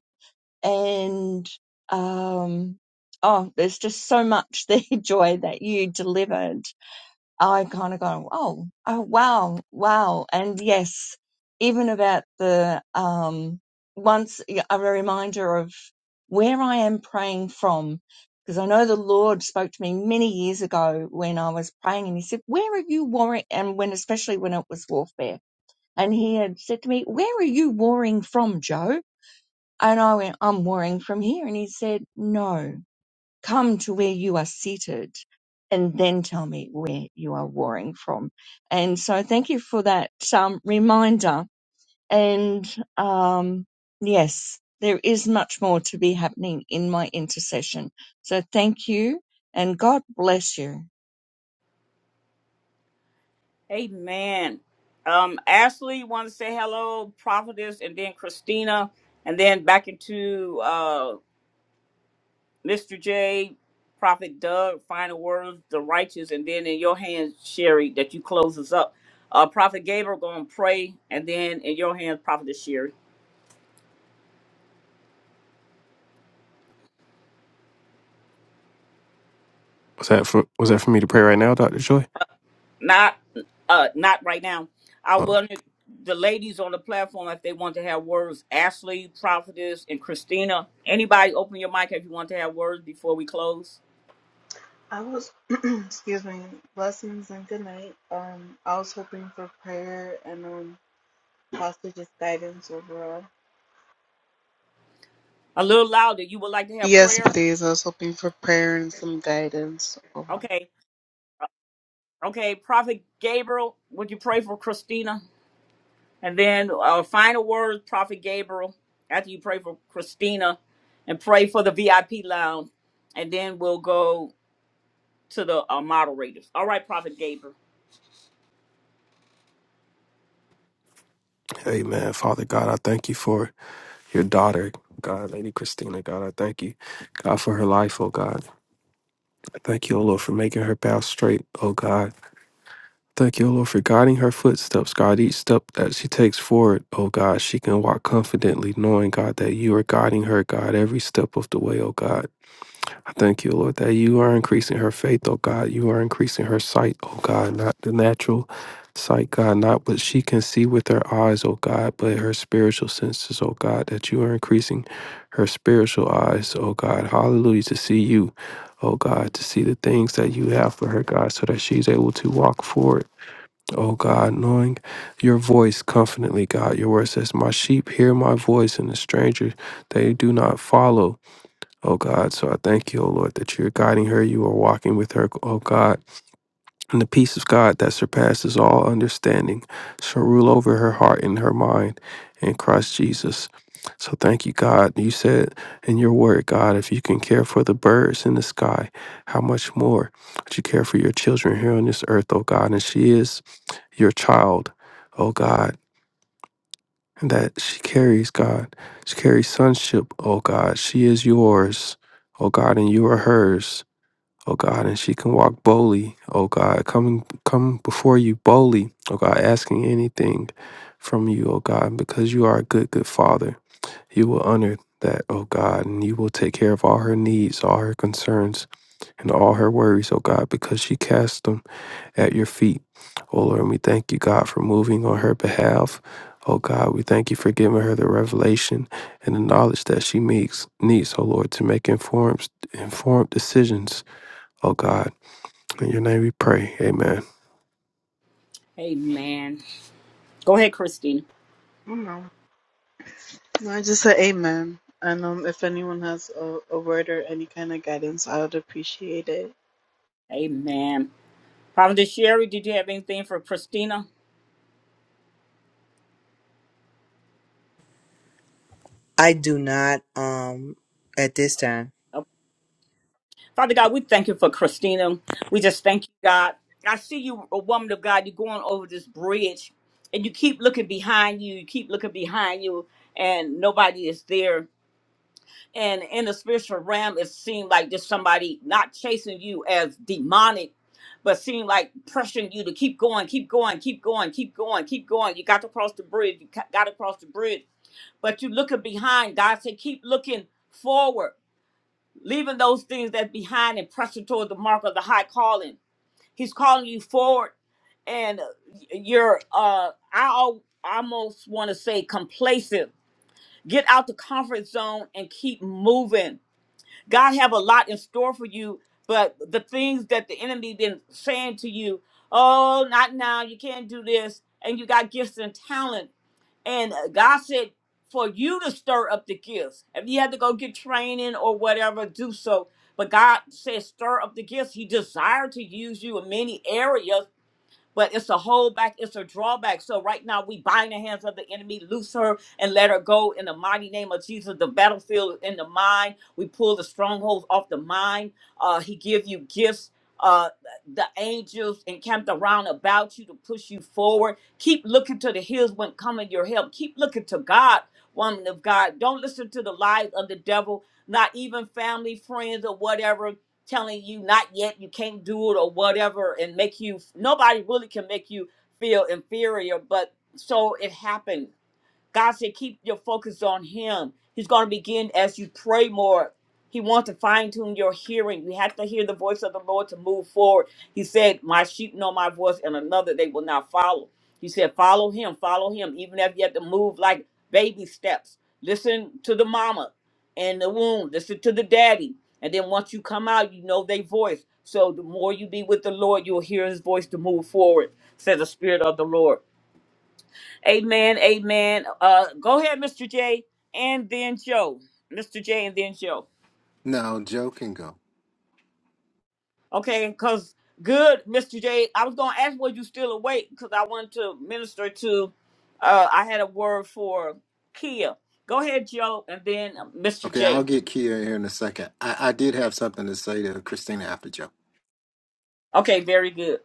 S8: And um, oh, there's just so much there, Joy, that you delivered I kind of go, oh, oh, wow, wow. And yes, even about the, um, once yeah, a reminder of where I am praying from, because I know the Lord spoke to me many years ago when I was praying and he said, where are you warring? And when, especially when it was warfare and he had said to me, where are you warring from, Joe? And I went, I'm warring from here. And he said, no come to where you are seated and then tell me where you are warring from. And so thank you for that um, reminder. And um, yes, there is much more to be happening in my intercession. So thank you and God bless you.
S1: Amen. Um, Ashley, want to say hello, Prophetess, and then Christina, and then back into uh, Mr. J, Prophet Doug, final words, the righteous, and then in your hands, Sherry, that you close us up. Uh, Prophet Gabriel going to pray, and then in your hands, Prophet Sherry.
S17: Was that for Was that for me to pray right now, Doctor Joy?
S1: Not, uh, not right now. I
S17: Oh,
S1: wanted the ladies on the platform if they want to have words. Ashley, Prophetess, and Christina. Anybody, open your mic if you want to have words before we close.
S18: I was, excuse me, blessings and good night. Um, I was hoping for prayer and um, possibly just guidance overall.
S1: A little louder. You would like to have
S18: Yes,
S1: prayer?
S18: please. I was hoping for prayer and some guidance. Overall.
S1: Okay. Okay. Prophet Gabriel, would you pray for Christina? And then our final words, Prophet Gabriel, after you pray for Christina and pray for the VIP lounge. And then we'll go to the uh, moderators. All right, Prophet Gabriel.
S17: amen. Father God, I thank you for your daughter, God, Lady Christina. God, I thank you, God, for her life. Oh God, I thank you, oh Lord, for making her path straight. Oh God. Thank you, O Lord, for guiding her footsteps, God. Each step that she takes forward, oh God, she can walk confidently, knowing, God, that you are guiding her, God, every step of the way, oh God. I thank you, Lord, that you are increasing her faith, oh God. You are increasing her sight, oh God, not the natural sight, God, not what she can see with her eyes, oh God, but her spiritual senses, oh God, that you are increasing her spiritual eyes, oh God. Hallelujah, to see you, oh God, to see the things that you have for her, God, so that she's able to walk forward O God, knowing your voice confidently, God, your word says, My sheep hear my voice, and the stranger they do not follow, O God. So I thank you, O Lord, that you're guiding her, you are walking with her, O God. And the peace of God that surpasses all understanding shall rule over her heart and her mind in Christ Jesus. So thank you, God. You said in your word, God, if you can care for the birds in the sky, how much more would you care for your children here on this earth, oh God? And she is your child, oh God, and that she carries, God. She carries sonship, oh God. She is yours, oh God, and you are hers oh God, and she can walk boldly, oh God, coming come before you boldly, oh God, asking anything from you, oh God, because you are a good, good father. You will honor that, oh God, and you will take care of all her needs, all her concerns, and all her worries, oh God, because she casts them at your feet. Oh Lord, and we thank you, God, for moving on her behalf. Oh God, we thank you for giving her the revelation and the knowledge that she makes needs, oh Lord, to make informed informed decisions. Oh God. In your name we pray. Amen.
S1: Amen. Go ahead, Christina.
S18: You know, No, I just said amen. And um, if anyone has a, a word or any kind of guidance, I would appreciate it.
S1: Amen. Prophet Sherry, did you have anything for Christina?
S5: I do not um at this time.
S1: Oh, Father God, we thank you for Christina. We just thank you, God. I see you, a woman of God, you're going over this bridge and you keep looking behind you, you keep looking behind you, and nobody is there and in the spiritual realm it seemed like there's somebody not chasing you as demonic but seemed like pressuring you to keep going keep going keep going keep going keep going you got to cross the bridge you ca- got to cross the bridge but you looking behind god said keep looking forward leaving those things that behind and pressing toward the mark of the high calling he's calling you forward and uh, you're uh i al- almost want to say complacent get out the comfort zone and keep moving God have a lot in store for you, but the things that the enemy been saying to you, oh, not now, you can't do this, and you got gifts and talent, and uh, God said for you to stir up the gifts. If you had to go get training or whatever, do so. But God said stir up the gifts. He desired to use you in many areas, but it's a hold back, it's a drawback. So right now we bind the hands of the enemy, loose her and let her go in the mighty name of Jesus. The battlefield in the mind. We pull the strongholds off the mind. Uh, he give you gifts. Uh, the angels encamped around about you to push you forward. Keep looking to the hills when coming your help. Keep looking to God, woman of God. Don't listen to the lies of the devil, not even family, friends, or whatever telling you not yet, you can't do it or whatever, and make you nobody really can make you feel inferior. But so it happened God said, keep your focus on Him. He's going to begin as you pray more. He wants to fine tune your hearing. You have to hear the voice of the Lord to move forward. He said, My sheep know my voice, and another they will not follow. He said, Follow Him, follow Him, even if you have to move like baby steps. Listen to the mama and the womb, listen to the daddy. And then once you come out, you know their voice. So the more you be with the Lord, you'll hear His voice to move forward, said the Spirit of the Lord. Amen. Amen. Uh, go ahead, Mr. J, and then Joe. Mr. J, and then Joe.
S15: no, Joe can go.
S1: Okay, because good, Mr. J. I was going to ask, were you still awake? Because I wanted to minister to, uh, I had a word for Kia. Go ahead, Joe, and then uh, Mr.
S15: Okay, I'll
S1: J.
S15: get Kia here in a second. I, I did have something to say to Christina after Joe.
S1: Okay, very good.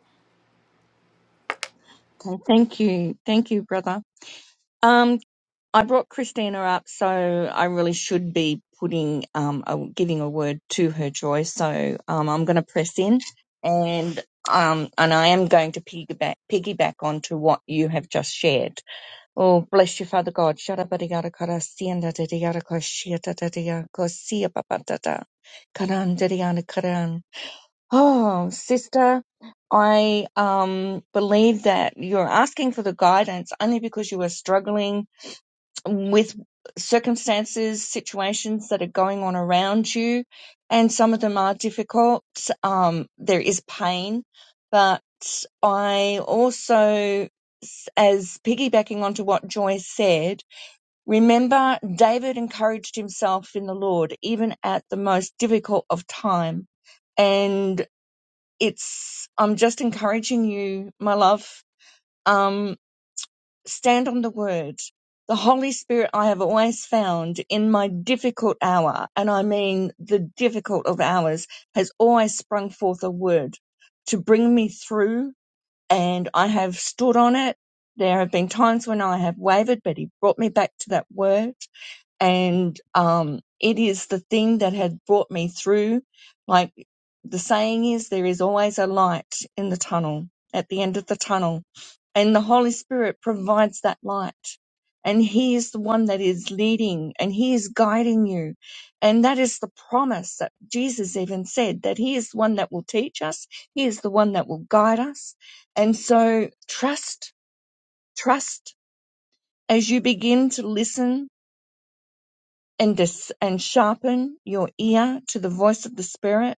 S8: Okay, thank you. Thank you, brother. Um, I brought Christina up, so I really should be putting um a, giving a word to her, Joy. So um, I'm going to press in, and um, and I am going to piggyback piggyback onto what you have just shared. Oh, bless you, Father God. Sharabariyadakara sienda dadiyadakara shiatadadiyakara siapapadada. Karan dadiyadakaran. Oh, sister, I um believe that you're asking for the guidance only because you are struggling with circumstances, situations that are going on around you, and some of them are difficult. Um, there is pain, but I also, as piggybacking onto what Joy said, remember David encouraged himself in the Lord even at the most difficult of time, and it's. I'm just encouraging you, my love. Um, stand on the word. The Holy Spirit I have always found in my difficult hour, and I mean the difficult of hours, has always sprung forth a word to bring me through, and I have stood on it. There have been times when I have wavered, but He brought me back to that word and um, it is the thing that had brought me through. Like the saying is, there is always a light in the tunnel, at the end of the tunnel, and the Holy Spirit provides that light. And He is the one that is leading and He is guiding you. And that is the promise that Jesus even said that He is the one that will teach us, He is the one that will guide us. And so trust, trust as you begin to listen and dis- and sharpen your ear to the voice of the spirit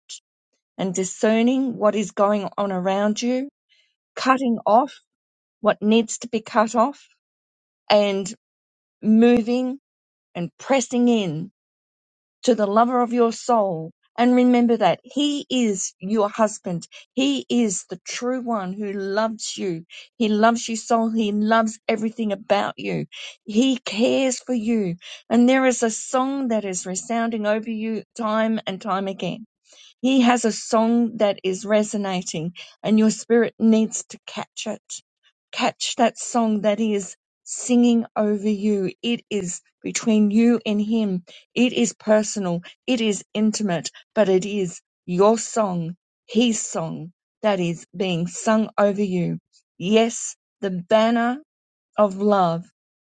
S8: and discerning what is going on around you cutting off what needs to be cut off and moving and pressing in to the lover of your soul and remember that he is your husband. He is the true one who loves you. He loves you soul. He loves everything about you. He cares for you. And there is a song that is resounding over you time and time again he has a song that is resonating, and your spirit needs to catch it. Catch that song that he is singing over you. It is between you and him. It is personal. It is intimate, but it is your song, his song, that is being sung over you. Yes, the banner of love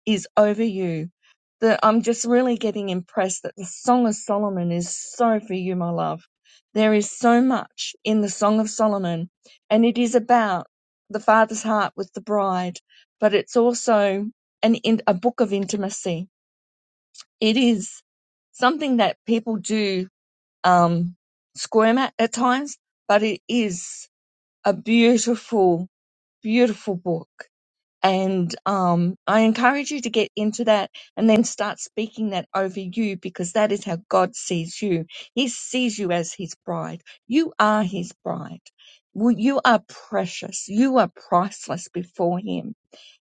S8: is over you. That I'm just really getting impressed that the Song of Solomon is so for you, my love. There is so much in the Song of Solomon, and it is about the father's heart with the bride, but it's also an in, a book of intimacy. It is something that people do um, squirm at at times, but it is a beautiful, beautiful book and um, I encourage you to get into that and then start speaking that over you because that is how God sees you. He sees you as his bride. You are his bride. Well, You are precious. You are priceless before him.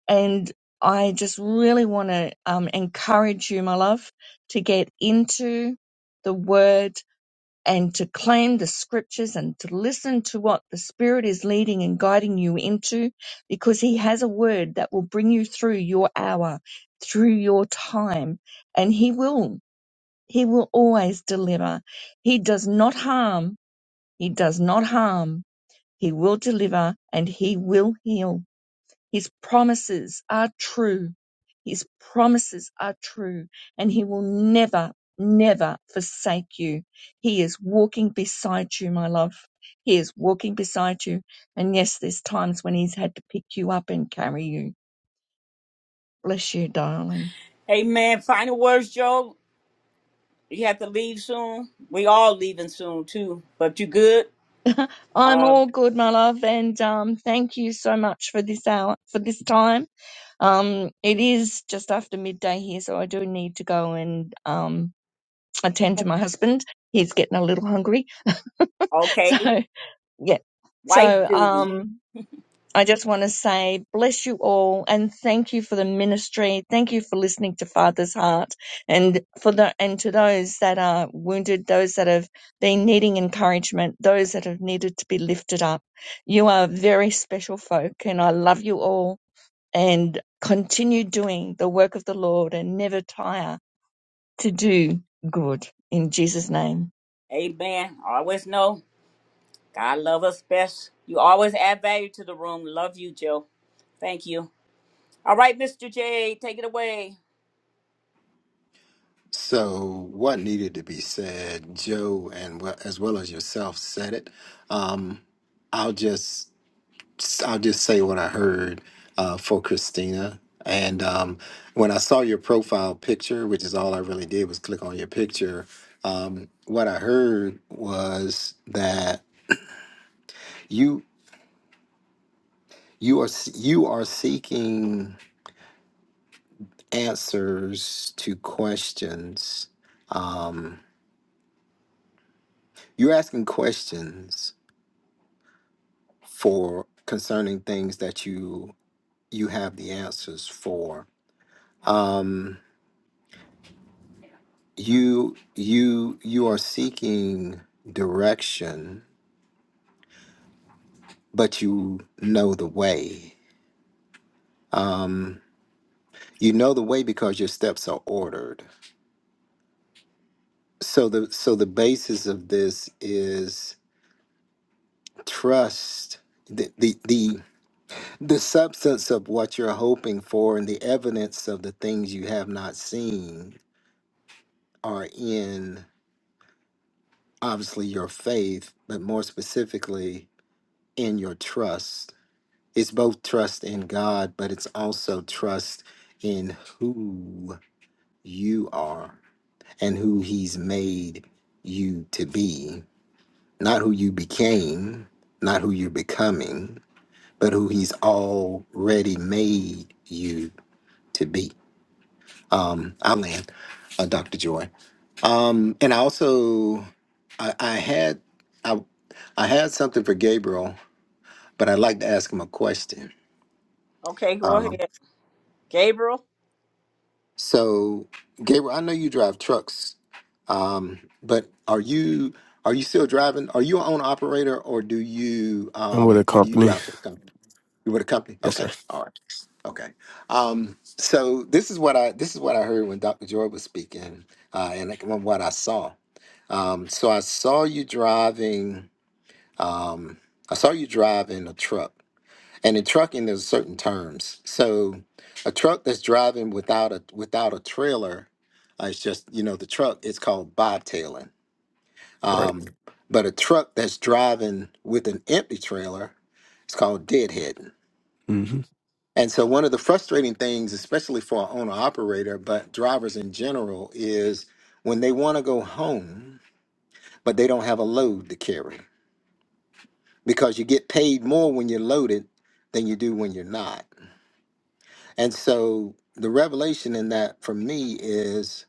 S8: And I just really want to um, encourage you, my love, to get into the word and to claim the scriptures and to listen to what the Spirit is leading and guiding you into because He has a word that will bring you through your hour, through your time, and He will. He will always deliver. He does not harm. He does not harm. He will deliver and He will heal. His promises are true. His promises are true, and He will never, never forsake you. He is walking beside you, my love. He is walking beside you. And yes, there's times when He's had to pick you up and carry you. Bless you, darling.
S1: Amen. Final words, Joe. You have to leave soon. We all leaving soon, too. But you good?
S8: I'm
S1: Uh,
S8: all good, my love, and um, thank you so much for this hour, for this time. Um, it is just after midday here, so I do need to go and um, attend to my husband. He's getting a little hungry.
S1: okay.
S8: So yeah.
S1: Wife
S8: So
S1: duty.
S8: um I just want to say bless you all and thank you for the ministry. Thank you for listening to Father's Heart and for the and to those that are wounded, those that have been needing encouragement, those that have needed to be lifted up. You are very special folk and I love you all and continue doing the work of the Lord and never tire to do good in Jesus name.
S1: Amen. Always know. God love us best. You always add value to the room. Love you, Joe. Thank you. All right, Mr. J, take it away.
S15: So what needed to be said, Joe, and well, as well as yourself said it. Um, I'll just I'll just say what I heard uh, for Christina. And um, when I saw your profile picture, which is all I really did was click on your picture, um, what I heard was that you you are s- you are seeking answers to questions. Um, you're asking questions for concerning things that you you have the answers for. Um, you you you are seeking direction but you know the way um, you know the way because your steps are ordered so the so the basis of this is trust the the the, the substance of what you're hoping for and the evidence of the things you have not seen are in obviously your faith but more specifically in your trust it's both trust in God, but it's also trust in who you are and who He's made you to be. Not who you became, not who you're becoming, but who He's already made you to be. Um, I'll land, uh, Dr. Joy. Um, and I also, I, I had, I, I had something for Gabriel, but I'd like to ask him a question.
S1: Okay, go
S15: Um,
S1: ahead. Gabriel,
S15: So, Gabriel, I know you drive trucks, um, but are you are you still driving? Are you an owner operator, or do you
S17: I'm
S15: um, or do you
S17: opening.
S15: drive for the company? You with a company?
S17: Yes,
S15: Okay,
S17: sir.
S15: all right, okay. Um, so this is what I this is what I heard when Dr. Joy was speaking, uh, and like from what I saw. Um, so I saw you driving. Um, I saw you driving a truck and in trucking, there's certain terms. So a truck that's driving without a without a trailer, uh, it's just you know the truck. It's called bobtailing.
S17: Right.
S15: Um, but a truck that's driving with an empty trailer, it's called deadheading.
S17: hmm
S15: And so one of the frustrating things, especially for an owner operator, but drivers in general, is when they want to go home, but they don't have a load to carry because you get paid more when you're loaded than you do when you're not. And so the revelation in that for me is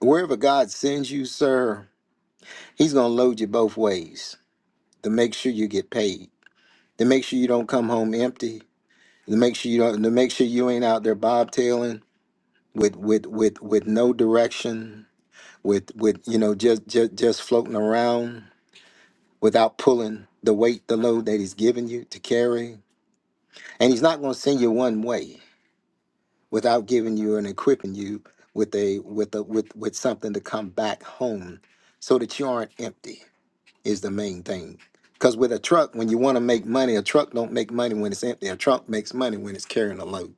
S15: wherever God sends you, sir, he's going to load you both ways to make sure you get paid, to make sure you don't come home empty, to make sure you don't to make sure you ain't out there bobtailing with with with with no direction, with with you know just just just floating around without pulling the weight, the load that he's given you to carry. And he's not going to send you one way. without giving you and equipping you with a with a with with something to come back home so that you aren't empty is the main thing because with a truck when you want to make money a truck don't make money when it's empty a truck makes money when it's carrying a load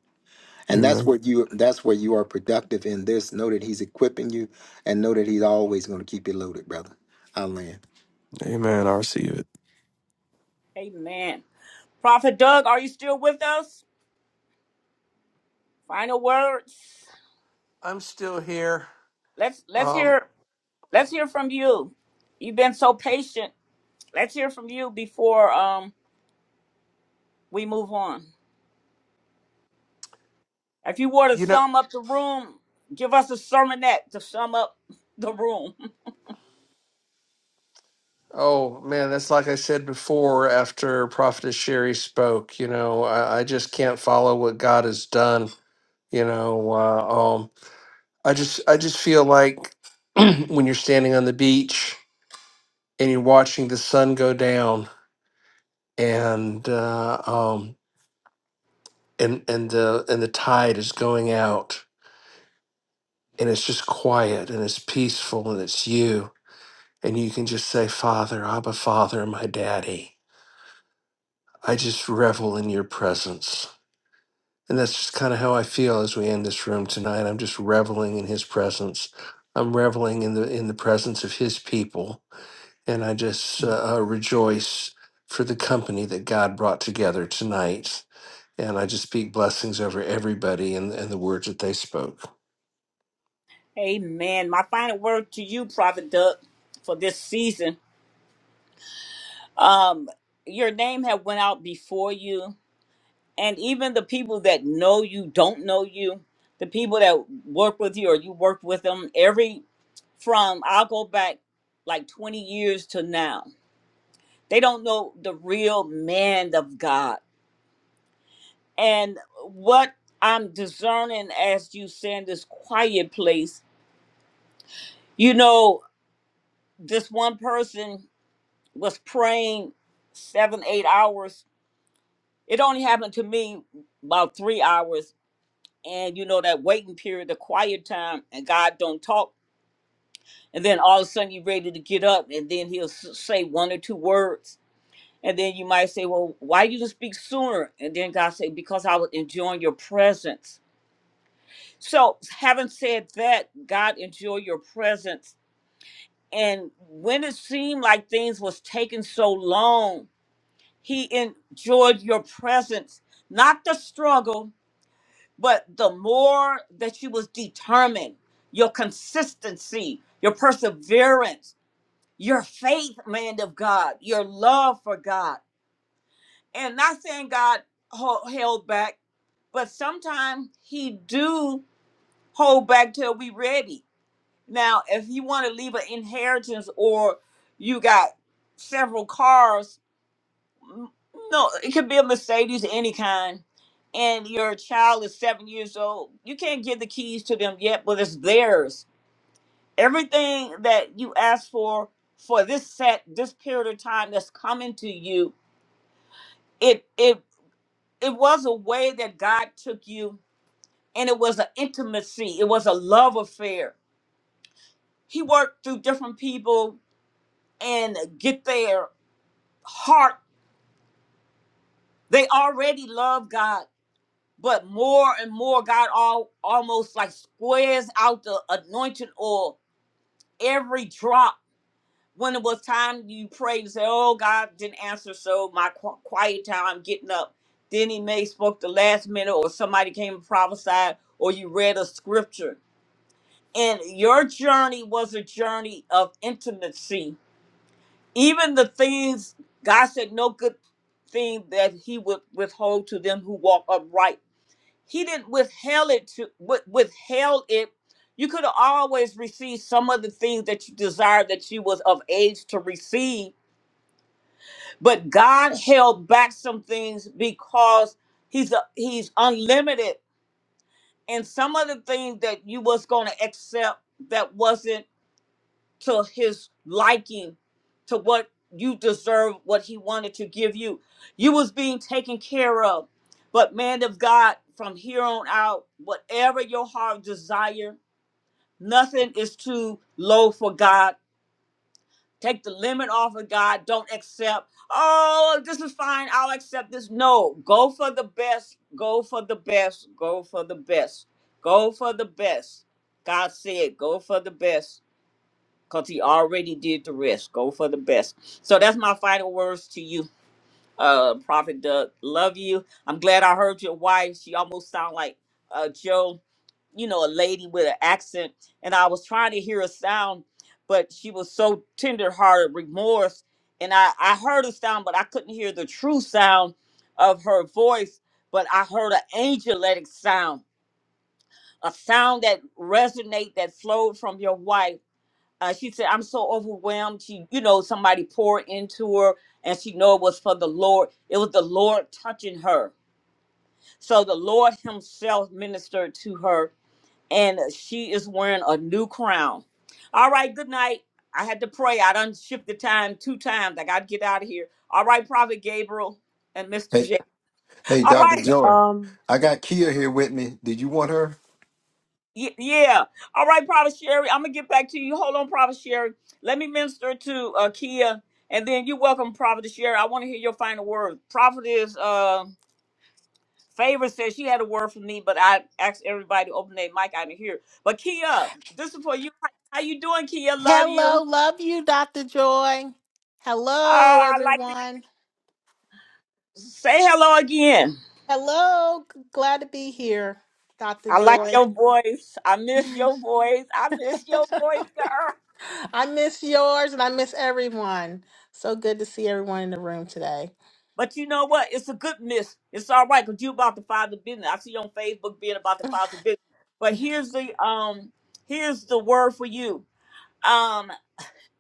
S15: and that's
S17: Amen.
S15: where you that's where you are productive in this know that he's equipping you and know that he's always going to keep you loaded brother i land
S17: Amen. I receive it.
S1: amen. Prophet Doug, are you still with us? Final words.
S7: I'm still here.
S1: Let's let's
S7: Um,
S1: hear let's hear from you. You've been so patient. Let's hear from you before um we move on. If you were to
S7: you know,
S1: sum up the room, give us a sermonette to sum up the room.
S7: oh man, that's like I said before after Prophetess Sherry spoke. You know, I, I just can't follow what God has done. You know, uh, um, I just I just feel like when you're standing on the beach and you're watching the sun go down and uh, um and and the and the tide is going out and it's just quiet and it's peaceful and it's you and you can just say Father Abba Father my daddy I just revel in your presence and that's just kind of how I feel as we end this room tonight I'm just reveling in his presence I'm reveling in the in the presence of his people and I just uh, uh, rejoice for the company that God brought together tonight. And I just speak blessings over everybody and, and the words that they spoke.
S1: Amen. My final word to you, Prophet Doug, for this season. Um, your name have went out before you, and even the people that know you don't know you. The people that work with you or you work with them every from I'll go back like 20 years to now. They don't know the real man of God. And what I'm discerning as you saying this quiet place, you know, this one person was praying seven, eight hours. It only happened to me about three hours. And you know that waiting period, the quiet time, and God don't talk. And then all of a sudden you're ready to get up, and then He'll s- say one or two words, and then you might say, "Well, why you didn't speak sooner?" And then God say, "Because I was enjoying your presence." So, having said that, God enjoy your presence. And when it seemed like things was taking so long, He enjoyed your presence, not the struggle, but the more that you was determined, your consistency, your perseverance, your faith, man of God, your love for God. And not saying God ho- held back, but sometimes he do hold back till we ready. Now, if you want to leave an inheritance or you got several cars No, it could be a Mercedes, any kind. And your child is seven years old. You can't give the keys to them yet, but it's theirs. Everything that you ask for for this set, this period of time that's coming to you, it it it was a way that God took you, and it was an intimacy. It was a love affair. He worked through different people and get their heart. They already love God But more and more, God all almost like squares out the anointing oil every drop. When it was time, you prayed and said, "Oh God, didn't answer." So my qu- quiet time, I'm getting up. Then He may spoke the last minute, or somebody came and prophesied, or you read a scripture. And your journey was a journey of intimacy. Even the things God said, no good thing that He would withhold to them who walk upright he didn't withheld it to with, withheld it. You could have always received some of the things that you desired that you was of age to receive, but God held back some things because he's a, he's unlimited, and some of the things that you was going to accept that wasn't to his liking to what you deserve what he wanted to give you you was being taken care of but man of god from here on out whatever your heart desire nothing is too low for god take the limit off of god don't accept oh this is fine i'll accept this no go for the best go for the best go for the best go for the best god said go for the best because he already did the rest. Go for the best. So that's my final words to you, uh, Prophet Doug. Love you. I'm glad I heard your wife. She almost sound like uh, Joe, you know, a lady with an accent. And I was trying to hear a sound, but she was so tenderhearted, remorse. And I, I heard a sound, but I couldn't hear the true sound of her voice. But I heard an angelic sound, a sound that resonate, that flowed from your wife uh, she said, "I'm so overwhelmed." She, you know, somebody poured into her, and she know it was for the Lord. It was the Lord touching her. So the Lord Himself ministered to her, and she is wearing a new crown. All right, good night. I had to pray. I done shift the time two times. I got to get out of here. All right, Prophet Gabriel and Mr.
S15: Hey,
S1: J.
S15: hey,
S1: All
S15: Dr.
S1: right.
S15: Joy,
S5: Um
S15: I got Kia here with me. Did you want her?
S1: Ye- yeah. All right, Prophet Sherry. I'm gonna get back to you. Hold on, Prophet Sherry. Let me minister to uh, Kia, and then you welcome Prophet Sherry. I want to hear your final word. Prophet is uh, favor says she had a word for me, but I asked everybody to open their mic. I didn't hear. But Kia, this is for you. How you doing, Kia? Love
S15: Hello,
S1: you.
S15: love you, Dr. Joy.
S1: Uh,
S15: Hello,
S1: I like
S15: everyone.
S1: to say hello again.
S15: Hello, g- glad to be here, Dr.
S1: I like
S15: Joy.
S1: your voice. I miss your voice. I miss your voice, girl.
S15: I miss yours and I miss everyone. So good to see everyone in the room today.
S1: But you know what? It's a good miss. It's all right because you about to file the father business. I see you on Facebook being about to file the father business. But
S15: Yes.
S1: here's the um here's the word for you. Um,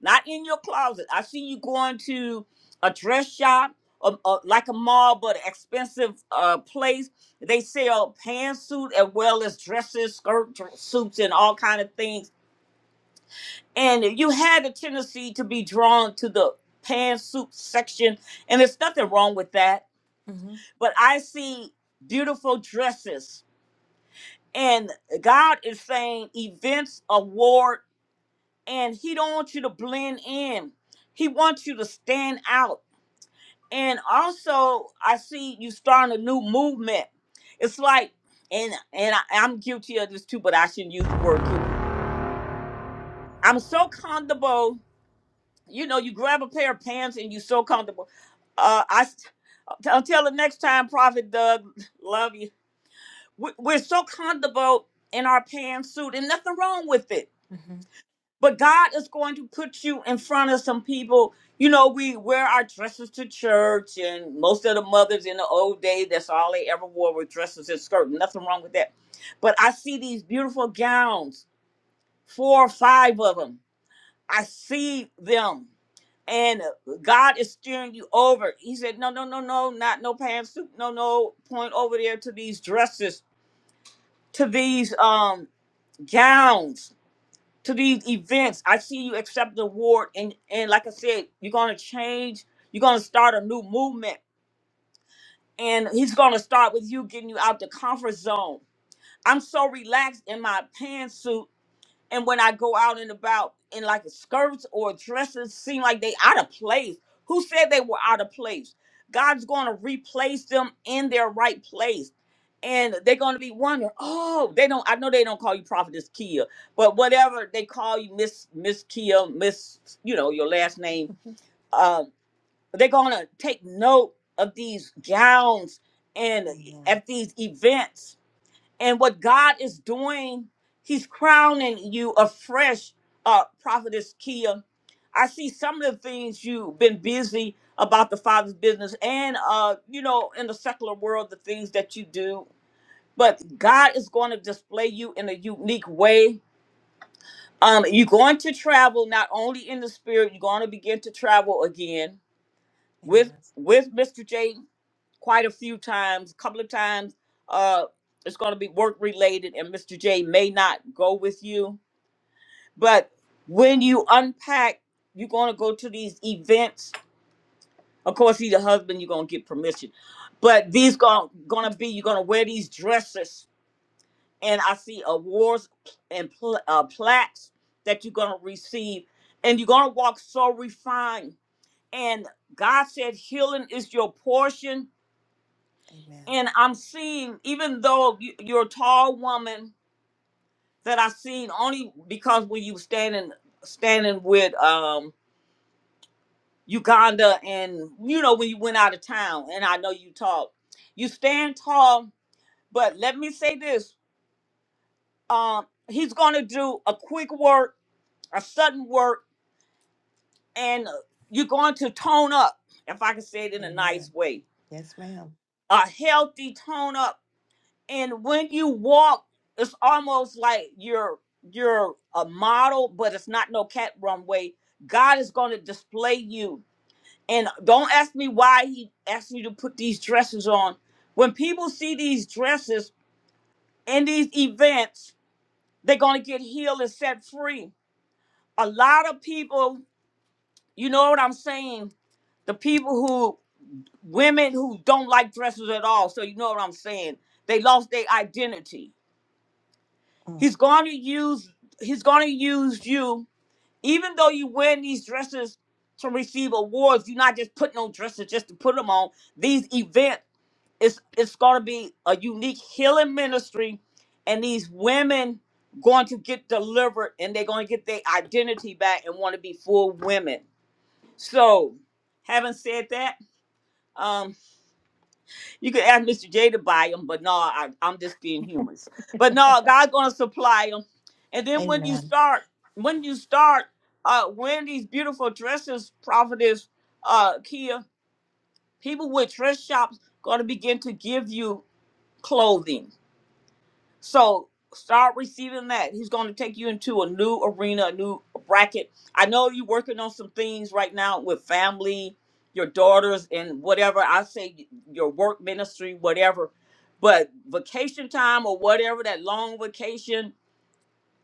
S1: not in your closet. I see you going to a dress shop or, or like a mall, but an expensive uh place. They sell pantsuit as well as dresses, skirt dr- suits, and all kind of things. And you had a tendency to be drawn to the pantsuit section, and there's nothing wrong with that
S15: hmm
S1: but I see beautiful dresses. And God is saying events, award, and He don't want you to blend in. He wants you to stand out. And also, I see you starting a new movement. It's like, and and I, I'm guilty of this too, but I shouldn't use the word guilty. I'm so comfortable. You know, you grab a pair of pants and you're so comfortable. Uh, I s- until the next time, Prophet Doug, love you. we- we're so comfortable in our pantsuit and nothing wrong with it
S15: hmm
S1: but god is going to put you in front of some people you know we wear our dresses to church and most of the mothers in the old day that's all they ever wore were dresses and skirts nothing wrong with that but i see these beautiful gowns four or five of them i see them and God is steering you over. He said, No, no, no, no, not no pantsuit, no, no, point over there to these dresses, to these um gowns to these events. I see you accept the award, and and like I said, you're gonna change. You're gonna start a new movement, and he's gonna start with you getting you out the comfort zone. I'm so relaxed in my pantsuit and when I go out and about in like skirts or dresses, seem like they out of place. Who said they were out of place? God's going to replace them in their right place, and they're going to be wondering, oh, they don't. I know they don't call you prophetess Kia, but whatever they call you, Miss Miss Kia, Miss, you know your last name. Um, they're going to take note of these gowns and eh,
S15: Amen.
S1: at these events and what God is doing, He's crowning you afresh, uh, Prophetess Kia. I see some of the things you've been busy about the Father's business and, uh, you know, in the secular world, the things that you do. But God is going to display you in a unique way. Um, you're going to travel not only in the spirit, you're going to begin to travel again with with Mr. J quite a few times, a couple of times. Uh, it's going to be work related, and Mr. J may not go with you. But when you unpack, you're going to go to these events. Of course, he's a husband, you're going to get permission. But these going going to be, you're going to wear these dresses. And I see awards and pl- uh, plaques that you're going to receive. And you're going to walk so refined. And God said, healing is your portion
S15: Amen. Amen.
S1: and I'm seeing, even though you, you're a tall woman that I seen only because when you were standing standing with um Uganda and you know when you went out of town, and I know you tall, you stand tall. But let me say this: um, he's going to do a quick work, a sudden work, and uh, you're going to tone up. If I can say it in a
S15: Amen.
S1: nice way,
S15: Yes, ma'am.
S1: a healthy tone up and when you walk it's almost like you're you're a model but it's not no cat runway god is going to display you and don't ask me why he asked me to put these dresses on when people see these dresses in these events they're going to get healed and set free a lot of people you know what i'm saying the people who women who don't like dresses at all so you know what i'm saying they lost their identity
S15: Mm.
S1: He's going to use he's going to use you even though you wear these dresses to receive awards. You're not just putting on dresses just to put them on. These events it's it's going to be a unique healing ministry and these women going to get delivered and they're going to get their identity back and want to be full women. So, having said that, um, you could ask Mr. J to buy them, but no, I, I'm just being humorous. But no, God's gonna supply them. And then when you
S15: Amen.
S1: start, when you start uh, wearing these beautiful dresses, prophetess uh, Kia, people with dress shops gonna begin to give you clothing so start receiving that. He's going to take you into a new arena, a new bracket. I know you're working on some things right now with family, your daughters, and whatever. I say your work ministry, whatever. But vacation time or whatever, that long vacation,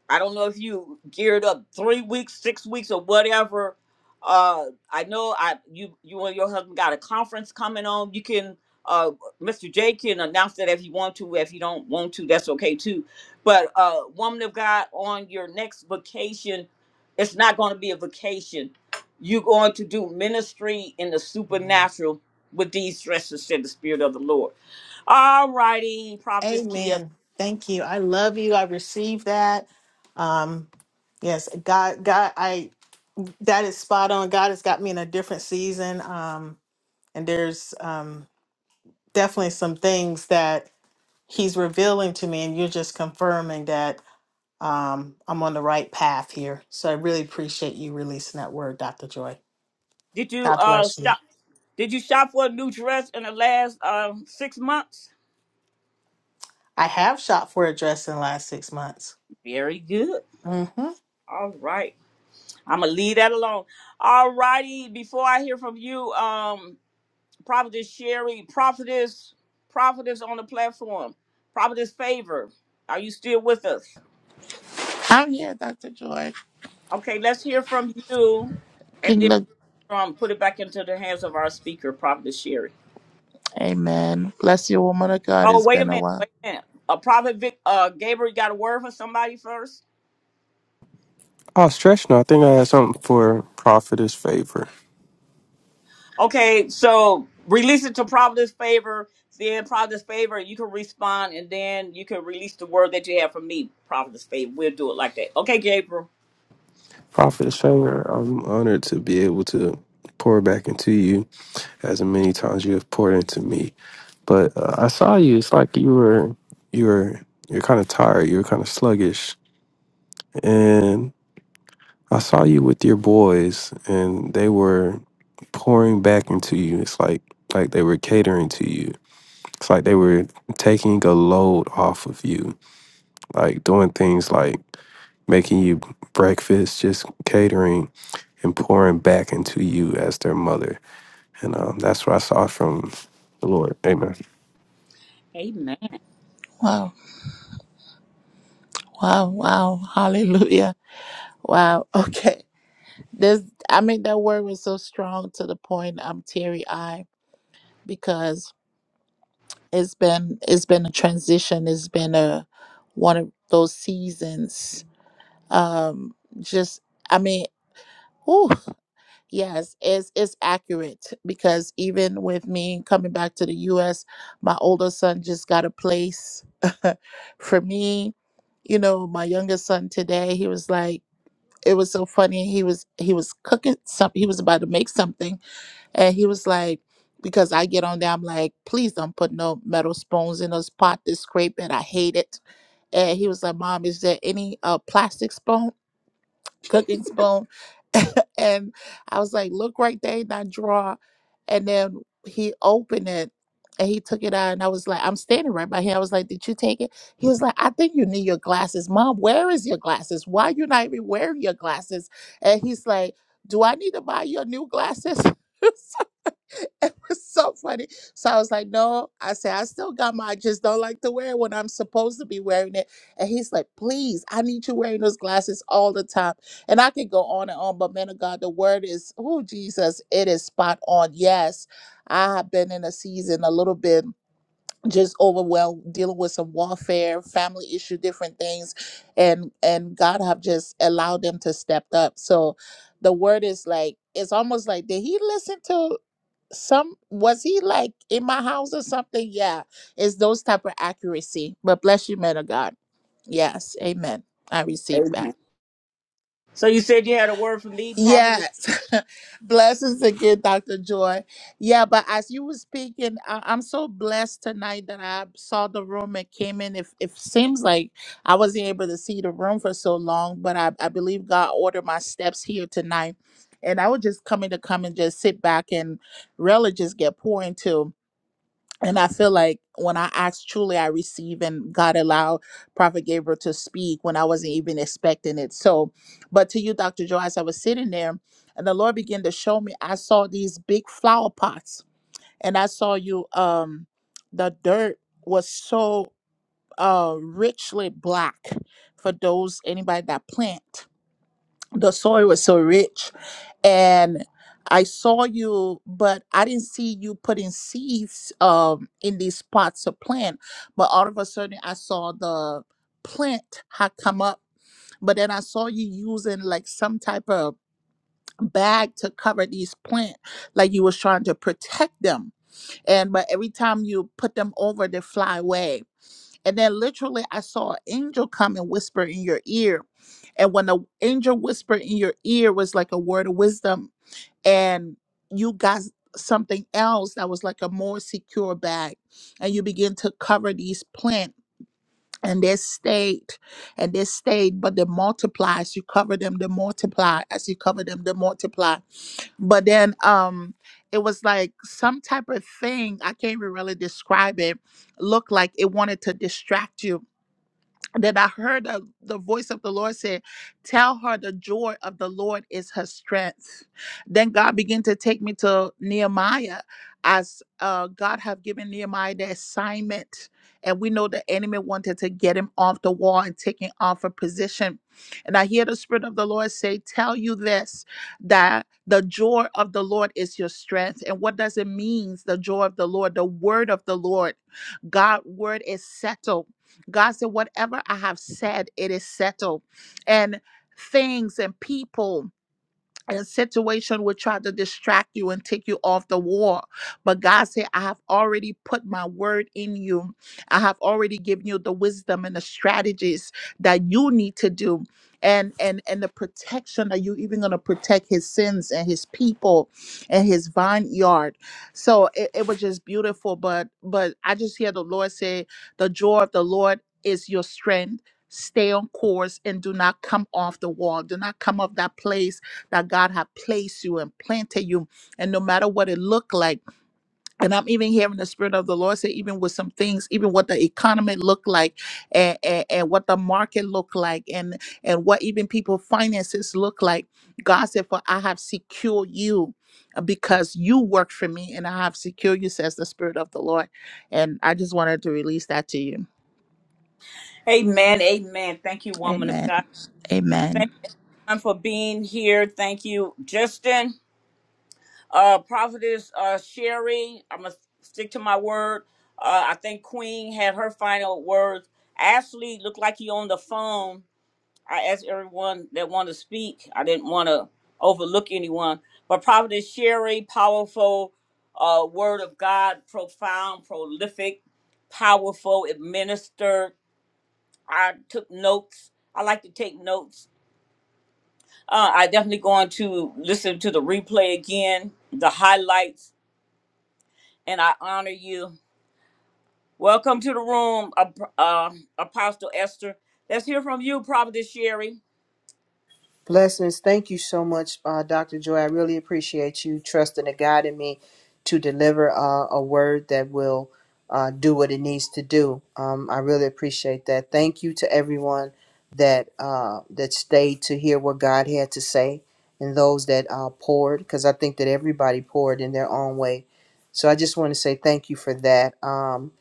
S1: I don't know if you geared up three weeks, six weeks, or whatever. Uh, I know I you you and your husband got a conference coming on. You can uh, Mr. J can announce that if you want to. If you don't want to, that's okay too. But uh, woman of God, on your next vacation, it's not going to be a vacation. You're going to do ministry in the
S15: Amen.
S1: supernatural with these dresses, said the Spirit of the Lord. All righty, Prophetess Kia.
S15: Amen. Thank you. I love you. I receive that. Um, yes, God, God, I that is spot on. God has got me in a different season. Um, and there's um definitely some things that He's revealing to me, and you're just confirming that um I'm on the right path here. So I really appreciate you releasing that word, Dr. Joy.
S1: Did you
S15: God
S1: uh
S15: bless you.
S1: shop? Did you shop for a new dress in the last uh, six months?
S15: I have shot for a dress in the last six months.
S1: Very good.
S15: Hmm.
S1: All right, I'm gonna leave that alone. All righty. Before I hear from you, um, prophetess Sherry, prophetess, prophetess on the platform, prophetess Favor, are you still with us?
S19: I'm here, Dr. Joy.
S1: Okay, let's hear from you, and then
S19: Kingdom.
S1: um, put it back into the hands of our speaker, prophetess Sherry.
S19: Amen. Bless you, woman of God.
S1: Oh,
S19: It's
S1: wait a
S19: been a
S1: minute,
S19: while.
S1: wait a minute. A prophet, Vic, uh, Gabriel, you got a word for somebody first?
S17: Oh, stretch now. I think I had something for Prophetess Favor.
S1: Okay, so release it to Providence favor. Then Providence favor, you can respond, and then you can release the word that you have for me. Providence favor, we'll do it like that. Okay, Gabriel.
S17: Prophetess Favor, I'm honored to be able to pour back into you as many times you have poured into me. But uh, I saw you. It's like you were, you were, you're kind of tired. You were kind of sluggish. And I saw you with your boys and they were pouring back into you. It's like, like they were catering to you It's like they were taking a load off of you, like doing things like making you breakfast, just catering and pouring back into you as their mother. And um, that's what I saw from the Lord. Amen.
S1: Amen.
S19: Wow. Wow. Wow. Hallelujah. Wow. Okay. This I mean that word was so strong to the point I'm teary eyed because it's been it's been a transition. It's been a one of those seasons. Um just I mean, whew, Yes, it's it's accurate because even with me coming back to the US, my older son just got a place. For me, you know, my youngest son today, he was like it was so funny. He was he was cooking something. He was about to make something and he was like because I get on there, I'm like, please don't put no metal spoons in this pot. This scrape it. I hate it. And he was like, Mom, is there any uh, plastic spoon? cooking spoon. and I was like, look right there in that drawer. And then he opened it and he took it out. And I was like, I'm standing right by him. I was like, did you take it? He was like, I think you need your glasses. Mom, where is your glasses? Why you not even wearing your glasses? And he's like, do I need to buy your new glasses? so funny. So I was like, no. I said, I still got my, I just don't like to wear it when I'm supposed to be wearing it. And he's like, please, I need you wearing those glasses all the time. And I could go on and on, but man of God, the word is, oh, Jesus, it is spot on. Yes, I have been in a season a little bit just overwhelmed dealing with some warfare family issue different things and and god have just allowed them to step up so the word is like it's almost like did he listen to some was he like in my house or something yeah it's those type of accuracy but bless you man of god yes amen i received that
S1: Amen. So you said you had a word for me, Providence.
S19: yes blessings again dr joy yeah but as you were speaking I- i'm so blessed tonight that i saw the room and came in if it seems like i wasn't able to see the room for so long but i, I believe god ordered my steps here tonight and i was just coming to come and just sit back and really just get poured into and I feel like when I asked truly, I receive and God allowed Prophet Gabriel to speak when I wasn't even expecting it. So, but to you, Dr. Joe, as I was sitting there and the Lord began to show me, I saw these big flower pots and I saw you, um, the dirt was so uh richly black for those anybody that plant the soil was so rich and i saw you but i didn't see you putting seeds um in these pots of plant but all of a sudden i saw the plant had come up but then i saw you using like some type of bag to cover these plant like you was trying to protect them and but every time you put them over they fly away and then literally, I saw an angel come and whisper in your ear. And when the angel whispered in your ear was like a word of wisdom, and you got something else that was like a more secure bag, and you begin to cover these plants. And they stayed, and they stayed, but they multiply as you cover them, they multiply as you cover them, they multiply. But then, um, it was like some type of thing I can't even really describe it. Looked like it wanted to distract you, then I heard the, the voice of the Lord say, Tell her the joy of the Lord is her strength. Then God began to take me to Nehemiah as uh, God have given Nehemiah the assignment. And we know the enemy wanted to get him off the wall and take him off a position. And I hear the Spirit of the Lord say, Tell you this, that the joy of the Lord is your strength. And what does it mean, the joy of the Lord? The word of the Lord. God's word is settled. God said, Whatever I have said, it is settled. And things and people a situation will try to distract you and take you off the wall. But God said, I have already put my word in you. I have already given you the wisdom and the strategies that you need to do. And and and the protection that you even gonna protect his sins and his people and his vineyard. So it, it was just beautiful. But but I just hear the Lord say, the joy of the Lord is your strength. Stay on course and do not come off the wall. Do not come off that place that God had placed you and planted you. And no matter what it looked like, and I'm even hearing the Spirit of the Lord say, even with some things, even what the economy looked like and, and, and what the market looked like and, and what even people finances look like, God said, for I have secured you uh, because you work for me and I have secured you, says the Spirit of the Lord. And I just wanted to release that to you.
S1: Amen, amen. Thank you, woman of
S19: Amen.
S1: God. Thank
S19: Amen.
S1: you for being here. Thank you, Justin. Uh, Providence uh, Sherry. I'm gonna stick to my word. Uh, I think Queen had her final words. Ashley looked like you on the phone. I asked everyone that wanted to speak. I didn't want to overlook anyone. But Prophetess Sherry, powerful uh, word of God, profound, prolific, powerful, it ministered. I took notes. I like to take notes. Uh, I definitely going to listen to the replay again, the highlights, and I honor you. Welcome to the room, Ap- uh, Apostle Esther. Let's hear from you, Prophetess Sherry.
S5: Blessings. Thank you so much, uh, Dr. Joy. I really appreciate you trusting and guiding me to deliver uh, a word that will uh, do what it needs to do. Um, I really appreciate that. Thank you to everyone that uh, that stayed to hear what God had to say, and those that uh, poured, because I think that everybody poured in their own way. So I just want to say thank you for that. Um,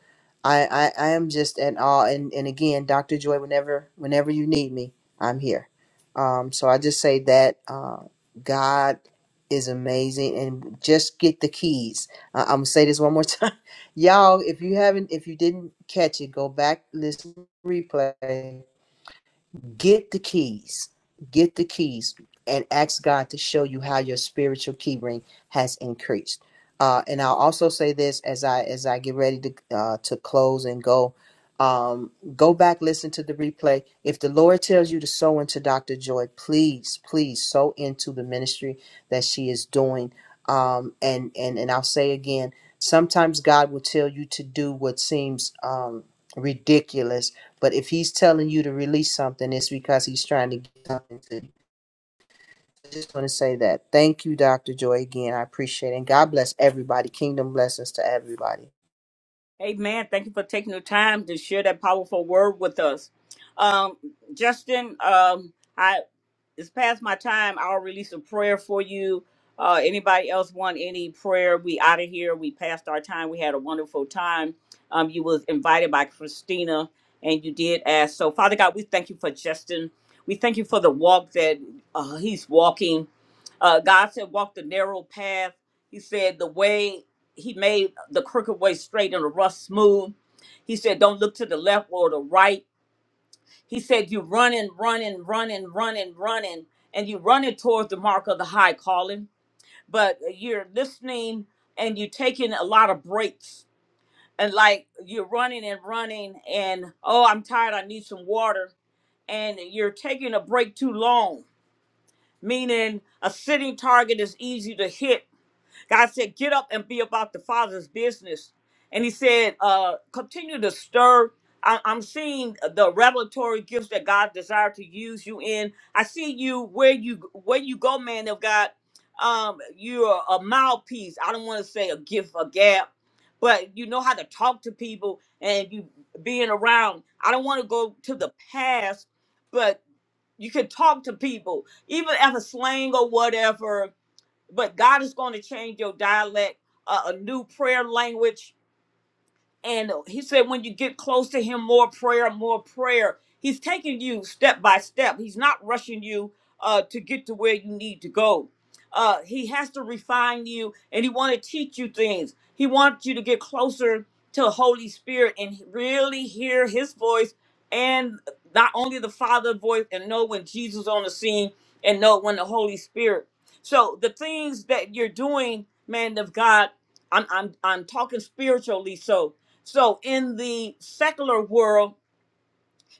S5: I, I I am just at awe, and, and again, Dr. Joy, whenever whenever you need me, I'm here. Um, so I just say that uh, God is amazing, and just get the keys. I- I'm gonna say this one more time, y'all. If you haven't, if you didn't catch it, go back listen to the replay get the keys get the keys and ask god to show you how your spiritual key ring has increased uh, and i'll also say this as i as i get ready to uh, to close and go um, go back listen to the replay if the lord tells you to sow into dr joy please please sow into the ministry that she is doing um, and and and i'll say again sometimes god will tell you to do what seems um, ridiculous but if he's telling you to release something, it's because he's trying to get something to you. I just want to say that. Thank you, Dr. Joy, again. I appreciate it. And God bless everybody. Kingdom blessings to everybody.
S1: Amen. Thank you for taking the time to share that powerful word with us. Um, Justin, um, I it's past my time. I'll release a prayer for you. Uh, anybody else want any prayer? We out of here. We passed our time. We had a wonderful time. Um, you was invited by Christina, and you did ask. So, Father God, we thank you for Justin. We thank you for the walk that uh, he's walking. Uh, God said, "Walk the narrow path." He said, "The way." he made the crooked way straight and the rough smooth. He said, Don't look to the left or the right. He said, You running, running, running, running, running, and you running towards the mark of the high calling, but you're listening and you're taking a lot of breaks. And like you're running and running, and oh, I'm tired, I need some water. And you're taking a break too long, meaning a sitting target is easy to hit God said, Get up and be about the Father's business. And he said, uh, Continue to stir. I- I'm seeing the revelatory gifts that God desired to use you in. I see you where you where you go, man of God. Um, you're a mouthpiece. I don't want to say a gift, a gap, but you know how to talk to people and you being around. I don't want to go to the past, but you can talk to people, even if a slang or whatever but God is going to change your dialect, uh, a new prayer language and he said, when you get close to him, more prayer, more prayer. He's taking you step by step. He's not rushing you uh, to get to where you need to go. Uh, he has to refine you and he want to teach you things. He wants you to get closer to the Holy Spirit and really hear his voice and not only the Father's voice and know when Jesus on the scene and know when the Holy Spirit. So the things that you're doing, man of God, I'm I'm I'm talking spiritually. So so in the secular world,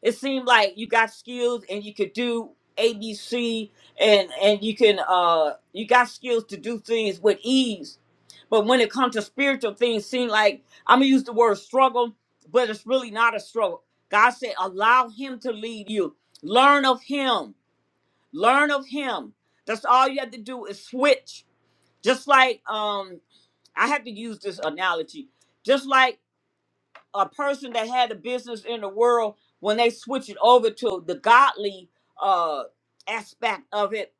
S1: it seemed like you got skills and you could do ABC and and you can uh you got skills to do things with ease. But when it comes to spiritual things, seem like I'm gonna use the word struggle, but it's really not a struggle. God said, allow him to lead you. Learn of him. Learn of him. That's all you have to do is switch. Just like um I have to use this analogy. Just like a person that had a business in the world when they switch it over to the godly uh aspect of it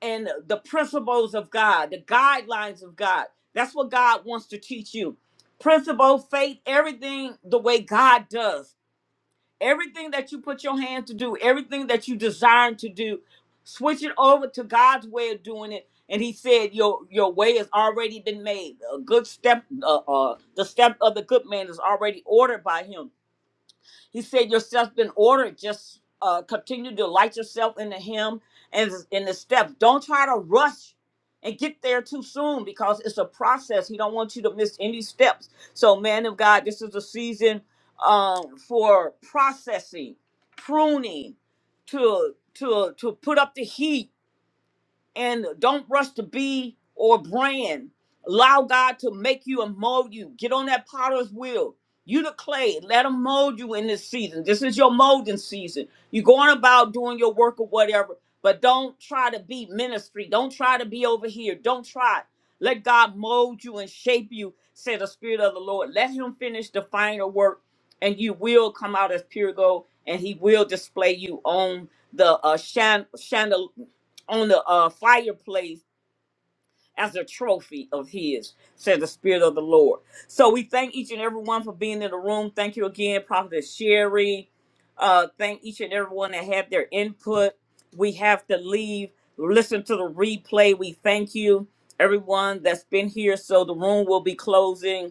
S1: and the principles of God, the guidelines of God. That's what God wants to teach you. Principle, faith, everything the way God does. Everything that you put your hand to do, everything that you desire to do, switch it over to God's way of doing it. And he said, Your your way has already been made. A good step, uh, uh, the step of the good man is already ordered by him he said, Your steps been ordered. Just uh, continue to light yourself into Him and in the steps. Don't try to rush and get there too soon because it's a process. He don't want you to miss any steps. So, man of God, this is a season um, for processing, pruning, to to to put up the heat and don't rush to be or brand. Allow God to make you and mold you. Get on that potter's wheel. You the clay. Let him mold you in this season. This is your molding season. You're going about doing your work or whatever, but don't try to be ministry. Don't try to be over here. Don't try. Let God mold you and shape you, said the Spirit of the Lord. Let him finish the final work, and you will come out as pure gold, and he will display you on the uh, chan- chandelier on the uh, fireplace as a trophy of his, said the Spirit of the Lord. So we thank each and every one for being in the room. Thank you again, Prophet Sherry. Uh, thank each and every one that had their input. We have to leave. Listen to the replay. We thank you, everyone that's been here. So the room will be closing.